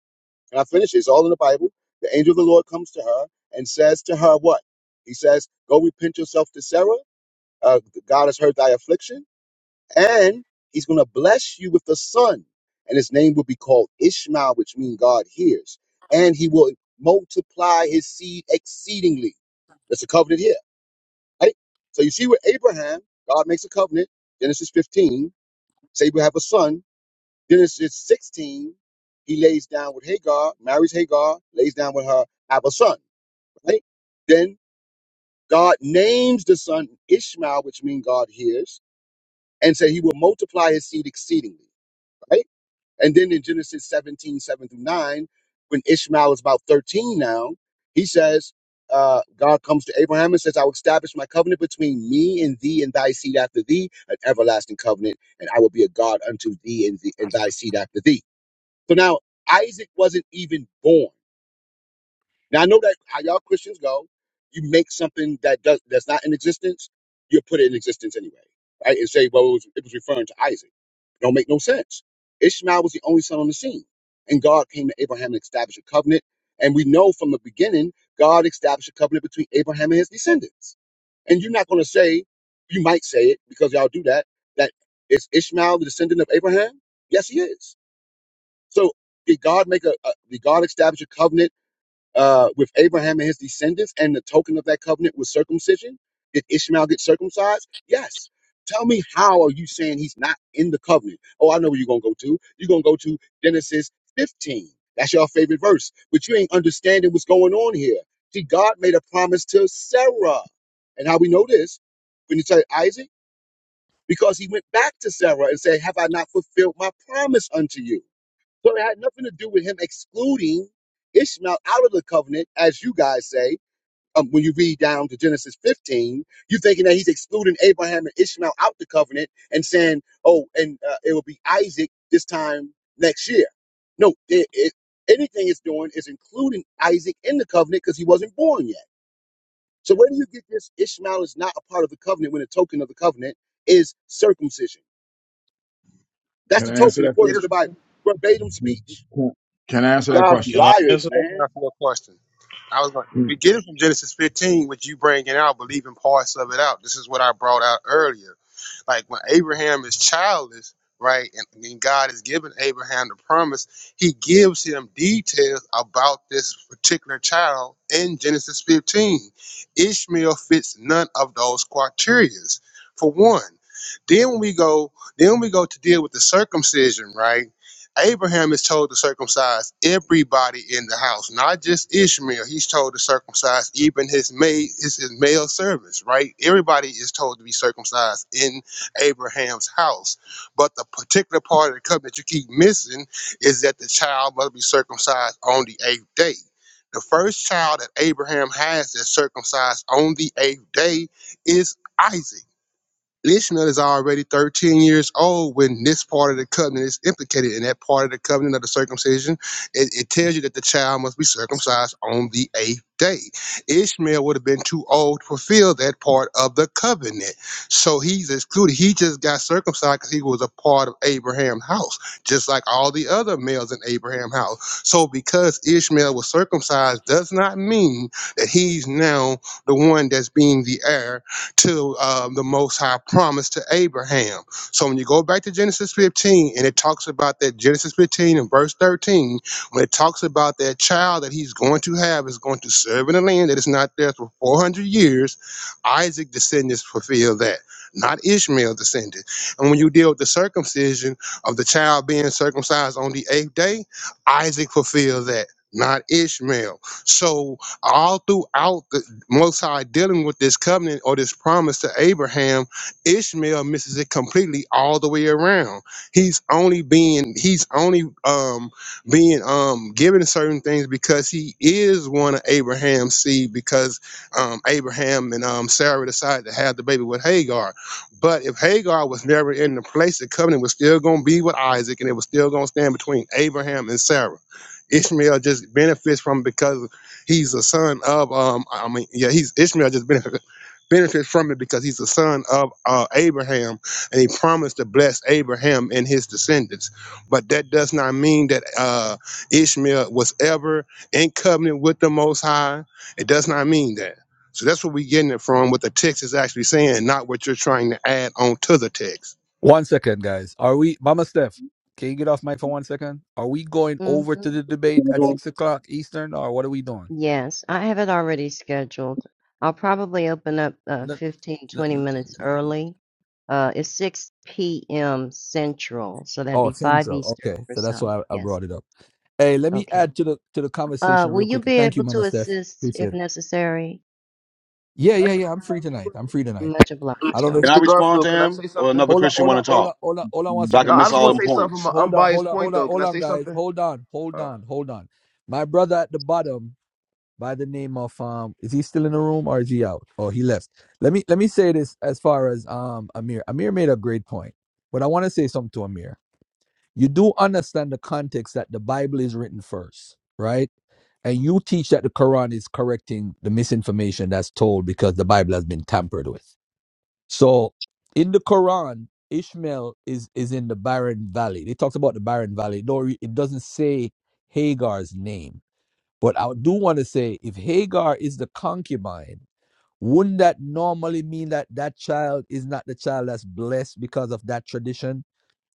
and I finish. it. It's all in the Bible. The angel of the Lord comes to her and says to her, "What?" He says, "Go repent yourself to Sarah. Uh, God has heard thy affliction, and He's going to bless you with a son, and his name will be called Ishmael, which means God hears, and He will multiply His seed exceedingly." That's a covenant here. Right? So you see with Abraham, God makes a covenant, Genesis 15, say we have a son, Genesis 16, he lays down with Hagar, marries Hagar, lays down with her, have a son, right? Then God names the son Ishmael, which means God hears, and said he will multiply his seed exceedingly, right? And then in Genesis 17, seven through 9, when Ishmael is about 13 now, he says, uh, God comes to Abraham and says, I will establish my covenant between me and thee and thy seed after thee, an everlasting covenant, and I will be a God unto thee and, thee, and thy seed after thee. So now Isaac wasn't even born now I know that how y'all Christians go, you make something that does that's not in existence, you put it in existence anyway, right? And say, well, it was, it was referring to Isaac. Don't make no sense. Ishmael was the only son on the scene, and God came to Abraham and established a covenant. And we know from the beginning, God established a covenant between Abraham and his descendants. And you're not going to say, you might say it because y'all do that, that is Ishmael the descendant of Abraham? Yes, he is. So did God make a, a did God establish a covenant? uh, with Abraham and his descendants, and the token of that covenant was circumcision? Did Ishmael get circumcised? Yes. Tell me how are you saying he's not in the covenant? Oh, I know where you're gonna go to. You're gonna go to Genesis 15. That's your favorite verse, but you ain't understanding what's going on here. See, God made a promise to Sarah, and how we know this when you say Isaac, because he went back to Sarah and said, "Have I not fulfilled my promise unto you?" So it had nothing to do with him excluding Ishmael out of the covenant, as you guys say. Um, when you read down to Genesis 15, you're thinking that he's excluding Abraham and Ishmael out the covenant and saying, oh, and uh, it will be Isaac this time next year. No, it, it, anything it's doing is including Isaac in the covenant because he wasn't born yet. So where do you get this? Ishmael is not a part of the covenant when the token of the covenant is circumcision. That's
Can
the
I answer
token
that
according
Get
to
it.
question?
the
from
Bible, verbatim
Can,
speech.
can- can I answer
I'll
that
be
Guys be
question?
Can I
liars,
answer
I was
man.
going for a question. I was going. We get it from Genesis 15, which you bringing out, believing parts of it out. This is what I brought out earlier. Like when Abraham is childless, right, and, and God is giving Abraham the promise, He gives him details about this particular child in Genesis 15. Ishmael fits none of those criteria. For one, then when we go, then we go to deal with the circumcision, right? Abraham is told to circumcise everybody in the house, not just Ishmael. He's told to circumcise even his maid, his, his male servants, right? Everybody is told to be circumcised in Abraham's house. But the particular part of the covenant you keep missing is that the child must be circumcised on the eighth day. The first child that Abraham has that's circumcised on the eighth day is Isaac. Ishmael is already 13 years old when this part of the covenant is implicated in that part of the covenant of the circumcision. It, it tells you that the child must be circumcised on the eighth day. Ishmael would have been too old to fulfill that part of the covenant. So he's excluded. He just got circumcised because he was a part of Abraham's house, just like all the other males in Abraham's house. So because Ishmael was circumcised does not mean that he's now the one that's being the heir to um, the Most High promise to Abraham. So when you go back to Genesis 15 and it talks about that Genesis 15 and verse 13, when it talks about that child that he's going to have is going to serve in a land that is not there for 400 years, Isaac descendants fulfill that, not Ishmael descendant. And when you deal with the circumcision of the child being circumcised on the eighth day, Isaac fulfilled that. Not Ishmael. So all throughout the most High dealing with this covenant or this promise to Abraham, Ishmael misses it completely all the way around. He's only being he's only um being um given certain things because he is one of Abraham's seed because um Abraham and um Sarah decided to have the baby with Hagar. But if Hagar was never in the place, the covenant was still gonna be with Isaac and it was still gonna stand between Abraham and Sarah. Ishmael just benefits from because He's a son of um. I mean, yeah, he's Ishmael. Just benefit, benefits from it because he's a son of uh, Abraham, and he promised to bless Abraham and his descendants. But that does not mean that uh, Ishmael was ever in covenant with the Most High. It does not mean that. So that's what we're getting it from. What the text is actually saying, not what you're trying to add on to the text.
One second, guys. Are we, Mama Steph? Can you get off mic for one second? Are we going over to
Mm-hmm.
the debate at
Can
six o'clock Eastern, or what are we doing?
Yes, I have it already scheduled. I'll probably open up uh,
No,
15,
no,
20
no.
minutes early. Uh, it's 6 p.m. Central, so that'd
Oh,
be 5
Central.
Eastern
Okay,
for
so that's
some.
why I I
Yes.
brought it up. Hey, let me
Okay.
add to the to the
Uh,
conversation
will
real
you
quick.
be
Thank you,
able to
Mama Steph.
assist if
Appreciate it.
necessary?
Yeah, yeah, yeah. I'm free tonight. I'm free tonight.
Much obliged,
I don't
okay.
know if
I
Mr.
respond to
Garfield? Can I
him
say
or
something?
another
hold on,
Christian
hold on,
want to
hold
talk
on, hold on, hold on one
so I
second,
No,
can
I
guys.
miss
just
all
want
Before
them
to say something from
points?
an
hold on, hold
unbiased
on,
point,
hold on,
though. Can
hold
I
on,
say
guys.
something?
Hold on, hold
All
on, hold on. My brother at the bottom by the name of um is he still in the room or is he out? Oh, he left. Let me let me say this as far as um Amir. Amir made a great point. But I want to say something to Amir. You do understand the context that the Bible is written first, right? And you teach that the Quran is correcting the misinformation that's told because the Bible has been tampered with. So in the Quran, Ishmael is is in the barren valley. They talked about the barren valley. No, it doesn't say Hagar's name but I do want to say if Hagar is the concubine, wouldn't that normally mean that that child is not the child that's blessed because of that tradition?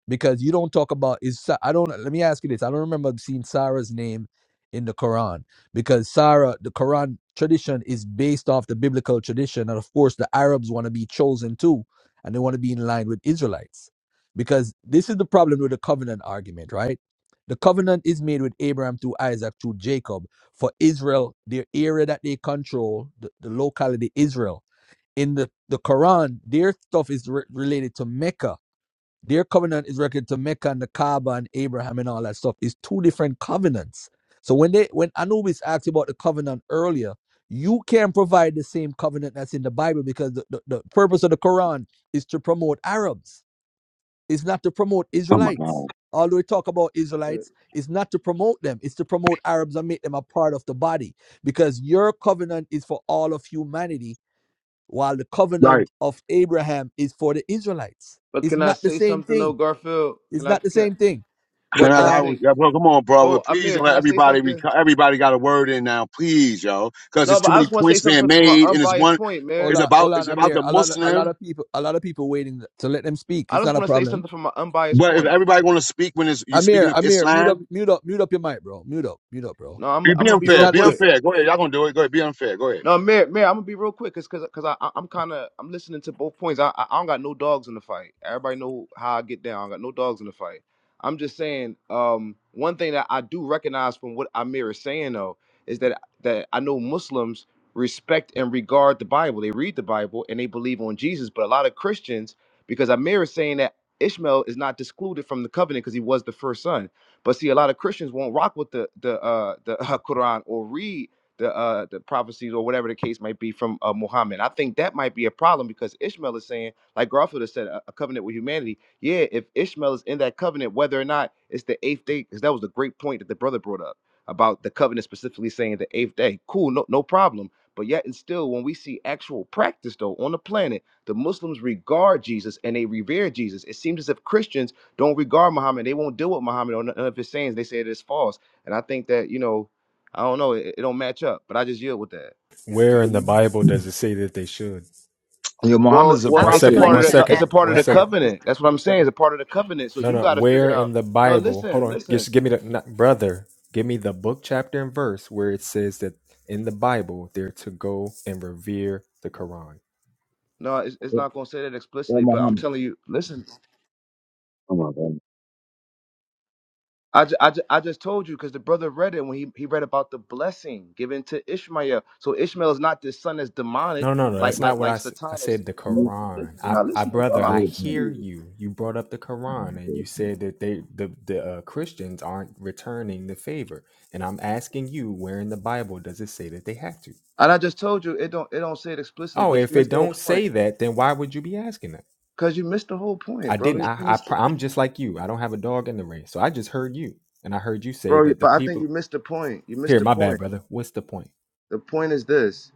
because you don't talk about is Sa- I don't let me ask you this. I don't remember seeing Sarah's name in the Quran because Sarah, the Quran tradition is based off the biblical tradition, and of course the Arabs want to be chosen too, and they want to be in line with Israelites because this is the problem with the covenant argument, right? The covenant is made with Abraham through Isaac through Jacob for Israel, their area that they control, the, the locality Israel. In the, the Quran, their stuff is re- related to Mecca their covenant is reckoned to Mecca and the Kaaba and Abraham and all that stuff. It's two different covenants. So when they when Anubis asked you about the covenant earlier, you can not provide the same covenant that's in the Bible because the, the, the purpose of the Quran is to promote Arabs. It's not to promote Israelites. Although we talk about
right.
Israelites, it's not to promote them, it's to promote Arabs and make them a part of the body. Because your covenant is for all of humanity, while the
Right.
covenant of Abraham is for the Israelites.
But
It's
can I
not the
say
same
something,
thing
though, Garfield? Can
it's
I
not the
can I
same thing.
can I,
Can
But
I,
can I
I
um,
say?
yeah, bro, come on, brother.
Oh,
Please
Amir, can
let
I say
everybody, be-
something?
everybody got a word in now, please, yo, because
No,
there's
but
too
I
many
just want to say
points being
something from an
made, and it's
unbiased
one,
point,
hold
man.
it's
on,
about,
hold on,
it's about
Amir.
the
A lot of a
Muslim.
lot of people, a lot of people waiting to let them speak.
I
It's
just
not a
want to say
problem.
something from an unbiased
But if
point.
everybody want to speak when it's, you're speaking
Amir,
of
Amir, mute up,
Islam,
mute up, mute up your mic, bro. Mute up, mute up, bro.
No, I'm
you
I'm
be
gonna be
It's
real
unfair,
not.
be
quick.
It's
unfair. Go ahead, y'all gonna do it. Go ahead, be unfair. Go ahead.
No, Mayor, Mayor, I'm gonna be real quick, cause, cause, 'cause I, I- I'm kind of, I'm listening to both points. I, I, I don't got no dogs in the fight. Everybody know how I get down. I don't got no dogs in the fight. I'm just saying, um, one thing that I do recognize from what Amir is saying though is that that I know Muslims respect and regard the Bible. They read the Bible and they believe on Jesus. But a lot of Christians, because Amir is saying that Ishmael is not excluded from the covenant because he was the first son. But see, a lot of Christians won't rock with the the uh, the Quran or read the uh, the prophecies or whatever the case might be from uh, Muhammad. I think that might be a problem because Ishmael is saying, like Garfield has said, a, a covenant with humanity. Yeah, if Ishmael is in that covenant, whether or not it's the eighth day, because that was the great point that the brother brought up about the covenant specifically saying the eighth day. Cool, no no problem. But yet and still, when we see actual practice though on the planet, the Muslims regard Jesus and they revere Jesus. It seems as if Christians don't regard Muhammad. They won't deal with Muhammad or none of his sayings. They say it is false. And I think that you know I don't know. It, it don't match up, but I just yield with that.
Where in the Bible does it say that they should?
Your
Well,
Muhammad's a
I
well,
One
it's
was
a
prophet.
Yeah,
second,
part
going
of
one
to
you-
the. No,
second,
it's
ask
a part of
one
for
the
that
second.
covenant. That's what
specific
I'm saying.
word.
It's a part of the covenant. So
No,
you
no.
got to figure it
Where
out.
in the
No,
Bible? Hold
listen,
on.
listen.
Just give me the not, brother. Give me the book, chapter, and verse where it says that in the Bible they're to go and revere the Quran.
No, it's, it's not going to say that
Or
explicitly, but I'm
Muhammad.
telling you. Listen, I, ju- I, ju- I just told you because the brother read it when he, he read about the blessing given to Ishmael. So Ishmael is not this son that's demonic,
No, no, no.
like
That's
like
not what
like
I said. I
Satan. Or,
said the
oh, listen,
Quran.
you're
I,
not
I,
listening, bro.
brother, I
I'm answering
hear
you.
you. You brought up the Quran and you said that they, the, the uh, Christians aren't returning the favor. And I'm asking you, where in the Bible does it say that they have to?
And I just told you it don't it don't say it explicitly,
Oh,
but you
if it
missed the whole
don't
point.
say that, then why would you be asking that?
Cause you missed the whole point,
I
bro.
didn't.
You
I, I,
missed it.
pro- I'm just like you. I don't have a dog in the race. So I just heard you, and I heard you say
bro.
that the
But I think
people
you missed the point. You missed
here.
the
My
point.
bad, brother. What's the point?
The point is this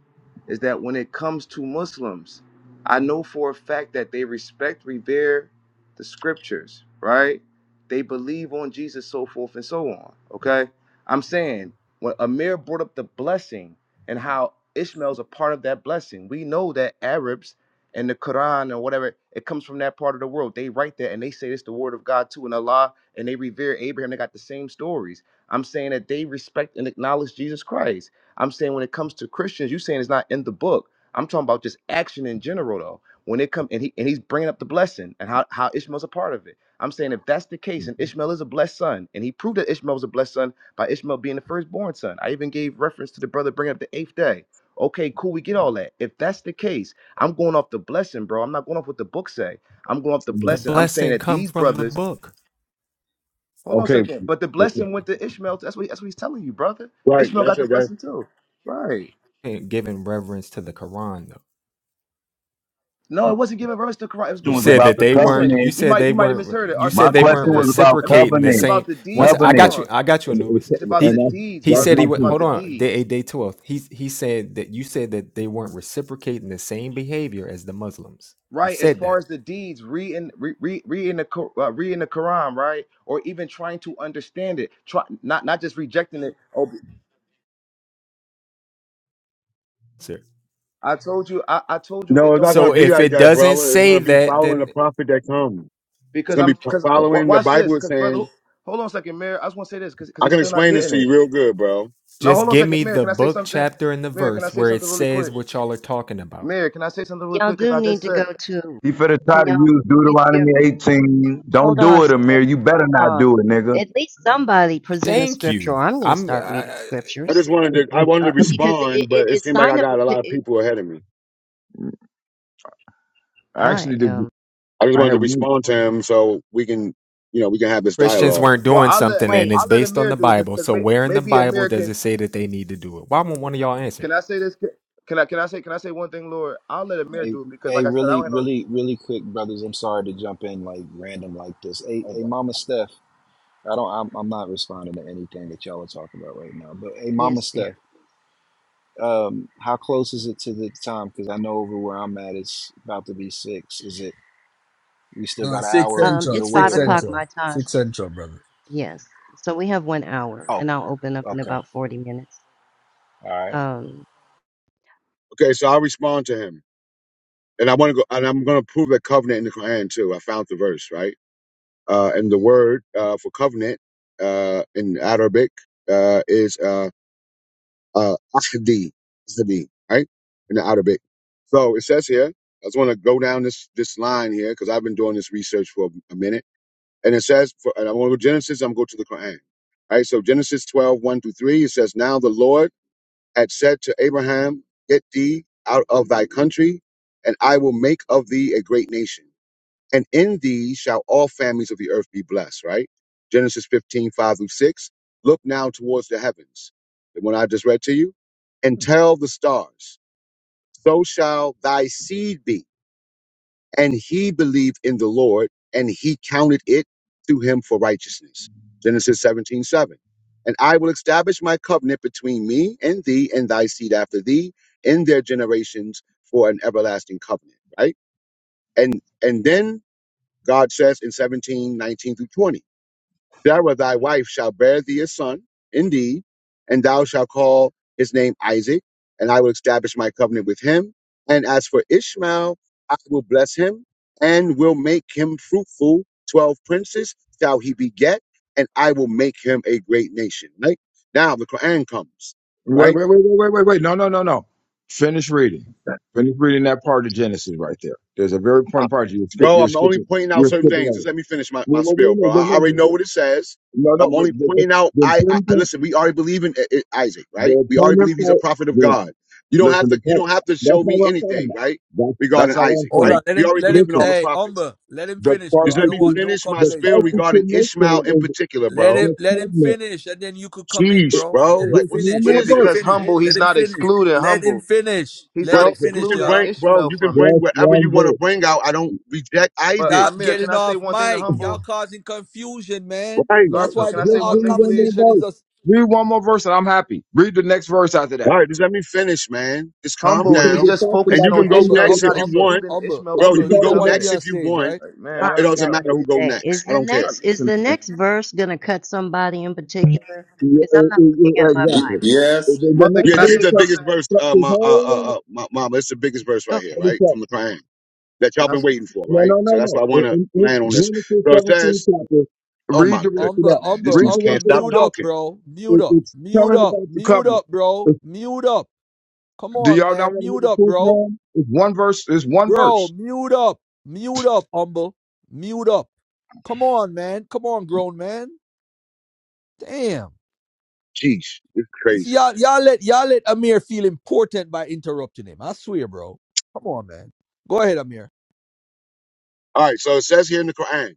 is that when it comes to Muslims, I know for a fact that they respect, revere the scriptures, right? They believe on Jesus, so forth and so on. Okay. I'm saying when Amir brought up the blessing and how Ishmael's a part of that blessing, we know that Arabs and the Quran or whatever, it comes from that part of the world. They write that and they say it's the word of God too, and Allah, and they revere Abraham. They got the same stories. I'm saying that they respect and acknowledge Jesus Christ. I'm saying when it comes to Christians, you saying it's not in the book. I'm talking about just action in general, though. When it come and he and he's bringing up the blessing and how how Ishmael's a part of it. I'm saying if that's the case, and Ishmael is a blessed son, and he proved that Ishmael was a blessed son by Ishmael being the firstborn son. I even gave reference to the brother bringing up the eighth day. Okay, cool, we get all that. If that's the case, I'm going off the blessing, bro. I'm not going off what the book say. I'm going off the
The
blessing. I'm saying
blessing
that
come
these
from the
brothers.
book.
Hold on a
Okay.
second, but the blessing went to Ishmael. That's what that's what he's telling you, brother.
Right,
Ishmael
that's
got the
it, guys.
blessing too, right?
giving reverence to the Quran though.
No, it wasn't giving reference to Christ. It was
Question
You
giving
was
said
about
reference.
that
the
they weren't.
Listen,
covenant.
You
you
said
might
they
you might have
weren't.
misheard it. All
You
right, so
My
said
let me
they
let me say
question
weren't
was
this.
about
Let me.
reciprocating the
It's
covenant.
about
same.
the
Once
deeds.
I
Hold
Covenant.
got you,
on.
I got you,
And
It's
Anubis.
it's about the
He
that's,
deeds,
he
that's
said
brother.
my
he
It's
would
about
point.
hold
the
on day
deeds,
eight, day twelve. He he said that you said that they weren't reciprocating the same behavior as the Muslims. You
right? As
said
far
that,
as the deeds, reading in re, re, read the Qu- uh, read the Quran, right? Or even trying to understand it. Try not not just rejecting it. Oh,
sir.
I told you. I, I told you it
No, it's
don't
not
say
gonna
So
it
be
if
expl-
like
it
that,
doesn't
brother. It's
say
gonna be
that,
following the
then
prophet that comes. It's
because
gonna
I'm
be fo-
because
following the
watch this
Bible is
because
saying
brother. Hold on a second, Mayor. I just want to say this because because
I
he's
can
still not
explain this
getting
to
it.
you real good, bro.
Now hold
just
on a
give
second,
me
Mayor.
the
Can I say
book,
something?
chapter, and the
Mary, can I
verse
say
where it
something really quick?
says what y'all are talking about.
Mayor, can I say something really
Y'all
quick?
do
Because I
need
just
to go
said,
to,
You better try
can
to
y'all,
use
you, you,
Deuteronomy 18. Don't
hold
do
on,
it, Amir.
Swift,
You better
hold
not
on.
do it, nigga.
At least somebody present a
Thank
scripture,
you.
or I'm going to
I'm.
start reading
I just
scriptures.
wanted to I wanted
Uh,
to
uh, because it,
respond,
it,
but it
it's
seemed like I
sign of a,
got a lot
pi-
of
it,
people ahead of me.
I
I
actually did.
am,
I just
I
wanted to
have one.
respond to him so we can, you know, we can have this
Christians
dialogue.
weren't
well,
doing
I'll let
something and
wait,
it's
I'll let
based on
Amir
the
do it because
Bible.
because
So
may,
where in the
maybe
Bible
Amir
does
can.
it say that they need to do it? Why won't one of y'all answer?
Can I say this? Can, can I can I say can I say one thing, Lord? I'll let Amir
Hey,
do it because,
hey,
like I said, I
really,
don't have no.
really, really quick, brothers. I'm sorry to jump in like random like this. Hey, hey, Mama Steph. I don't. I'm, I'm not responding to anything that y'all are talking about right now. But hey, Mama
yes,
Steph.
dear.
Um, how close is it to the time? Because I know over where I'm at, it's about to be six. Is it? We still
no
got an
six
hour
Um,
central,
your
it's five
way
six
or what?
o'clock
central,
my time,
six central, brother.
yes. So we have one hour,
Oh,
and I'll open up in
okay,
about 40 minutes.
all right.
Um,
Okay, so I'll respond to him. And I want to go and I'm gonna prove a covenant in the Quran too. I found the verse, right? Uh and the word uh for covenant uh in Arabic uh is uh uh ahdi, ahdi, right? In the Arabic. So it says here, I just want to go down this this line here because I've been doing this research for a minute And it says, for, and I'm going to go to Genesis, I'm going to go to the Quran. All right, so Genesis 12, one through 3, it says, Now the Lord had said to Abraham, Get thee out of thy country, and I will make of thee a great nation. And in thee shall all families of the earth be blessed, right? Genesis 155 through 6. Look now towards the heavens, the one I just read to you, and tell the stars, So shall thy seed be and he believed in the Lord, and he counted it to him for righteousness. Genesis 17:7. And I will establish my covenant between me and thee and thy seed after thee in their generations for an everlasting covenant, right? And and then God says in 17:19 through 20. Sarah thy wife shall bear thee a son, indeed, and thou shalt call his name Isaac, and I will establish my covenant with him. And as for Ishmael, I will bless him and will make him fruitful. Twelve princes shall he beget, and I will make him a great nation. Right? Now the Quran comes, right?
Wait, wait, wait, wait, wait, wait, wait. No, no, no, no. Finish reading. Finish reading that part of Genesis right there. There's a very
I-
important part. You're skipping.
bro,
You're
I'm only
skipping.
pointing out
You're
certain
skipping
things.
over.
Just
Wait,
let me finish my, my
wait,
spiel,
wait, wait,
bro. I
wait,
I
wait,
already
wait.
know what it says.
No, no.
I'm only
but- but- but
pointing out.
The
I, I
important thing,
listen. We already believe in I- I- Isaac, right?
the
We already
important
believe he's a
part,
prophet of
the,
God. You don't have
listen, the
to. You
point,
don't have to
that's
show
not
me
what I'm talking
anything,
about.
right?
That's, that's
Regarding
not what I'm
Isaac,
Hold
right?
on,
saying.
let
We
him,
already
let
believe
him.
in
Listen,
all the
Hey,
prophets.
Umber, let him
the
finish, bro.
Just
part
I
let
that
don't
me
want
you,
no
finish my
the
complaints,
spiel
part that
bro.
you're
regarding Ishmael
missing
in
is
particular,
Let
bro.
him,
the
let him
covenant.
finish, and then you could come in,
It-
Jeez,
bro.
bro.
Let him
Like,
Just
what is
one
finish.
what
Yeah,
more
is
Let him
verse.
because
this,
finish.
man?
humble,
Let
he's
him
not
finish.
excluding
Let him
humble.
finish.
He's
Let
not
Bro,
him
Ju-
you
finish,
can
excluding
y'all.
bring, bro,
Ishmael
you can
from it.
bring
Just
whatever you
one
want to
verse.
bring out. I don't reject
But
Isaac.
Stop
Amir, can
getting
I say
off
one thing to
mic. Y'all
humble
causing confusion, man.
Right?
Right.
That's
Garfield?
why
Can
the,
I
the
say
Just
our
one
read
thing,
one more
please?
conversation is
verse.
just
Read one more verse and I'm happy. Read the next verse after that.
All right, just let me finish, man. Just calm
Humble,
Because
he's
down.
it
just
talks
And
focusing
you
about the
on
can go
thing
umber,
that
Ishmael.
next
He's
umber,
if
not
it,
you
umber,
want.
excluding
umber,
Ishmael
it,
Bro,
from
you
it
umber.
any
can
You
talks
go
don't
about.
want to be
next
covenant.
on
if you
stage,
want.
right?
Like, man,
My
Uh, It
y'all,
doesn't
y'all,
God,
matter who go
today
next.
is
I
the
don't
y'all
care.
not
next is the
listening, man.
next verse going to cut somebody in particular?
Yeah,
Because
uh,
I'm not
uh,
looking
uh,
at my
Now
exactly.
Bible.
The, the
Mother, can
next
Yeah,
I
this is
verse
say
the
cuts,
biggest
something?
verse,
cuts
uh,
his
my, uh, uh,
whole
uh, my mama. It's the biggest verse right here,
what
Okay,
is
right?
that?
From the Quran that y'all been waiting for,
No,
right?
no,
So
no,
that's
no.
why I
In,
want to
in, in
land on this.
Genesis
So it
17
says,
chapter,
oh
read
my
the rest of
goodness,
Umber,
that.
man, these
umber,
Read
dudes
the
umber.
rest
can't
of
stop
that.
Mute up,
talking.
bro. Mute
It,
up.
it's
Mute
telling
up.
about the
Mute
covenant.
up, bro.
If-
Mute up. Come
do
on,
y'all not
man.
want to hear
Mute
the
up,
truth,
bro.
man? It's one verse. It's one
Bro,
verse.
mute up. Mute up, umber. Mute up. Come on, man. Come on, grown man. Damn.
Jeez, it's
You see,
crazy.
y'all, y'all let y'all let Amir feel important by interrupting him. I swear, bro. Come on, man. Go ahead, Amir.
All right, so it says here in the Quran,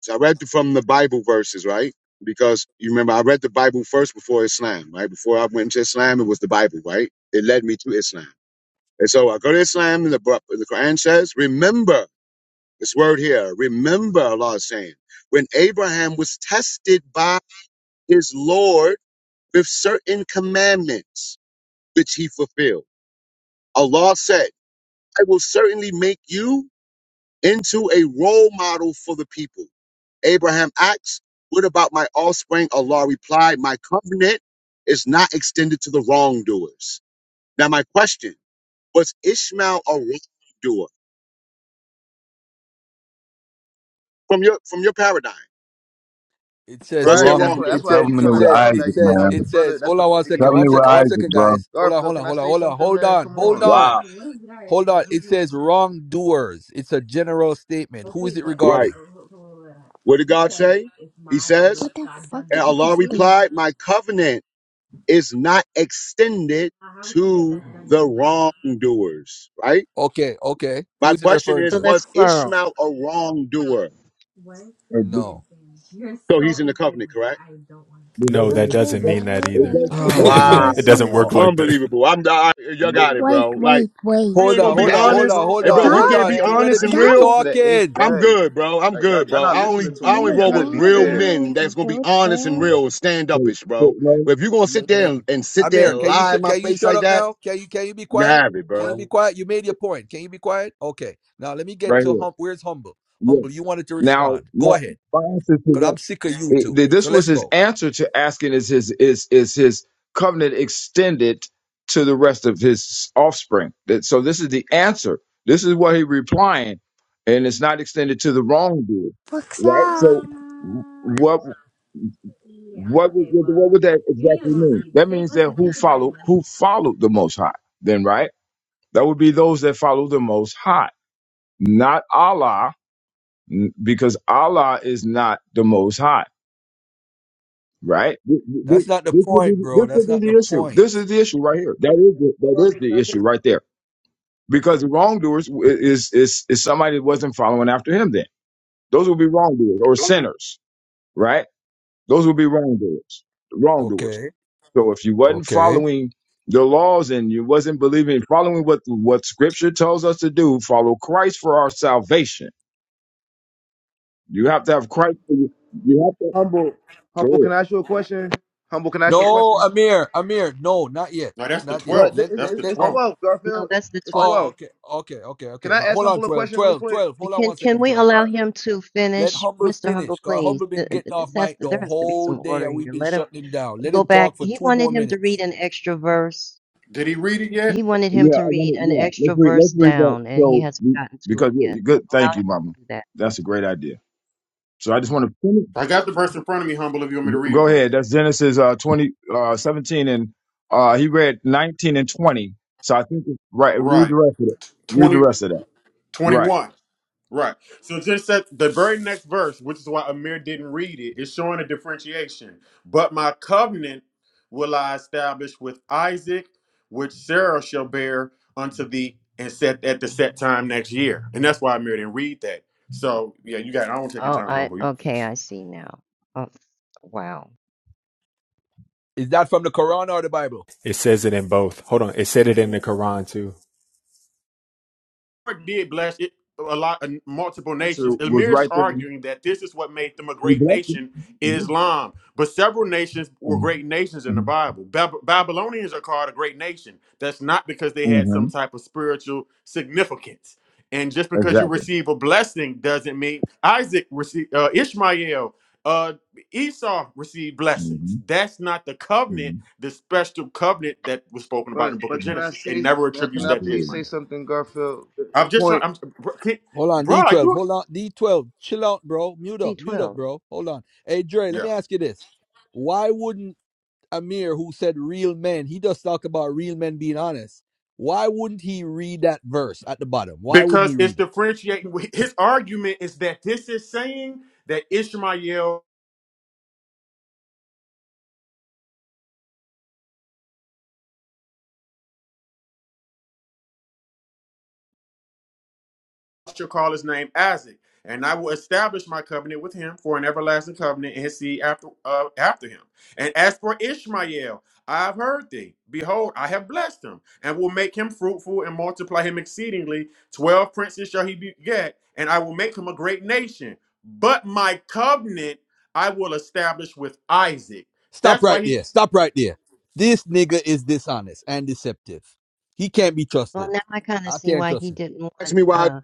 So I read from the Bible verses, right? Because you remember, I read the Bible first before Islam, right? Before I went to Islam, it was the Bible, right? It led me to Islam. And so I go to Islam, and the, Bru- the Quran says, remember this word here, remember Allah is saying, when Abraham was tested by his Lord with certain commandments, which he fulfilled, Allah said, I will certainly make you into a role model for the people. Abraham asks, What about my offspring? Allah replied, My covenant is not extended to the wrongdoers. Now, my question was Ishmael a wrongdoer? From your from your paradigm,
It says
was he a
Right. That's
wrong.
what.
wrongdoer?
That's
It
why I
says.
keep
Covenant
It
trying to
with
tell
says.
him that.
It
Isaac,
says.
Like the
It
man.
brother.
says.
That's
Hold
the
on
point
one
that he's
second. One
Covenant
making.
with
second. One
Isaac,
second,
bro.
guys. Hold on.
Garfield,
Hold on.
can I
Hold on.
say
Hold on.
something,
Hold
man?
on.
Come
Hold
on.
on.
Wow.
Hold on. It says wrongdoers. It's a general statement. Who is it
Right.
regarding?
What did God say? He says,
Get the fuck
and Allah
this thing.
replied, My covenant is not extended to the wrongdoers. Right?
Okay. Okay. Who
My
is it
question
referring
is,
so
to?
that's
was
plural.
Ishmael a wrongdoer?
It,
No.
So he's in the covenant, correct?
it
No,
doesn't
Look
that
mean
here,
it,
doesn't
does,
mean
bro.
that
it,
Oh
either.
my
does, it
Oh
doesn't mean
god,
Wow.
I
my
that.
it
It,
see.
doesn't
God.
work like that.
Unbelievable. I'm I, you got it,
yeah,
Wait,
bro. Like
wait, wait.
we ain't
Hold
He,
gonna
on.
be
Hold
he
on.
just
Hold
honest.
on.
told
Hold
Hey
y'all
bro,
on.
that
we
he
Hold
Stop,
can't
on.
be
Too
added
many
honest and
Isaac
people
real.
to
guys.
the eighth
talking.
I'm
day.
good, bro. I'm
Like y'all,
good,
y'all
bro.
not
I only
listening to
I
Oh
him,
only
man.
my
Y'all
roll
gotta
with
be
god,
real
fair.
bro.
men that's
They
gonna be
do it,
honest and
bro.
okay.
real and stand
So,
upish,
so,
bro.
no,
But if you're gonna
Real
sit there
men.
and, and sit there
Amir,
and
can you
lie in
sh-
my
can you
face
shut
like
up
that,
now? Can you can you be
you
quiet?
have it,
Can you be
bro.
quiet? You made your point. Can you be quiet? Okay. Now let me get
right
to
here.
hum- where's humble?
Yeah.
Humble, you wanted to
Now,
respond.
my,
Go ahead,
my answer to
cause
that.
I'm sick of you
It-
two.
th-
So
this was
let's
his
go.
answer to asking is his is is his covenant extended to the rest of his offspring That- so this is the answer this is what he replying and it's not extended to the wrongdoer
Fuck's
right so
up.
what what would what would that exactly mean that means that who followed who followed the most high then right that would be those that follow the most high not allah n- because allah is not the most high Right? Th- th-
That's
th-
not the
This could be
point, bro.
this could
That's
be
not the
the issue.
point.
This is the issue right here. That is the, that is
Garfield, can
the
I say
issue right there. Because the wrongdoers w- is is is somebody that wasn't following after him. Then those would be wrongdoers or
something?
sinners, right? Those would be wrongdoers, wrongdoers.
Okay.
So if you wasn't
Okay.
following the laws and you wasn't believing, following what what Scripture tells us to do, follow Christ for our salvation. You have to have Christ. For you, you have to.
Humble,
Go
humble.
ahead.
Can I ask you a question? Humble, can I ask you a
No,
question?
Amir. Amir. No, not yet.
that's the
Not
No,
yet.
it-
12th.
Let
it's,
That's
let
it's
the
let
it's
um.
12th.
twelve,
No,
Garfield. It's,
that's the
it's
Oh,
twelve.
twelve.
okay. Okay. Okay.
Can
Okay.
I
Ma-
ask
Hold on.
humble a
12,
question really
12,
quick?
12. Hold on
Can
one
can
second.
we
12.
All
allow
right.
him to
Let
finish,
Humble
Mr.
finish.
Humble?
Cause
Please,
Humble been
Th- th-
getting off
this has
mic the
to, there has to be
whole
some
day
order
and we've
here.
been
Let him
shutting him down. Let
go
him
back.
talk for
He
two
wanted
more
him to read
minutes.
an extra verse.
Did he read it yet?
He wanted him
Yeah, I
to
want
read
to.
an
Yeah,
extra
let's read. Let's
verse
read that.
down, and he
So,
hasn't
we-
gotten to it
because yeah,
yet.
you
So
good.
allow
Thank
him
you, Mama.
to do that.
That's a great idea. So I just want to finish.
I got the verse in front of me, humble, if you want me to read it
Go
for you.
ahead. That's Genesis uh, 20, uh, 17, and uh, he read nineteen and twenty. So I think it's right. Read
Right.
the rest of it. Read the
20
rest of that.
twenty-one.
Right.
Right. So just that the very next verse, which is why Amir didn't read it, is showing a differentiation. But my covenant will I establish with Isaac, which Sarah shall bear unto thee, and set at the set time next year. And that's why Amir didn't read that. So yeah, you got. I don't take your
Oh,
time,
I
humble.
okay, I see now. Oh, wow.
Is that from the Quran or the Bible?
It says it in both. Hold on. It said it in
Can I,
the Quran too.
Lord did bless it a lot uh, multiple
Answer
nations.
was
Elmir's
right there.
arguing that this is what made them a
We
great
blessed
nation,
it.
Islam. But several nations were great nations in
Mm-hmm.
the Bible. Bab- Babylonians are called a great nation. That's not because they had
hmm
some type of spiritual significance. And just because you
Exactly.
receive a blessing doesn't mean Isaac received uh, Ishmael. Uh, Esau received blessings.
hmm
That's not the covenant,
hmm
the special covenant that was spoken about in
but
the book of
but can I
Genesis. It
say,
never
man? Can
attributes
I
that to
please
Absolutely.
Ishmael.
say something, Garfield? The, the
I'm just trying.
point.
I'm, bro, can,
Hold on,
bro, are
D12.
you okay?
Hold on, D12. Chill out, bro. Mute up, mute up,
C12.
bro. Hold on. Hey, Dre, let
Yeah.
me ask you this. Why wouldn't Amir, who said real men, he does talk about real men being honest. Why wouldn't he read that verse at the bottom? Why wouldn't
because
he
it's
read it?
differentiating. His argument is that this is saying that Ishmael shall call his name Isaac, and I will establish my covenant with him for an everlasting covenant and his seed after uh, after him. And as for Ishmael, I have heard thee. Behold, I have blessed him, and will make him fruitful and multiply him exceedingly. Twelve princes shall he beget, and I will make him a great nation. But my covenant I will establish with Isaac.
Stop
That's
right
why he.
there. Stop right there. This nigga is dishonest and deceptive. He can't be
Well,
trusted.
now I kind of
I
see
can't
why he
trust him.
didn't
Ask
want
me why
uh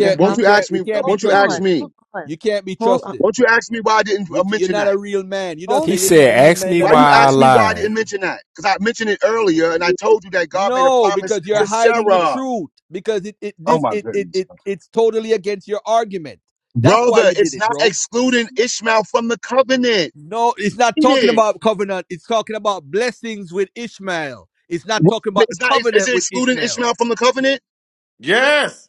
they're
won't
you
you
humble.
ask
can't you
me
can't
Hold
be
won't you
on,
ask
trusted.
me?
hold on,
You can't be
hold on,
trusted.
Won't you ask me why I didn't
You
uh,
ca- you're
mention
not
that?
a real man. You just
hold
He
say
on.
you need
said,
real
ask
men
me
Why
that
why
are
you
I
ask me
honest.
why I
lied.
didn't mention that? Because I mentioned it earlier and I told you that God made a
No,
promise
because you're
to
That's,
hiding the
mm.
Sarah.
truth. Because it, it
Oh
this
my
it, it
goodness.
it it's totally against your argument. That's why
Brother,
you did
it's
it,
not
bro.
excluding Ishmael from the covenant.
No, it's not
He
talking
did.
about covenant. It's talking about blessings with Ishmael. It's
But
not talking about the
It's not, is is
covenant
it
with
excluding
Ishmael.
Ishmael from the covenant?
Yes.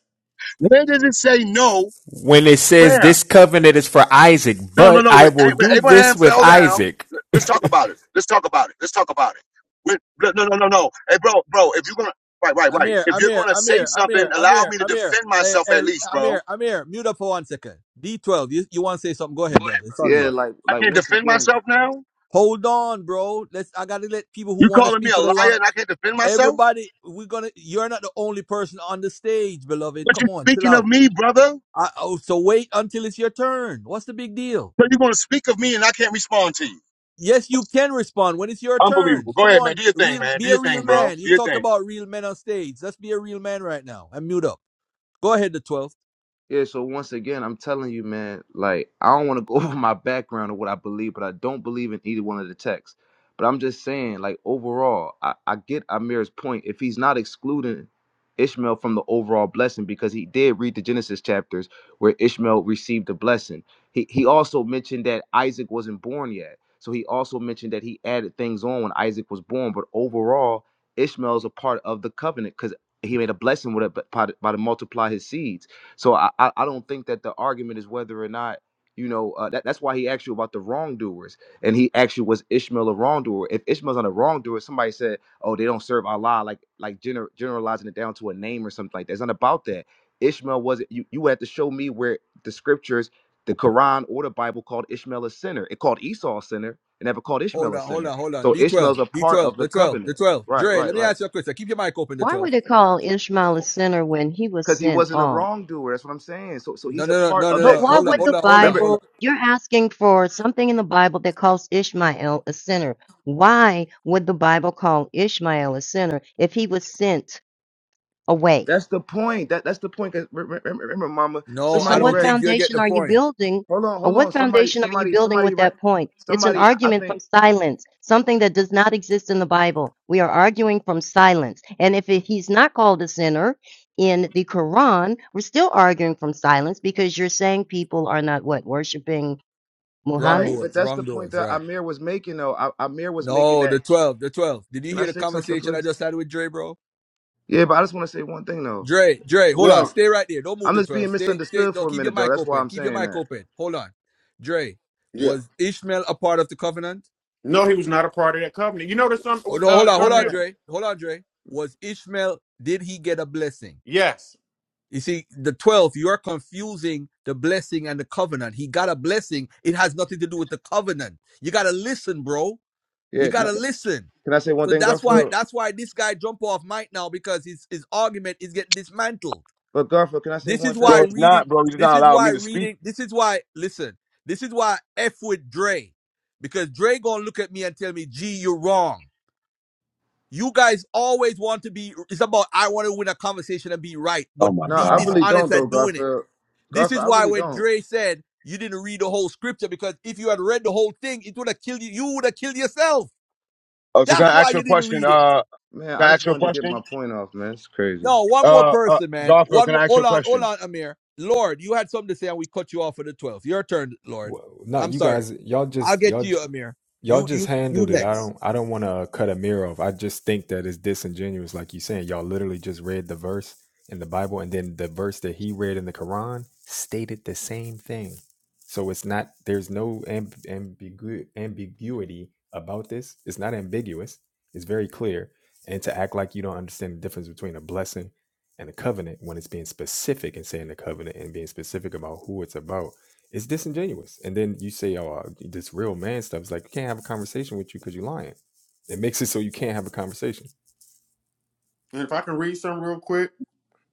Where does it say no?
When it says
Where?
this covenant is for Isaac,
No, no,
but
no.
I
When,
will
A- when
do
Abraham
this with
fell down,
Isaac.
let's talk about it. Let's talk about it. Let's talk about it. When, no, no, no, no, no. Hey, bro, bro, if you're going to, right, right, right.
Amir,
If you're
Amir,
going to say
Amir, Amir,
something, allow
Amir,
me to
Amir.
defend
Hey,
myself at
hey,
least, bro.
Amir, Amir, mute up for one second. D12, you, you want to say something? Go ahead,
Go ahead,
brother.
brother.
It's
Go
on
Yeah,
you.
ahead. like
I
like
can't
once
defend
again,
myself now?
Hold on, bro. Let's. I gotta let people who
You
want to
calling me
speak
a
for the
liar
long.
and I can't defend myself?
Everybody, we're gonna. You're not the only person on the stage, beloved.
But you're
Come on, chill
speaking of
out.
me, brother.
I, oh, so wait until it's your turn. What's the big deal?
So you're going to speak of me and I can't respond to you.
Yes, you can respond when it's your turn.
Unbelievable. Go
Come
ahead, man.
on,
Do your thing,
real.
man. Do
Be a
your
real
thing, bro.
man.
Do
You
your
talked
thing.
about real men on stage. Let's be a real man right now and mute up. Go ahead, the twelve.
Yeah, so once again, I'm telling you, man, like I don't want to go over my background or what I believe, but I don't believe in either one of the texts. But I'm just saying, like overall, I, I get Amir's point. If he's not excluding Ishmael from the overall blessing, because he did read the Genesis chapters where Ishmael received the blessing. He he also mentioned that Isaac wasn't born yet. So he also mentioned that he added things on when Isaac was born. But overall, Ishmael's a part of the covenant because he made a blessing with it by, by to multiply his seeds. So I, I I don't think that the argument is whether or not you know uh, that that's why he asked you about the wrongdoers, and he asked you was Ishmael a wrongdoer? If Ishmael's not a wrongdoer, somebody said, oh, they don't serve Allah, like like gener- generalizing it down to a name or something like that. It's not about that. Ishmael wasn't. You you had to show me where the scriptures, the Quran or the Bible called Ishmael a sinner. It called Esau a sinner. It never called
Hold
Ishmael a
on, hold
sinner.
on, hold on.
So
D twelve,
Ishmael's a
D
part
twelve,
of the
the twelve, the
covenant.
twelve.
Right,
Dre,
right,
let me
right.
ask you a question. Keep your mic open. The
why
twelve.
would it call Ishmael a sinner when he was
Because he
sent
wasn't a
off?
wrongdoer. That's what I'm saying. So so
No,
he's a
no, no,
part
no,
of
no,
But
no.
that
why
Hold on,
would
covenant.
hold
the
on, hold on,
Remember,
hold
Bible,
on.
you're asking for something in the Bible that calls Ishmael a sinner. Why would the Bible call Ishmael a sinner if he was sent away?
That's the point. That that's the point. 'Cause re- re- remember, Mama,
But
No,
so
I
somebody
what
don't
read.
think you'll get
foundation
the
are you
point.
building?
Hold on,
Or
hold on.
what
Somebody,
foundation are you
somebody,
building
somebody
with
read.
that point? It's an
Somebody, I
argument from
think
silence, something that does not exist in the Bible. We are arguing from silence. And if it- he's not called a sinner in the Quran, we're still arguing from silence because you're saying people are not what? Worshiping
Wrong
Muhammad?
right. But
doors,
that's the
wrong
point
doors,
that
right.
Amir was making, though. I, Amir was making
No,
that.
the 12, the 12. Did you
Can I
hear the
say something,
conversation I
please?
just had with Dre, bro?
Yeah, but I just want to say one thing, though.
Dre, Dre, hold on.
Yeah.
Stay right there. Don't move
I'm
the
just
12.
being
Stay, stay.
misunderstood
Don't
for a
keep your
minute, though.
mic
That's why
open.
I'm
Keep your
saying
mic
that.
open. Hold on. Dre,
Yeah.
was Ishmael a part of the covenant?
No, he was not a part of that covenant. You notice some
Oh, no,
uh,
hold on, hold on,
Garfield?
Yeah,
Dre. Hold on, Dre. Was Ishmael, did he get a blessing?
Yes.
You see, the 12, you are confusing the blessing and the covenant. He got a blessing. It has nothing to do with the covenant. You got to listen, bro. You
yeah. no-
gotta
no,
listen.
can I say one
So
thing,
that's why
Garfield?
that's why this guy jump off mic now because his his argument is getting dismantled.
But Garfield, can I say
This is
one
why
Bro,
thing?
it's
reading.
not, bro. You're
This
not
is
allowing
why
me to speak.
reading. This is why listen. This is why I f with Dre because Dre gonna look at me and tell me, "Gee, you're wrong." You guys always want to be. It's about I want to win a conversation and be right,
Oh,
but
my
No,
be
I
God.
really
dishonest
don't, though,
at doing it.
Garfield.
This is
Garfield, I
why
really
when
don't.
Dre said you didn't read the whole scripture because if you had read the whole thing, it would have killed you. You would have killed yourself.
Oh, so can
That's
I
why
ask you a
you didn't
question?
read it.
Uh,
Man, I
can I
just
ask you a
wanted to get
question?
my point off, man. It's crazy.
No, one more
Uh, uh,
person, man.
Garfield,
One
can
more.
I ask you
Hold
a
on, hold
question?
on, Amir. Lord, you had something to say, and we cut you off for the 12th. Your turn, Lord.
Well, no,
I'm
you
sorry.
guys, y'all
I'll
just,
get to
y'all,
you, Amir.
y'all
You,
just
you, you
handled it. I
next.
don't I don't want to cut a mirror off. I just think that it's disingenuous, like you saying. Y'all literally just read the verse in the Bible, and then the verse that he read in the Quran stated the same thing. So it's not there's no amb- ambigu- ambiguity about this. It's not ambiguous. It's very clear. And to act like you don't understand the difference between a blessing and a covenant when it's being specific and saying the covenant and being specific about who it's about it's disingenuous. And then you say, "Oh, uh, this real man stuff." It's like you can't have a conversation with you because you're lying. It makes it so you can't have a conversation.
And if I can read some real quick,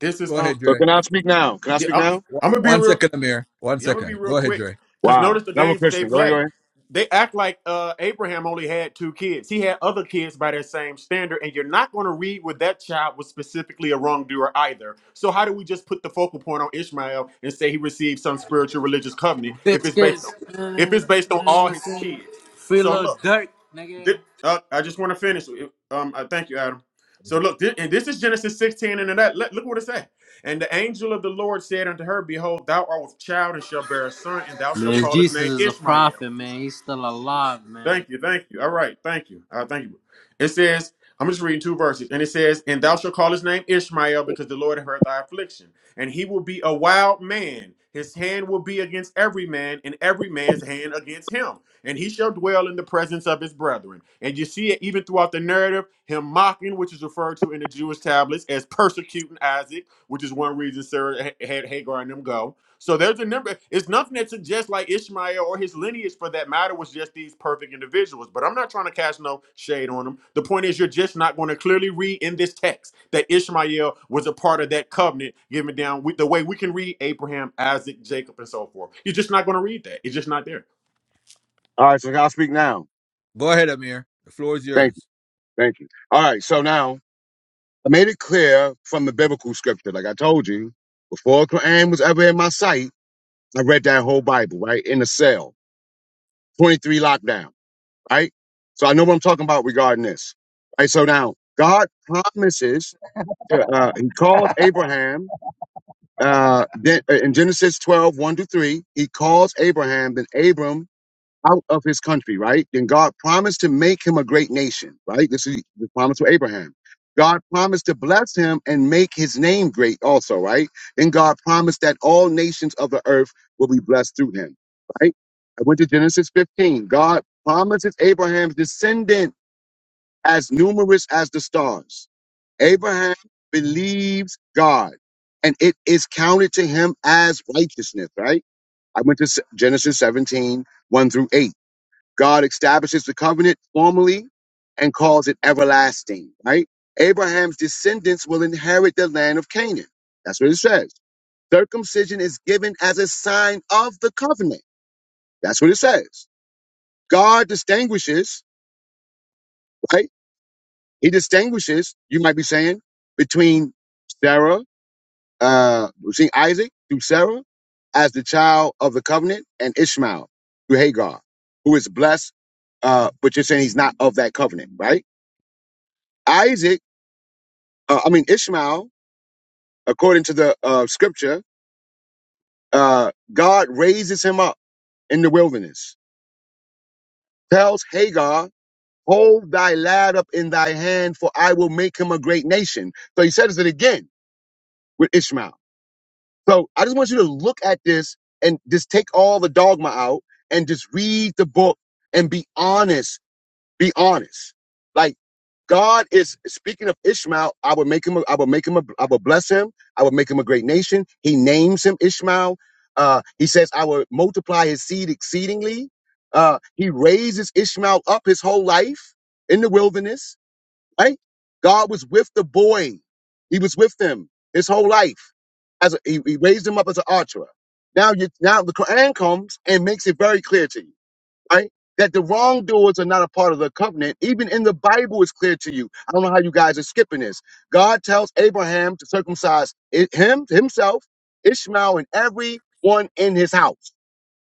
this is
Go
um
ahead,
So
Dre.
can I speak now? Can I
yeah
speak
I'm,
now?
One
I'm gonna be
one
real
second, Amir. One
yeah I'm gonna be
second.
real
Go ahead,
quick
Dre.
because
Wow.
notice the
Another
games that they
question. Go ahead, go
play.
ahead.
They act like uh, Abraham only had two kids. He had other kids by that same standard, and you're not going to read where that child was specifically a wrongdoer either. So how do we just put the focal point on Ishmael and say he received some spiritual religious covenant if it's based on
Biscuits,
if it's
man,
based on
you know
all
what I'm
his
saying?
kids?
Free
So look.
little dirt, nigga.
Thi- uh, I just want to finish. Um, I thank you, Adam. So look, thi- and this is Genesis 16 and that. Look look what it says. And the angel of the Lord said unto her, Behold, thou art with child and shall bear a son, and thou shalt
Man,
call his
Jesus
name
is a
Ishmael.
prophet, man. He's still alive, man.
Thank you, thank you. All right, thank you. Uh, thank you. It says, I'm just reading two verses, and it says, And thou shalt call his name Ishmael, because the Lord hath heard thy affliction, and he will be a wild man. His hand will be against every man, and every man's hand against him. And he shall dwell in the presence of his brethren. And you see it even throughout the narrative, him mocking, which is referred to in the Jewish tablets as persecuting Isaac, which is one reason Sarah ha- had Hagar and them go so there's a number. It's nothing that suggests like Ishmael or his lineage, for that matter, was just these perfect individuals. But I'm not trying to cast no shade on them. The point is, you're just not going to clearly read in this text that Ishmael was a part of that covenant given down with the way we can read Abraham, Isaac, Jacob, and so forth. You're just not going to read that. It's just not there.
All right, so can i speak now.
Go ahead, Amir. The floor is
Thank you.
yours.
Thank you. All right, so now I made it clear from the biblical scripture, like I told you, before Quran was ever in my sight, I read that whole Bible, right? In the cell. 23 lockdown, right? So I know what I'm talking about regarding this. Right. So now God promises to uh he calls Abraham uh then- uh, in Genesis 12, one to 3, he calls Abraham, then Abram out of his country, right? Then God promised to make him a great nation, right? This is the promise to Abraham. God promised to bless him and make his name great also, right? Then God promised that all nations of the earth will be blessed through him, right? I went to Genesis 15. God promises Abraham's descendant as numerous as the stars. Abraham believes God and it is counted to him as righteousness, right? I went to S- Genesis seventeen one through 8. God establishes the covenant formally and calls it everlasting, right? Abraham's descendants will inherit the land of Canaan. That's what it says. Circumcision is given as a sign of the covenant. That's what it says. God distinguishes, right? He distinguishes, you might be saying, between Sarah, uh, between Isaac through Sarah as the child of the covenant and Ishmael through Hagar, who is blessed, uh, but you're saying he's not of that covenant, right? Isaac, uh, I mean Ishmael, according to the uh, scripture, uh, God raises him up in the wilderness, tells Hagar, "Hold thy lad up in thy hand, for I will make him a great nation." So he says it again with Ishmael. So I just want you to look at this and just take all the dogma out and just read the book and be honest Be honest. Like God is speaking of Ishmael. I would make him. A, I would make him. A, I would bless him. I would make him a great nation. He names him Ishmael. Uh, he says, "I will multiply his seed exceedingly." Uh, he raises Ishmael up his whole life in the wilderness. Right? God was with the boy. He was with them his whole life. As a, he, he raised him up as an archer. Now you now the Quran comes and makes it very clear to you right? That the wrongdoers are not a part of the covenant. Even in the Bible, it's clear to you. I don't know how you guys are skipping this. God tells Abraham to circumcise i- him, himself, Ishmael, and everyone in his house,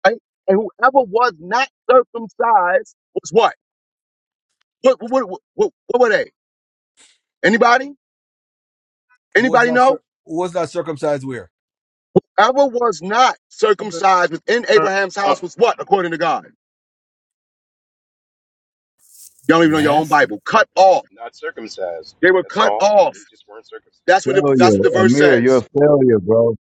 right? And whoever was not circumcised was what? What, what, what, what, what were they? Anybody?
Who was
Anybody
not,
know?
cir- who was not circumcised? Where?
Whoever was not
something?
circumcised within Abraham's
Uh,
house was what, according to God? Y'all don't even know your own
Nasty
Bible. Cut off.
Not circumcised.
They were
That's
cut
all.
off.
They just weren't circumcised.
That's what the,
Failure.
that's what the verse
Amir, you're
says.
a failure, bro.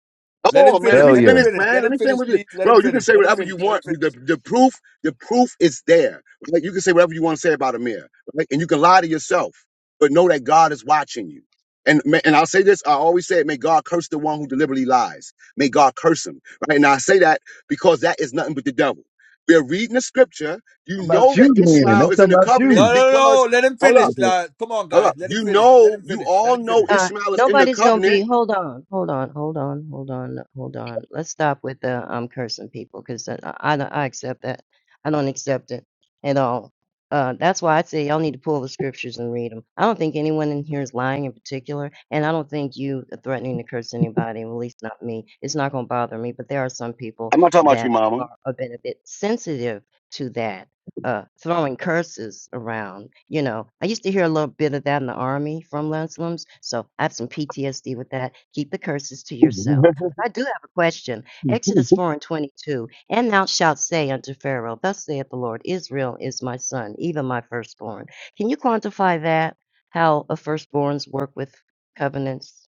Let him
Oh man, let
finish.
me
Let him
finish,
Failure.
finish.
man.
Let
Let
him
me finish
finish,
with you,
please. Let him
bro. You can
finish.
say
Let him
whatever
finish.
you
Let him
want. The,
finish.
the proof, the proof is there. Like you can say whatever you want to say about Amir, right? and you can lie to yourself, but know that God is watching you. And ma- and I'll say this. I always say it. May God curse the one who deliberately lies. May God curse him, right? And I say that because that is nothing but the devil. We're reading the scripture. You
about
know
you,
that
man.
Ishmael
That's
is in the
about
covenant
you.
No, no, no.
because
no, Let him
hold up,
finish.
Okay.
lad. Come on,
hold
guys.
up.
Let him
You
finish. Let
know,
him
you
finish. Let
all
him
know
finish.
Uh,
Ishmael is in the
nobody's gonna be.
covenant.
Hold on, hold on, hold on, hold on, hold on. Let's stop with the um cursing people because I, I don't- I accept that. I don't accept it at all. Uh, that's why I say y'all need to pull the scriptures and read them. I don't think anyone in here is lying in particular, and I don't think you are threatening to curse anybody, at least not me. It's not gonna bother me, but there are some people
I'm not talking about you,
that are
Mama.
a bit, a bit sensitive to that uh, throwing curses around. You know, I used to hear a little bit of that in the army from Muslims, so I have some PTSD with that. Keep the curses to yourself. But I do have a question. Exodus 4 and 22, and thou shalt say unto Pharaoh, Thus saith the Lord, Israel is my son, even my firstborn. Can you quantify that? How a firstborns work with covenants?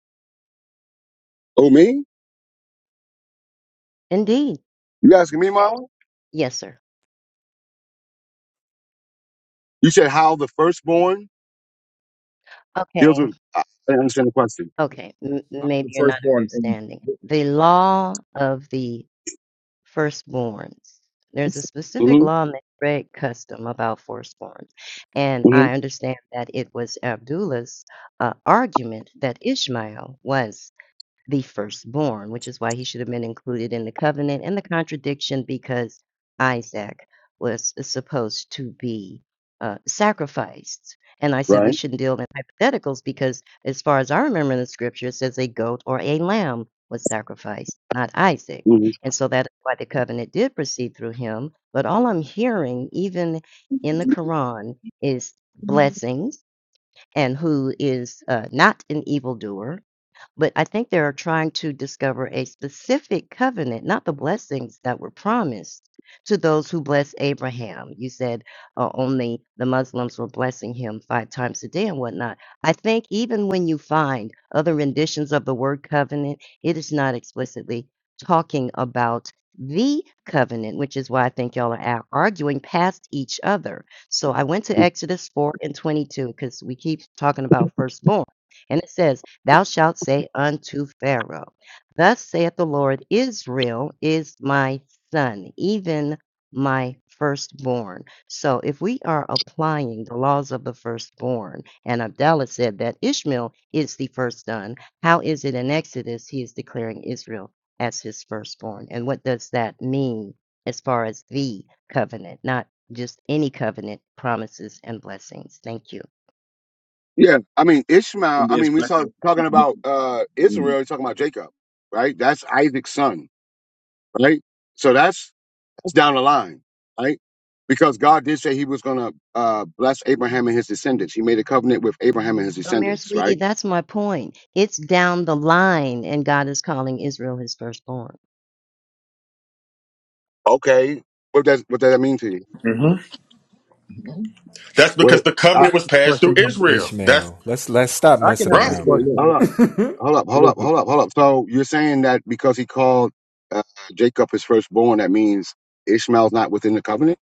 Oh, me?
Indeed.
You asking me, Mom?
Yes, sir.
You said how the firstborn deals
Okay,
with. I I didn't understand the question.
okay. M-
How's the
maybe you're not
firstborn and
understanding. The law of the firstborns. There's a specific
hmm
law in the Hebraic custom about firstborns. And
hmm
I understand that it was Abdullah's uh, argument that Ishmael was the firstborn, which is why he should have been included in the covenant and the contradiction because Isaac was supposed to be uh, sacrificed. And I said we
Right.
shouldn't deal in hypotheticals because, as far as I remember in the scripture, it says a goat or a lamb was sacrificed, not Isaac.
hmm
And so that's why the covenant did proceed through him. But all I'm hearing, even in the Quran, is blessings and who is uh, not an evildoer but I think they are trying to discover a specific covenant, not the blessings that were promised to those who bless Abraham. You said uh, only the Muslims were blessing him five times a day and whatnot. I think even when you find other renditions of the word covenant, it is not explicitly talking about the covenant, which is why I think y'all are ar- arguing past each other. So I went to Exodus 4 and 22 because we keep talking about firstborn. And it says, Thou shalt say unto Pharaoh, Thus saith the Lord, Israel is my son, even my firstborn. So if we are applying the laws of the firstborn, and Abdallah said that Ishmael is the first son, how is it in Exodus he is declaring Israel as his firstborn? And what does that mean as far as the covenant, not just any covenant promises and blessings? Thank you.
Yeah. I mean,
can
Ishmael.
be
I mean, we
explained?
saw talking about uh Israel. You're talking about Jacob, right? That's Isaac's son, right? So that's that's down the line, right? Because God did say He was going to uh bless Abraham and his descendants. He made a covenant with Abraham and his
Well, Mary,
descendants,
Sweetie,
right?
that's my point. It's down the line, and God is calling Israel his firstborn.
Okay. What does what does that mean to you?
hmm That's
What?
because the covenant was passed through
Question, um,
Israel. That's
Ishmael. Let's let's stop
I can
messing
answer
Look,
the
right.
around, man.
question.
look,
Uh,
um,
Hold up, hold up,
listen,
hold up, hold up. So you're saying that because he called uh, Jacob his firstborn, that means Ishmael's not within the covenant?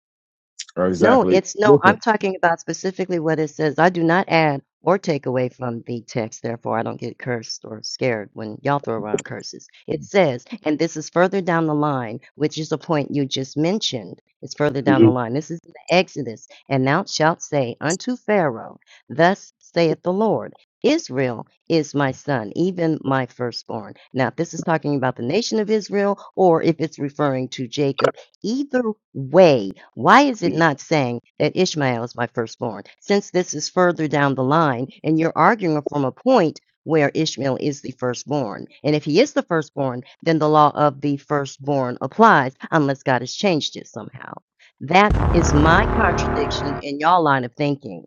Right,
No,
exactly.
it's no, I'm
listen.
talking about specifically what it says. I do not add or take away from the text, therefore I don't get cursed or scared when y'all throw around curses. It says, and this is further down the line, which is a point you just mentioned. It's further down
hmm
the line. This is in the Exodus, and thou shalt say unto Pharaoh, Thus saith the Lord. Israel is my son, even my firstborn. Now, if this is talking about the nation of Israel, or if it's referring to Jacob Either way, why is it not saying that Ishmael is my firstborn? Since this is further down the line, and you're arguing from a point where Ishmael is the firstborn. And if he is the firstborn, then the law of the firstborn applies, unless God has changed it somehow. That is my contradiction in y'all line of thinking.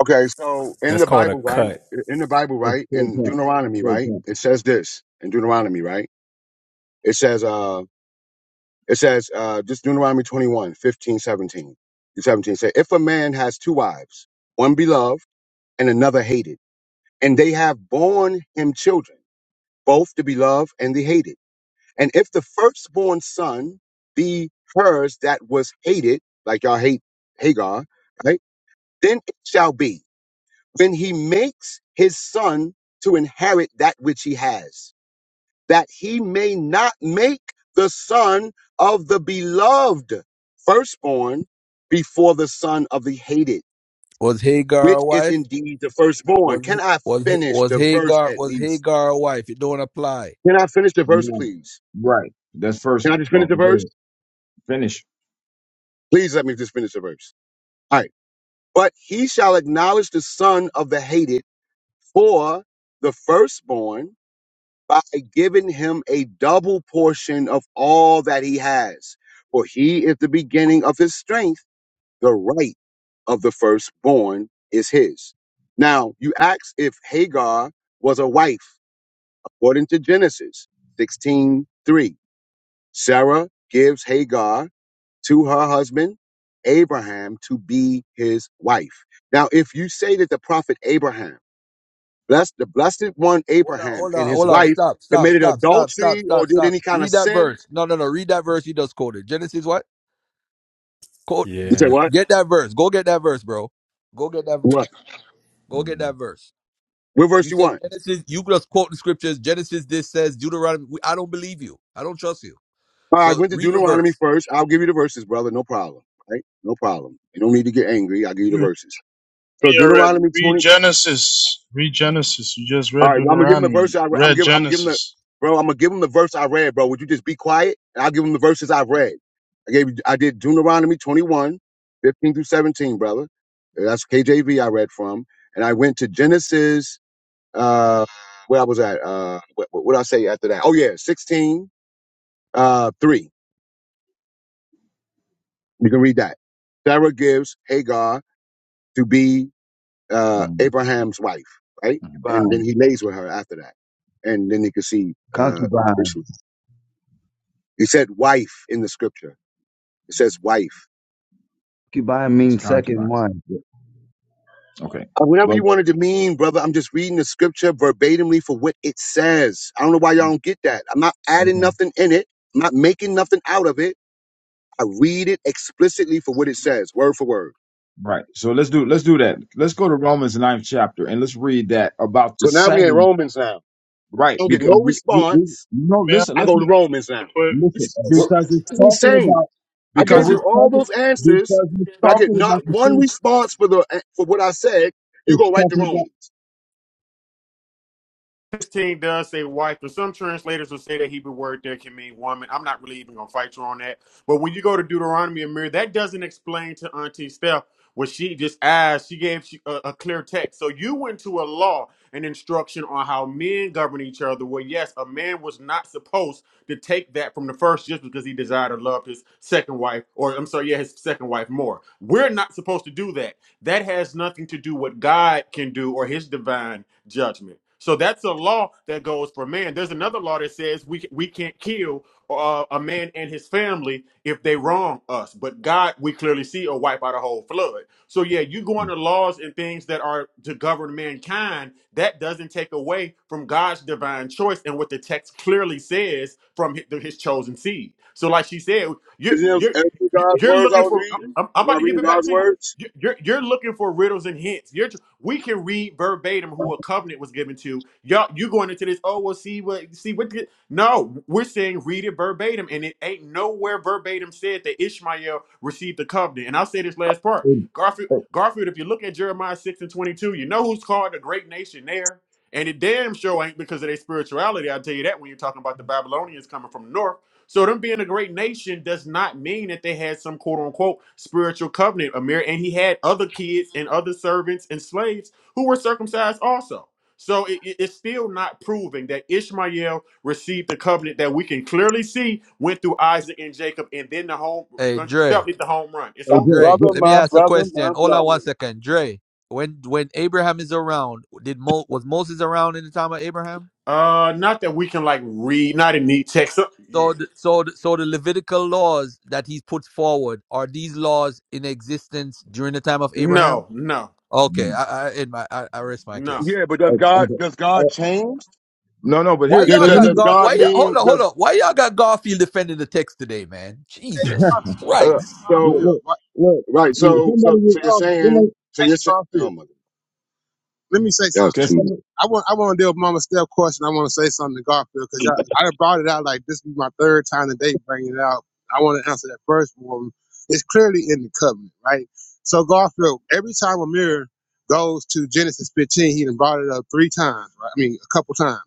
Okay, so in
That's
the
called a
Bible, right?
cut.
In the Bible,
That's
right? In
straight up.
Deuteronomy, right?
Straight up.
It says this in Deuteronomy, right? It says, uh, it says, uh, just Deuteronomy 21, 15, 17. 17 say, if a man has two wives, one beloved and another hated, and they have borne him children, both the beloved and the hated. And if the firstborn son be hers that was hated, like y'all hate Hagar, right? Then it shall be when he makes his son to inherit that which he has, that he may not make the son of the beloved firstborn before the son of the hated,
Was Hagar
which
a
is
wife?
indeed the firstborn.
Was
Can
he,
I
was he,
finish
was
the verse
Hagar
at
was
least?
Hagar a wife? It don't apply.
Can I finish the verse,
Yeah.
please?
Right. That's first.
Can I just finish
Well,
the verse?
finish.
Please let me just finish the verse. All right. But he shall acknowledge the son of the hated for the firstborn by giving him a double portion of all that he has. For he is the beginning of his strength, the right of the firstborn is his. Now, you ask if Hagar was a wife, according to Genesis 16 3. Sarah gives Hagar to her husband Abraham to be his wife. Now, if you say that the prophet Abraham, blessed the blessed one
Hold on,
Abraham
hold on,
and his
hold on.
wife
Stop, stop,
committed
stop, stop, stop,
adultery or
stop,
did
stop.
any kind of
Read that
sin,
verse. No, no, no. Read that verse you just quoted. Genesis what? Quote.
you say
Yeah.
what?
Get that verse. Go get that verse, bro. Go get that. ver-
What?
Go get
Mhm,
that verse.
What verse
You
you
said
want?
Genesis. You just quote the scriptures. Genesis. This says Deuteronomy. We- I don't believe you. I don't trust you.
All right, I
So
went to
read the
Deuteronomy
verse.
first. I'll give you the verses, brother. No problem. Right? No problem. You don't need to get angry. I'll give you the
you read
verses. So
me already.
Deuteronomy
Read
20,
Genesis. Read Genesis. You just
All
read
right, well, I'm gonna give him the
Deuteronomy.
verse. I re- I'm
Read
giving. I'm giving the
Genesis.
bro. I'm gonna give him the verse I read, bro. Would you just be quiet? And I'll give him the verses I've read. I gave. you I did Deuteronomy 21, 15 through 17, brother. That's KJV I read from, and I went to Genesis. Uh, where I was at. Uh, what, what did I say after that? Oh yeah, 16, uh, three. You can read that. Sarah gives Hagar to be uh
mhm,
Abraham's wife, right?
mhm.
And
Concubine.
then he lays with her after that, and then you can see uh
Concubine.
Ishmael. You said wife in the scripture. It says wife.
Concubine
It's
means second
concubine.
wife.
Yeah. Okay.
Uh, Whatever
But
you wanted to mean, brother, I'm just reading the scripture verbatimly for what it says. I don't know why y'all don't get that. I'm not adding
Okay.
nothing in it. I'm not making nothing out of it. I read it explicitly for what it says, word for word.
right. So let's do let's do that. Let's go to Romans ninth chapter and let's read that about the
So now we in
same.
Romans now.
Right.
Don't get
Because
no
we, we, we,
response.
no,
May I
listen,
I go to
listen,
Romans now.
real quick?
This
listen.
We're,
is
Because it's
this is
talking about
insane. I gave
because
we're-
you
it's
all
talking
those answers,
because it's
but I get
talking
not
about the
one
same.
response for the for what I said. You
It's
go right to
talking about.
Romans.
16 does say wife, but some translators will say that Hebrew word there can mean woman. I'm not really even going to fight you on that. But when you go to Deuteronomy and Mirror, that doesn't explain to Auntie Steph what she just asked. She gave she- a, a clear text. So you went to a law and instruction on how men govern each other. Well, yes, a man was not supposed to take that from the first just because he desired or loved his second wife, or I'm sorry, yeah, his second wife more. We're not supposed to do that. That has nothing to do what God can do or his divine judgment. So that's a law that goes for man. There's another law that says we we can't kill uh, a man and his family if they wrong us. But God, we clearly see, will wipe out a whole flood. So yeah, you go into laws and things that are to govern mankind. That doesn't take away from God's divine choice and what the text clearly says from hi- the- His chosen seed. So like she said, you're
Isn't it
you're
isn't God's
you're
words I
looking
was
for.
reading?
I'm, I'm
Was
about
I
to give
reading
it back
God's
to you.
words?
You're you're you're looking for riddles and hints. You're we can read verbatim who a covenant was given to. Y'all, you going into this? Oh, well, see what, see what? the-" No, we're saying read it verbatim, and it ain't nowhere verbatim said that Ishmael received the covenant. And I'll say this last part,
Hey,
Garfield.
hey,
Garfield, if you look at Jeremiah six and twenty two, you know who's called the great nation there. And it damn sure ain't because of their spirituality. I'll tell you that when you're talking about the Babylonians coming from the north. So them being a great nation does not mean that they had some quote unquote spiritual covenant. Amir and he had other kids and other servants and slaves who were circumcised also. So it- it- it's still not proving that Ishmael received the covenant that we can clearly see went through Isaac and Jacob, and then the home
Hey
step
Dre.
hit the home run. It's
hey,
My
over.
Joe,
Dre,
Joe,
brother,
let me
my
ask a
brother, my
question. Hold on one
brother.
second, Dre. When when Abraham is around, did Mo, was Moses around in the time of Abraham?
Uh, not that we can like read, not in neat text. So-
So
Yeah.
the, so the, so the Levitical laws that he puts forward are these laws in existence during the time of Abraham?
No, no,
Okay,
Mm.
I I, in my, I, I rest my
no.
case.
Yeah, but does
Okay.
God
okay.
does
Uh,
God change?
no, no, but
Why
here,
Does,
y'all
let, let
does,
me
got
does
God?
get,
God
Why y'all
mean
hold on hold
does
on? Why y'all got Garfield defending the text today, man?
Hey,
Jesus
Garfield,
uh,
Christ!
look,
so
Garfield,
look,
what,
look.
right?
See,
So so
somebody,
so
re-
you're
um,
somebody,
saying so
hey,
you're saying oh
Garfield,
my
let me say
that
something.
was
can
too much.
somebody,
I want I want to deal with Mama Steph question. I want to say something to Garfield because I, I brought it out like this be my third time today bringing it out. I want to answer that first one. It's clearly in the covenant, right? So Garfield, every time Amir goes to Genesis 15, he done brought it up three times, right? I mean, a couple times.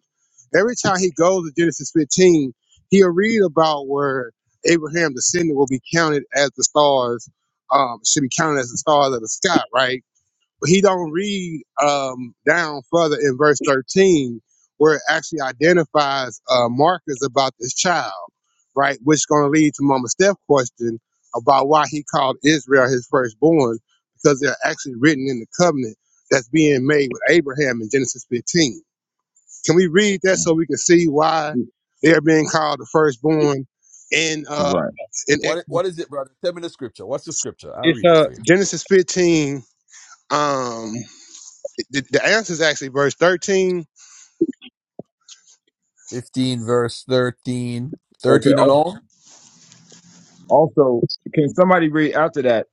Every time he goes to Genesis 15, he'll read about where Abraham's descendant will be counted as the stars, um, should be counted as the stars of the sky, right? but he don't read um, down further in verse 13 where it actually identifies uh, markers about this child right which is going to lead to mama Steph's question about why he called israel his firstborn because they're actually written in the covenant that's being made with abraham in genesis 15 can we read that so we can see why they're being called the firstborn in uh
right?
in Ex-
What what is it, brother? Tell me the scripture. What's the scripture? I'll
it's
read it
uh
for you.
genesis 15 um the, the answer is actually verse 13
Fifteen verse 13.
Okay.
13
al-
alone.
Also, can somebody read after that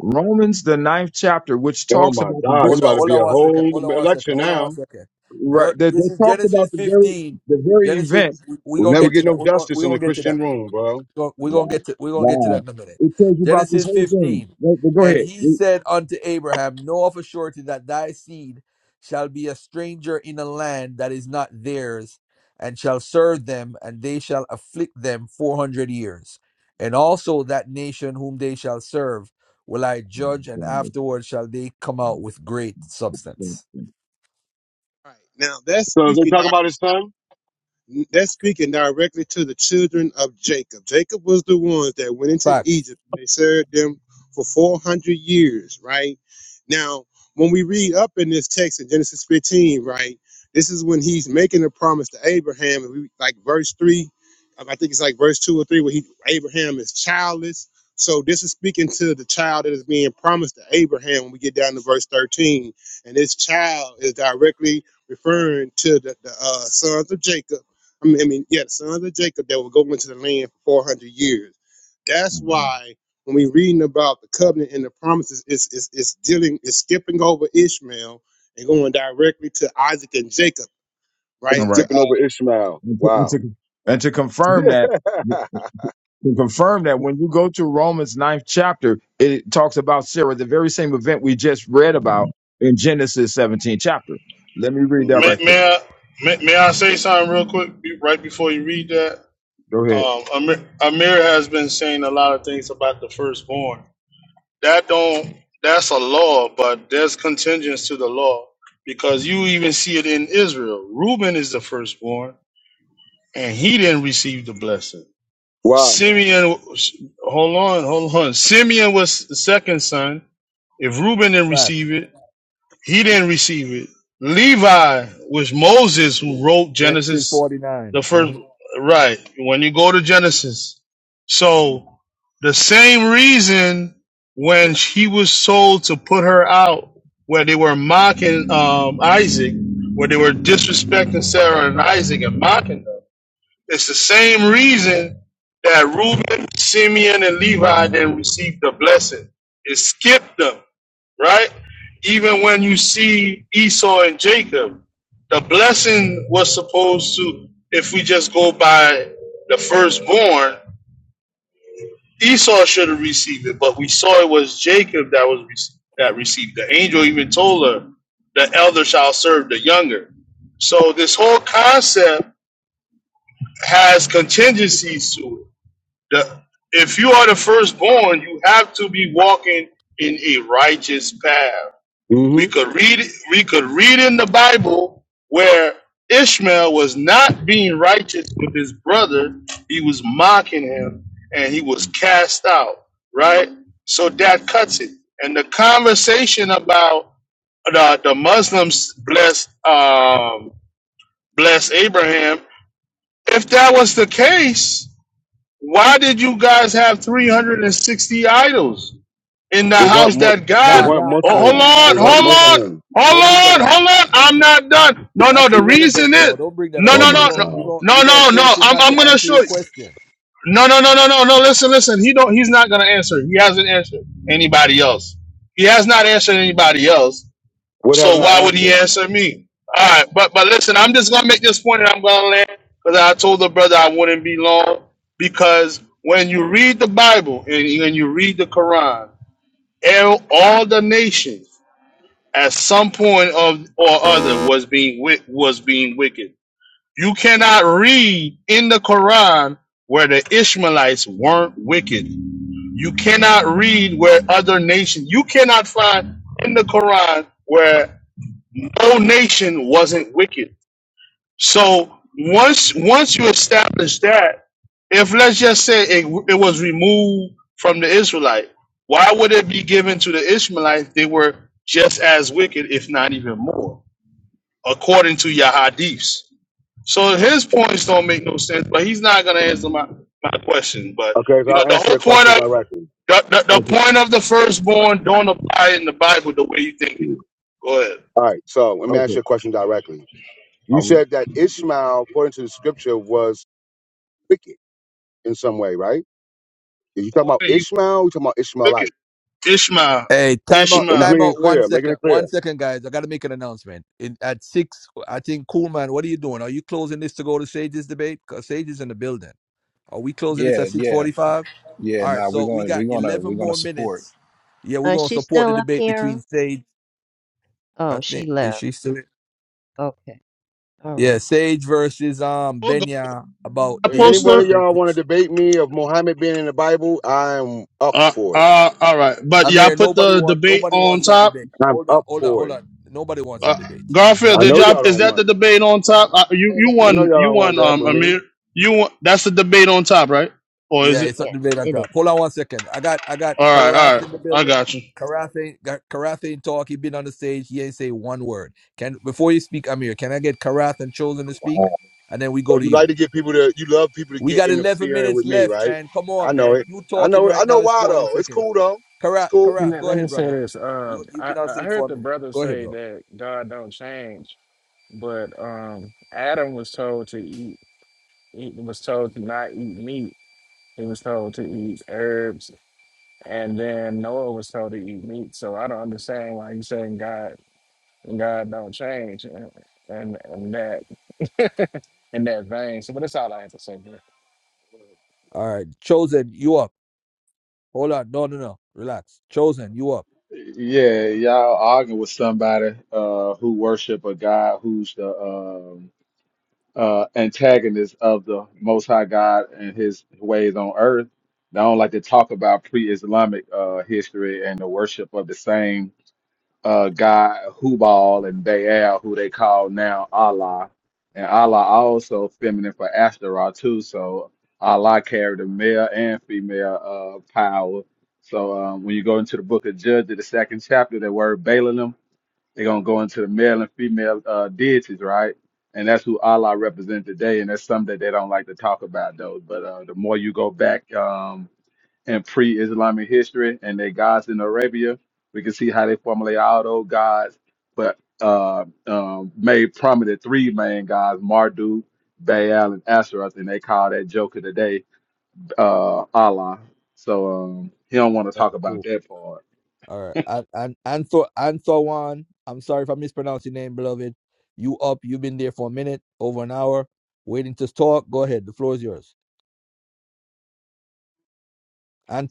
Romans the ninth chapter, which
Oh
talks
my
about the
God, it's
Hold
ve-
about
on,
to
hold
be
on
a
one second.
whole
Hold on one second.
election
Hold on one
now.
second.
right
Ver-
that
this
that
is
talks about
Genesis
the very
15.
the very
Genesis,
event.
we're
We
gonna
never
It,
get to
get no
that. We're gonna
justice
we're
in the
gonna get to that
Christian room, bro.
go- we're gonna
wow,
get to we're gonna get to that
wow.
in a minute.
It tells you about this
Genesis
whole thing.
15.
Right, but go
And
ahead.
he
Read.
said unto Abraham, Know of a surety that thy seed shall be a stranger in a land that is not theirs, and shall serve them, and they shall afflict them four hundred years. And also that nation whom they shall serve will I judge, and afterward shall they come out with great substance.
All right. Now that's
So is they
speaking. I
talking about his son?
that's speaking directly to the children of Jacob. Jacob was the ones that went into
Fact,
Egypt and they served them for 400 years, right? Now, when we read up in this text in Genesis 15, right, this is when he's making a promise to Abraham. And we like verse 3, um, I think it's like verse 2 or 3, where he Abraham is childless. So this is speaking to the child that is being promised to Abraham when we get down to verse 13. And this child is directly referring to the, the uh, sons of Jacob I mean, I mean, yeah, the sons of Jacob that will go into the land for 400 years. That's why when we reading about the covenant and the promises, it's, it's, it's dealing, it's skipping over Ishmael and going directly to Isaac and Jacob,
They're
All
right? To
right,
skipping
uh,
over Ishmael.
and to, and
Wow.
to, and to confirm that. can confirm that when you go to Romans ninth chapter, it talks about Sarah, the very same event we just read about in Genesis 17 chapter. Let me read that
hmm
right
May,
quick.
may I? May, may I say something real quick be- right before you read that?
Go ahead.
Um, Amir, Amir has been saying a lot of things about the firstborn. that don't that's a law, but there's contingents to the law because you even see it in Israel. Reuben is the firstborn, and he didn't receive the blessing.
Why?
Simeon, hold on, hold on. Simeon was the second son. If Reuben didn't
fact.
receive it, he didn't receive it. Levi was Moses who wrote
Genesis
Genesis,
49.
the first,
Mhm.
right. When you go to Genesis. So the same reason when she was sold to put her out, where they were mocking um, Isaac, where they were disrespecting Sarah and Isaac and mocking them, it's the same reason that Reuben, Simeon, and Levi didn't receive the blessing. It skipped them right? Even when you see Esau and Jacob, the blessing was supposed to, if we just go by the firstborn, Esau should have received it, but we saw it was Jacob that was that received. The angel even told her, "The elder shall serve the younger." So this whole concept has contingencies to it. The, if you are the firstborn, you have to be walking in a righteous path
Mm-hmm.
We could read we could read in the Bible where Ishmael was not being righteous with his brother. He was mocking him and he was cast out, right? So that cuts it. And the conversation about the, the Muslims bless um bless Abraham, if that was the case, why did you guys have 360 idols? in the
They weren't
house
mu-
that
they
Nah,
God.
weren't
nah,
Oh,
nah,
hold
nah,
Muslim.
nah.
They
on,
Don't
weren't
bring
hold
that up.
on,
Muslim.
Don't bring that
hold on,
up.
hold on. I'm not done. No, no.
That's
The
irrelevant,
reason is
bro. Don't bring that
no,
up.
Oh
no,
You
my
no,
gon'
no,
you
God.
gon'
no,
you gonna
no, no.
force him
I'm
not
I'm
to
gonna
answer
show
your
you.
question.
No, no, no, no, no, no. Listen, listen. He don't. He's not gonna answer. He hasn't answered anybody else. He has not answered anybody else.
What
So
haven't
why
I
would he
answered?
answer me? All right, but but listen. I'm just gonna make this point, and I'm gonna land because I told the brother I wouldn't be long because when you read the Bible and when you read the Quran all all the nations at some point of or other was being wi- was being wicked. You cannot read in the Quran where the Ishmaelites weren't wicked. You cannot read where other nations. You cannot find in the Quran where no nation wasn't wicked so once once you establish that, if let's just say it, it was removed from the Israelite, why would it be given to the Ishmaelites? They were just as wicked, if not even more, according to your hadiths. So his points don't make no sense, but he's not gonna answer my, my question. But
Okay, so
you know,
I'll
the
answer
whole
your
point
question
of the,
directly.
the, the
Okay.
point of the firstborn don't apply in the Bible the way you think it is.
All
Go ahead.
right, so let me ask you a question directly. You
Okay.
said that Ishmael, according to the scripture, was wicked in some way, right? Did you talk
Go
about
ahead, You
Ishmael? You talking about
took
Ishmaelite?
it. Ishmael.
Hey, time
I'm
out,
just
Ishmael.
time
making it
out. One
clear. Making
second,
it clear.
one second, guys. I gotta make an announcement. In at six, I think. Cool, man. What are you doing? Are you closing this to go to Sage's debate? Cause Sage is in the building. Are we closing this
Yeah,
at six
yeah,
forty-five?
yeah.
All right.
Nah, we're
So we
going.
got
We're gonna.
eleven
We're gonna
more
support.
minutes. Yeah, we're
Uh,
gonna
she's
support the
still up
debate between
here.
Sage. I
Oh, she
think is
left.
she still?
Okay. All
Yeah,
right.
Sage versus um Benya about
I
did
Any one
Jesus
of
poster.
y'all want
exist?
to debate me of Muhammad being in the Bible? I'm up
Uh,
for it.
uh, all right, but
I
y'all
mean,
put
nobody
the
wants
debate
nobody
on
wants that
top.
debate.
I'm
Hold on,
up
hold on,
for
hold
it.
on. Nobody wants that
Uh,
debate.
Garfield,
I
Nobody
did
know
wants.
y'all?
y'all
Is
don't
that the
want. It.
debate on top? Uh, you
It
you
I
is.
know
won.
y'all
You
don't want
won.
that
Um,
with me.
Amir, you won. That's the debate on top, right? Or is
Yeah,
it?
it's a
Yes,
debate on
it is.
top. Hold on one second. I got I got
All right, all
Karath in the
right. I
building.
got you.
Karath ain't got Karath ain't talk. He been on the stage. He ain't say one word. Can before you speak, Amir, can I get Karath and Chosen to speak, and then we
So
go to
you like
you.
to get people to, you love people to
We
get
got eleven
interfering
minutes
with me,
left,
right?
man. Come
I
on,
know
man.
it.
You
I
talking
know it. I
right
know
now is
why
spoiling
though. It's
seconds.
cool though. It's
Karath,
cool.
You
Karath,
know,
go
let me
ahead,
say
brother.
this.
You
Um,
you've
I,
been on
I
stage
heard
for a
the
minute.
brother
Go ahead,
say
bro.
that God don't change, but um, Adam was told to eat. He was told to not eat meat. He was told to eat herbs, and then Noah was told to eat meat. So I don't understand why he's saying God God don't change, and and, and that. in that vein. So, but that's all I have to say, bro.
All right, Chosen, you up. Hold on. No, no, no. Relax. Chosen, you up.
Yeah, y'all arguing with somebody uh who worship a God who's the um uh antagonist of the most high God and his ways on earth. They don't like to talk about pre-Islamic uh history and the worship of the same uh guy Hubal and Baal, who they call now Allah. And Allah also feminine for Ashtaroth too. So Allah carried the male and female uh power. So um, when you go into the book of Judges, the second chapter, the word Balaam, they're gonna go into the male and female uh deities, right? And that's who Allah represents today, and that's something that they don't like to talk about though. But uh the more you go back, um, in pre-Islamic history and their gods in Arabia. We can see how they formulate all those gods, but uh, um, made prominent three main gods: Marduk, Baal, and Asheroth, and they call that Joker today uh, Allah. So um, he don't want to
All
talk
right,
about
cool.
that part.
All right. And and Anthor Anthorwan, I'm sorry if I mispronounced your name, beloved. You up. You've been there for a minute, over an hour, waiting to talk. Go ahead. The floor is yours.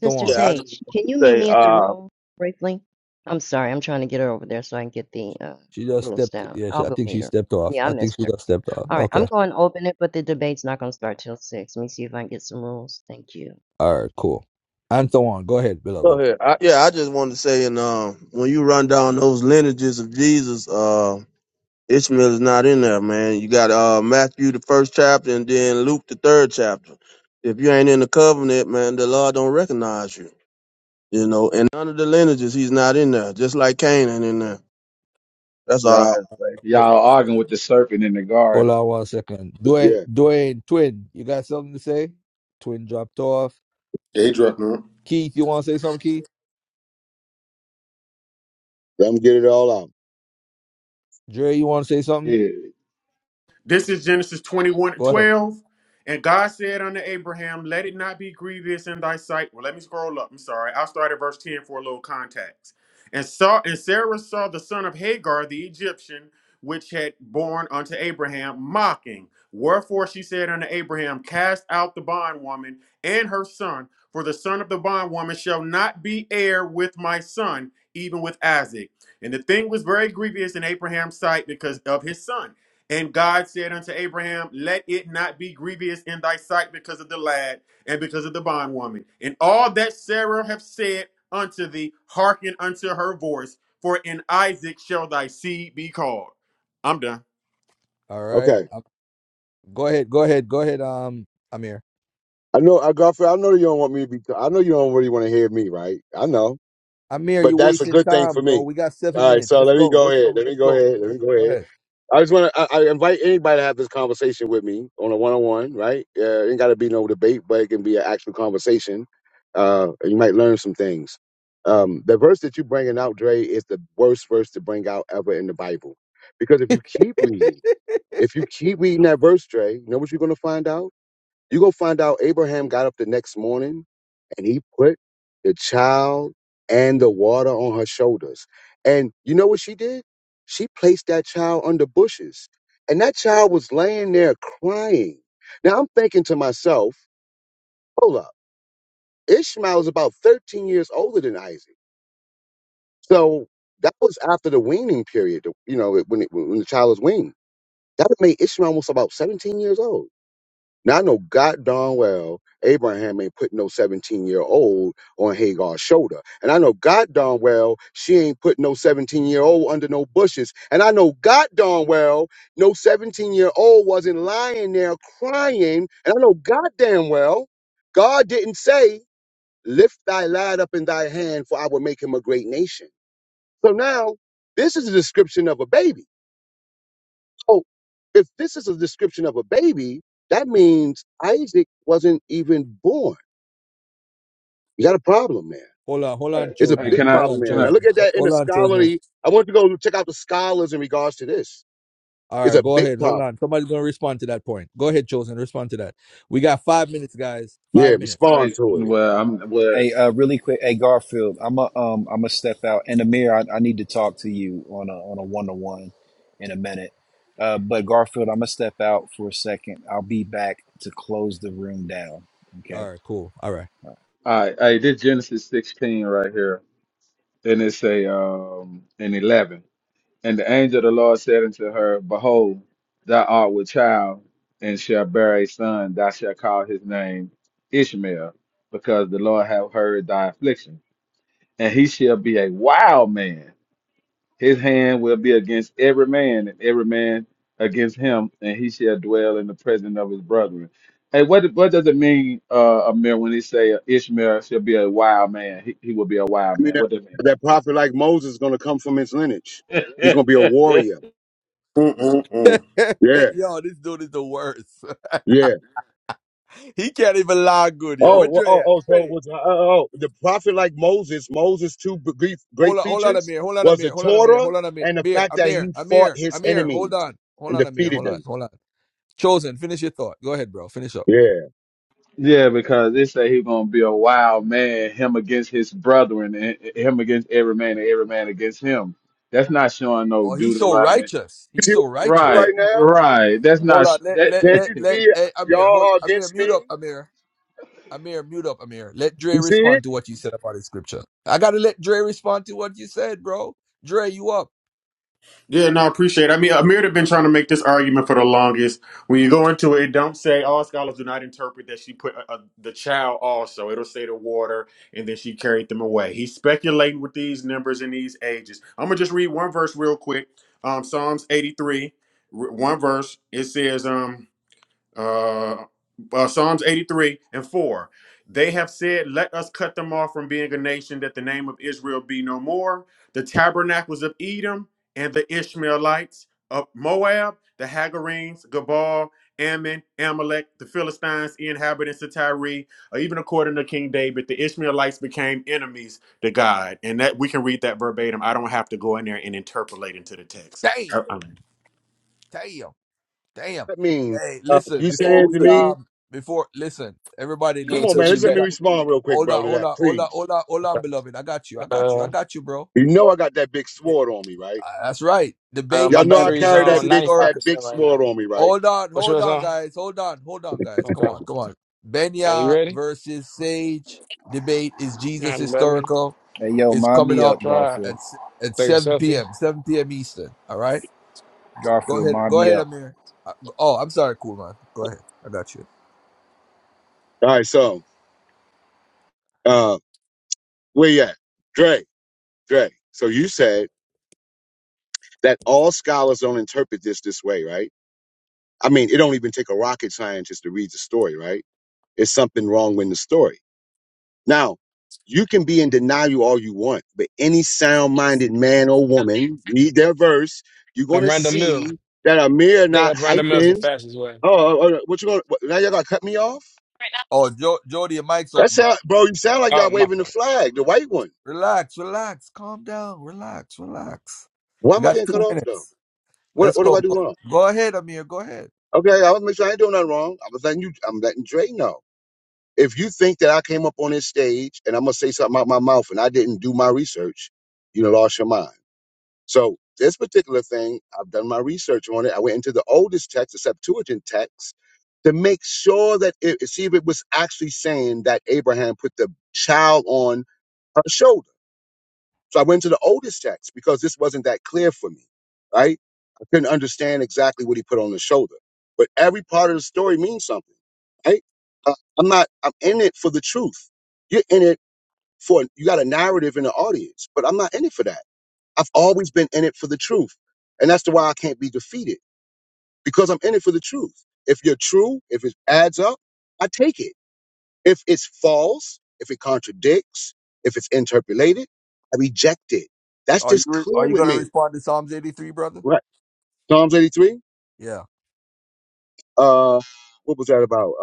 Sister
Yeah, I just
Sage,
wanted
can you
to
meet
say,
me at the
uh,
room briefly? I'm sorry, I'm trying to get her over there so I can get the uh,
She just
rules
stepped.
down.
Yeah, she,
I'll
I
go
think she
meet her.
stepped off.
Yeah, I
I think
missed
she
her.
just stepped off.
All right, I'm
Okay.
going to open it, but the debate's not going to start till six. Let me see if I can get some rules. Thank you.
All right, cool. Anthorwan, go ahead,
go
beloved.
ahead. I, yeah, I just wanted to say, and um, when you run down those lineages of Jesus, uh, Ishmael is not in there, man. You got uh, Matthew the first chapter, and then Luke the third chapter. If you ain't in the covenant, man, the Lord don't recognize you. You know, and none of the lineages, he's not in there. Just like Cain ain't in there. That's all I had
Y'all,
to say.
Ho-
y'all arguing with the serpent in the
Hold
garden.
on one second. Dwayne,
Yeah.
Dwayne, twin, you got something to say? Twin dropped off.
Hey, Dreadnought.
Keith, you want to say something, Keith?
Let them get it all out.
Dre, you want to say something?
Yeah.
This is Genesis 21
Go ahead.
12, And God said unto Abraham, Let it not be grievous in thy sight. Well, let me scroll up. I'm sorry. I'll start at verse 10 for a little context. And saw and Sarah saw the son of Hagar, the Egyptian, which had born unto Abraham, mocking. Wherefore she said unto Abraham, Cast out the bondwoman and her son, for the son of the bondwoman shall not be heir with my son, even with Isaac. And the thing was very grievous in Abraham's sight because of his son. And God said unto Abraham, Let it not be grievous in thy sight because of the lad and because of the bondwoman. And all that Sarah hath said unto thee, hearken unto her voice, for in Isaac shall thy seed be called. I'm done.
All right.
Okay.
Um, go ahead. Go ahead. Go ahead. Um, Amir.
I know, I Godfrey, I know you don't want me to be, I know you don't really want to hear me, right? I know,
Amir,
but
you're
that's a
wasting
good thing
time,
for
bro.
me.
We got seven
All right.
minutes.
So
Let's
let me
go.
go
Let's
ahead.
go.
Let me
Let's
go
go.
ahead.
Go
Let me
ahead.
go
Go
ahead.
ahead.
I just want to I, I invite anybody to have this conversation with me on a one on one, right? Uh, ain't got to be no debate, but it can be an actual conversation. Uh, and you might learn some things. Um, the verse that you're bringing out, Dre, is the worst verse to bring out ever in the Bible, because if you keep reading, if you keep reading that verse, Dre, you know what you're gonna find out? You're gonna find out Abraham got up the next morning and he put the child and the water on her shoulders. And you know what she did? She placed that child under bushes. And that child was laying there crying. Now I'm thinking to myself, hold up, Ishmael is about 13 years older than Isaac. So that was after the weaning period, you know, when, it, when the child was weaned. That would make Ishmael almost about 17 years old. Now I know God darn well Abraham ain't putting no 17 year old on Hagar's shoulder. And I know God darn well she ain't putting no 17 year old under no bushes. And I know God darn well no 17 year old wasn't lying there crying. And I know God damn well God didn't say, Lift thy lad up in thy hand, for I will make him a great nation. So now this is a description of a baby. So if this is a description of a baby, that means Isaac wasn't even born. You got a problem there.
Hold on. Hold
Hey,
on,
It's a
hey,
big
chosen.
can I?
Hold
problem
on,
Can
there.
I?
Now
chosen.
look at
Ho-
that in the
Hold on, chosen.
scholarly. I want you to go check out the scholars in regards to this.
All
It's
right.
a
Go
big
ahead. Hold
problem.
on. Somebody's gonna respond to that point. Go ahead, chosen. Respond to that. We got five minutes, guys.
Yeah,
Five minutes.
respond
Hey,
to it.
well, I'm well.
Hey, uh, really quick. Hey, Garfield, I'm a um, I'm gonna step out. And Amir, I, I need to talk to you on a on a one to one in a minute. Uh, but Garfield, I'm gonna step out for a second. I'll be back to close the room down.
All
Okay.
right. Cool. All right.
I, I did Genesis 16 right here, and it's a um, an 11. And the angel of the Lord said unto her, Behold, thou art with child, and shalt bear a son. Thou shalt call his name Ishmael, because the Lord hath heard thy affliction. And he shall be a wild man. His hand will be against every man, and every man against him, and he shall dwell in the presence of his brethren. Hey, what what does it mean, uh, Amir, when he say Ishmael shall be a wild man? He, he will be a
I
wild
mean,
man.
that,
What does
that prophet like Moses is going to come from his lineage. He's
it
going to be a
mean?
warrior.
Mm-mm-mm.
Yeah,
yo, this dude is the worst.
yeah.
He can't even lie good, yo.
Oh,
Where
well,
Dre
oh,
at?
oh, so it
Dre.
was uh, oh, oh, oh, the prophet like Moses, Moses' two b- great, great
Hold on, hold on,
features
Amir. Hold on,
was the
Amir. Hold on, Amir.
Torah
Hold on, Amir.
and the
Amir,
fact that
Amir,
he fought
Amir,
his
Amir.
enemies
Hold on, hold
and
on, Amir.
defeated
Hold on,
them.
hold on. Chosen, finish your thought. Go ahead, bro. Finish up.
Yeah. You
Yeah, because they say he's gonna be a wild man, him against his brethren, and him against every man, and every man against him. That's not showing no
Oh, he's so
Deuteronomy.
righteous. He's
see
so
what I'm doing
righteous.
Right,
right
Oh my
now?
God.
right. That's
Hold
not
on.
sh-
Let
that.
let
Can't
let
you
let.
see it?
Hey, Amir. Hold.
y'all are
Amir,
against
mute up.
me?
Amir. Amir, mute up. Amir. Let Dre
You see it?
respond to what you said about his scripture. I gotta let Dre respond to what you said, bro. Dre, you up?
Yeah, no, I appreciate it. I mean, Amir had been trying to make this argument for the longest. When you go into it, don't say all scholars do not interpret that she put uh uh the child also. It'll say the water, and then she carried them away. He's speculating with these numbers and these ages. I'm gonna just read one verse real quick. Um, Psalms 83, r- one verse. It says, um, uh, uh, Psalms 83 and 4. They have said, Let us cut them off from being a nation, that the name of Israel be no more. The tabernacles of Edom and the Ishmaelites of Moab, the Hagarenes, Gabal, Ammon, Amalek, the Philistines, the inhabitants of Tyre, or even according to King David, the Ishmaelites became enemies to God. And that we can read that verbatim. I don't have to go in there and interpolate into the text.
Damn.
Uh, um,
Damn. Damn.
I mean,
Hey,
uh,
listen.
you
Before
saying
we
to me,
um. Before listen. Everybody,
He
come
look.
ain't
on,
The
man,
text
link
you
let's
is
let
at
me
back.
respond real quick,
Hold
bro,
on,
to
hold
that,
on, hold on,
please.
hold on, hold on,
Okay.
beloved. I got you. I got you.
Uh,
I got you, bro.
You know I got that big
Th-
sword on me, right?
uh, That's right.
uh,
Debate
my
Y'all know
is
I
battery's
carry
Jesus
that
on
big,
historic.
that big
95% right
sword
now.
on me, right?
Hold on,
What's
hold
yours
on,
on?
guys. Hold on, hold on, guys. Come
Okay.
on, come on.
Are you
Benya
ready?
versus Sage. Debate is Jesus
I'm ready.
historical.
Hey, yo,
Is
mind
coming
me
up
up,
Try it.
at
Garfield.
s- at
Take a
7
selfie.
p.m. 7 p.m. Eastern. All right. Go
Garfield,
ahead.
mind
Go
me
ahead,
up.
Amir. Uh, Oh, I'm sorry, cool man. Go ahead. I got you.
All right, so, uh, where you at? Dre. Dre, so you said that all scholars don't interpret this this way, right? I mean, it don't even take a rocket scientist to read the story, right? It's something wrong with the story. Now, you can be in denial all you want, but any sound minded man or woman, read their verse, you're going
I'm
to
Random Mill.
see
I
that Amir
think
not
up Random Mill is the
hyping.
fastest way.
Oh, oh, oh, what you going to, now y'all got to cut me off?
Oh, jo- Jody, your mic's
That's
open,
how, bro, you sound like y'all
Oh, my
waving the
fault.
flag, the white one.
Relax, relax, calm down, relax, relax.
Why
We
am I
got
getting cut
two
off though?
minutes.
What,
Let's
what do
go.
I do
Go,
wrong?
go ahead, Amir. Go ahead.
Okay, I was making sure I ain't doing nothing wrong. I was letting you, I'm letting Dre know. If you think that I came up on this stage and I'm gonna say something out my mouth and I didn't do my research, you know, lost your mind. So this particular thing, I've done my research on it. I went into the oldest text, the Septuagint text, to make sure that it see if it was actually saying that Abraham put the child on her shoulders so I went to the oldest text because this wasn't that clear for me, right? I couldn't understand exactly what he put on his shoulder, but every part of the story means something, right? Uh, I'm not, I'm in it for the truth. You're in it for, you got a narrative in the audience, but I'm not in it for that. I've always been in it for the truth. And that's the why I can't be defeated because I'm in it for the truth. If you're true, if it adds up, I take it. If it's false, if it contradicts, if it's interpolated, I reject it. That's
Are you
just
re- are
clear
you
with
gonna
me.
respond to Psalms eighty three, brother?
Right. Psalms 83.
Yeah.
Uh, what was that about? Uh,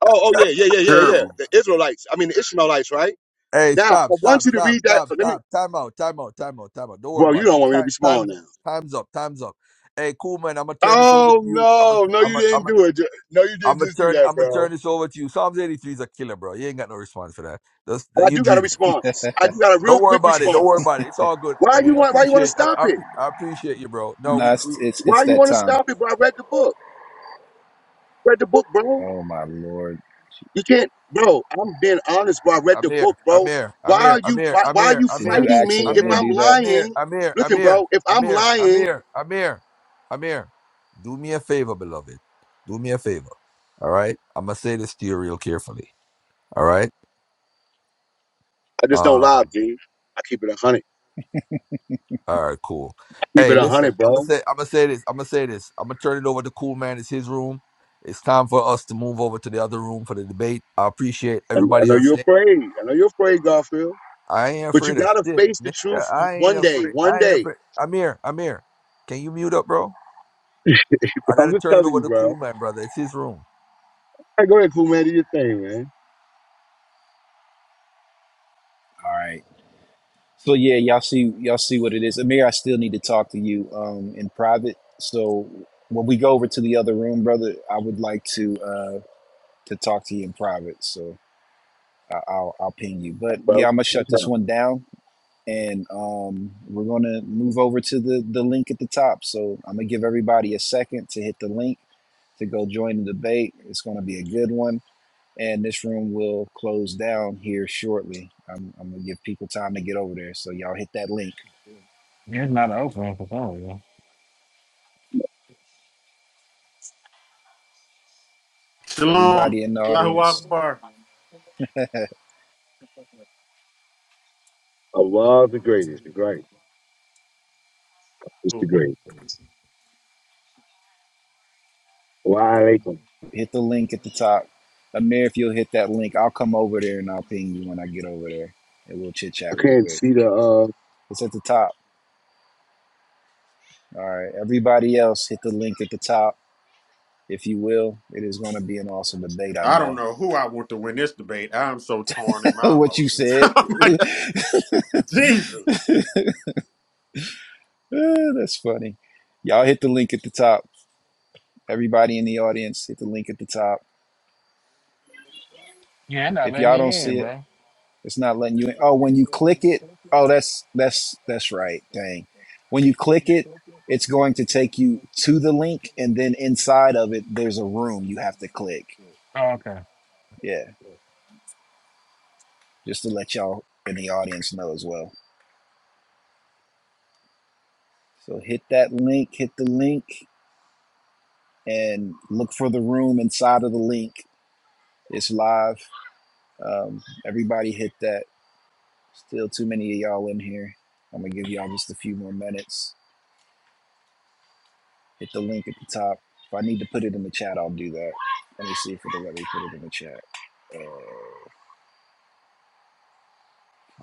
oh, oh yeah, yeah, yeah, yeah, yeah.
Terrible.
The Israelites. I mean, the Ishmaelites, right?
Hey,
Now, I
stop,
want
stop,
you to
stop,
read that.
stop,
Let me.
stop. Time out, time out, time out, time out. Don't worry
Well, you
about it.
don't want me to
Time,
be small
time's
now.
up, time's up, time's up. Hey, cool man. I'm gonna turn this over to
Oh
you. I'm gonna,
no, no,
I'm
you
gonna, I'm
didn't
gonna,
do it. Ju- No, you didn't
I'm gonna
just do
turn,
that,
I'm gonna
bro.
turn this over to you. Psalms eighty three is a killer, bro. You ain't got no response for that. That's
I
you
do got a
dreaming.
response. I do got a
Don't
real
worry
quick
about it. Don't worry
response.
about it. It's all good. I
Why you
mean, I
want? Why you want to
appreciate. I,
stop
I,
it?
I appreciate you, bro. No,
No,
we, we.
it's, it's it's
Why you
that
want to
time.
stop it? Bro, I read the book. Read the book, bro.
Oh my lord!
You can't, bro. I'm being honest, bro. I read
I'm
the
here.
book,
I'm
bro.
here. I'm
Why
here.
are
I'm
you
here.
why,
I'm
why are
here.
you
I'm
Did
here.
you
fighting me
I'm
if
accidentally
here.
I'm
do that?
I'm here.
lying?
I'm here. I'm
Listen,
here.
bro, if
I'm
I'm
here. I'm
lying,
here. I'm here. I'm here. Do me a favor, beloved. Do me a favor. All right. I'm gonna say this to you real carefully. All right.
I just don't lie,
Um.
G. I keep it a hundred.
All right, cool.
I keep
Hey,
it a
listen,
hundred,
I'm gonna
bro.
say, I'm gonna say this, I'm gonna say this. I'm gonna turn it over to Cool Man. It's his room. It's time for us to move over to the other room for the debate. I appreciate
And I
everybody
know
on
you're
stage.
afraid. I know you're afraid, Garfield.
I ain't
But you
afraid of
gotta
shit,
face the truth
nigga. I ain't
one day.
afraid.
One
I ain't
day.
afraid. I'm here. I'm here. Can you mute up, bro? I
I'm
gotta
just
turn it
telling
over
you,
to
bro. All
Cool Man, brother. It's his room.
right, go ahead, cool man. Do your thing, man.
All right. So yeah, y'all see y'all see what it is. Amir, I still need to talk to you um in private. So when we go over to the other room, brother, I would like to uh to talk to you in private. So I- I'll I'll ping you. But
Bro,
yeah, I'm gonna
you
shut
tell
this
'em.
one down, and um we're gonna move over to the the link at the top. So I'm gonna give everybody a second to hit the link to go join the debate. It's gonna be a good one and this room will close down here shortly. I'm, I'm gonna give people time to get over there, so y'all hit that link.
You're not open for phone, yo.
Everybody
Shalom.
in the
Allahu
audience,
Akbar.
Allah is the greatest, the great. It's the great. Why I
hit the link at the top. Amir, if you'll hit that link, I'll come over there and I'll ping you when I get over there, and we'll chit chat real
can't
quick.
see the uh
It's at the top. All right, everybody else, hit the link at the top. If you will, it is going to be an awesome debate. I
I don't
know
know who I want to win this debate. I'm so torn in my
what you
emotions.
said.
I'm like, Jesus.
Ah, That's funny. Y'all hit the link at the top. Everybody in the audience, hit the link at the top
Yeah, they're not
If
letting
y'all
me
don't
in,
see it,
bro.
it's not letting you in. Oh, when you click it, oh that's that's that's right. Dang. When you click it, it's going to take you to the link and then inside of it there's a room you have to click.
Oh, okay.
Yeah. Just to let y'all in the audience know as well. So hit that link, hit the link and look for the room inside of the link. It's live. Um, everybody hit that. Still too many of y'all in here. I'm gonna give y'all just a few more minutes. Hit the link at the top. If I need to put it in the chat, I'll do that. Let me see if it'll let me put it in the chat. Uh,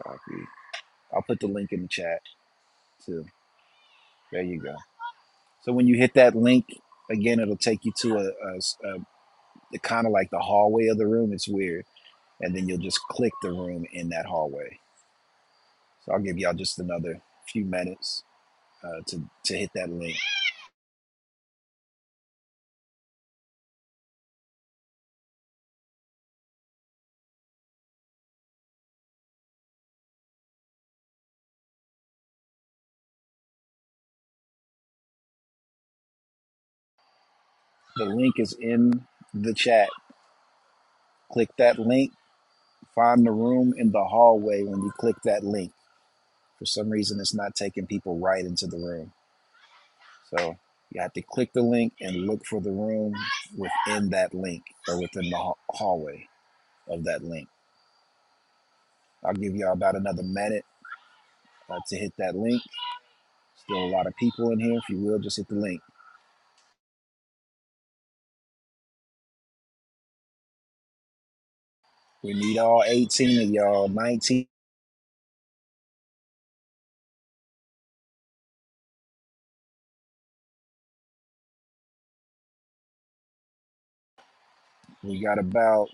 copy. I'll put the link in the chat too. There you go. So when you hit that link again, it'll take you to a a, a kind of like the hallway of the room. It's weird, and then you'll just click the room in that hallway. So I'll give y'all just another few minutes uh, to to hit that link. The link is in the chat. Click that link. Find the room in the hallway when you click that link For some reason, it's not taking people right into the room. So you have to click the link and look for the room within that link or within the ha- hallway of that link. I'll give y'all about another minute uh, to hit that link. Still a lot of people in here. If you will, just hit the link. We need all 18 of y'all, 19. We got about,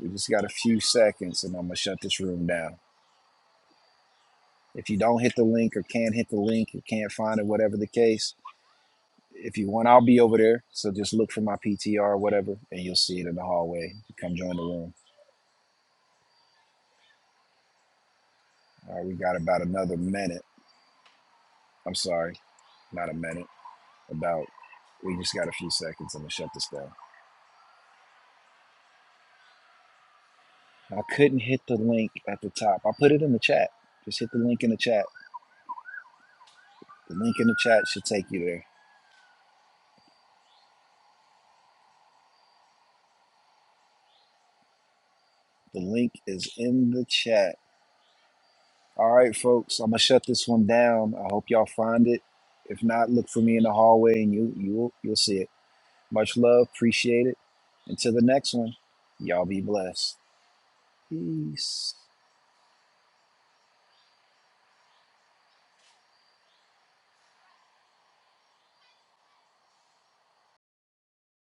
we just got a few seconds and I'm going to shut this room down. If you don't hit the link or can't hit the link, you can't find it, whatever the case, If you want, I'll be over there. So just look for my PTR or whatever, and you'll see it in the hallway. Come join the room. All right, we got about another minute. I'm sorry, not a minute. About we just got a few seconds and to shut this down. I couldn't hit the link at the top. I put it in the chat. Just hit the link in the chat. The link in the chat should take you there. The link is in the chat. All right, folks. I'm gonna shut this one down. I hope y'all find it. If not, look for me in the hallway and you you'll you'll see it. Much love. Appreciate it. Until the next one, y'all be blessed. Peace.